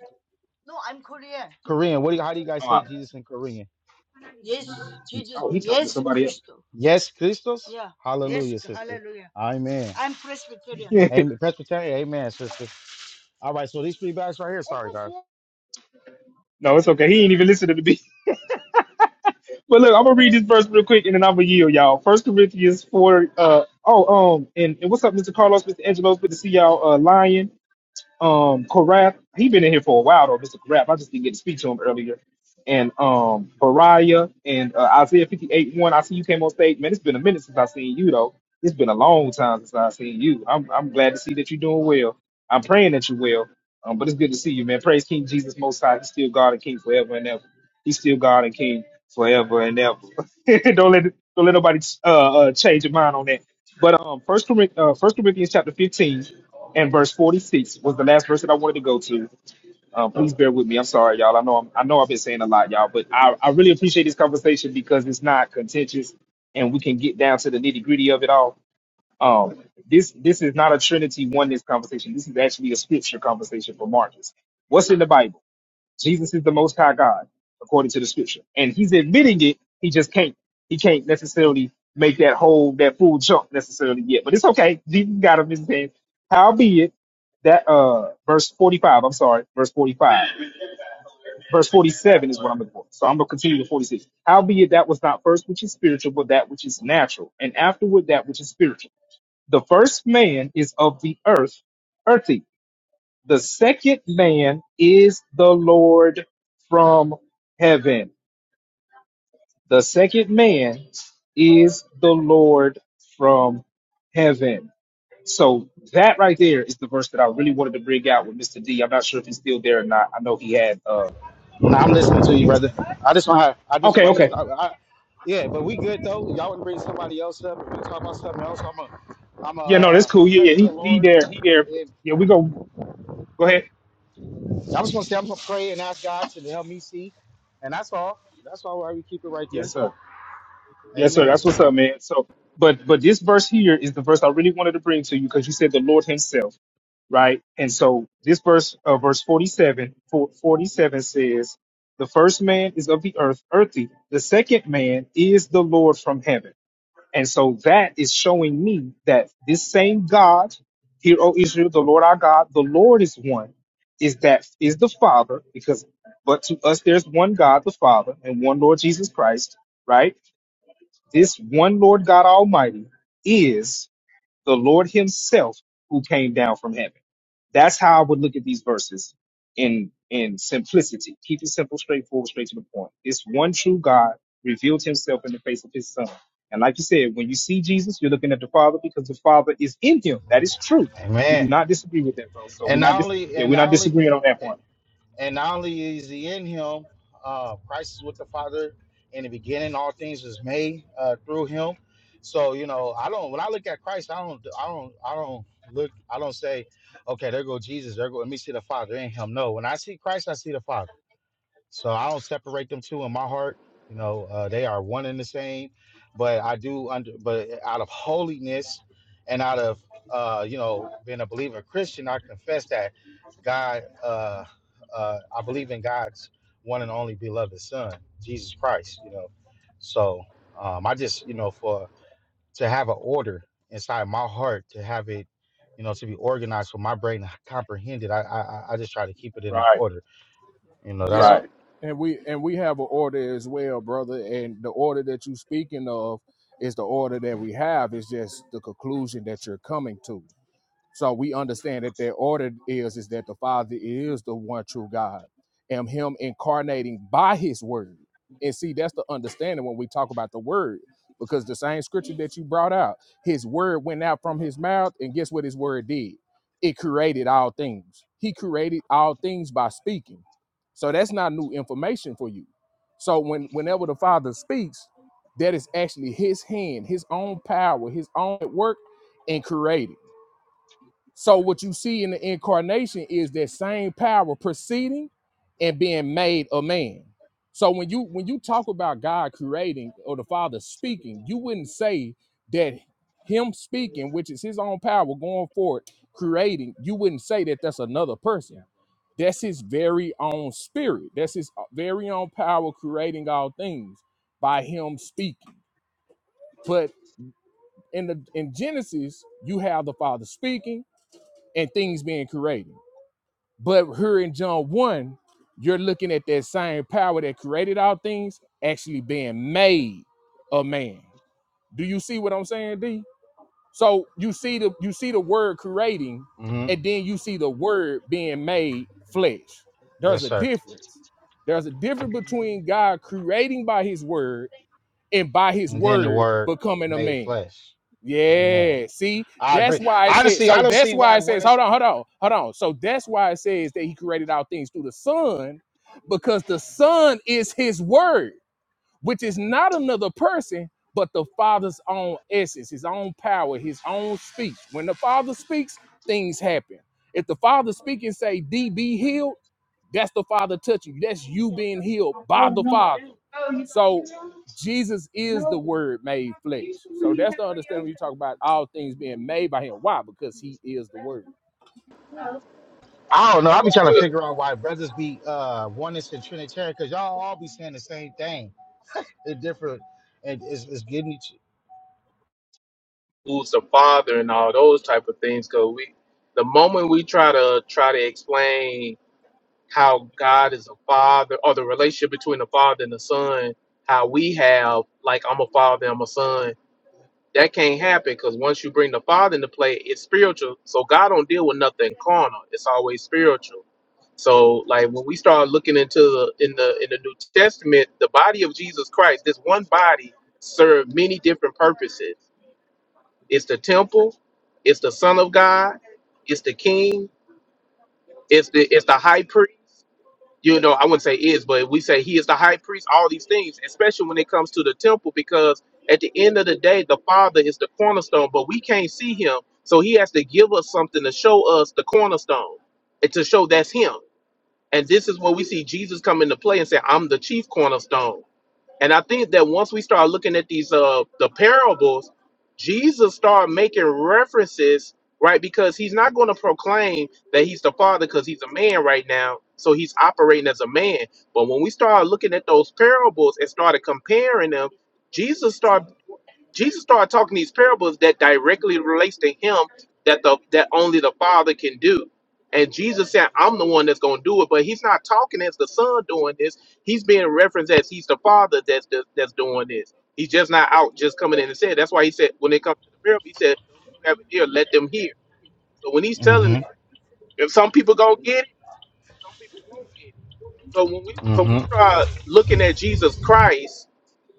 Speaker 13: Korean. What do you, how do you guys say
Speaker 3: Uh,
Speaker 13: Jesus in Korean?
Speaker 3: oh, he's talking to somebody else.
Speaker 13: Yes, Christos. Hallelujah, sister. Amen. Amen. Presbyterian. Amen, sister. All right. So these three bags right here. Sorry, guys.
Speaker 3: no, it's okay. He ain't even listening to me. But look, I'm gonna read this verse real quick and then I'm gonna yield y'all. First Corinthians four uh oh um and, and what's up, Mr. Carlos, Mr. Angelos, good to see y'all uh lion. um Korath, he been in here for a while though, Mr. Korath. I just didn't get to speak to him earlier. And um Bariah and uh, Isaiah 58 1. I see you came on stage. Man, it's been a minute since I seen you though. It's been a long time since I seen you. I'm I'm glad to see that you're doing well. I'm praying that you are well. Um, but it's good to see you, man. Praise King Jesus most high. He's still God and King forever and ever. He's still God and King forever and ever. don't let don't let nobody uh, uh change your mind on that. But um, First Corinthians, uh, First Corinthians chapter fifteen and verse forty six was the last verse that I wanted to go to. Um, please bear with me. I'm sorry, y'all. I know I'm, I know I've been saying a lot, y'all, but I, I really appreciate this conversation because it's not contentious and we can get down to the nitty gritty of it all. Um, this this is not a Trinity oneness conversation. This is actually a scripture conversation for Marcus. What's in the Bible? Jesus is the most high God, according to the scripture. And he's admitting it, he just can't he can't necessarily make that whole that full jump necessarily yet. But it's okay. Jesus got him in his hand. Howbeit that uh verse 45, I'm sorry, verse 45. Verse 47 is what I'm looking for. So I'm gonna continue to 46. Howbeit that was not first which is spiritual, but that which is natural, and afterward that which is spiritual. The first man is of the earth, earthy, the second man is the Lord from heaven. The second man is the Lord from heaven. So that right there is the verse that I really wanted to bring out with Mr. D. I'm not sure if he's still there or not. I know he had uh
Speaker 13: Nah, I'm listening to you,
Speaker 3: he was
Speaker 13: brother.
Speaker 3: having
Speaker 13: I just want. to I just.
Speaker 3: Okay,
Speaker 13: I'm just.
Speaker 3: okay.
Speaker 13: I, I, yeah, but we good though. Y'all want to bring somebody else up? If we talk about something else, I'm a. am a.
Speaker 3: Yeah, no, that's
Speaker 13: uh,
Speaker 3: cool.
Speaker 13: pray
Speaker 3: Yeah, yeah,
Speaker 13: to the
Speaker 3: he, he
Speaker 13: Lord.
Speaker 3: there, he there.
Speaker 13: And
Speaker 3: Yeah, we go go ahead.
Speaker 13: I'm just gonna say I'm gonna pray and ask God to help me see, and that's all. That's all. Why we keep it right there.
Speaker 3: Yes, sir. Yes, sir.
Speaker 13: Amen.
Speaker 3: That's what's up, man. So but but this verse here is the verse I really wanted to bring to you because you said the Lord Himself. right? And so this verse, uh, verse 47, for- 47 says, the first man is of the earth, earthy. The second man is the Lord from heaven. And so that is showing me that this same God, here, O Israel, the Lord our God, the Lord is one, is that is the Father, because but to us there's one God, the Father, and one Lord Jesus Christ, right? This one Lord God Almighty is the Lord Himself who came down from heaven. That's how I would look at these verses in in simplicity. Keep it simple, straightforward, straight to the point. This one true God revealed himself in the face of his son. And like you said, when you see Jesus, you're looking at the Father because the Father is in him. That is true. We do
Speaker 13: Amen.
Speaker 3: not disagree with that, bro. So we're
Speaker 13: And
Speaker 3: not
Speaker 13: not
Speaker 3: dis-
Speaker 13: only
Speaker 3: yeah,
Speaker 13: and
Speaker 3: we're
Speaker 13: not
Speaker 3: not
Speaker 13: only
Speaker 3: disagreeing on that point.
Speaker 13: and not only is he in him, uh, Christ is with the Father in the beginning. All things was made uh, through him. So you know, I don't. When I look at Christ, I don't. I don't. I don't look. I don't say, okay, there go Jesus. There go. Let me see the Father in him. No. When I see Christ, I see the Father. So I don't separate them two in my heart. You know, uh, they are one and the same. But I do under, but out of holiness and out of uh, you know being a believer Christian, I confess that God, uh, uh, I believe in God's one and only beloved Son, Jesus Christ. You know, so um, I just you know for to have an order inside my heart, to have it, you know, to be organized for my brain to comprehend it. I I, I I just try to keep it in the
Speaker 3: Right,
Speaker 13: order. You know, that's.
Speaker 1: Yeah.
Speaker 3: right.
Speaker 1: And we and we have an order as well, brother. And the order that you are speaking of is the order that we have. It's just the conclusion that you're coming to. So we understand that their order is is that the Father is the one true God, and Him incarnating by His Word. And see, that's the understanding when we talk about the Word, because the same scripture that you brought out, His Word went out from His mouth, and guess what His Word did? It created all things. He created all things by speaking. So that's not new information for you. So when whenever the Father speaks, that is actually His hand, His own power, His own work in creating. So what you see in the incarnation is that same power proceeding and being made a man. So when you when you talk about God creating or the Father speaking, you wouldn't say that him speaking, which is his own power going forward, creating, you wouldn't say that that's another person. That's his very own spirit. That's his uh, very own power creating all things by him speaking. But in the in Genesis, you have the Father speaking and things being created. But here in John 1, you're looking at that same power that created all things actually being made a man. Do you see what I'm saying, D? So you see the you see the word creating,
Speaker 13: mm-hmm.
Speaker 1: and then you see the word being made flesh. There's
Speaker 13: Yes,
Speaker 1: a
Speaker 13: sir.
Speaker 1: difference. There's a difference between God creating by his word and by his
Speaker 13: And then the
Speaker 1: word
Speaker 13: word
Speaker 1: becoming a
Speaker 13: made
Speaker 1: man.
Speaker 13: flesh. Amen.
Speaker 1: Yeah, see,
Speaker 13: I
Speaker 1: that's
Speaker 13: agree.
Speaker 1: why it says.
Speaker 13: Honestly, I
Speaker 1: So
Speaker 13: don't
Speaker 1: that's
Speaker 13: see
Speaker 1: why
Speaker 13: why
Speaker 1: it
Speaker 13: one
Speaker 1: says.
Speaker 13: is.
Speaker 1: Hold on, hold on, hold on. So that's why it says that he created all things through the Son, because the Son is His Word which is not another person, but the Father's own essence, his own power, his own speech. When the Father speaks, things happen. If the Father speak and say, D be healed, that's the Father touching you. That's you being healed by the Father. So Jesus is the word made flesh. So that's the understanding when you talk about all things being made by him. Why? Because he is the word.
Speaker 13: I don't know. I be trying to figure out why brothers be uh one is in Trinitarian because y'all all be saying the same thing. It's different. It, it's, it's getting each.
Speaker 9: who's the father and all those type of things. Cause we, the moment we try to try to explain. how God is a father, or the relationship between the father and the son, how we have, like, I'm a father, I'm a son. That can't happen because once you bring the father into play, it's spiritual. So God don't deal with nothing carnal. It's always spiritual. So, like when we start looking into the in the in the New Testament, the body of Jesus Christ, this one body served many different purposes. It's the temple, it's the Son of God, it's the King, it's the it's the High Priest you know, I wouldn't say is, but we say he is the high priest, all these things, especially when it comes to the temple, because at the end of the day, the Father is the cornerstone, but we can't see him. So he has to give us something to show us the cornerstone and to show that's him. And this is where we see Jesus come into play and say, I'm the chief cornerstone. And I think that once we start looking at these uh the parables, Jesus started making references, right? Because he's not going to proclaim that he's the father because he's a man right now. So he's operating as a man. But when we start looking at those parables and started comparing them, Jesus started Jesus started talking these parables that directly relates to him that the that only the Father can do. And Jesus said, I'm the one that's gonna do it, but he's not talking as the son doing this. He's being referenced as he's the father that's that's, that's doing this. He's just not out just coming in and saying. That's why he said when it comes to the parable, he said, Those who have an ear, let them hear. So when he's telling
Speaker 13: Mm-hmm.
Speaker 9: it, if some people gonna get it, some people won't get it. So when we so we
Speaker 13: Mm-hmm.
Speaker 9: start looking at Jesus Christ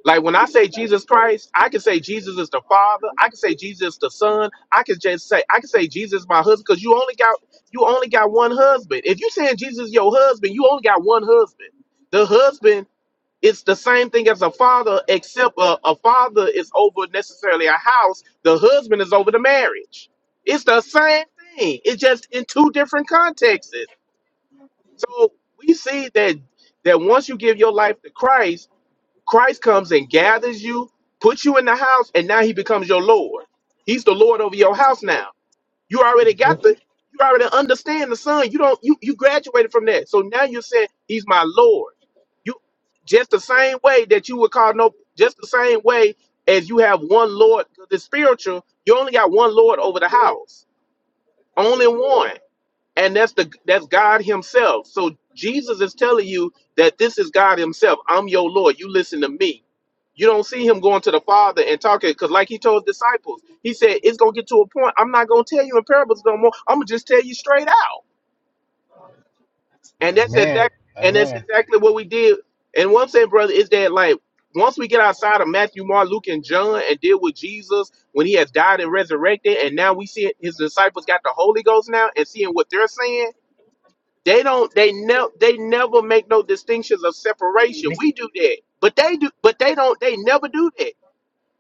Speaker 9: like when I say Jesus Christ, I can say Jesus is the Father. I can say Jesus the Son. I can just say I can say Jesus my husband because you only got you only got one husband. If you saying Jesus your husband, you only got one husband. The husband is the same thing as a father, except a, a father is over necessarily a house. The husband is over the marriage. It's the same thing. It's just in two different contexts. So we see that that once you give your life to Christ Christ comes and gathers you, puts you in the house, and now he becomes your Lord. He's the Lord over your house now. You already got the you already understand the son. You don't you you graduated from that. So now you're saying he's my Lord. You just the same way that you would call no just the same way as you have one Lord, because it's spiritual, you only got one Lord over the house. Only one and that's the that's God Himself. So Jesus is telling you that this is God Himself. I'm your Lord. You listen to me. You don't see Him going to the Father and talking because, like He told His disciples, He said it's gonna get to a point. I'm not gonna tell you in parables no more. I'm gonna just tell you straight out. And that's
Speaker 13: Amen.
Speaker 9: exactly and that's
Speaker 13: Amen.
Speaker 9: exactly what we did. And one thing, brother, is that like once we get outside of Matthew, Mark, Luke, and John and deal with Jesus when He has died and resurrected, and now we see His disciples got the Holy Ghost now and seeing what they're saying they don't. They never. They never make no distinctions of separation. We do that, but they do. But they don't. They never do that.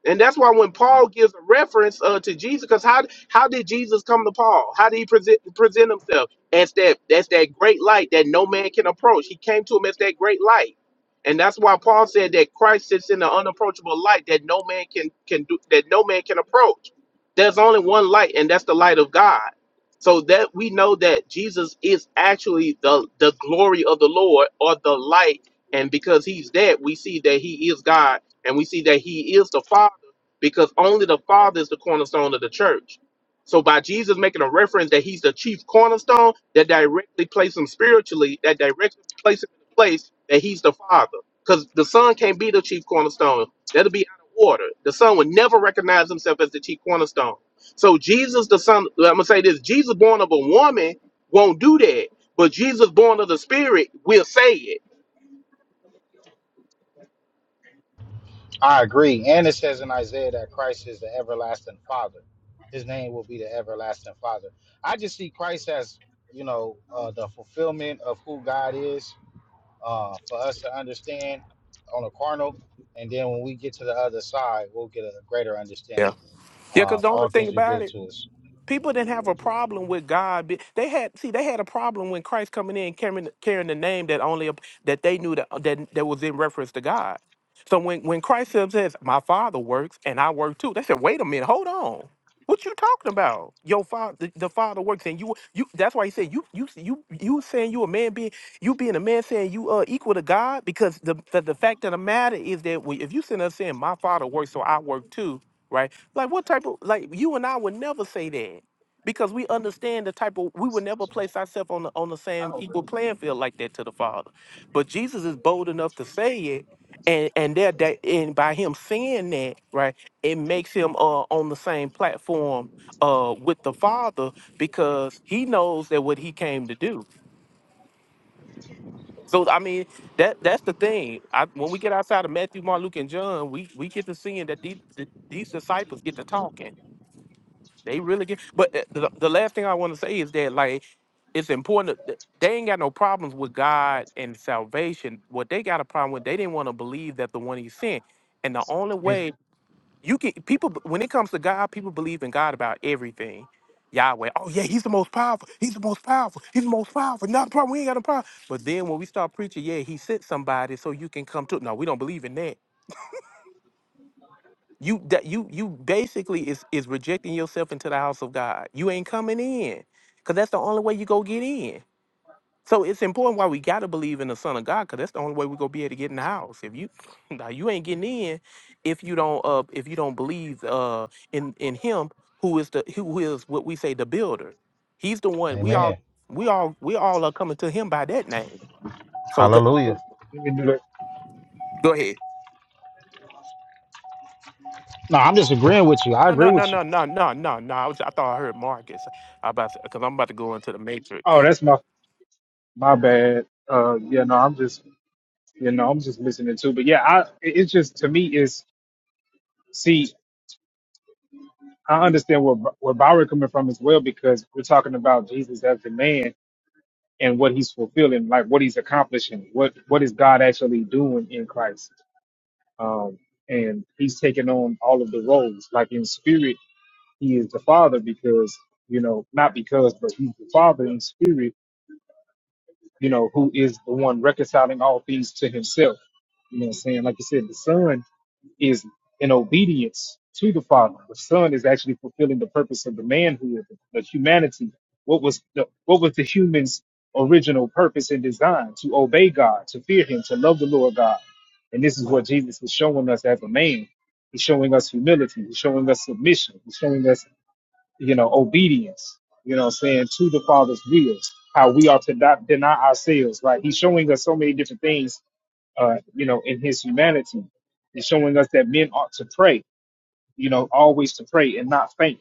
Speaker 9: And that's why when Paul gives a reference uh, to Jesus, because how how did Jesus come to Paul? How did he present present himself as that that's that great light that no man can approach? He came to him as that great light, and that's why Paul said that Christ sits in the unapproachable light that no man can can do that no man can approach. There's only one light, and that's the light of God. So that we know that Jesus is actually the the glory of the Lord or the light, and because He's that, we see that He is God, and we see that He is the Father because only the Father is the cornerstone of the church. So by Jesus making a reference that he's the chief cornerstone, that directly places him spiritually, that directly places him in the place that he's the Father. Because the Son can't be the chief cornerstone. That'll be out of order. The Son would never recognize himself as the chief cornerstone. So Jesus, the Son, I'm gonna say this: Jesus born of a woman won't do that, but Jesus born of the Spirit will say it.
Speaker 13: I agree. And it says in Isaiah that Christ is the everlasting Father. His name will be the everlasting Father. I just see Christ as you know uh, the fulfillment of who God is uh, for us to understand on a carnal. And then when we get to the other side, we'll get a greater
Speaker 9: Yeah.
Speaker 13: understanding.
Speaker 9: Yeah, because
Speaker 13: Um,
Speaker 9: the only
Speaker 13: all
Speaker 9: thing
Speaker 13: things
Speaker 9: about
Speaker 13: revealed
Speaker 9: it,
Speaker 13: to us.
Speaker 9: People didn't have a problem with God. be- They had see they had a problem when Christ coming in carrying carrying the name that only that they knew that that, that was in reference to God. So when when Christ says, "My Father works and I work too," they said, "Wait a minute, hold on." What you talking about? Your father, the, the father works, and you, you. That's why he said you, you, you, you saying you a man being, you being a man saying you uh equal to God because the the, the fact of the matter is that we, if you sitting up saying my father works, so I work too, right? Like what type of like you and I would never say that because we understand the type of we would never place ourselves on the on the
Speaker 3: I
Speaker 9: same
Speaker 3: don't
Speaker 9: equal playing field like that to the Father. But Jesus is bold enough to say it, and and that that and by him saying that, right, it makes him uh on the same platform uh with the Father because he knows that what he came to do. So I mean that that's the thing. I, when we get outside of Matthew, Mark, Luke, and John, we, we get to seeing that these, these disciples get to talking they really get. But uh, the, the last thing I want to say is that like it's important. That they ain't got no problems with God and salvation. What they got a problem with, they didn't want to believe that the one He sent. And the only
Speaker 3: think
Speaker 9: way you can people when it comes to God, people believe in God about everything. Yahweh, oh yeah, he's the most powerful. He's the most powerful. He's the most powerful. Not a problem. We ain't got a problem. But then when we start preaching, yeah, he sent somebody so you can come to. No, we don't believe in that. You that you you basically is is rejecting yourself into the house of God. You ain't coming in, cause that's the only way you go get in. So it's important why we gotta believe in the Son of God, cause that's the only way we gonna be able to get in the house. If you now you ain't getting in if you don't uh if you don't believe uh in in Him who is the who is what we say the builder. He's the one we all
Speaker 13: Amen.
Speaker 9: we all we all are coming to Him by that name. So go
Speaker 3: Oh man.
Speaker 13: Hallelujah.
Speaker 3: Oops, let me do that.
Speaker 9: go ahead.
Speaker 13: No, I'm just agreeing with you. I
Speaker 9: No,
Speaker 13: agree
Speaker 9: no,
Speaker 13: with
Speaker 9: no,
Speaker 13: you.
Speaker 9: no, no, no, no, no. I was I thought I heard Marcus. I about because I'm about to go into the
Speaker 3: Oh,
Speaker 9: Matrix.
Speaker 3: that's my my bad. Uh yeah, no, I'm just you know, I'm just listening too. But yeah, I it- it's just to me is see I understand where where Byron coming from as well because we're talking about Jesus as the man and what he's fulfilling, like what he's accomplishing, what what is God actually doing in Christ, um, and he's taking on all of the roles. Like in spirit, he is the Father because you know not because, but he's the Father in spirit you know, who is the one reconciling all things to himself. You know what I'm saying? Like you said, the Son is in obedience to the Father. The Son is actually fulfilling the purpose of the manhood, the humanity. What was the what was the human's original purpose and design? To obey God, to fear Him, to love the Lord God. And this is what Jesus is showing us as a man. He's showing us humility. He's showing us submission. He's showing us you know, obedience, you know, what I'm saying to the Father's will, how we are to not deny ourselves, right? He's showing us so many different things, uh, you know, in his humanity. He's showing us that men ought to pray, you know, always to pray and not faint,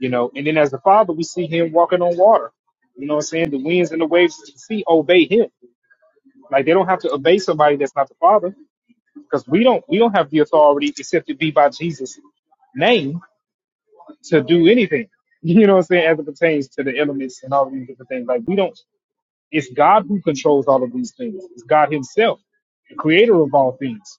Speaker 3: you know. And then as the Father, we see him walking on water. You know what I'm saying? The winds and the waves of the sea obey him. Like they don't have to obey somebody that's not the Father, because we don't we don't have the authority except it be by Jesus' name to do anything. You know what I'm saying? As it pertains to the elements and all these different things. Like we don't it's God who controls all of these things. It's God Himself, the creator of all things.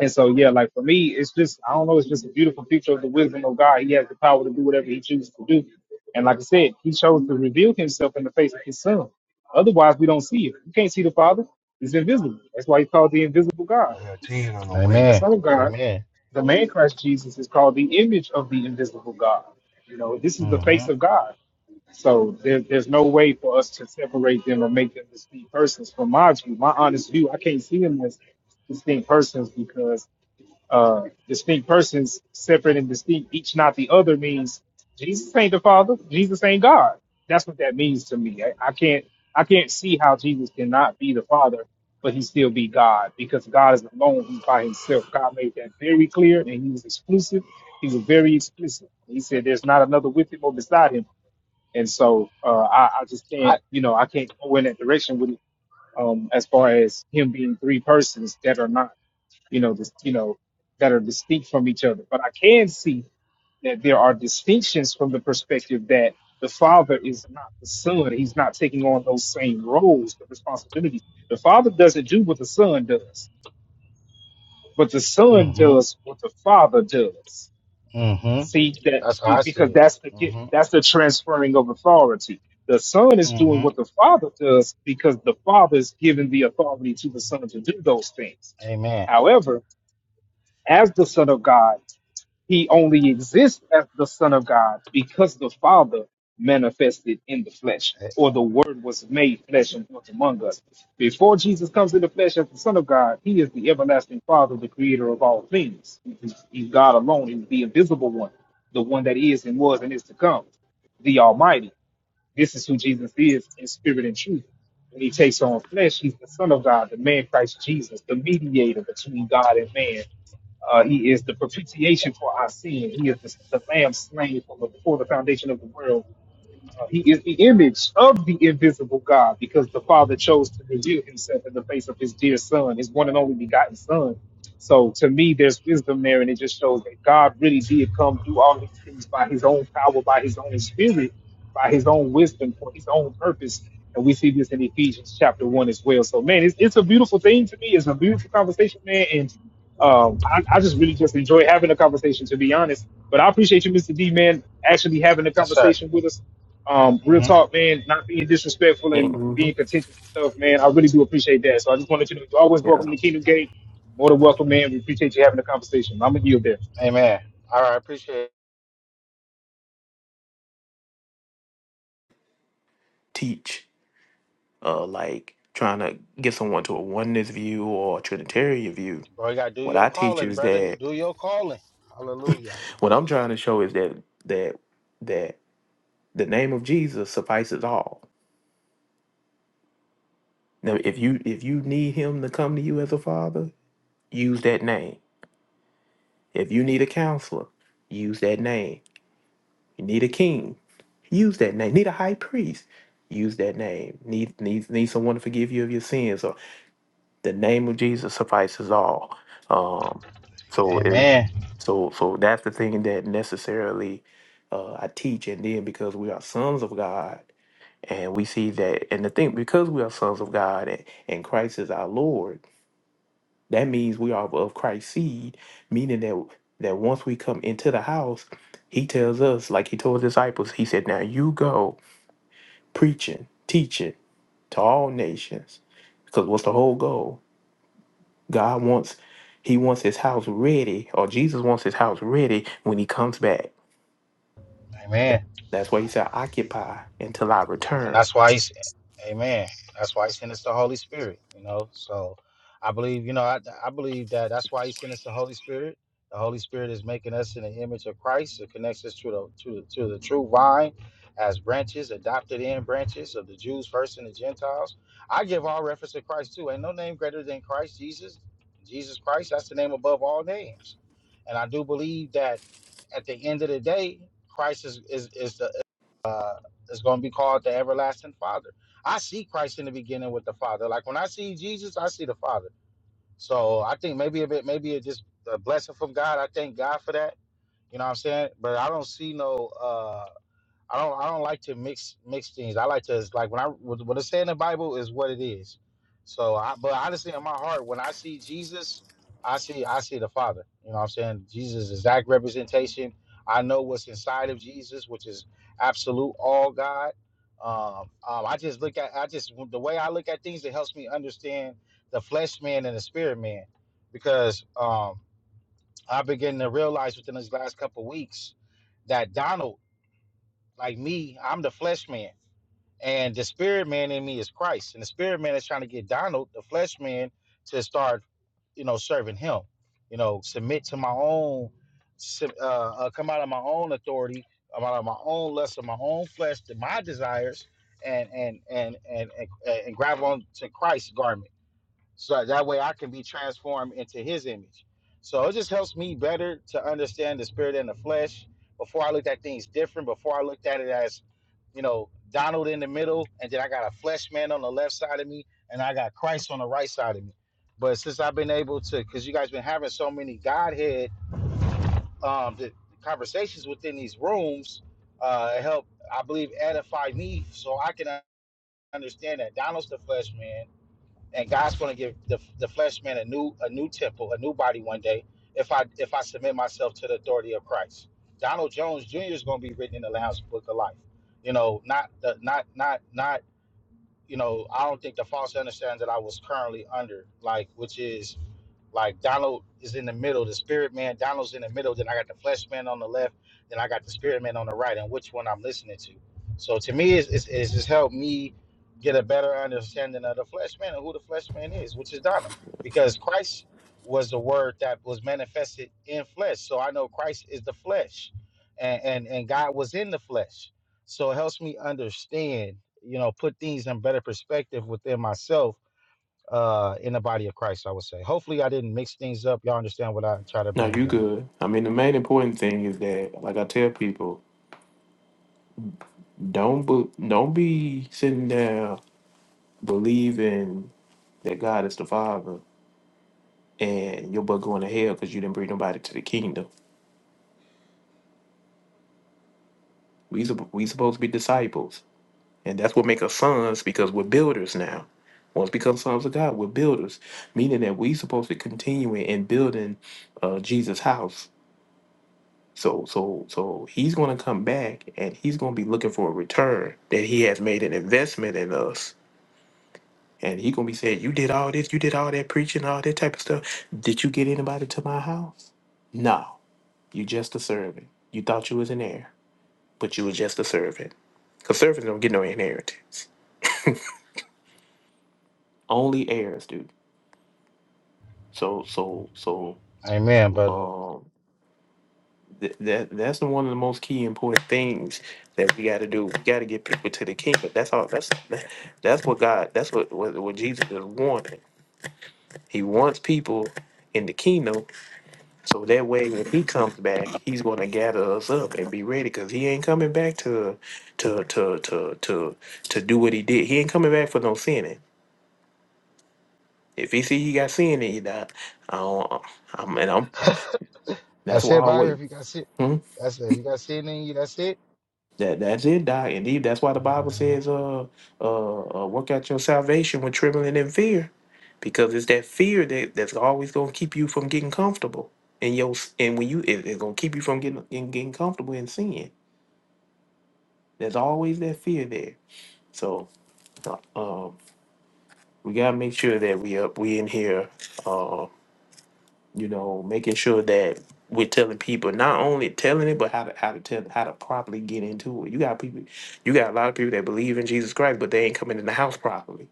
Speaker 3: And so, yeah, like for me, it's just, I don't know, it's just a beautiful picture of the wisdom of God. He has the power to do whatever he chooses to do. And like I said, he chose to reveal himself in the face of his son. Otherwise, we don't see it. You can't see the Father. He's invisible. That's why he's called the invisible God.
Speaker 13: Being on the way.
Speaker 3: And the
Speaker 13: Amen.
Speaker 3: Son of God,
Speaker 13: Amen.
Speaker 3: the man Christ Jesus, is called the image of the invisible God. You know, this is the
Speaker 13: Mm-hmm.
Speaker 3: face of God. So there, there's no way for us to separate them or make them distinct persons. From my view, my honest view, I can't see them as distinct persons because uh, distinct persons, separate and distinct, each not the other, means Jesus ain't the Father, Jesus ain't God. That's what that means to me. I, I can't I can't see how Jesus cannot be the Father, but he still be God because God is alone. He's by himself. God made that very clear, and he was exclusive. He was very explicit. He said, "There's not another with him or beside him." And so uh, I, I just
Speaker 13: I
Speaker 3: can't, you know, I can't go in that direction with it. Um, as far as him being three persons that are not, you know, this, you know, that are distinct from each other. But I can see that there are distinctions from the perspective that the father is not the son. He's not taking on those same roles, the responsibilities. The father doesn't do what the son does, but the son
Speaker 13: mm-hmm.
Speaker 3: does what the father does.
Speaker 13: Mm-hmm.
Speaker 3: See that
Speaker 13: That's how I see
Speaker 3: because
Speaker 13: it.
Speaker 3: that's the gift-
Speaker 13: Mm-hmm.
Speaker 3: that's the transferring of authority. The son is doing
Speaker 13: Mm-hmm.
Speaker 3: what the father does because the father is giving the authority to the son to do those things.
Speaker 13: Amen.
Speaker 3: However, as the Son of God. He only exists as the Son of God because the Father manifested in the flesh,
Speaker 13: Eh,
Speaker 3: or the Word was made flesh and dwelt among us. Before Jesus comes in the flesh as the Son of God, He is the everlasting Father, the Creator of all things. He's he's God alone, He's the invisible one, the one that is and was and is to come, the Almighty. This is who Jesus is in spirit and truth. When he takes on flesh, he's the Son of God, the man Christ Jesus, the mediator between God and man. Uh, he is the propitiation for our sin. He is the, the lamb slain from before the foundation of the world uh, he is the image of the invisible God because the Father chose to reveal himself in the face of his dear Son, his one and only begotten Son. So to me, there's wisdom there, and it just shows that God really did come through all these things by his own power, by his own spirit, by his own wisdom, for his own purpose. And we see this in Ephesians chapter one as well. So man, it's, it's a beautiful thing to me. It's a beautiful conversation, man. And um, I, I just really just enjoy having a conversation, to be honest. But I appreciate you, Mr. D, man, actually having a
Speaker 13: Yes, sir.
Speaker 3: conversation with us um, real
Speaker 13: Mm-hmm.
Speaker 3: talk, man, not being disrespectful
Speaker 9: Yeah,
Speaker 3: and
Speaker 9: hmm
Speaker 3: being contentious and stuff, man. I really do appreciate that. So I just wanted you to know you're always
Speaker 9: yeah.
Speaker 3: welcome to the Kingdom Gate. More than welcome, man. We appreciate you having the conversation. I'm gonna yield there.
Speaker 13: Amen. All right, appreciate it.
Speaker 9: Teach, uh, like trying to get someone to a oneness view or a Trinitarian view.
Speaker 13: Bro, you gotta do
Speaker 9: What
Speaker 13: your
Speaker 9: I teach
Speaker 13: calling,
Speaker 9: is
Speaker 13: brother.
Speaker 9: that
Speaker 13: Do your calling. Hallelujah.
Speaker 9: what I'm trying to show is that that that the name of Jesus suffices all. Now, if you if you need Him to come to you as a father, use that name. If you need a counselor, use that name. You need a king. Use that name. Need a high priest. Use that name. Need need need someone to forgive you of your sins. Or the name of Jesus suffices all. Um, so it,
Speaker 13: Amen.
Speaker 9: so so that's the thing that necessarily uh, I teach, and then because we are sons of God, and we see that, and the thing because we are sons of God, and, and Christ is our Lord, that means we are of Christ's seed, meaning that that once we come into the house, He tells us, like He told His disciples, He said, "Now you go." preaching, teaching to all nations. Because what's the whole goal? God wants He wants His house ready, or Jesus wants His house ready when He comes back.
Speaker 13: Amen.
Speaker 9: That, that's why He said, "Occupy until I
Speaker 13: and
Speaker 9: return."
Speaker 13: that's why he's amen that's why he sent us the holy spirit you know so i believe you know i, I believe that that's why he sent us the holy spirit the holy spirit is making us in the image of christ it connects us to the to the, to the true vine as branches adopted in branches of the jews first and the gentiles i give all reference to christ too ain't no name greater than christ jesus jesus christ that's the name above all names and i do believe that at the end of the day christ is is, is the is going to be called the everlasting father i see christ in the beginning with the father like when i see jesus i see the father so i think maybe a bit maybe it just a blessing from god i thank god for that you know what i'm saying but i don't see no uh, I don't I don't like to mix mix things. I like to like when I what what it say in the Bible is what it is. So I but honestly in my heart when I see Jesus, I see I see the Father. You know what I'm saying? Jesus exact representation. I know what's inside of Jesus, which is absolute all God. Um, um, I just look at I just the way I look at things it helps me understand the flesh man and the spirit man because um I've been getting to realize within these last couple of weeks that Donald like me, I'm the flesh man, and the spirit man in me is Christ. And the spirit man is trying to get Donald, the flesh man, to start, you know, serving him. You know, submit to my own, sub- uh, uh, come out of my own authority, come out of my own lust of my own flesh, to my desires, and and and and and, and grab on to Christ's garment so that way I can be transformed into His image. So it just helps me better to understand the spirit and the flesh. Before I looked at things different. Before I looked at it as, you know, Donald in the middle, and then I got a flesh man on the left side of me, and I got Christ on the right side of me. But since I've been able to, because you guys been having so many Godhead um, the conversations within these rooms, uh, it helped I believe edify me so I can understand that Donald's the flesh man and God's going to give the, the flesh man a new a new temple, a new body one day. If I if I submit myself to the authority of Christ, Donald Jones Jr. is going to be written in the Lamb's Book of Life. You know, not the not not not you know. I don't think the false understanding that I was currently under, like which is like Donald is in the middle, the spirit man, Donald's in the middle, then I got the flesh man on the left, then I got the spirit man on the right, and which one I'm listening to. So to me, it's, it's, it's just helped me get a better understanding of the flesh man and who the flesh man is, which is Donald. Because Christ was the word that was manifested in flesh. So I know Christ is the flesh and, and, and God was in the flesh. So it helps me understand, you know, put things in better perspective within myself uh, in the body of Christ, I would say. Hopefully, I didn't mix things up. Y'all understand what I try to
Speaker 9: No,
Speaker 13: bring
Speaker 9: you
Speaker 13: out.
Speaker 9: good. I mean, the main important thing is that, like I tell people, don't be, don't be sitting there believing that God is the Father and your butt going to hell because you didn't bring nobody to the kingdom. We sup- we supposed to be disciples. And that's what make us sons because we're builders now. Once we become sons of God, we're builders, meaning that we supposed to continue in building uh, Jesus' house. So, so, so he's going to come back and he's going to be looking for a return that he has made an investment in us. And he going to be saying, you did all this, you did all that preaching, all that type of stuff. Did you get anybody to my house? No, you just a servant. You thought you was an heir, but you was just a servant. Because servants don't get no inheritance. Only heirs do. So so so
Speaker 13: Amen, brother.
Speaker 9: um th- that that's the one of the most key important things that we got to do. We got to get people to the kingdom. That's all. That's that- that's what God. That's what what, what Jesus is wanting. He wants people in the kingdom, so that way when He comes back, He's going to gather us up and be ready. Because He ain't coming back to to to to to to do what He did. He ain't coming back for no sinning. If He see He got sin in you, I, I don't, I'm and I'm. That's
Speaker 13: that's
Speaker 9: why
Speaker 13: it,
Speaker 9: I
Speaker 13: Byron.
Speaker 9: wait.
Speaker 13: If you guys see,
Speaker 9: Hmm?
Speaker 13: that's it. You guys see anything? You that's it?
Speaker 9: That that's it, Doc. Indeed, that's why the
Speaker 13: Oh,
Speaker 9: Bible
Speaker 13: man.
Speaker 9: says, "Uh, uh, uh work out your salvation with trembling and fear," because it's that fear that that's always gonna keep you from getting comfortable. And your s- and when you it, it's gonna keep you from getting in getting comfortable in sin. There's always that fear there. So, uh, um, we gotta make sure that we up we in here. uh, you know, making sure that we're telling people not only telling it, but how to how to tell how to properly get into it. You got people, you got a lot of people that believe in Jesus Christ, but they ain't coming in the house properly.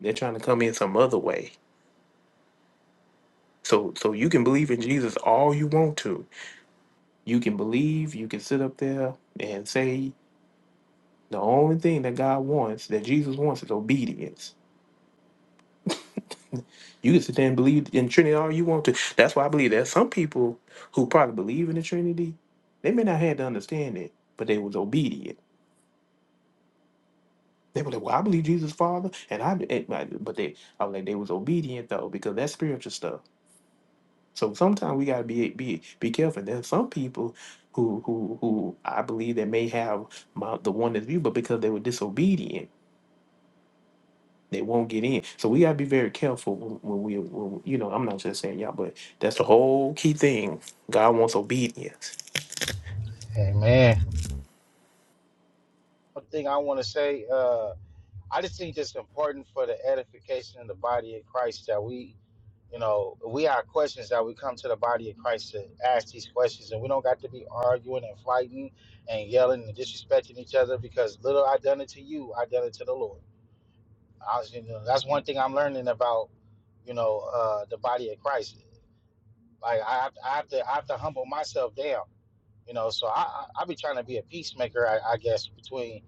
Speaker 9: They're trying to come in some other way. So so you can believe in Jesus all you want to. You can believe. You can sit up there and say the only thing that God wants, that Jesus wants, is obedience. You can sit there and believe in Trinity all you want to. That's why I believe that some people who probably believe in the Trinity, they may not have to understand it, but they was obedient. They were like, "Well, I believe Jesus, Father," and I, and but they, I was like, they was obedient though because that's spiritual stuff. So sometimes we gotta be be be careful. There's some people who who who I believe that may have my, the oneness view, but because they were disobedient They won't get in. So we gotta be very careful when we, when, you know, I'm not just saying y'all, but that's the whole key thing. God wants obedience.
Speaker 13: Amen. One thing I want to say, uh, I just think it's important for the edification of the body of Christ that we, you know, we have questions that we come to the body of Christ to ask these questions, and we don't got to be arguing and fighting and yelling and disrespecting each other because little I done it to you, I done it to the Lord. I, you know, that's one thing I'm learning about, you know, uh, the body of Christ. Like I have, I have to, I have to humble myself down, you know. So I, I, I be trying to be a peacemaker, I, I guess, between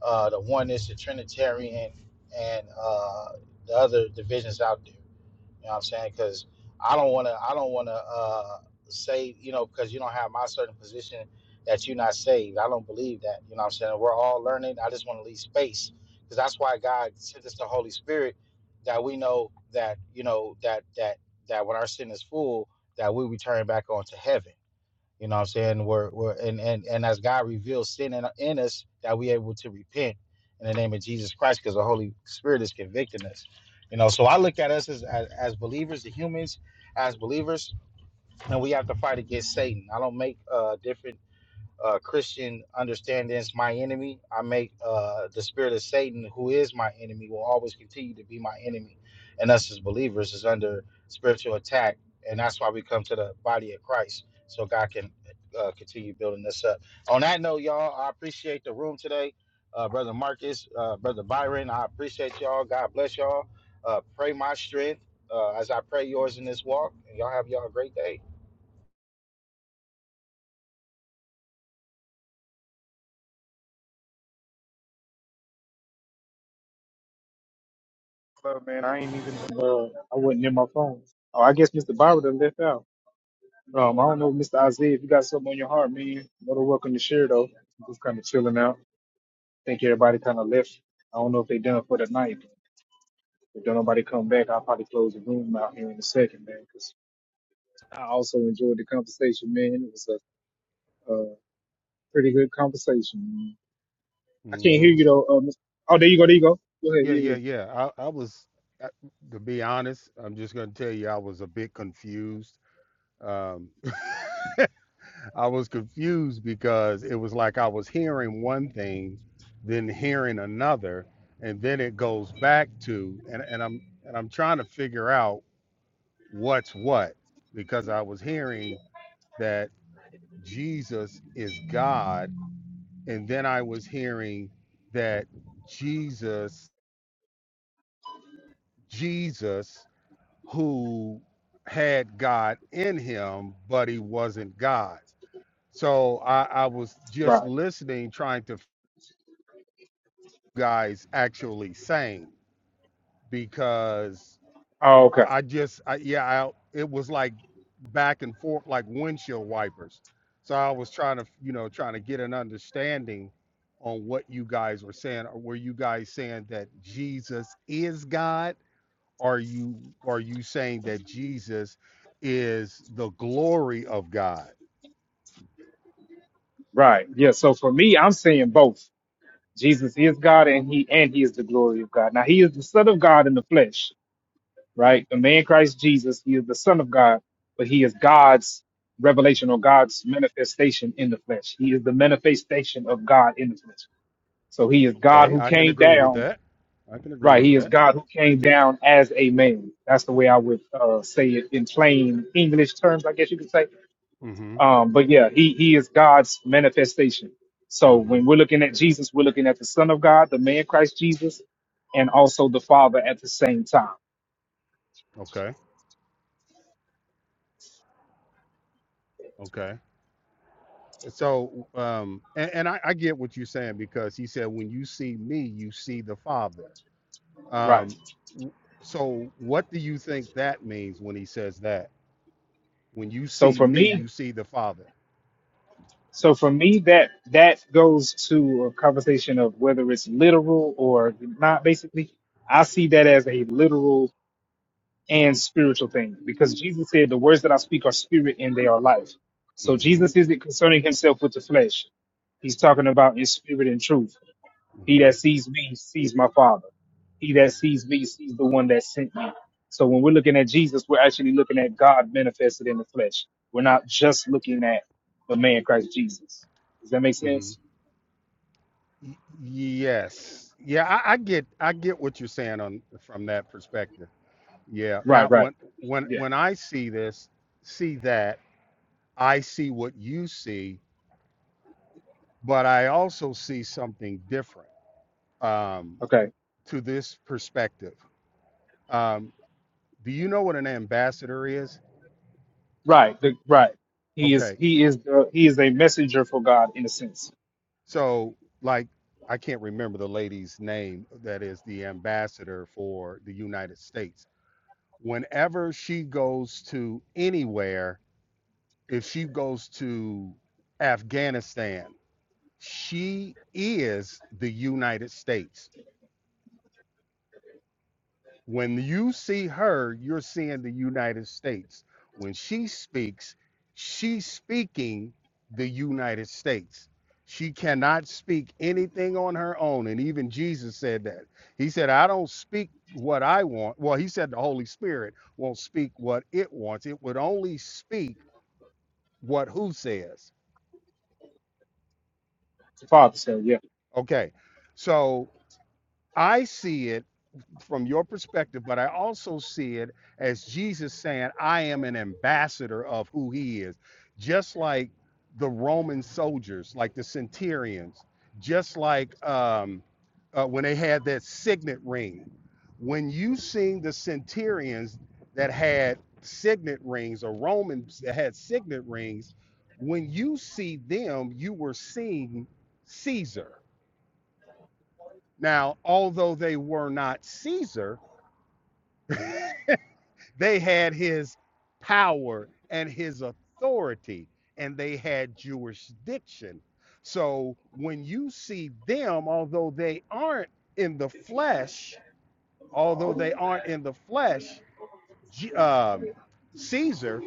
Speaker 13: uh, the oneness, the Trinitarian, and uh, the other divisions out there. You know what I'm saying? Because I don't want to. I don't want to uh, say you know because you don't have my certain position that you're not saved. I don't believe that. You know what I'm saying? We're all learning. I just want to leave space because that's why God sent us the Holy Spirit that we know that you know that that that when our sin is full that we return back onto heaven. You know what I'm saying? We're, we're and, and and as God reveals sin in, in us, that we able to repent in the name of Jesus Christ, because the Holy Spirit is convicting us. You know, so I look at us as, as as believers, the humans as believers, and we have to fight against Satan. I don't make uh different uh, Christian understandings, my enemy. I make uh, the spirit of Satan, who is my enemy, will always continue to be my enemy. And us as believers is under spiritual attack. And that's why we come to the body of Christ so God can uh, continue building this up. On that note, y'all, I appreciate the room today. Uh, Brother Marcus, uh, Brother Byron, I appreciate y'all. God bless y'all. Uh, pray my strength uh, as I pray yours in this walk. And y'all have y'all a great day.
Speaker 3: Well, man, I ain't even uh, I wasn't near my phone. Oh, I guess Mr. Byron done left out. Um, I don't know, Mr. Isaiah, if you got something on your heart, man. More than welcome to share though. I'm just kinda chilling out. think everybody kinda left. I don't know if they done for the night. If don't nobody come back, I'll probably close the room out here in a second, man, because I also enjoyed the conversation, man. It was uh, Uh, pretty good conversation. I can't hear
Speaker 16: hmm
Speaker 3: you though. Uh, Mr. oh, there you go. There you go. Go ahead.
Speaker 16: Yeah,
Speaker 3: Yeah,
Speaker 16: yeah,
Speaker 3: yeah.
Speaker 16: yeah. I, I was, I, to be honest, I'm just going to tell you, I was a bit confused. Um, I was confused because it was like I was hearing one thing, then hearing another, and then it goes back to, and, and I'm and I'm trying to figure out what's what because I was hearing that Jesus is God, and then I was hearing that Jesus, Jesus who had God in him, but he wasn't God. So I, I was just
Speaker 3: Right.
Speaker 16: listening, trying to f- guys actually saying because
Speaker 3: Oh, okay.
Speaker 16: I, I just I, yeah, I, it was like back and forth like windshield wipers. So I was trying to you know trying to get an understanding on what you guys were saying. Or Were you guys saying that Jesus is God? are you are you saying that Jesus is the glory of God?
Speaker 3: Right. Yeah. So for me, I'm saying both. Jesus is God, and he and he is the glory of God. Now he is the Son of God in the flesh. Right. The man Christ Jesus. He is the Son of God, but he is God's revelation or God's manifestation in the flesh. He is the manifestation of God in the flesh. So he is God
Speaker 16: Okay,
Speaker 3: who
Speaker 16: I can
Speaker 3: came
Speaker 16: agree with
Speaker 3: down
Speaker 16: that. I can agree
Speaker 3: Right,
Speaker 16: with
Speaker 3: he is
Speaker 16: that.
Speaker 3: God who came down as a man. That's the way I would uh, say it in plain English terms, I guess you could say.
Speaker 16: Mm-hmm.
Speaker 3: Um, but yeah, he he is God's manifestation. So
Speaker 16: Mm-hmm.
Speaker 3: when we're looking at Jesus, we're looking at the Son of God, the man Christ Jesus, and also the Father at the same time.
Speaker 16: Okay. Okay. So um and, and I, I get what you're saying because he said when you see me, you see the Father.
Speaker 3: Right.
Speaker 16: Um w- so what do you think that means when he says that? When you
Speaker 3: So
Speaker 16: see
Speaker 3: for
Speaker 16: me,
Speaker 3: me,
Speaker 16: you see the Father.
Speaker 3: so for me, that that goes to a conversation of whether it's literal or not. Basically, I see that as a literal and spiritual things because Jesus said, The words that I speak are spirit and they are life. So
Speaker 16: Mm-hmm.
Speaker 3: Jesus isn't concerning himself with the flesh. He's talking about in spirit and truth. He
Speaker 16: Mm-hmm.
Speaker 3: that sees me sees my Father. He that
Speaker 16: Mm-hmm.
Speaker 3: sees me sees the one that sent me. So when we're looking at Jesus, we're actually looking at God manifested in the flesh. We're not just looking at the man Christ Jesus. Does that make
Speaker 16: Mm-hmm.
Speaker 3: sense?
Speaker 16: Y- Yes. Yeah, I, I get I get what you're saying on from that perspective. Yeah.
Speaker 3: Right,
Speaker 16: Now
Speaker 3: right.
Speaker 16: when when
Speaker 3: Yeah.
Speaker 16: when I see this, see that, I see what you see, but I also see something different um,
Speaker 3: Okay.
Speaker 16: to this perspective. Um, do you know what an ambassador is?
Speaker 3: Right. The, right. He is
Speaker 16: Okay.
Speaker 3: he is the, he is a messenger for God in a sense.
Speaker 16: So like I can't remember the lady's name that is the ambassador for the United States. Whenever she goes to anywhere, if she goes to Afghanistan, she is the United States. When you see her, you're seeing the United States. When she speaks, she's speaking the United States. She cannot speak anything on her own. And even Jesus said that. He said, I don't speak what I want. Well, he said the Holy Spirit won't speak what it wants, it would only speak what who says.
Speaker 3: The father said, yeah.
Speaker 16: Okay. So I see it from your perspective, but I also see it as Jesus saying, I am an ambassador of who he is. Just like the Roman soldiers, like the centurions, just like um, uh, when they had that signet ring. When you seen the centurions that had signet rings or Romans that had signet rings, when you see them, you were seeing Caesar now, although they were not Caesar, they had his power and his authority, and they had jurisdiction. So when you see them, although they aren't in the flesh, although they aren't in the flesh, um, Caesar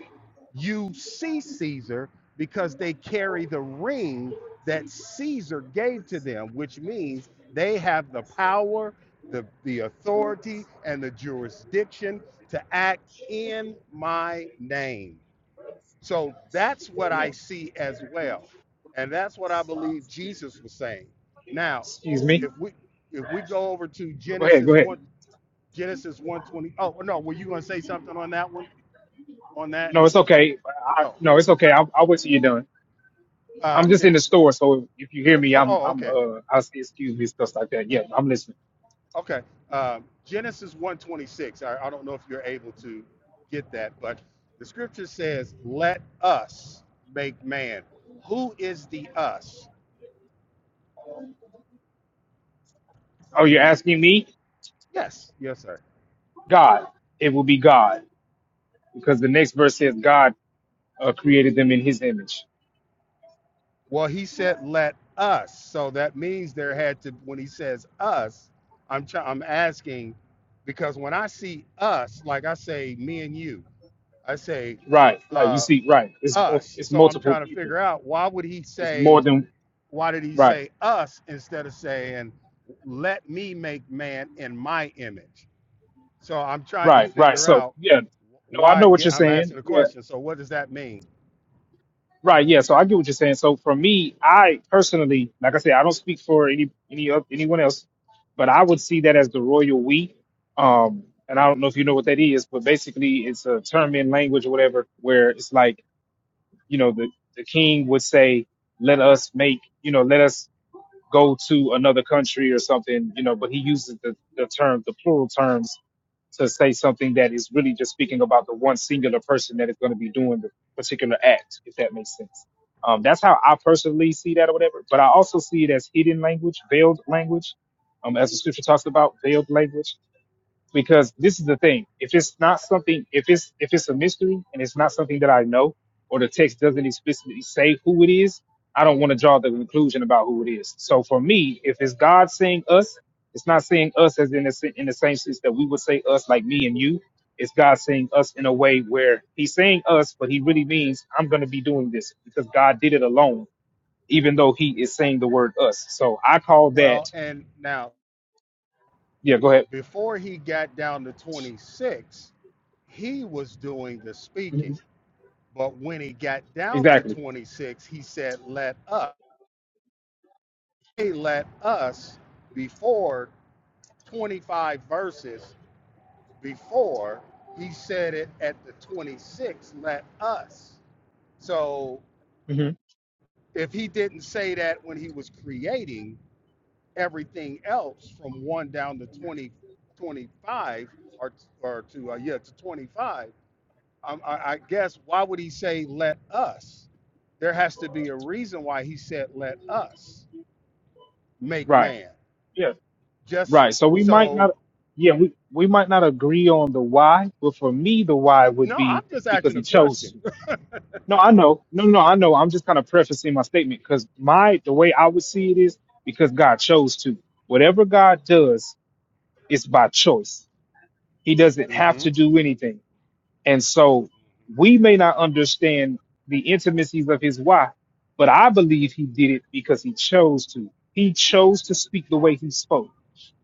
Speaker 16: you see Caesar because they carry the ring that Caesar gave to them, which means they have the power, the, the authority, and the jurisdiction to act in my name. So that's what
Speaker 3: Yeah.
Speaker 16: I see as well. And that's what I believe Jesus was saying. Now,
Speaker 3: Excuse me.
Speaker 16: if we if we go over to
Speaker 3: No, Go ahead.
Speaker 16: Genesis
Speaker 3: Go ahead.
Speaker 16: 1 Genesis 120 oh no, were you going to say something on that one on that?
Speaker 3: No, it's okay. I,
Speaker 16: Oh.
Speaker 3: no, it's okay. I'll, I'll wait till you're done.
Speaker 16: Uh,
Speaker 3: I'm just
Speaker 16: it,
Speaker 3: in the store, so if you hear me,
Speaker 16: Oh,
Speaker 3: I'm,
Speaker 16: oh,
Speaker 3: I'm,
Speaker 16: okay,
Speaker 3: uh, i say excuse me, stuff like that. Yeah, I'm listening.
Speaker 16: okay. Um, Genesis one twenty six. I, I don't know if you're able to get that, but the scripture says, "Let us make man." Who is the us?
Speaker 3: Oh, you're asking me?
Speaker 16: Yes, yes, sir.
Speaker 3: God. It will be God. Because the next verse says God uh, created them in his image.
Speaker 16: Well, he said, "Let us." So that means there had to. When he says us, I'm try, I'm asking because when I see us, like I say, me and you, I say
Speaker 3: Right, right. You
Speaker 16: uh,
Speaker 3: see, right. It's, mul-
Speaker 16: us.
Speaker 3: it's
Speaker 16: So I'm
Speaker 3: multiple
Speaker 16: trying to
Speaker 3: people.
Speaker 16: figure out why would he
Speaker 3: It's
Speaker 16: say
Speaker 3: more than,
Speaker 16: Why did he
Speaker 3: right.
Speaker 16: say us instead of saying, let me make man in my image? So I'm trying to
Speaker 3: Right, right.
Speaker 16: figure
Speaker 3: So
Speaker 16: out
Speaker 3: yeah, no, I
Speaker 16: why.
Speaker 3: know what
Speaker 16: Yeah,
Speaker 3: you're
Speaker 16: I'm asking
Speaker 3: saying.
Speaker 16: a
Speaker 3: Yeah,
Speaker 16: question. So what does that mean?
Speaker 3: right. Yeah, so I get what you're saying. So for me, I personally, like I said, I don't speak for any any oth- anyone else, but I would see that as the royal we. Um, and I don't know if you know what that is, but basically, it's a term in language or whatever where it's like you know the the king would say, "Let us make," you know, "Let us." go to another country or something, you know, but he uses the, the term, the plural terms to say something that is really just speaking about the one singular person that is going to be doing the particular act, if that makes sense. Um, that's how I personally see that or whatever. But I also see it as hidden language, veiled language, um, as the scripture talks about, veiled language because this is the thing if it's not something if it's if it's a mystery and it's not something that i know or the text doesn't explicitly say who it is i don't want to draw the conclusion about who it is so for me if it's god saying us it's not saying us as in the, se- in the same sense that we would say us like me and you it's god saying us in a way where he's saying us but he really means i'm going to be doing this because god did it alone even though he is saying the word us so i call that
Speaker 16: Well, and now
Speaker 3: yeah go ahead
Speaker 16: before he got down to 26, he was doing the speaking. But when he got down to
Speaker 3: exactly
Speaker 16: 26, he said, Let us, hey, let us, before 25 verses, before he said it at the 26 let us so
Speaker 3: hmm
Speaker 16: if he didn't say that when he was creating everything else from 1 down to 20 25 or or to uh, yeah to 25 um, I, I guess why would he say let us there has to be a reason why he said let us make
Speaker 3: right
Speaker 16: man
Speaker 3: Yeah.
Speaker 16: just
Speaker 3: Right. So we might
Speaker 16: so
Speaker 3: not, yeah, we, we might not agree on the why, but for me, the why would
Speaker 16: no i'm
Speaker 3: be
Speaker 16: just
Speaker 3: because
Speaker 16: asking a
Speaker 3: he chose
Speaker 16: question
Speaker 3: to. No, I know. No, no, I know. I'm just kind of prefacing my statement because my, the way I would see it is because God chose to. Whatever God does, it's by choice. He doesn't have
Speaker 16: hmm
Speaker 3: to do anything. And so we may not understand the intimacies of his why, but I believe he did it because he chose to. He chose to speak the way he spoke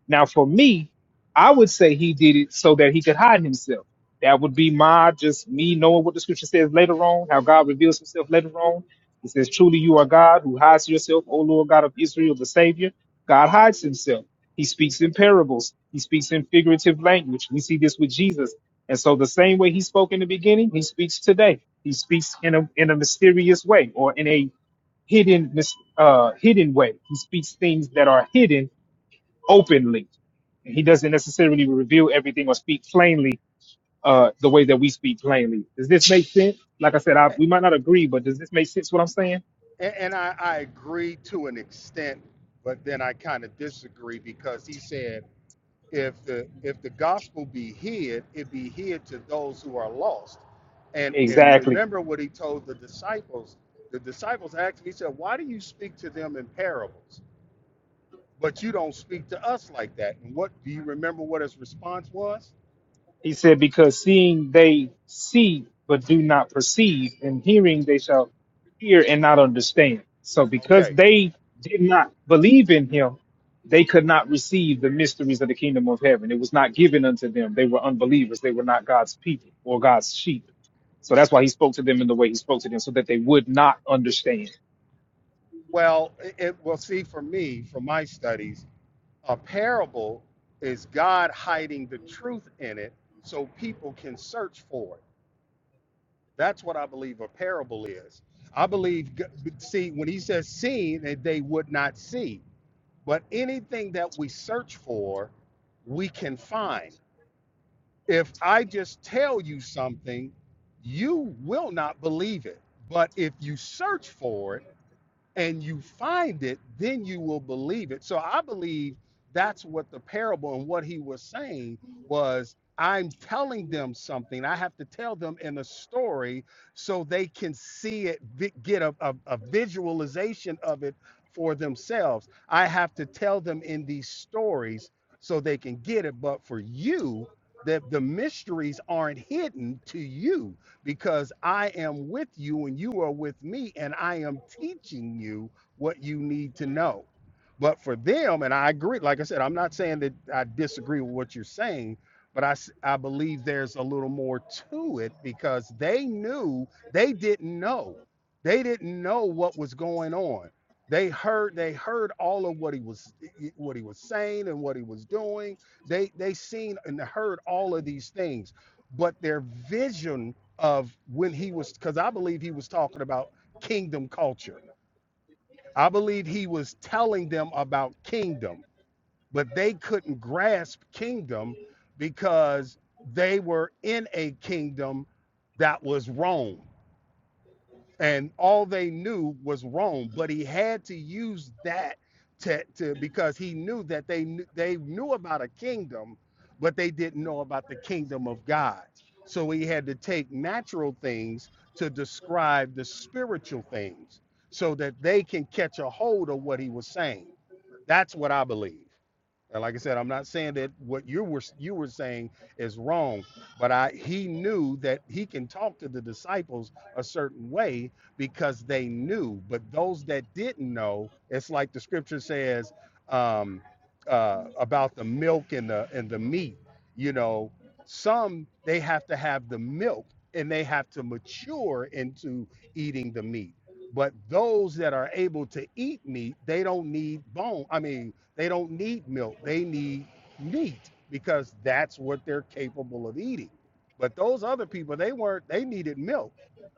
Speaker 3: now, for me, I would say he did it so that he could hide himself. That would be my just me knowing what the scripture says later on, how God reveals himself later on. It says, Truly you are God who hides yourself, O Lord God of Israel, the Savior. God hides himself. He speaks in parables, he speaks in figurative language. We see this with Jesus. And so, the same way he spoke in the beginning, he speaks today. He speaks in a, in a mysterious way or in a hidden, mis- uh, hidden way. He speaks things that are hidden openly. He doesn't necessarily reveal everything or speak plainly uh, the way that we speak plainly. Does this make sense? Like I said, I, we might not agree, but does this make sense what I'm saying?
Speaker 16: And, and I, I agree to an extent, but then I kind of disagree because he said, if the if the gospel be hid, it be hid to those who are lost. And and
Speaker 3: Exactly.
Speaker 16: remember what he told the disciples. The disciples asked him, he said, Why do you speak to them in parables? But you don't speak to us like that. And what do you remember what his response was?
Speaker 3: He said, Because seeing they see but do not perceive, and
Speaker 16: Hmm,
Speaker 3: hearing they shall hear and not understand. So because
Speaker 16: Okay.
Speaker 3: they did not believe in him, they could not receive the mysteries of the kingdom of heaven. It was not given unto them. They were unbelievers. They were not God's people or God's sheep. So that's why he spoke to them in the way he spoke to them, so that they would not understand.
Speaker 16: Well, it, it- well see for me, from my studies, A parable is God hiding the truth in it so people can search for it. That's what I believe a parable is. I believe, g- see, when he says seen, that they would not see. But anything that we search for, we can find. If I just tell you something, you will not believe it. But if you search for it, and you find it, then you will believe it. So I believe that's what the parable and what he was saying was I'm telling them something. I have to tell them in a story so they can see it, vi- get a, a, a visualization of it for themselves. I have to tell them in these stories so they can get it. But for you, that the mysteries aren't hidden to you because I am with you and you are with me, and I am teaching you what you need to know. But for them, and I agree, like I said, I'm not saying that I disagree with what you're saying, but I, s- I believe there's a little more to it because they knew they didn't know. They didn't know what was going on. They heard they heard all of what he was what he was saying and what he was doing. They they seen and heard all of these things, but their vision of when he was because I believe he was talking about kingdom culture. I believe he was telling them about kingdom, but they couldn't grasp kingdom because they were in a kingdom that was Rome and all they knew was Rome. But he had to use that to, to because he knew that they knew, they knew about a kingdom, but they didn't know about the kingdom of God. So he had to take natural things to describe the spiritual things, so that they can catch a hold of what he was saying. That's what I believe. And like I said, I'm not saying that what you were you were saying is wrong, but I he knew that he can talk to the disciples a certain way because they knew. But those that didn't know, it's like the scripture says um, uh, about the milk and the and the meat. You know, some they have to have the milk and they have to mature into eating the meat. But those that are able to eat meat, they don't need bone. I mean, they don't need milk. They need meat because that's what they're capable of eating. But those other people, they weren't. They needed milk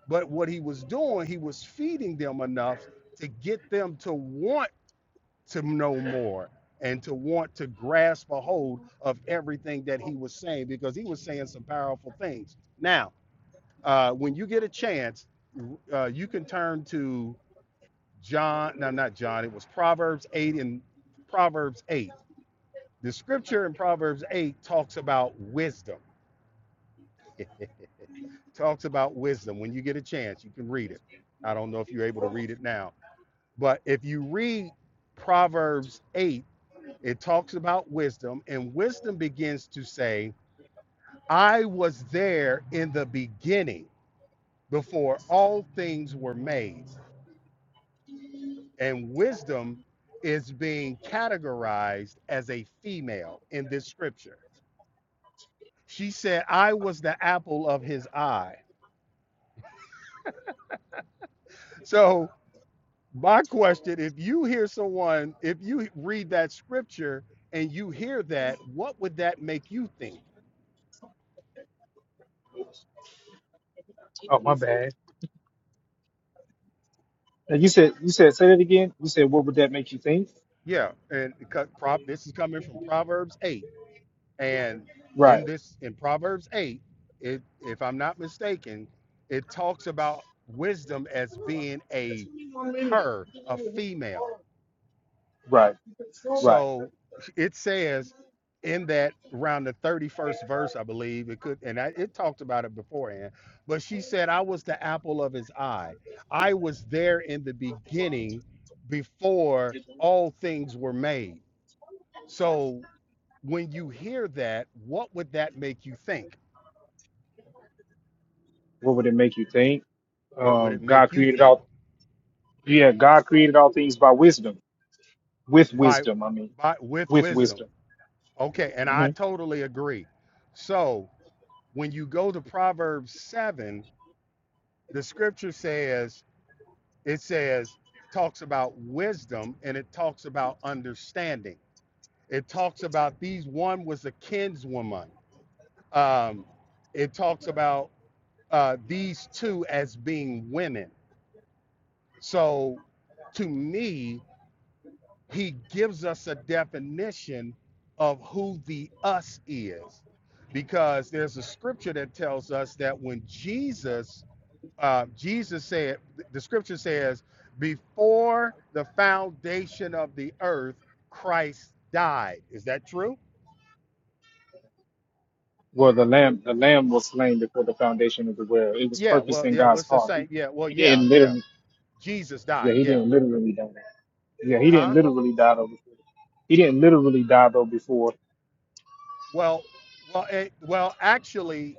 Speaker 16: but what he was doing, he was feeding them enough to get them to want to know more and to want to grasp a hold of everything that he was saying because he was saying some powerful things. Now, uh, when you get a chance, uh, you can turn to John, no, not John, it was Proverbs 8 and Proverbs 8. The scripture in Proverbs 8 talks about wisdom, talks about wisdom. When you get a chance, you can read it. I don't know if you're able to read it now But if you read Proverbs 8, it talks about wisdom, and wisdom begins to say, I was there in the beginning before all things were made. And wisdom is being categorized as a female in this scripture. She said, I was the apple of his eye. So, my question if you hear someone, if you read that scripture and you hear that, what would that make you think?
Speaker 3: Oh my bad. Now you said you said say that again. You said what would that make you think?
Speaker 16: Yeah, and it cut- prop this is coming from Proverbs 8. And
Speaker 3: Right.
Speaker 16: in this in Proverbs 8, it if I'm not mistaken, it talks about wisdom as being a her, a female.
Speaker 3: Right. Right.
Speaker 16: So it says in that around the 31st verse, I believe it could, and I, it talked about it beforehand. But she said, I was the apple of his eye. I was there in the beginning before all things were made. So when you hear that, what would that make you think?
Speaker 3: What would it make you think?
Speaker 16: What would it
Speaker 3: Um, God
Speaker 16: make you
Speaker 3: created
Speaker 16: think?
Speaker 3: all. Yeah, God created all things by wisdom. With
Speaker 16: By
Speaker 3: wisdom, I mean,
Speaker 16: by with
Speaker 3: with
Speaker 16: wisdom.
Speaker 3: wisdom.
Speaker 16: Okay, and I
Speaker 3: hmm
Speaker 16: totally agree. So when you go to Proverbs 7, the scripture says, it says, talks about wisdom and it talks about understanding. It talks about these, one was a kinswoman. Um, it talks about uh, these two as being women So to me, he gives us a definition of who the us is. Because there's a scripture that tells us that when Jesus, uh, Jesus said, the scripture says, before the foundation of the earth, Christ died. Is that true?
Speaker 3: Well, the lamb, the lamb was slain before the foundation of the world. It was
Speaker 16: Yeah.
Speaker 3: purpose
Speaker 16: Well,
Speaker 3: in
Speaker 16: yeah.
Speaker 3: God's
Speaker 16: What's the
Speaker 3: heart. He,
Speaker 16: same? Yeah. Well,
Speaker 3: he
Speaker 16: yeah.
Speaker 3: didn't
Speaker 16: Yeah.
Speaker 3: literally.
Speaker 16: Jesus
Speaker 3: Yeah,
Speaker 16: died.
Speaker 3: he
Speaker 16: Yeah.
Speaker 3: didn't literally die. Yeah, he didn't
Speaker 16: Huh?
Speaker 3: literally die though. Before. He didn't literally die though before.
Speaker 16: Well, well, it, well. Actually,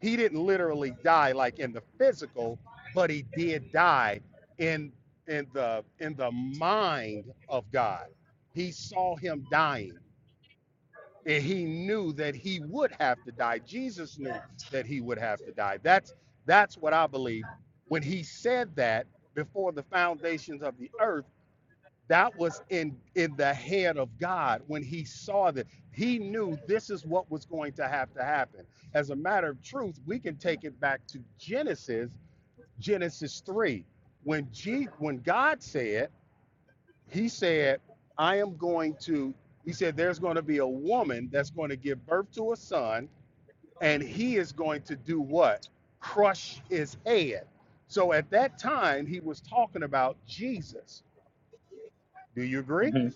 Speaker 16: he didn't literally die like in the physical, but he did die in in the in the mind of God. He saw him dying, and he knew that he would have to die. Jesus knew that he would have to die. That's that's what I believe. When he said that before the foundations of the earth that was in in the head of god when he saw that he knew this is what was going to have to happen as a matter of truth we can take it back to genesis genesis 3 when G, when god said he said i am going to he said there's going to be a woman that's going to give birth to a son and he is going to do what crush his head so at that time he was talking about jesus do you agree
Speaker 3: hmm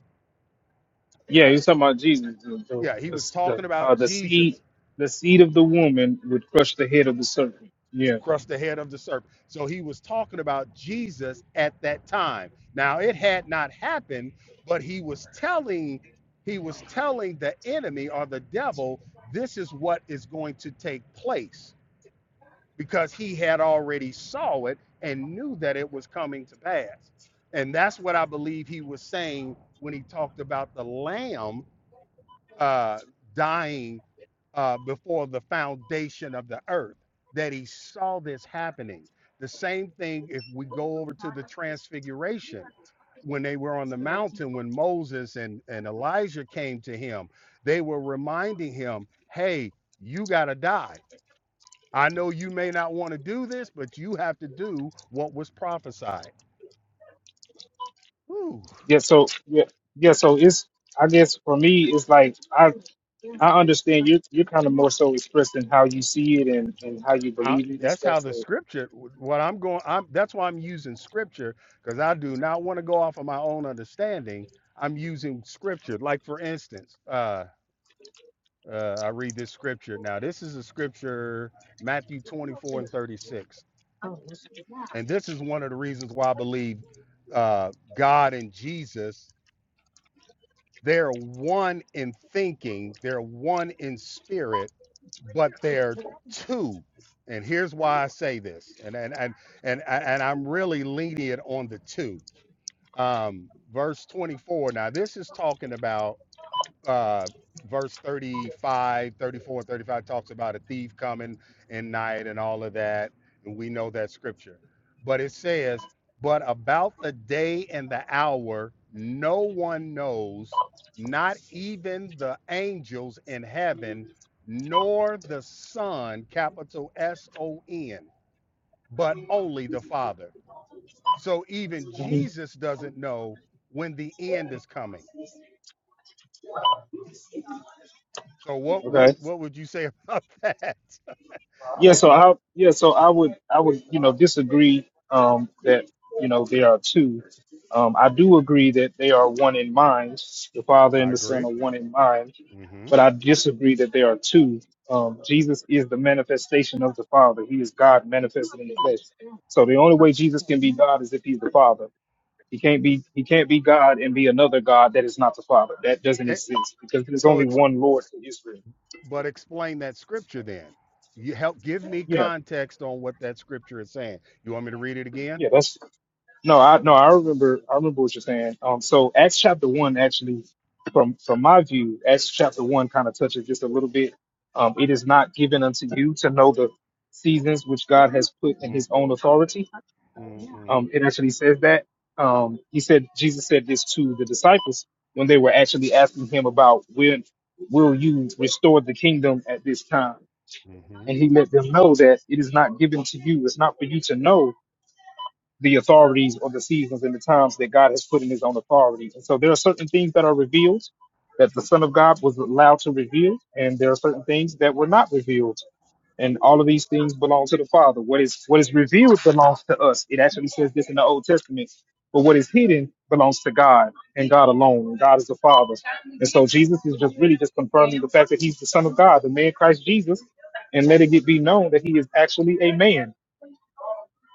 Speaker 3: Yeah, he's talking about Jesus. The the
Speaker 16: yeah, he
Speaker 3: the,
Speaker 16: was
Speaker 3: the,
Speaker 16: talking about
Speaker 3: uh, the seed,
Speaker 16: Jesus
Speaker 3: the seed of the woman would crush the head of the serpent. Yeah.
Speaker 16: crushed the head of the serpent. So he was talking about Jesus at that time. Now it had not happened, but he was telling he was telling the enemy or the devil this is what is going to take place because he had already saw it and knew that it was coming to pass. And that's what I believe he was saying when he talked about the lamb uh, dying uh, before the foundation of the earth, that he saw this happening. The same thing if we go over to the transfiguration, when they were on the mountain, when Moses and, and Elijah came to him, they were reminding him, hey, you got to die. I know you may not want to do this, but you have to do what was prophesied. Whew.
Speaker 3: yeah so yeah yeah so it's i guess for me it's like i i understand you you're kind of more so expressing how you see it and and how you
Speaker 16: I,
Speaker 3: believe it and
Speaker 16: that's
Speaker 3: stuff
Speaker 16: how the
Speaker 3: so
Speaker 16: scripture what i'm going i'm that's why i'm using scripture because i do not want to go off of my own understanding i'm using scripture like for instance uh, uh i read this scripture now this is a scripture matthew 24 and 36 and this is one of the reasons why i believe uh god and jesus They're one in thinking, they're one in spirit, but they're two. And here's why I say this, and and and and, and I'm really lenient on the two. Um, verse 24. Now this is talking about uh, verse 35, 34, 35 talks about a thief coming in night and all of that. And we know that scripture. But it says, But about the day and the hour, no one knows, not even the angels in heaven, nor the Son, capital S O N, but only the Father. So even Jesus doesn't know when the end is coming. So what
Speaker 3: okay.
Speaker 16: what what would you say about that?
Speaker 3: Yeah, so I yeah, so I would I would you know disagree um, that you know there are two. Um, I do agree that they are one in mind. The Father
Speaker 16: I
Speaker 3: and the Son
Speaker 16: agree.
Speaker 3: are one in mind,
Speaker 16: hmm
Speaker 3: but I disagree that they are two. Um, Jesus is the manifestation of the Father. He is God manifested in the flesh. So the only way Jesus can be God is if he's the Father. He can't be he can't be God and be another God that is not the Father. That doesn't
Speaker 16: Eh,
Speaker 3: exist because there's
Speaker 16: So,
Speaker 3: only
Speaker 16: exp-
Speaker 3: one Lord for Israel.
Speaker 16: but explain that scripture then. You help give me
Speaker 3: Yeah,
Speaker 16: context on what that scripture is saying. You want me to read it again?
Speaker 3: yeah, that's No, I no, I remember. I remember what you're saying. Um, so Acts chapter one actually, from from my view, Acts chapter one kind of touches just a little bit. Um, it is not given unto you to know the seasons which God has put in His own authority.
Speaker 16: Mm-mm-mm.
Speaker 3: Um, it actually says that. Um, he said Jesus said this to the disciples when they were actually asking him about when will you restore the kingdom at this time, and he let them know that it is not given to you. It's not for you to know the authorities or the seasons and the times that God has put in his own authority. And so there are certain things that are revealed that the Son of God was allowed to reveal, and there are certain things that were not revealed. And all of these things belong to the Father. What is what is revealed belongs to us. It actually says this in the Old Testament. But what is hidden belongs to God and God alone. And God is the Father. And so Jesus is just really just confirming the fact that he's the Son of God, the man Christ Jesus, and let it be known that he is actually a man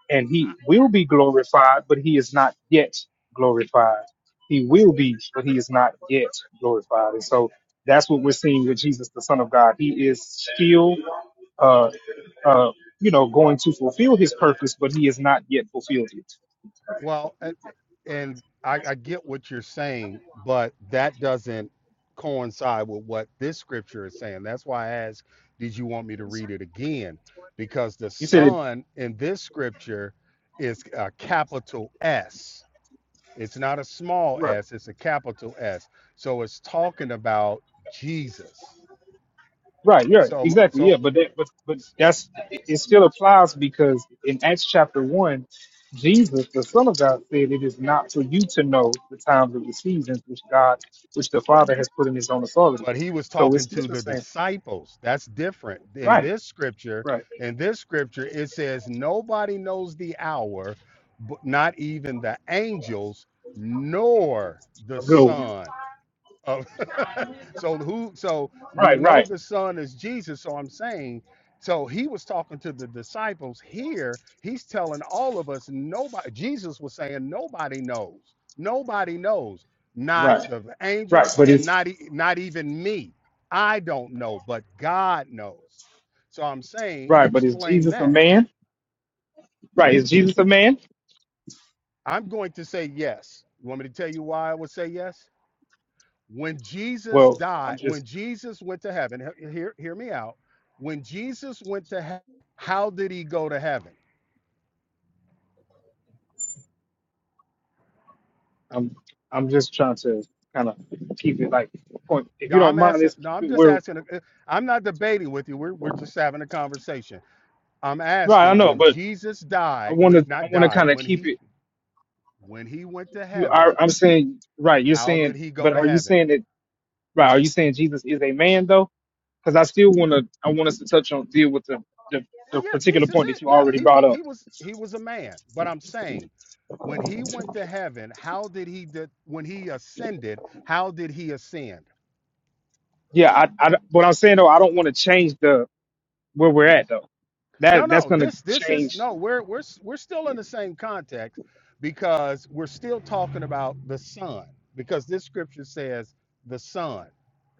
Speaker 3: and he will be glorified, but he is not yet glorified. He will be, but he is not yet glorified. And so that's what we're seeing with Jesus, the Son of God. He is still, uh, uh, you know, going to fulfill his purpose, but he has not yet fulfilled it.
Speaker 16: Well, a- and I, I get what you're saying, but that doesn't coincide with what this scripture is saying. That's why I asked, did you want me to read it again? Because the
Speaker 3: You said it
Speaker 16: Son in this scripture is a capital S. It's not a small
Speaker 3: right.
Speaker 16: s, it's a capital S. So it's talking about Jesus.
Speaker 3: Right, yeah,
Speaker 16: So,
Speaker 3: exactly,
Speaker 16: so
Speaker 3: yeah, but that, but but that's it it still applies because in Acts chapter one, Jesus, the Son of God, said it is not for you to know the times of the seasons which God, which the Father has put in His own authority.
Speaker 16: but he was
Speaker 3: So it's
Speaker 16: talking
Speaker 3: still
Speaker 16: to
Speaker 3: the
Speaker 16: the
Speaker 3: same,
Speaker 16: disciples. That's different. In
Speaker 3: right?
Speaker 16: this scripture,
Speaker 3: Right,
Speaker 16: in this scripture, it says, Nobody knows the hour, but not even the angels, nor the
Speaker 3: a good one.
Speaker 16: Son. of. So who so we
Speaker 3: Right,
Speaker 16: know
Speaker 3: right,
Speaker 16: the son is Jesus, so I'm saying so he was talking to the disciples here. He's telling all of us nobody Jesus was saying nobody knows. Nobody knows. Not
Speaker 3: right,
Speaker 16: the
Speaker 3: right.
Speaker 16: angels
Speaker 3: But
Speaker 16: and
Speaker 3: it's
Speaker 16: not e- not even me. I don't know, but God knows. So I'm saying
Speaker 3: right, but is
Speaker 16: explain
Speaker 3: Jesus a
Speaker 16: that.
Speaker 3: man? Right, is Jesus a man?
Speaker 16: I'm going to say yes. You want me to tell you why I would say yes? when Jesus
Speaker 3: Well, I'm
Speaker 16: died, when
Speaker 3: just,
Speaker 16: Jesus went to heaven, hear, hear me out. When Jesus went to heaven, how did he go to heaven?
Speaker 3: I'm, I'm just trying to kind of keep it like point. If
Speaker 16: Now
Speaker 3: you
Speaker 16: I'm
Speaker 3: don't mind,
Speaker 16: asking,
Speaker 3: let's
Speaker 16: no,
Speaker 3: keep
Speaker 16: I'm
Speaker 3: it
Speaker 16: just
Speaker 3: where.
Speaker 16: asking, uh, I'm not debating with you. We're, we're just having a conversation. I'm
Speaker 3: Right, I
Speaker 16: asking
Speaker 3: know,
Speaker 16: when
Speaker 3: but
Speaker 16: Jesus
Speaker 3: I
Speaker 16: died,
Speaker 3: want
Speaker 16: when
Speaker 3: to I
Speaker 16: not
Speaker 3: want to
Speaker 16: died,
Speaker 3: kind of
Speaker 16: when
Speaker 3: keep
Speaker 16: he
Speaker 3: it.
Speaker 16: when he went to
Speaker 3: You
Speaker 16: heaven,
Speaker 3: are I'm saying right. You're
Speaker 16: how did
Speaker 3: saying,
Speaker 16: he go
Speaker 3: but
Speaker 16: to
Speaker 3: are you
Speaker 16: heaven?
Speaker 3: saying that right? Are you saying Jesus is a man though? Because I still want to I want us to touch on deal with the, the
Speaker 16: Well,
Speaker 3: the
Speaker 16: yeah,
Speaker 3: particular
Speaker 16: Jesus
Speaker 3: point that
Speaker 16: it.
Speaker 3: you
Speaker 16: Yeah,
Speaker 3: already
Speaker 16: he was
Speaker 3: brought up.
Speaker 16: he was he was a man. But I'm saying when he went to heaven, how did he did when he ascended, how did he ascend?
Speaker 3: Yeah, I, I what I'm saying though, I don't want to change the where we're at though.
Speaker 16: No,
Speaker 3: That that's
Speaker 16: no.
Speaker 3: gonna
Speaker 16: This this is
Speaker 3: change.
Speaker 16: no. We're we're s- we're still in the same context because we're still talking about the son because this scripture says the son.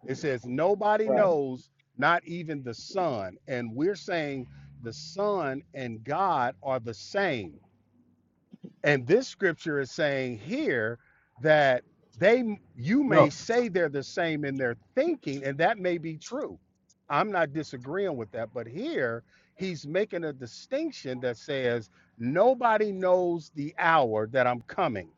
Speaker 16: It says nobody
Speaker 3: Right.
Speaker 16: knows, not even the son, and we're saying the son and God are the same. And this scripture is saying here that they you may
Speaker 3: No,
Speaker 16: say they're the same in their thinking, and that may be true. I'm not disagreeing with that, but here he's making a distinction that says nobody knows the hour that I'm coming,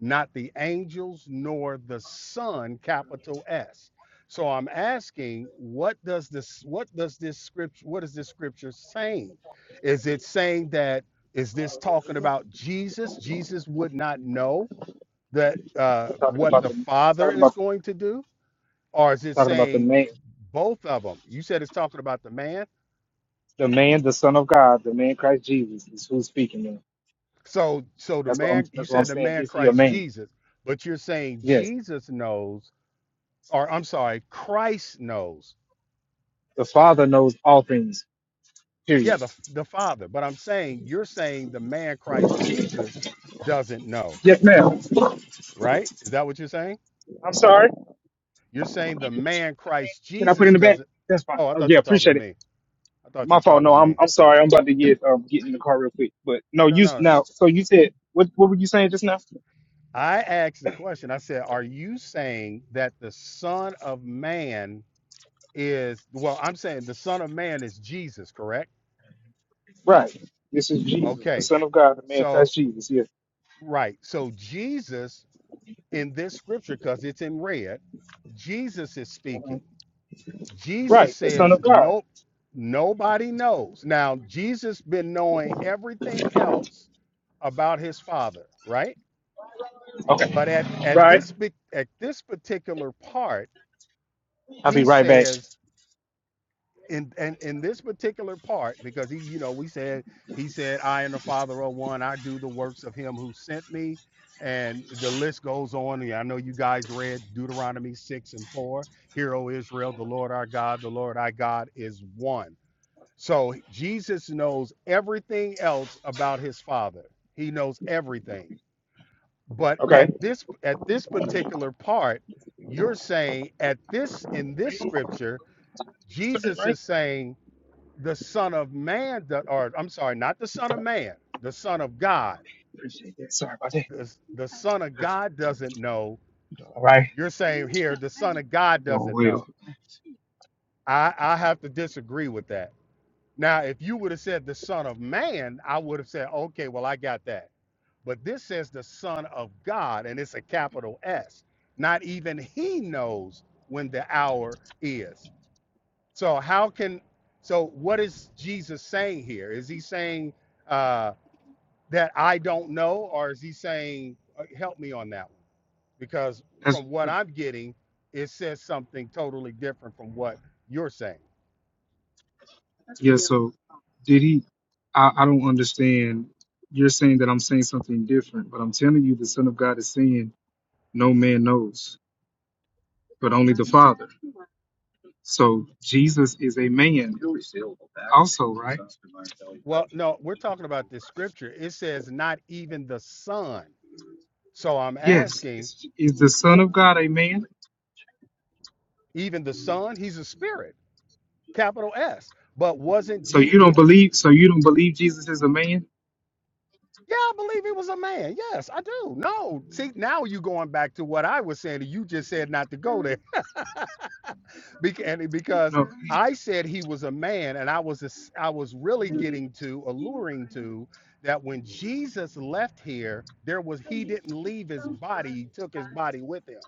Speaker 16: not the angels nor the son, capital S. So I'm asking, what does this what does this scripture what is this scripture saying? Is it saying that is this talking about Jesus? Jesus would not know that uh,
Speaker 3: we're talking
Speaker 16: what
Speaker 3: about
Speaker 16: the
Speaker 3: the
Speaker 16: Father
Speaker 3: talking
Speaker 16: is
Speaker 3: about
Speaker 16: going to do, or is it
Speaker 3: talking about the
Speaker 16: saying
Speaker 3: man,
Speaker 16: both of them? You said it's talking about the man.
Speaker 3: the man, the Son of God, the man Christ Jesus is who's speaking. Now.
Speaker 16: So, so the
Speaker 3: That's what I'm.
Speaker 16: man. You
Speaker 3: That's what I'm
Speaker 16: said the
Speaker 3: saying.
Speaker 16: man
Speaker 3: Is he a
Speaker 16: Christ
Speaker 3: man?
Speaker 16: Jesus, but you're saying
Speaker 3: Yes.
Speaker 16: Jesus knows, or I'm sorry, Christ knows.
Speaker 3: The Father knows all things Period.
Speaker 16: Yeah, the the Father. But I'm saying you're saying the man Christ Jesus doesn't know,
Speaker 3: Yes, ma'am.
Speaker 16: right? Is that what you're saying?
Speaker 3: I'm sorry.
Speaker 16: You're saying the man Christ
Speaker 3: Can I put it
Speaker 16: Jesus
Speaker 3: in the back?
Speaker 16: doesn't.
Speaker 3: That's fine.
Speaker 16: Oh, I
Speaker 3: Oh,
Speaker 16: thought
Speaker 3: yeah,
Speaker 16: you were talking to
Speaker 3: appreciate it.
Speaker 16: me. I thought you
Speaker 3: My
Speaker 16: were
Speaker 3: fault.
Speaker 16: talking
Speaker 3: No,
Speaker 16: to
Speaker 3: I'm
Speaker 16: me.
Speaker 3: I'm sorry. I'm about to get um get in the car real quick. But no,
Speaker 16: No,
Speaker 3: you
Speaker 16: no.
Speaker 3: now. So you said what what were you saying just now?
Speaker 16: I asked the question. I said, Are you saying that the Son of Man is, well, I'm saying the Son of Man is Jesus, correct?
Speaker 3: Right. This is Jesus, the
Speaker 16: Okay.
Speaker 3: Son of God, the man
Speaker 16: So,
Speaker 3: Christ Jesus. Yes.
Speaker 16: right. So, Jesus in this scripture, because it's in red, Jesus is
Speaker 3: Uh-huh.
Speaker 16: speaking. Jesus
Speaker 3: Right. The Son
Speaker 16: says,
Speaker 3: of God.
Speaker 16: Nope, nobody knows. Now, Jesus been knowing everything else about his Father, right?
Speaker 3: Okay.
Speaker 16: But at, at
Speaker 3: Right.
Speaker 16: this at this particular part,
Speaker 3: I'll be
Speaker 16: he
Speaker 3: right back.
Speaker 16: says in and in, in this particular part, because he, you know, we said he said, I and the Father are one, I do the works of him who sent me. And the list goes on. And I know you guys read Deuteronomy six and four. Hear, O Israel, the Lord our God, the Lord our God is one. So Jesus knows everything else about his father. He knows everything. But
Speaker 3: Okay.
Speaker 16: at this at this particular part, you're saying at this in this scripture, Jesus
Speaker 3: Right.
Speaker 16: is saying the Son of Man, do- or I'm sorry, not the Son of Man, the Son of God.
Speaker 3: Appreciate that. Sorry about that.
Speaker 16: The, the Son of God doesn't know.
Speaker 3: All right.
Speaker 16: You're saying here the Son of
Speaker 3: I'm
Speaker 16: God
Speaker 3: doing
Speaker 16: doesn't
Speaker 3: well.
Speaker 16: know. I, I have to disagree with that. Now, if you would have said the Son of Man, I would have said, okay, well, I got that But this says the Son of God, and it's a capital S. Not even he knows when the hour is. So, how can, so what is Jesus saying here? Is he saying uh, that I don't know, or is he saying, uh, help me on that one? Because from
Speaker 3: That's
Speaker 16: what I'm getting, it says something totally different from what you're saying.
Speaker 3: Yeah, so did he? I, I don't understand. You're saying that I'm saying something different, but I'm telling you the Son of God is saying, No man knows, but only the Father. So Jesus is a man also, right?
Speaker 16: Well, no, we're talking about this scripture. It says, not even the Son. So, I'm
Speaker 3: Yes.
Speaker 16: asking,
Speaker 3: Is, is the
Speaker 16: who
Speaker 3: Son of God a man?
Speaker 16: Even the Son, he's a spirit, capital S. But wasn't
Speaker 3: So
Speaker 16: G
Speaker 3: you don't
Speaker 16: didn't
Speaker 3: believe so you don't believe Jesus is a man?
Speaker 16: yeah, I believe he was a man. Yes, I do. No. See, now you going back to what I was saying. You just said not to go there. Bec- and it- Because
Speaker 3: No.
Speaker 16: I said he was a man, and I was a s- I was really getting to, alluring to that when Jesus left here, there was he didn't leave his body, he took his body with him.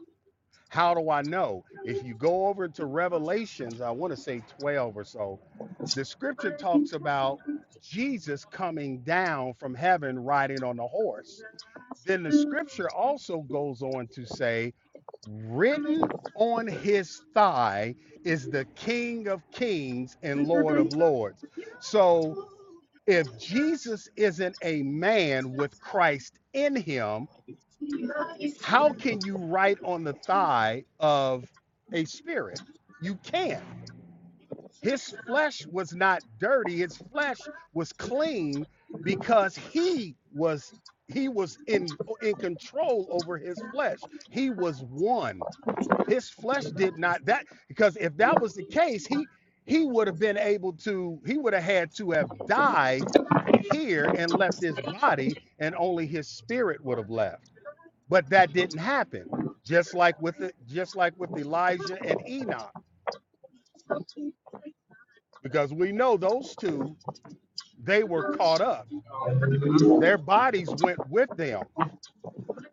Speaker 16: How do I know? If you go over to Revelations, I want to say 12 or so, The scripture talks about Jesus coming down from heaven riding on a horse. Then the scripture also goes on to say, written on his thigh is the King of Kings and Lord of Lords. So if Jesus isn't a man with Christ in him, how can you write on the thigh of a spirit? You can't. His flesh was not dirty. His flesh was clean because he was he was in in control over his flesh. He was one. His flesh did not that because if that was the case, he he would have been able to he would have had to have died here and left his body and only his spirit would have left. But that didn't happen. Just like with the, just like with Elijah and Enoch because we know those two they were caught up. Their bodies went with them.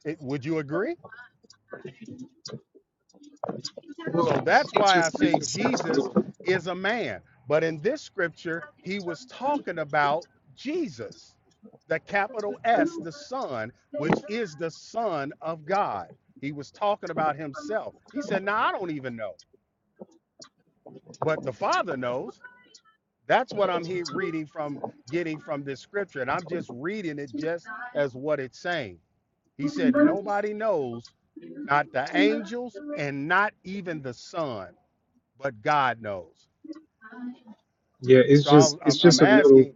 Speaker 16: It- would you agree?
Speaker 3: Well,
Speaker 16: So that's
Speaker 3: it's
Speaker 16: why I
Speaker 3: just,
Speaker 16: say
Speaker 3: it's just
Speaker 16: Jesus is a man. But in this scripture, he was talking about Jesus, the capital S, the Son, which is the Son of God. He was talking about himself. He said, Now I don't even know, but the Father knows. That's what I'm here reading from, getting from this scripture. And I'm just reading it just as what it's saying. He said, Nobody knows not the angels, and not even the Son, but God knows.
Speaker 3: yeah, it's
Speaker 16: So
Speaker 3: just
Speaker 16: I,
Speaker 3: it's
Speaker 16: I'm, I'm
Speaker 3: just a little
Speaker 16: asking,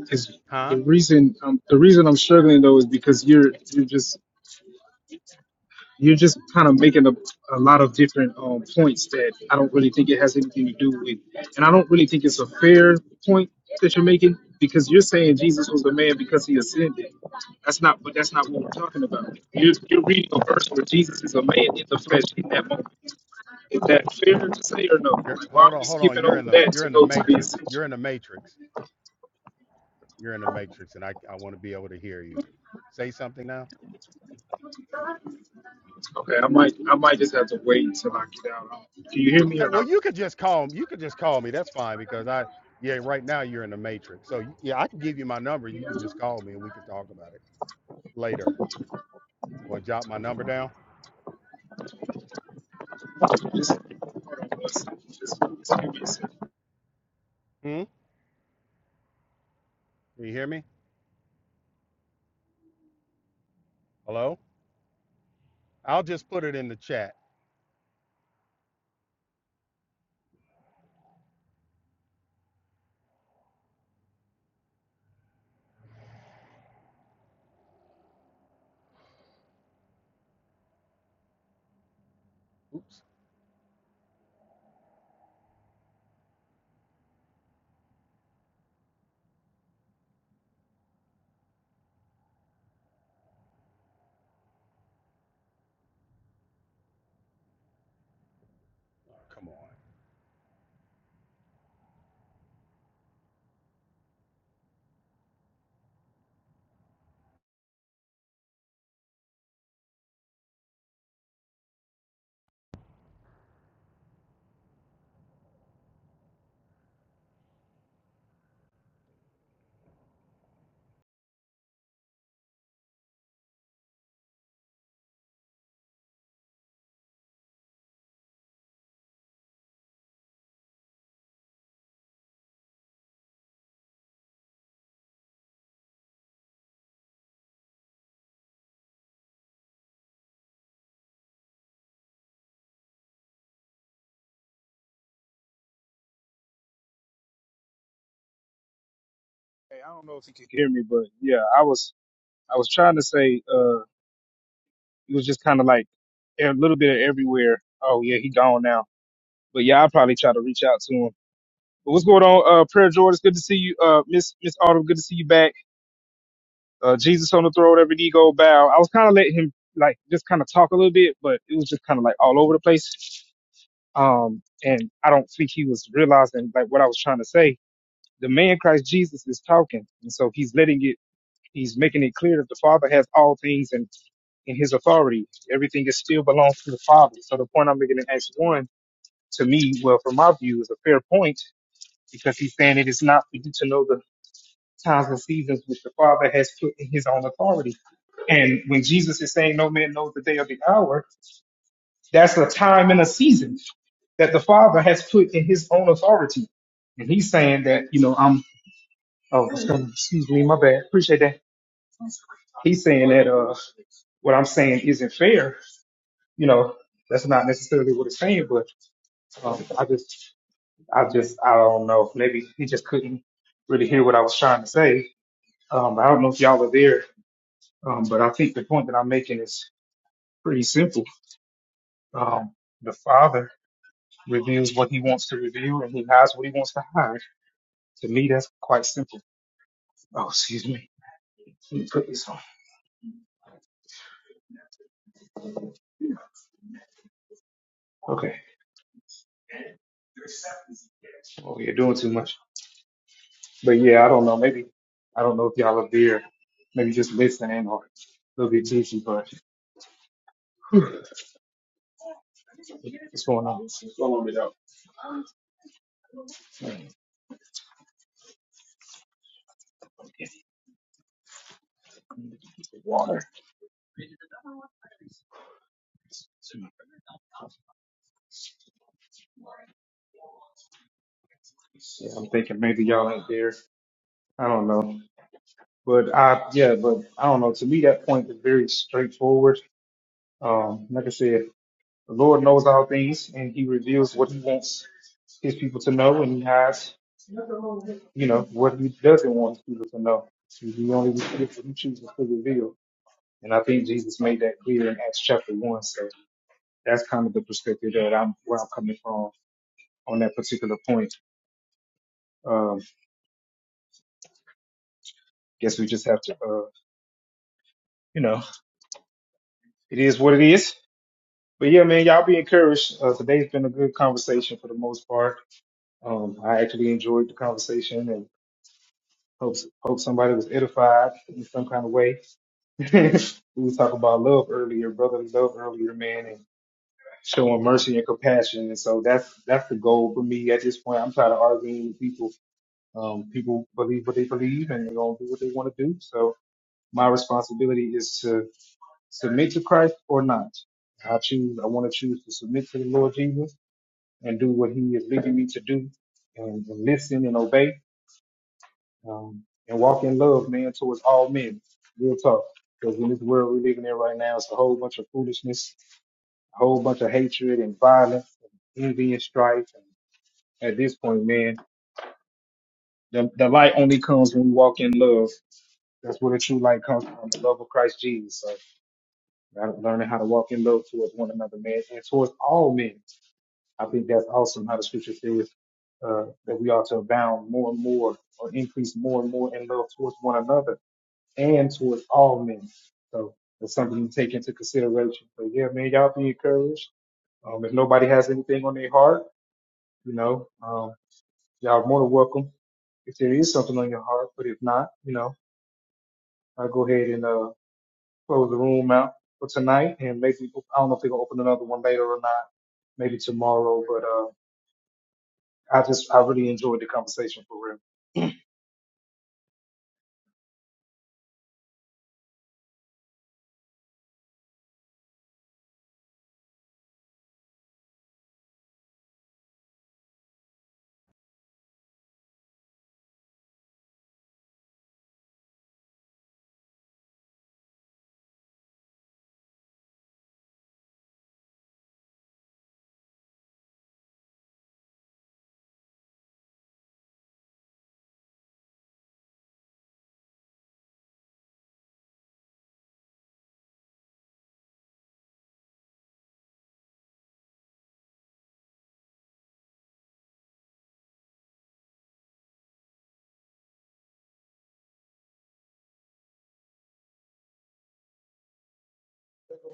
Speaker 3: Because the
Speaker 16: huh?
Speaker 3: reason um, the reason I'm struggling though is because you're you're just you're just kind of making a, a lot of different um, points that I don't really think it has anything to do with, and I don't really think it's a fair point that you're making because you're saying Jesus was a man because he ascended. That's not but that's not what we're talking about. You're, you're reading a verse where Jesus is a man in the flesh in that moment. Is that fair to say or no?
Speaker 16: You're,
Speaker 3: Like why are
Speaker 16: hold
Speaker 3: we
Speaker 16: on, hold on.
Speaker 3: skipping
Speaker 16: You're in
Speaker 3: over
Speaker 16: the
Speaker 3: that
Speaker 16: you're
Speaker 3: to
Speaker 16: in the
Speaker 3: go to the
Speaker 16: matrix.
Speaker 3: ascension?
Speaker 16: You're in the matrix. You're in the matrix, and I, I want to be able to hear you. Say something now.
Speaker 3: Okay, I might I might just have to wait until I get out. Um, Can you hear me
Speaker 16: Okay.
Speaker 3: or
Speaker 16: Well,
Speaker 3: no?
Speaker 16: you could just call you could just call me. That's fine because I yeah right now you're in the matrix. So yeah, I can give you my number. You can just call me and we can talk about it later. Want to jot my number down?
Speaker 3: Just, hold on one second. Just, just give me a second.
Speaker 16: Hmm. Can you hear me? Hello. I'll just put it in the chat. Oops. Oh, come on.
Speaker 3: Hey, I don't know if you can hear me, but yeah, I was I was trying to say uh it was just kind of like a little bit of everywhere. Oh yeah, he gone now. But yeah, I'll probably try to reach out to him. But what's going on? Uh, Prayer Jordan, it's good to see you. Uh, Miss Miss Autumn, good to see you back. Uh, Jesus on the throne, every knee go bow. I was kind of letting him like just kind of talk a little bit, but it was just kind of like all over the place. Um, and I don't think he was realizing like what I was trying to say. The man Christ Jesus is talking, and so he's letting it. He's making it clear that the Father has all things and in His authority. Everything is still belongs to the Father. So the point I'm making in Acts one, to me, well, from my view, is a fair point because he's saying it is not for you to know the times and seasons which the Father has put in His own authority. And when Jesus is saying, "No man knows the day or the hour," that's a time and a season that the Father has put in his own authority. And he's saying that, you know, I'm, oh, excuse excuse me, my bad. Appreciate that. He's saying that, uh, what I'm saying isn't fair. You know, that's not necessarily what it's saying, but, um, I just, I just, I don't know. Maybe he just couldn't really hear what I was trying to say. Um, I don't know if y'all are there. Um, but I think the point that I'm making is pretty simple. Um, the Father reveals what he wants to reveal and he hides what he wants to hide. To me, that's quite simple. Oh, excuse me. He took his home. He's the only Jesus could reveal. And I think Jesus made that clear in Acts chapter one. So that's kind of the perspective that I'm where I'm coming from on that particular point. Um, guess we just have to, uh, you know, it is what it is. But yeah, man, y'all be encouraged. Uh, today's been a good conversation for the most part. Um, I actually enjoyed the conversation he is leading me to do and, and listen and obey. um, and walk in love, man, towards all men. Real talk. Because in this world we're living in right now, it's a whole bunch of foolishness, a whole bunch of hatred and violence, and envy and strife. And at this point, man, the, the light only comes when we walk in love. That's where the true light comes from, the love of Christ Jesus. So I'm learning how to walk in love towards one another, man. And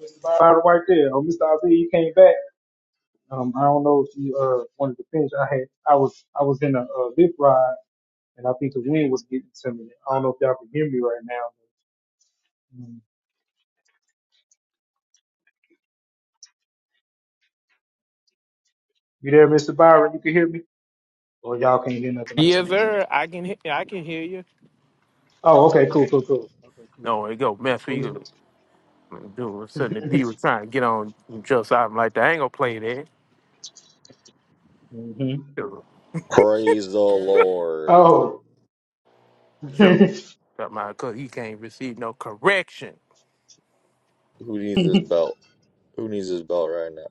Speaker 3: Mr. Byron right there. Oh, Mr. Isaiah, you came back. Um, I don't know if you uh wanted to finish. I had I was I was in a, uh lift ride And I think the wind was getting to me. I don't know if y'all can hear me right now. But, mm. you there, Mr. Byron? You can hear me?
Speaker 9: Yes, sir. I can, he- I can hear you. No, there you go, man. So you dude, suddenly D was trying to get on just out like that. I ain't gonna play that. Sure,
Speaker 6: Praise the Lord.
Speaker 9: sure. Got my cause he can't receive no correction.
Speaker 6: Who needs this belt? Who needs this belt right now?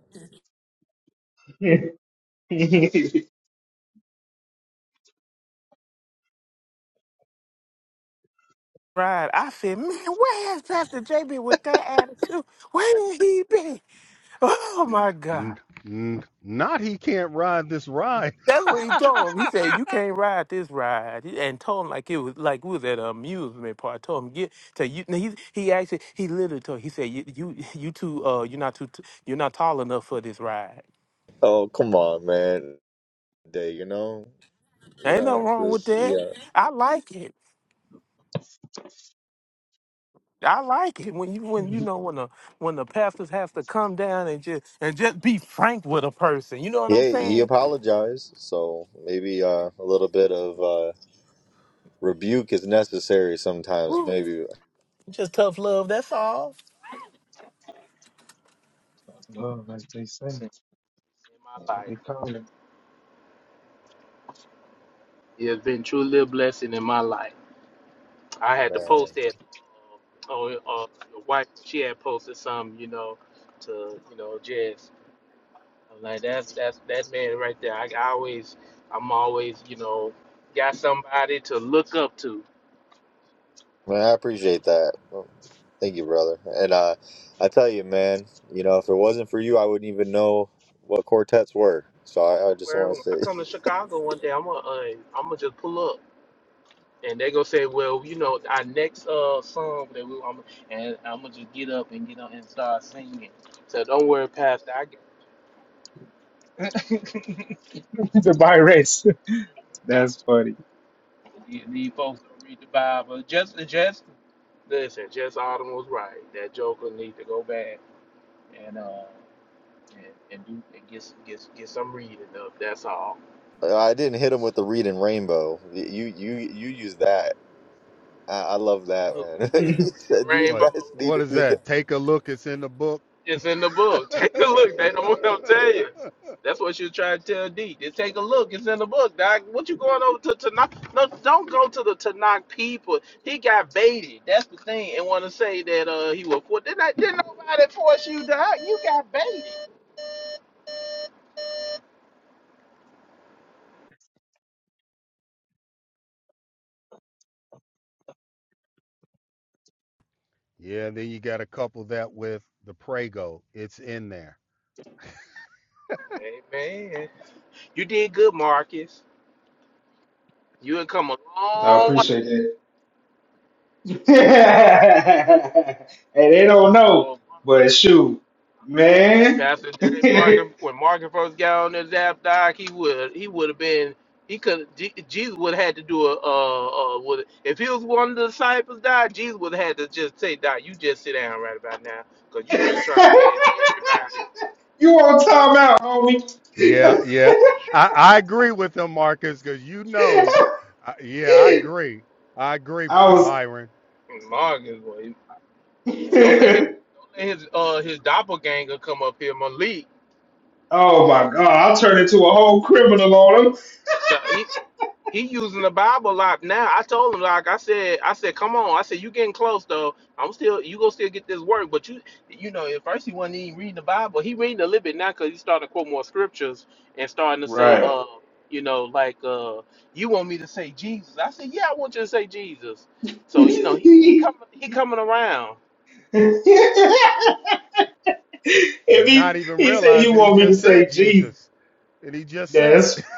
Speaker 9: Right. I said, man, where has Pastor JB with that attitude? Where did he be? Oh my
Speaker 16: N-
Speaker 9: God.
Speaker 16: n- not he can't ride this ride.
Speaker 9: That's what he told him. He said, "You can't ride this ride," He- and told him like it was like we was at an amusement park. told him get to you. now He he actually he literally told he said you you you too uh you're not too t- you're not tall enough for this ride.
Speaker 6: Oh, come on, man. Day, you know, you
Speaker 9: ain't
Speaker 6: know,
Speaker 9: nothing
Speaker 6: it's
Speaker 9: wrong with
Speaker 6: just,
Speaker 9: that.
Speaker 6: yeah.
Speaker 9: I like it. I like it when you when you know when the when the pastors have to come down and just and just be frank with a person. You know what I'm
Speaker 6: Yeah, he
Speaker 9: saying?
Speaker 6: apologized, so maybe uh, a little bit of uh, rebuke is necessary sometimes.
Speaker 9: Ooh,
Speaker 6: Maybe,
Speaker 9: just tough love. That's all. Blessing in my life. It has been truly a blessing in my life. I had to
Speaker 6: man,
Speaker 9: post that. Uh, oh, uh, your wife, she had posted some, you know, to you know, just I'm like that's that's that man right there. I, I always, I'm always, you know, got somebody to look up to.
Speaker 6: man, I appreciate that. Well, Thank you, brother. And uh, I tell you, man, you know, if it wasn't for you, I wouldn't even know what quartets were. So I, I just
Speaker 9: Where
Speaker 6: want
Speaker 9: when I
Speaker 6: to
Speaker 9: come to Chicago one day, I'm gonna uh, I'm gonna just pull up. And they gonna say, well, you know, our next uh song that we, I'm, and I'm gonna just get up and get on and start singing. So don't worry, Pastor, I got.
Speaker 3: Mr. Byron. That's funny.
Speaker 9: You need folks not read the Bible. Just, just listen. Just Autumn was right. That Joker need to go back and uh and, and do and get s- get s- get some reading up. That's all.
Speaker 6: say, I didn't hit him with the reading rainbow. You, you, you use that. I, I love that,
Speaker 9: Look,
Speaker 6: man.
Speaker 9: the
Speaker 6: he said these
Speaker 9: rainbow.
Speaker 16: What
Speaker 6: guys need
Speaker 16: what
Speaker 6: to
Speaker 16: is
Speaker 6: do that.
Speaker 16: that? Take a look. It's in the book.
Speaker 9: is in the book. Take a look. They don't want to tell you. That's what you trying to tell D. Just take a look. It's in the book, Doc. What you going over to Tanakh? No, don't go to the Tanakh people. He got baited. That's the thing. And want to say that uh he was for. Didn't, I- didn't nobody force you, Doc? You got baited.
Speaker 16: yeah. Then you got to couple that with the Prego. It's in there.
Speaker 9: Amen. You did good, Marcus. You had come a
Speaker 3: I
Speaker 9: long
Speaker 3: appreciate
Speaker 9: way.
Speaker 3: that. hey, they don't know,
Speaker 9: Well,
Speaker 3: but shoot, man.
Speaker 9: Pastor Jerry Morgan, when Morgan first got on this app, doc, he would he would have been he could Jesus would have had to do a uh uh would if he was one of the disciples, doc, Jesus would have had to just say, doc, you just sit down right about now, cause you just trying to catch everybody.
Speaker 16: Yeah. Yeah. I, I agree with him, Marcus, because you know. I, yeah, I agree. I agree, By- Byron,
Speaker 9: And Morgan, boy, and don't let his don't let his uh his doppelganger come up here, Malik. Doc, He, he using the Bible a lot now. I told him like I said, I said, come on. I said you getting close though. I'm still you gonna still get this work, but you you know at first he wasn't even reading the Bible. He reading a little bit now because he starting to quote more scriptures and starting to say, uh, you know, like uh, you want me to say Jesus? I said, yeah, I want you to say Jesus. So you know he he coming he coming around.
Speaker 16: and not even realize that he just said Jesus, and he just said it.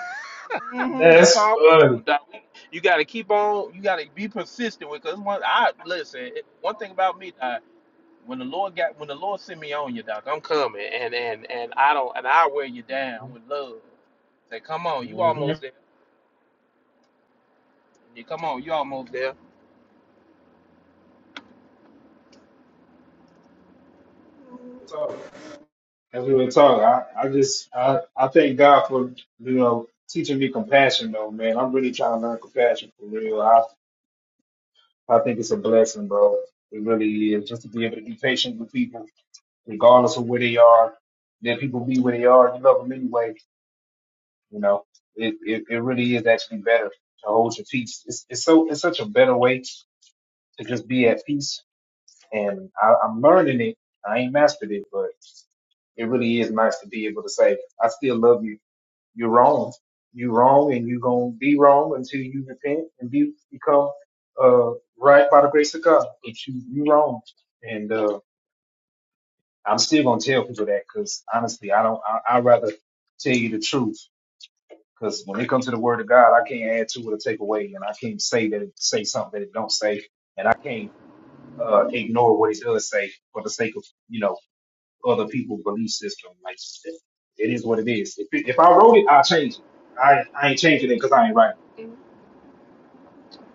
Speaker 9: hmm that's all. we want, Doc. We- You gotta keep on. You gotta be persistent with. Cause one, I listen. One thing about me, Doc, when the Lord got when the Lord sent me on you, doc, I'm coming and and and I don't and I wear you down with love. Say, come on, you
Speaker 3: Mhm.
Speaker 9: almost there. You come on, you almost there.
Speaker 3: As we were talking, I, I just I, I thank God for you know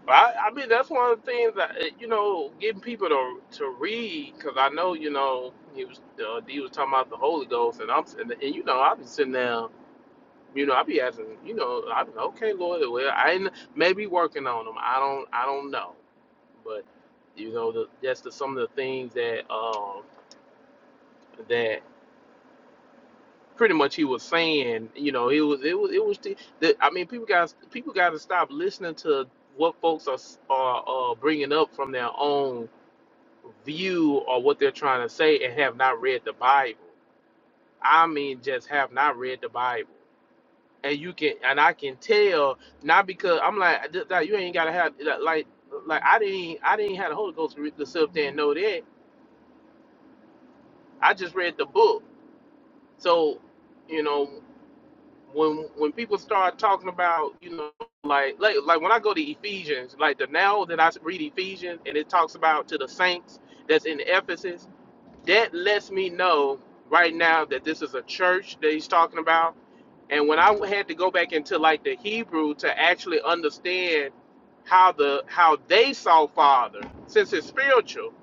Speaker 9: I, I mean, that's one of the things that eh, you know, getting people to to read because I know you know he was uh, D was talking about the Holy Ghost and I'm s- and, and you know I've been sitting there. You know, I be asking. You know, I be like, okay, Lord, well, I ain't, maybe working on them. I don't, I don't know, but you know, the, that's the, some of the things that um that pretty much he was saying. You know, it was, it was, it was. The, the, I mean, people got people got to stop listening to what folks are s- are uh, bringing up from their own view or what they're trying to say, and have not read the Bible. I mean, just have not read the Bible. and you can and I can tell not because I'm like "Th- that you ain't gotta have that, like like I didn't I didn't have the Holy Ghost to, re- to sit there and know that I just read the book so you know when when people start talking about you know like like like when I go to Ephesians like the now that I read Ephesians and it talks about to the saints that's in Ephesus that lets me know right now that this is a church that he's talking about and when I had to go back into like the Hebrew to actually understand how the how they saw father since it's spiritual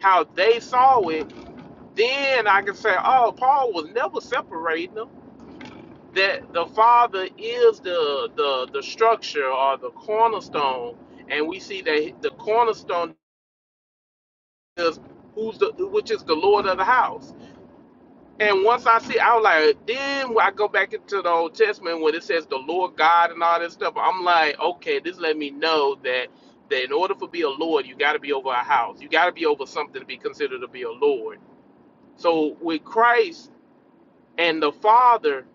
Speaker 9: how they saw it then i can say oh paul was never separating them that the father is the the the structure or the cornerstone and we see that the cornerstone is who's the which is the lord of the house And once I see, I was like, then when I go back into the Old Testament when it says the Lord God and all that stuff. I'm like, okay, this let me know that that in order for be a Lord, you got to be over a house, you got to be over something to be considered to be a Lord. So with Christ and the Father,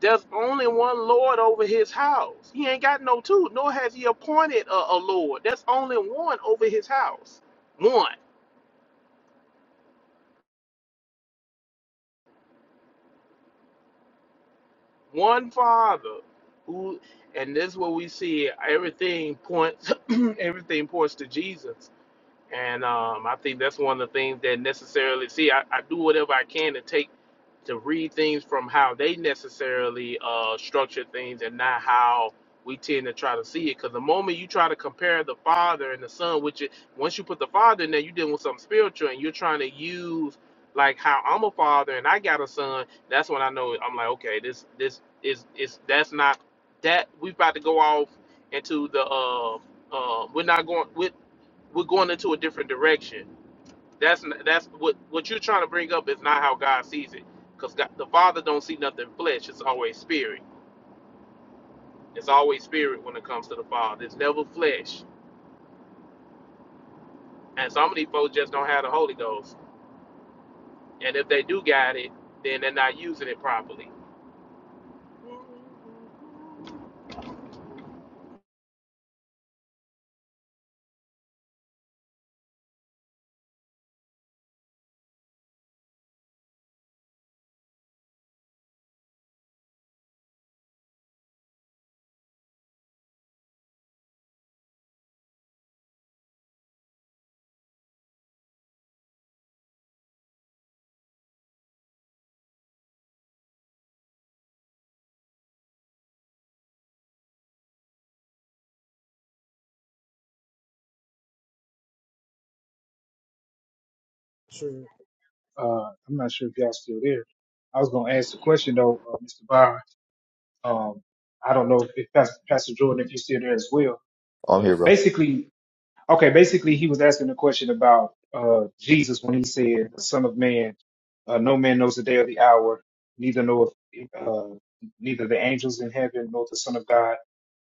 Speaker 9: there's only one Lord over His house. He ain't got no two, nor has He appointed a, a Lord. There's only one over His house, one. one father who and this is what we see everything points everything points to jesus and um, i think that's one of the things that necessarily see i, I do whatever i can to take to read things from how they necessarily uh, structure things and not how we tend to try to see it. Because the moment you try to compare the father and the son, which is, once you put the father in there, you're dealing with something spiritual and you're trying to use like how I'm a father and I got a son. That's when I know I'm like, okay, this this is is that's not that we've about to go off into the uh, uh, we're not going we're, we're going into a different direction that's that's what what you're trying to bring up is not how God sees it, because the Father don't see nothing flesh. It's always spirit. It's always spirit when it comes to the Father. It's never flesh. And some of these folks just don't have the Holy Ghost. And if they do got it, then they're not using it properly.
Speaker 3: Uh, I'm not sure if y'all still there. I was going to ask the question, though, uh, Mr. Byron. Um, I don't know if Pastor, Pastor Jordan, if you're still there as well.
Speaker 6: I'm here,
Speaker 3: But
Speaker 6: bro.
Speaker 3: basically, Okay, basically, he was asking a question about uh, Jesus when he said, "The Son of Man, uh, no man knows the day or the hour, neither knoweth uh, neither the angels in heaven nor the Son of God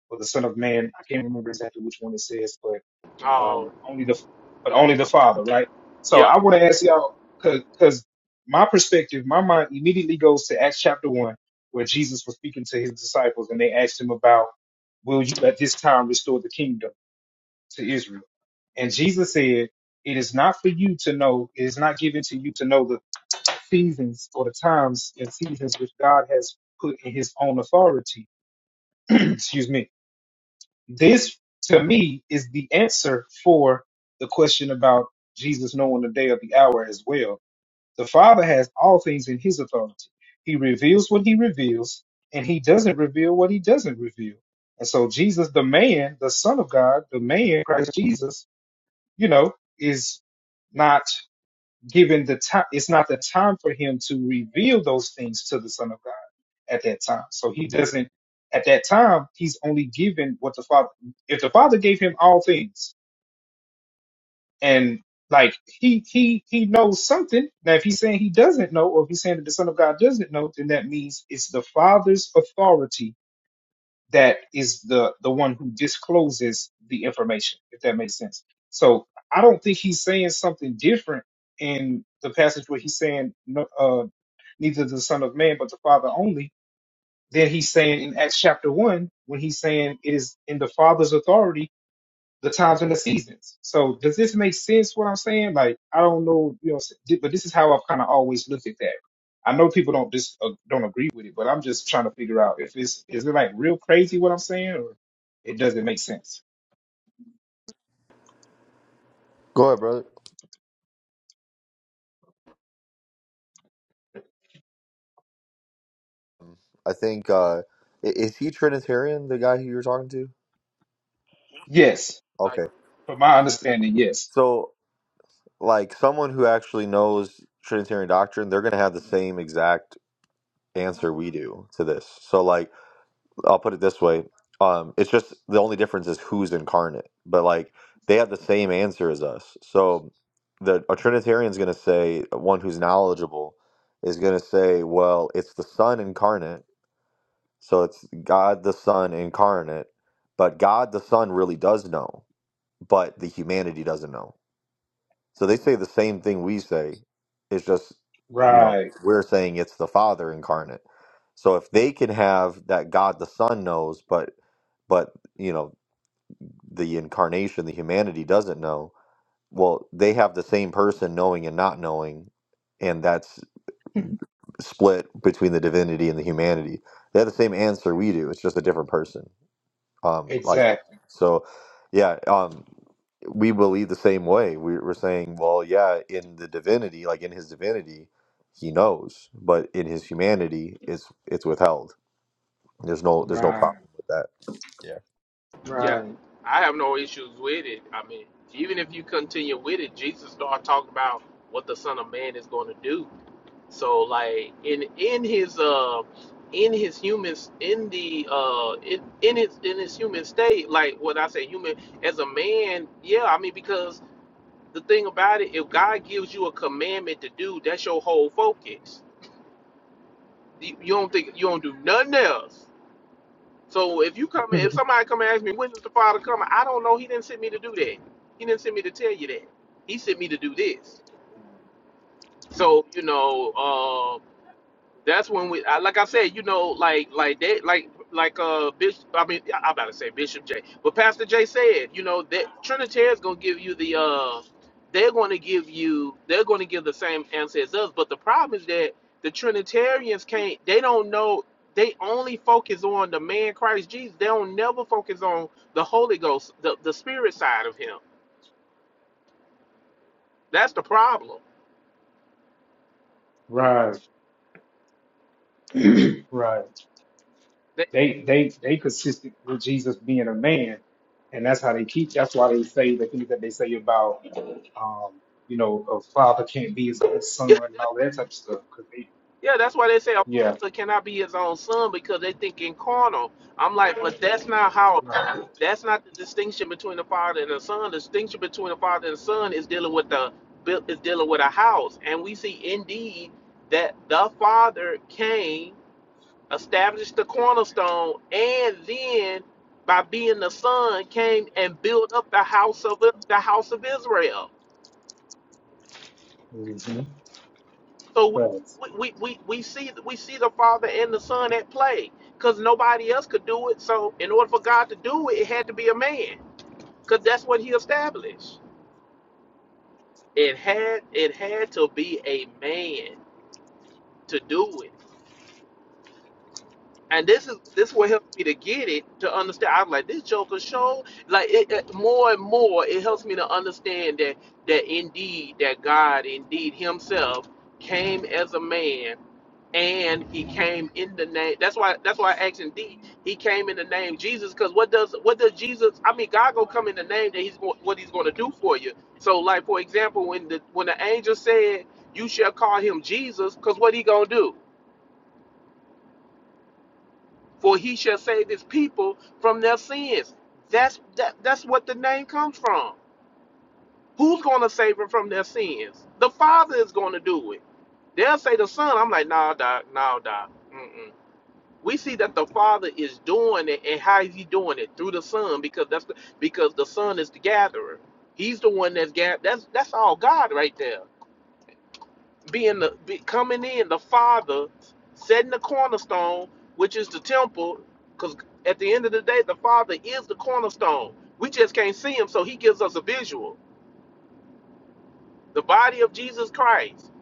Speaker 3: or the Son of Man." I can't remember exactly which one it says, but um,
Speaker 9: Oh,
Speaker 3: only the but only the Father, right? So
Speaker 9: yep,
Speaker 3: I want to ask y'all because my perspective, my mind immediately goes to Acts chapter one, where Jesus was speaking to his disciples, and they asked him about, "Will you at this time restore the kingdom to Israel?" And Jesus said, It is not for you to know, it is not given to you to know the seasons or the times and seasons which God has put in his own authority. Excuse me. This to me is the answer for the question about Jesus knowing our hell. The Father has all things in his authority. He reveals what he reveals, and he doesn't reveal what he doesn't reveal. And so Jesus, the, the Son, the man, Christ Jesus, you know, is not given the time it's not the time for him to reveal those things to the son of god at that time so he doesn't at that time he's only given what the father if the father gave him all things and like he he he knows something now if he's saying he doesn't know or if he's saying that the son of god doesn't know then that means it's the father's authority that is the the one who discloses the information if that makes sense so i don't think he's saying something different in the passage where he's saying no uh, neither the Son of Man, but the Father only. Then he's saying in Acts chapter one, when he's saying it is in the Father's authority, the times and the seasons. So does this make sense? What I'm saying, like I don't know, you know, but this is how I've kind of always looked at that. I know people don't dis uh, don't agree with it, but I'm just trying to figure out if it's is it like real crazy what I'm saying, or it doesn't make sense.
Speaker 6: Go ahead, brother. I think uh i- is he Trinitarian, the guy who you are talking to?
Speaker 3: Yes,
Speaker 9: like,
Speaker 6: Okay.
Speaker 3: from my understanding, yes.
Speaker 6: So like someone who actually knows Trinitarian doctrine, they're gonna have the same exact answer we do to this. So like I'll put it this way. Um it's just the only difference is who's incarnate. But like they have the same answer as us. So the a Trinitarian's gonna say one who's knowledgeable is gonna say, well, it's the Son incarnate So it's God the Son incarnate, but God the Son really does know, but the humanity doesn't know. So they say the same thing we say. It's just, you know,
Speaker 3: Right,
Speaker 6: we're saying it's the Father incarnate. So if they can have that God the Son knows, but but you know, the incarnation, the humanity doesn't know, well, they have the same person knowing and not knowing, and that's split between the divinity and the humanity. They have the same answer we do. It's just a different person. Um, like,
Speaker 3: exactly.
Speaker 6: so yeah, um, we believe the same way. We, we're saying, well, yeah, in the divinity, like in his divinity, he knows, but in his humanity, it's it's withheld. There's no there's no
Speaker 3: Right,
Speaker 6: problem with that.
Speaker 9: yeah.
Speaker 3: right,
Speaker 9: I have no issues with it. I mean, even if you continue with it, Jesus started talking about what the Son of Man is going to do So like in in his uh in his human in the uh in, in his in his human state, like what I say human as a man, yeah, I mean because the thing about it, if God gives you a commandment to do, that's your whole focus. You, you don't think you don't do nothing else. So if you come if somebody come and ask me when is the Father coming, I don't know. He didn't send me to do that. He didn't send me to tell you that. He sent me to do this. So you know, uh, that's when we I, like I said, you know, like like they like like uh Bishop I mean I am about to say Bishop J. But Pastor J said, you know, that Trinitarians gonna give you the uh they're gonna give you they're gonna give the same answer as us. But the problem is that the Trinitarians can't they don't know they only focus on the man Christ Jesus. They don't never focus on the Holy Ghost, the, the spirit side of him. That's the problem.
Speaker 3: right, right.
Speaker 9: They,
Speaker 3: They they they consistent with Jesus being a man, and that's how they keep. That's why they say the things that they say about um you know a father can't be his own son
Speaker 9: that's
Speaker 3: and all
Speaker 9: why
Speaker 3: that type of stuff. 'cause they,
Speaker 9: Yeah, that's why they say a
Speaker 3: yeah.
Speaker 9: father cannot be his own son because they think in carnal. I'm like, but that's not how. That's not the distinction between a father and a son. The distinction between a father and a son is dealing with the is dealing with a house, and we see indeed that the father came, established the cornerstone, and then by being the son came and built up the house of the house of Israel.
Speaker 3: hmm
Speaker 9: So we we, we, we see we see the Father and the Son at play because nobody else could do it. So in order for God to do it, it had to be a man because that's what He established. It had it had to be a man to do it. And this is this is what helps me to get it to understand. I'm like this Joker show. Like it, it- more and more, it helps me to understand that that indeed that God indeed Himself came as a man and he came in the name. That's why. That's why I asked him. D. He came in the name Jesus. Because what does what does Jesus? I mean, God gonna come in the name that he's going what he's gonna do for you. So, like for example, when the when the angel said, "You shall call him Jesus," because what he gonna do? For he shall save his people from their sins. That's that, that's what the name comes from. Who's gonna save them from their sins? The Father is gonna do it. They'll say the Son. I'm like, nah, doc, nah, doc. Mm-mm. we see that the father is doing it and how is he doing it through the son because that's the, because the son is the gatherer he's the one that's gathered that's that's all god right there being the be, coming in the father setting the cornerstone which is the temple because at the end of the day the father is the cornerstone we just can't see him so he gives us a visual the body of jesus christ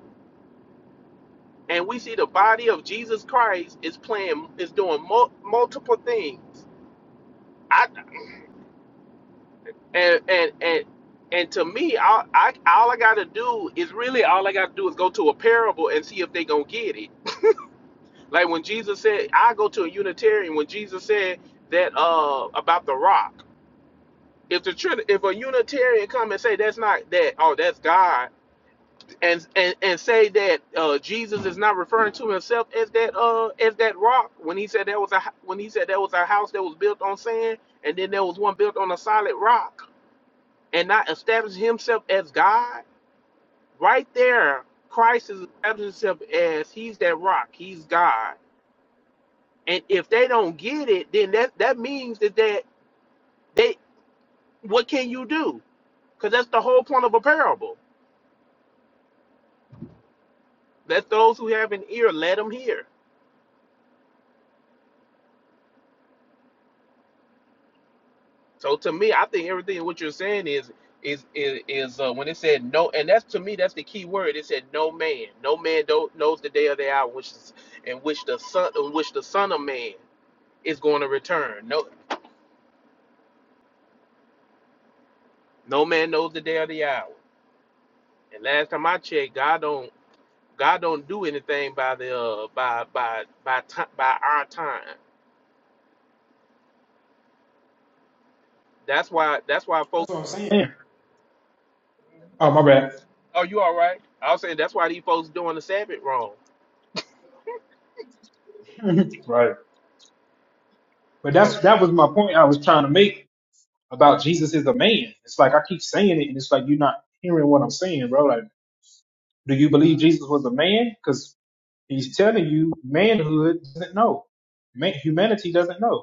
Speaker 9: and we see the body of jesus christ is playing is doing mul- multiple things I. and and and and to me, all I all I gotta do is really all I gotta do is go to a parable and see if they gonna get it. Like when Jesus said, I go to a Unitarian. When Jesus said that uh about the rock, if the Trin- if a Unitarian come and say that's not that, oh that's God, and and and say that uh Jesus is not referring to himself as that uh as that rock when he said that was a h- when he said that was a house that was built on sand and then there was one built on a solid rock and not establish himself as God Right there, Christ is established himself as he's that rock, he's God. And if they don't get it, then that that means that they, they what can you do? Because that's the whole point of a parable. Let those who have an ear let them hear. So to me, I think everything what you're saying is is is, is uh, when it said no, and that's to me that's the key word. It said no man, no man don't, knows the day or the hour, which is in which the son, in which the son of man is going to return. No, no man knows the day or the hour. And last time I checked, God don't God don't do anything by the uh, by by by time by our time. That's why that's why folks.
Speaker 3: Oh my bad.
Speaker 9: Oh, you all right? I was saying that's why these folks doing the Sabbath wrong.
Speaker 3: Right. But
Speaker 9: But
Speaker 3: that's that was my point I was trying to make about Jesus is a man. It's like I keep saying it, and it's like you're not hearing what I'm saying, bro. Like, do you believe Jesus was a man? Because he's telling you manhood doesn't know. Man, humanity doesn't know.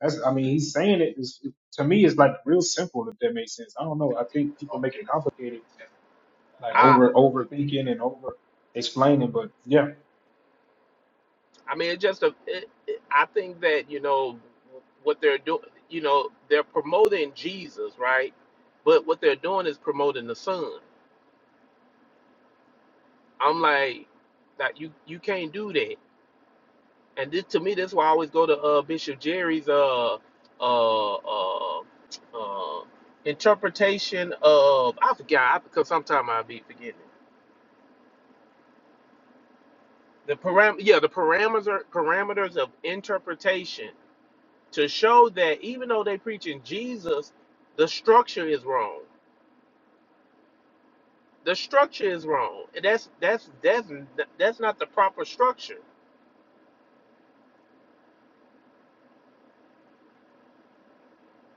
Speaker 3: That's, I mean, he's saying it is to me. It's like real simple, if that makes sense. I don't know. I think people make it complicated, like
Speaker 9: I
Speaker 3: over overthinking and over explaining. But yeah,
Speaker 9: I mean it's just a it, it, I think that you know what they're doing. You know they're promoting Jesus, right? But what they're doing is promoting the Son. I'm like that you you can't do that. And this to me that's why I always go to uh, Bishop Jerry's uh uh, uh uh, interpretation of I forget I because sometimes I be forgetting the param yeah the parameters parameters of interpretation to show that even though they preaching Jesus, the structure is wrong. The shit is wrong. And that's that's that's that's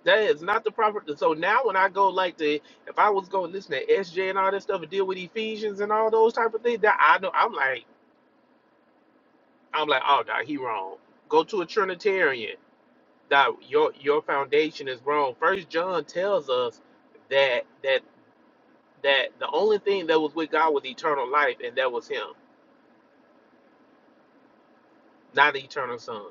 Speaker 9: that is not the proper. So now when I go like the if I was going to listen to SJ and all that stuff and deal with Ephesians and all those type of things, that I know I'm like I'm like oh no he wrong. Go to a Trinitarian. that your your foundation is wrong. First John tells us that that that the only thing that was with God was eternal life, and that was Him, not the Son.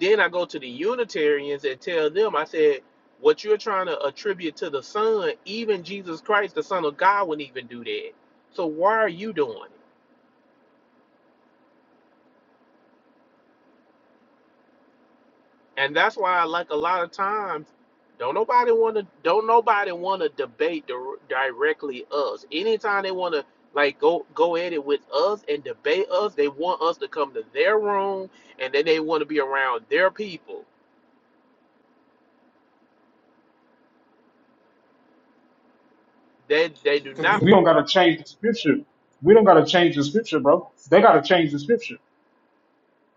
Speaker 9: Then the Unitarians and tell them, I said, what you're trying to attribute to the Son, even Jesus Christ, the Son of God, wouldn't even do that. So why are you doing it? And that's why I like a lot of times don't nobody want to don't nobody want to debate dir- directly us. Anytime they want to like go go at it with us and debate us, they want us to come to their room and then they want to be around their people. They they do
Speaker 3: We
Speaker 9: not
Speaker 3: we don't gotta change the scripture. We don't gotta change the scripture, bro. They gotta change the scripture.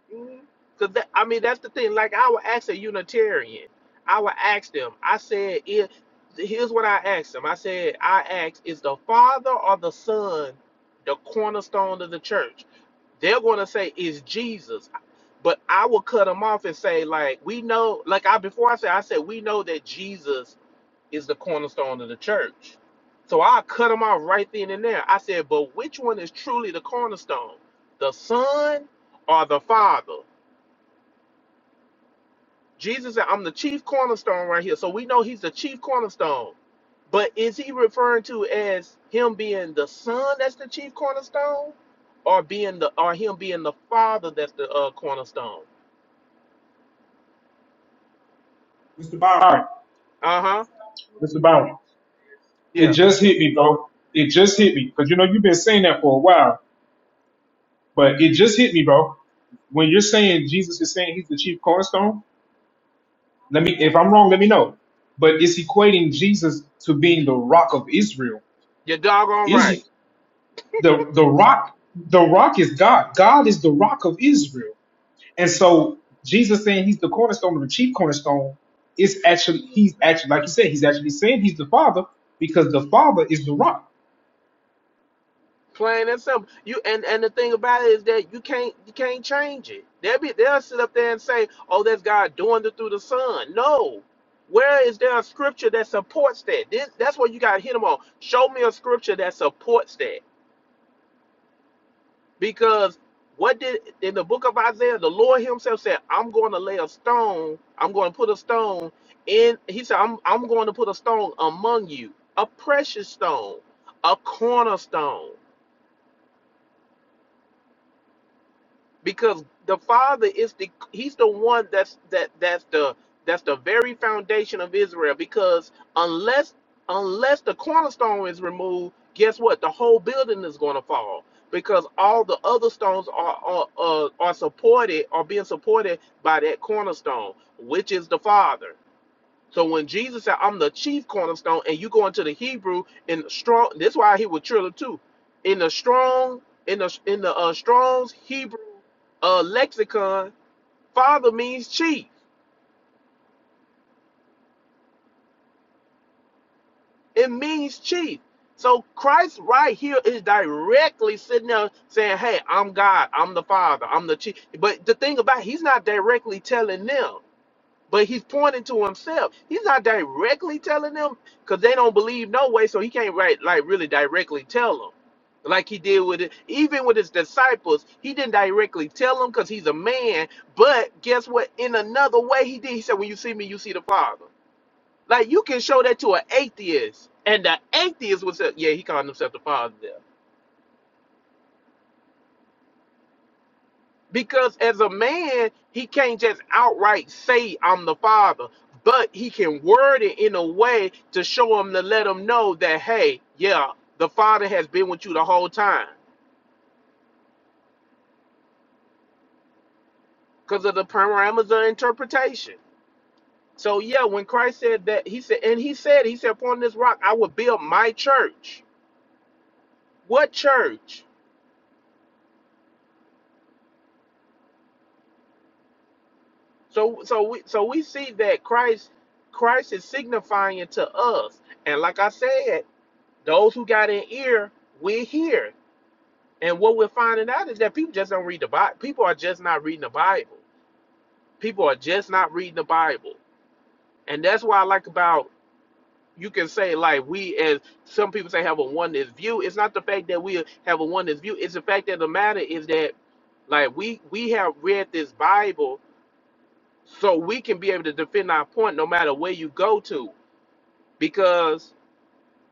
Speaker 9: because that, I mean that's the thing. Like I would ask a Unitarian, I would ask them. I said, if here's what I asked them. I said, I asked, is the Father or the Son the cornerstone of the church? they're going to say it's Jesus. But I will cut them off and say, like, we know, like I before I said, I said we know that Jesus is the cornerstone of the church. So I cut them off right then and there. I said, but which one is truly the cornerstone, the Son or the Father? Jesus said, I'm the chief cornerstone right here. So we know he's the chief cornerstone. But is he referring to as him being the Son that's the chief cornerstone, or being the or him being the Father that's the uh, cornerstone?
Speaker 3: Mr. Byron. All Byron,
Speaker 9: Uh huh.
Speaker 3: right, Mr. Byron, it
Speaker 9: Yeah,
Speaker 3: just hit me, bro. It just hit me because you know you've been saying that for a while, but it just hit me, bro. When you're saying Jesus is saying he's the chief cornerstone, let me. If I'm wrong, let me know. But it's equating Jesus to being the rock of Israel
Speaker 9: you're doggone right.
Speaker 3: is the the rock the rock is God. God is the rock of Israel. And so Jesus saying he's the cornerstone the chief cornerstone is actually he's actually like you said, he's actually saying he's the father because the father is the rock.
Speaker 9: Plain and simple. You and and the thing about it is that you can't you can't change it. They'll be they'll sit up there and say, "Oh, that's God doing it through the Son." No, where is there a scripture that supports that? This, that's what you got to hit them on. Show me a scripture that supports that. Because what did in the book of Isaiah, the Lord Himself said, "I'm going to lay a stone. I'm going to put a stone in." He said, "I'm I'm going to put a stone among you, a precious stone, a cornerstone." because the father is the he's the one that's that that's the that's the very foundation of Israel because unless unless the cornerstone is removed guess what the whole building is going to fall because all the other stones are are, are are supported are being supported by that cornerstone which is the father so when Jesus said, I'm the chief cornerstone, and you go into the Hebrew in the strong, that's why he was triller too. In the strong, in the in the uh, Strong's Hebrew uh, lexicon, father means chief. It means chief. So Christ right here is directly sitting there saying, Hey, I'm God, I'm the Father, I'm the chief. But the thing about it, he's not directly telling them. But he's pointing to himself. He's not directly telling them because they don't believe no way, so he can't right like really directly tell them. Like he did with it, even with his disciples, he didn't directly tell them because he's a man. But guess what? In another way, he did. He said, "When you see me, you see the Father." Like you can show that to an atheist, and the atheist was, yeah, he called himself the Father. there." Because as a man, he can't just outright say, I'm the father, but he can word it in a way to show him to let him know that, hey, yeah, the father has been with you the whole time because of the parameters of interpretation. So, yeah, when Christ said that, he said, and he said, he said, upon this rock, I will build my church. What church? So, so we, so we see that Christ, Christ is signifying to us. And like I said, those who got an ear, we hear. And what we're finding out is that people just don't read the Bible. People are just not reading the Bible. People are just not reading the Bible. And that's why I like about you can say like we as some people say have a oneness view. It's not the fact that we have a oneness view. It's the fact that the matter is that like we we have read this Bible so we can be able to defend our point no matter where you go to. because.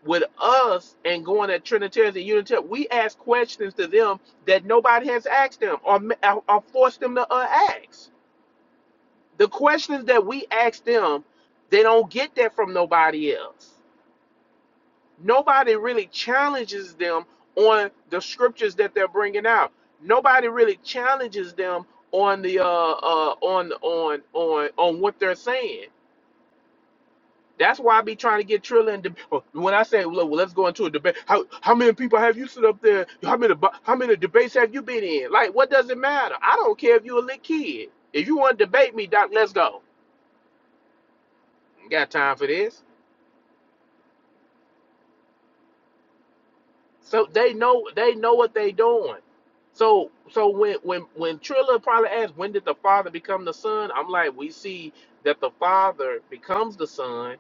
Speaker 9: with us and going at Trinitarians and Unitarians, we ask questions to them that nobody has asked them or, or forced them to uh, ask. The questions that we ask them, they don't get that from nobody else. Nobody really challenges them on the scriptures that they're bringing out. Nobody really challenges them on the uh, uh, on on on on what they're saying. That's why I be trying to get Trilla in debate. When I say, look, well, let's go into a debate. How how many people have you sit up there? How many how many debates have you been in? Like, what does it matter? I don't care if you a little kid. If you want to debate me, Doc, let's go. Ain't Got time for this? So they know they know what they doing. So so when when when Trilla probably asked when did the father become the son, I'm like, we see that the father becomes the son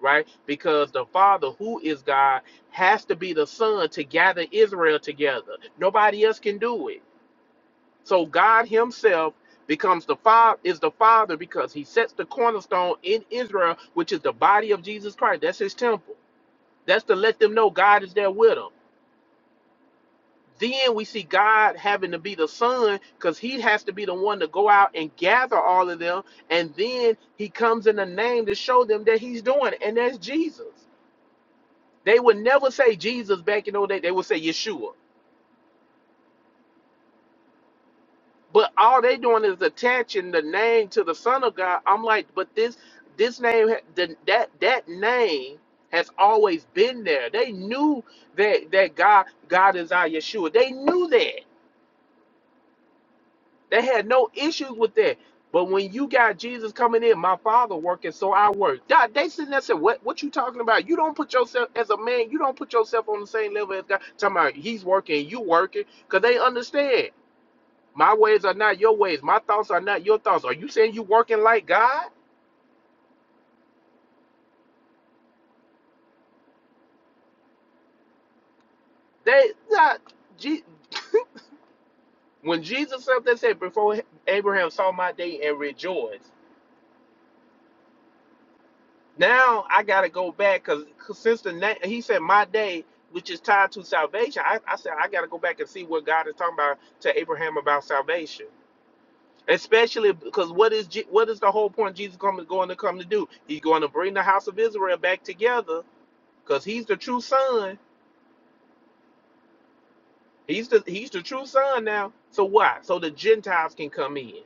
Speaker 9: right? Because the Father, who is God, has to be the Son to gather Israel together. Nobody else can do it. So God Himself becomes the Father is the Father because He sets the cornerstone in Israel, which is the body of Jesus Christ. That's His temple. That's to let them know God is there with them. Then we see God having to be the Son because He has to be the one to go out and gather all of them. And then He comes in the name to show them that He's doing it, and that's Jesus. They would never say Jesus back in the days. They would say Yeshua. But all they doing is attaching the name to the Son of God. I'm like, but this this name ha- the, that that name has always been there. They knew that that God God is our Yeshua. They knew that. They had no issues with that. But when you got Jesus coming in, my father working, so I work. God, they sitting there saying, What what you talking about? You don't put yourself as a man, you don't put yourself on the same level as God. Talking about he's working, you working, because they understand. My ways are not your ways. My thoughts are not your thoughts. Are you saying you working like God? They not. Je- when Jesus said they said before Abraham saw my day and rejoiced. Now I gotta go back because since the na- he said my day, which is tied to salvation, I, I said I gotta go back and see what God is talking about to Abraham about salvation. Especially because what is Je- what is the whole point Jesus coming going to come to do? He's going to bring the house of Israel back together because he's the true son He's the he's the true son now. So why? So the Gentiles can come in.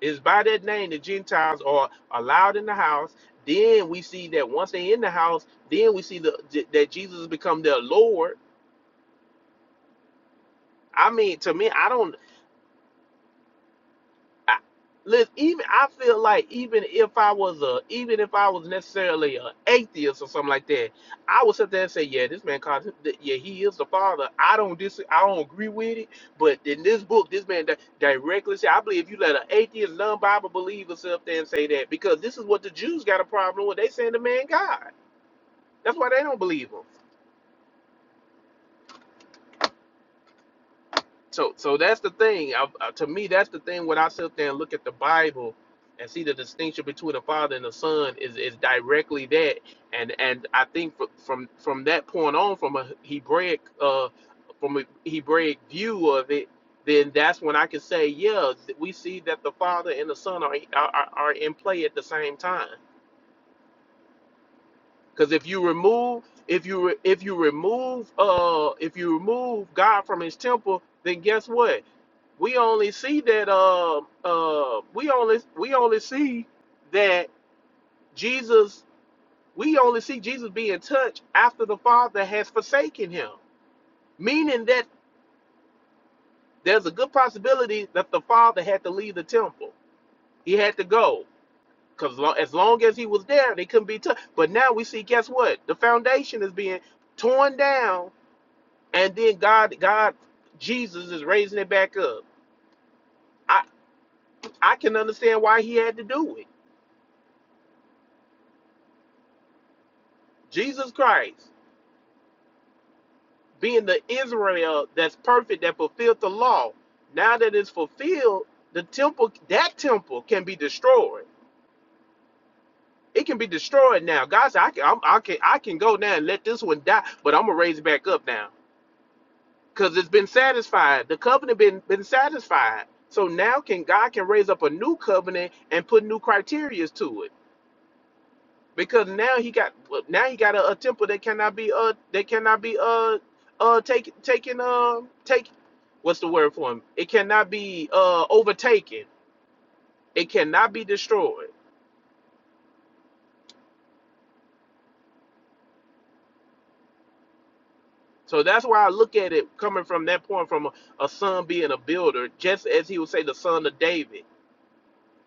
Speaker 9: It's by that name the Gentiles are allowed in the house. Then we see that once they're in the house, then we see the that Jesus has become their Lord. I mean, to me, I don't. I, listen, even I feel like even if I was a even if I was necessarily an atheist or something like that, I would sit there and say, yeah, this man called him, th- yeah, he is the father. I don't dis, I don't agree with it, but in this book, this man di- directly said, I believe if you let an atheist, non-Bible believer sit up there and say that because this is what the Jews got a problem with. They saying the man God. That's why they don't believe him. So, so that's the thing. I, I- to me, that's the thing. When I sit there and look at the Bible and see the distinction between the Father and the Son is is directly that. And and I think fr- from from that point on, from a Hebraic uh from a Hebraic view of it, then that's when I can say, yeah, th- we see that the Father and the Son are are, are are in play at the same time. Because if you remove if you re- if you remove uh if you remove God from His temple, then guess what? we only see that uh uh we only we only see that Jesus we only see Jesus be in touch after the Father has forsaken him. Meaning that there's a good possibility that the Father had to leave the temple. He had to go. Because lo as long as he was there, they couldn't be touched. But now we see, guess what? The foundation is being torn down, and then God, God, Jesus is raising it back up. I, I can undo it. Jesus Christ. being the Israel that's perfect, that fulfilled the law. Now that it's fulfilled, the temple, that temple can be destroyed. It can be destroyed now. God said, I can, I'm, I can, I can go now and let this one die, but I'm gonna raise it back up now, cause it's been satisfied. The covenant been been satisfied. So now can God can raise up a new covenant and put new criterias to it because now he got well, now he got a, a temple that cannot be uh that cannot be uh uh taken, taken uh take what's the word for him it cannot be uh overtaken it cannot be destroyed so that's why I look at it coming from that point from a, a son being a builder just as he would say the son of David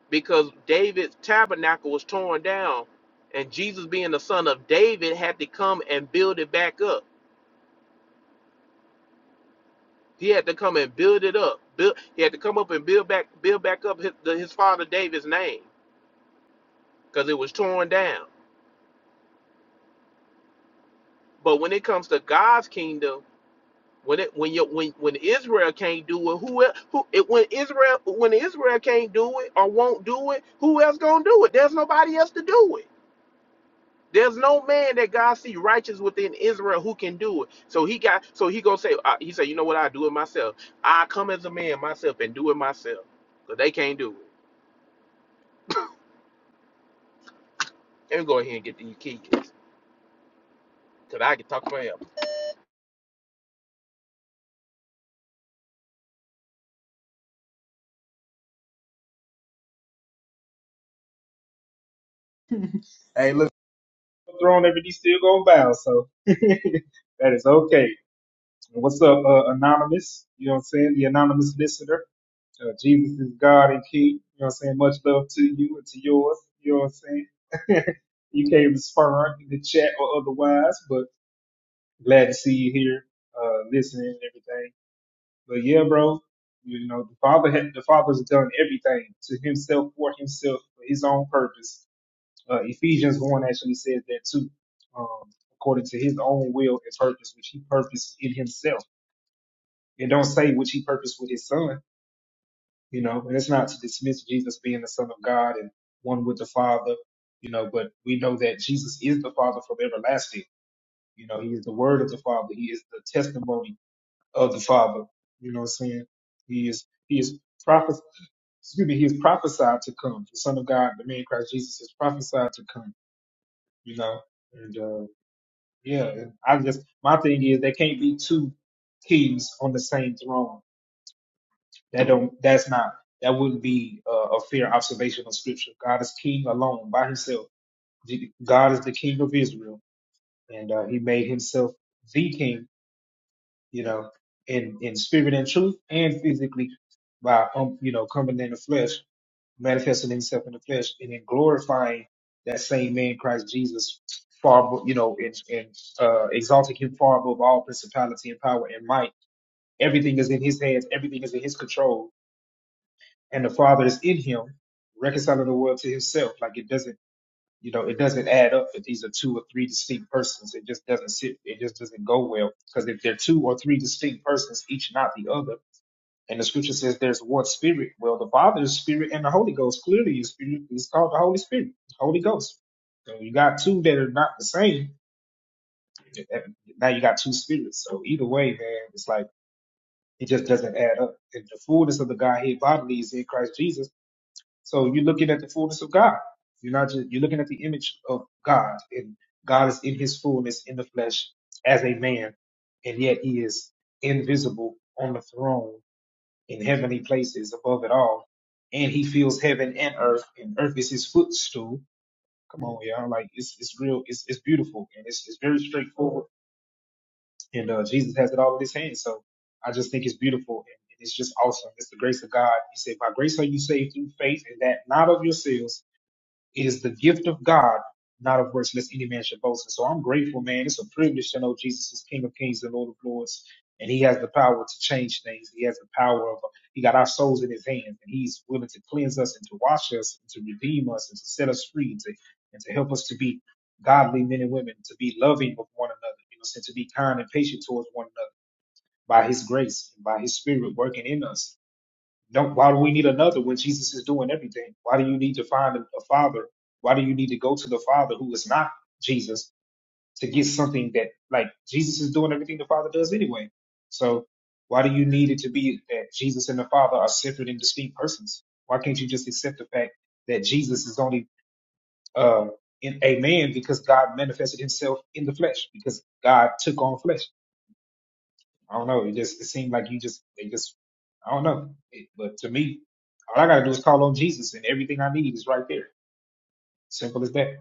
Speaker 9: because David's tabernacle was torn down and Jesus being the son of David had to come and build it back up He had to come and build it up. Build, he had to come up and build back, build back up his, the, his father David's name because it was torn down. But when it comes to God's kingdom, when it when you when when Israel can't do it, who else? who it, when Israel when Israel can't do it or won't do it, who else gonna do it? There's nobody else to do it. There's no man that God see righteous within Israel who can do it. So he got so he gonna say uh, he said, you know what? I do it myself. I come as a man myself and do it myself, cause they can't do it. Let me go ahead and get these key, cause I can talk for him.
Speaker 3: Hey, look, Throwing every knee still gonna bow, so that is okay. What's up, uh, anonymous? You know what I'm saying? The anonymous listener. Uh, Jesus is God and King. You know what I'm saying? Much love to you and to yours. You know what I'm saying? you can't respond in the chat or otherwise, but glad to see you here, uh, listening and everything. But yeah, bro, you know, the father had, the father's done everything to himself for himself for his own purpose. Uh, Ephesians 1 actually says that too, um, according to his own will and purpose, which he purposed in himself. It don't say which he purposed with his son you know, and it's not to dismiss Jesus being the Son of God and one with the Father, you know, but we know that Jesus is the Father from everlasting. You know, He is the Word of the Father. He is the testimony of the Father. You know what I'm saying? He is He is prophes excuse me, He is prophesied to come. The Son of God, the man Christ Jesus, is prophesied to come. You know, and uh, yeah, and I just my thing is there can't be two kings on the same throne. That don't. That's not. That wouldn't be uh, a fair observation of Scripture. God is King alone by Himself. G- God is the King of Israel, and uh, He made Himself the King. You know, in in spirit and truth, and physically by um, you know coming in the flesh, manifesting Himself in the flesh, and then glorifying that same man Christ Jesus far abo- you know and, and uh, exalting Him far above all principality and power and might. Everything is in His hands. Everything is in His control and the Father is in him, reconciling the world to himself. Like it doesn't, you know, it doesn't add up that these are two or three distinct persons. It just doesn't sit, it just doesn't go well. Because if they're two or three distinct persons, each not the other, and the scripture says there's one spirit. Well, the Father is spirit and the Holy Ghost clearly is spirit. It's called the Holy Spirit, Holy Ghost. So you got two that are not the same. and Now you got two spirits. So either way, man, it's like it just doesn't add up. If the fullness of the Godhead bodily is in Christ Jesus, So you're looking at the fullness of God. You're not just you're looking at the image of God, and God is in His fullness in the flesh as a man, and yet He is invisible on the throne in heavenly places above it all, and He fills heaven and earth, and earth is His footstool. Come on, y'all! Like it's it's real, it's it's beautiful, and it's it's very straightforward. And so I just and it's just it is the Lord, and He souls He sends us and to wash us, and to redeem us, set us free, and to and to help us to be godly men and women to be loving of one another, you know, and to be kind and patient towards one another by His grace and by His Spirit working in us. Don't why do we need another when Jesus is doing everything? Why do you need to find a, a father? Why do you need to go to the Father who is not Jesus to get something that like Jesus is doing everything the Father does anyway? So why do you need it to be that Jesus and the Father are separate and distinct persons? Why can't you just accept the fact that Jesus is only uh, in a man because God manifested Himself in the flesh because God took on flesh. I don't know. It just it seemed like you just they just I don't know. It, but to me, all I gotta do is call on Jesus, and everything I need is right there. Simple as that.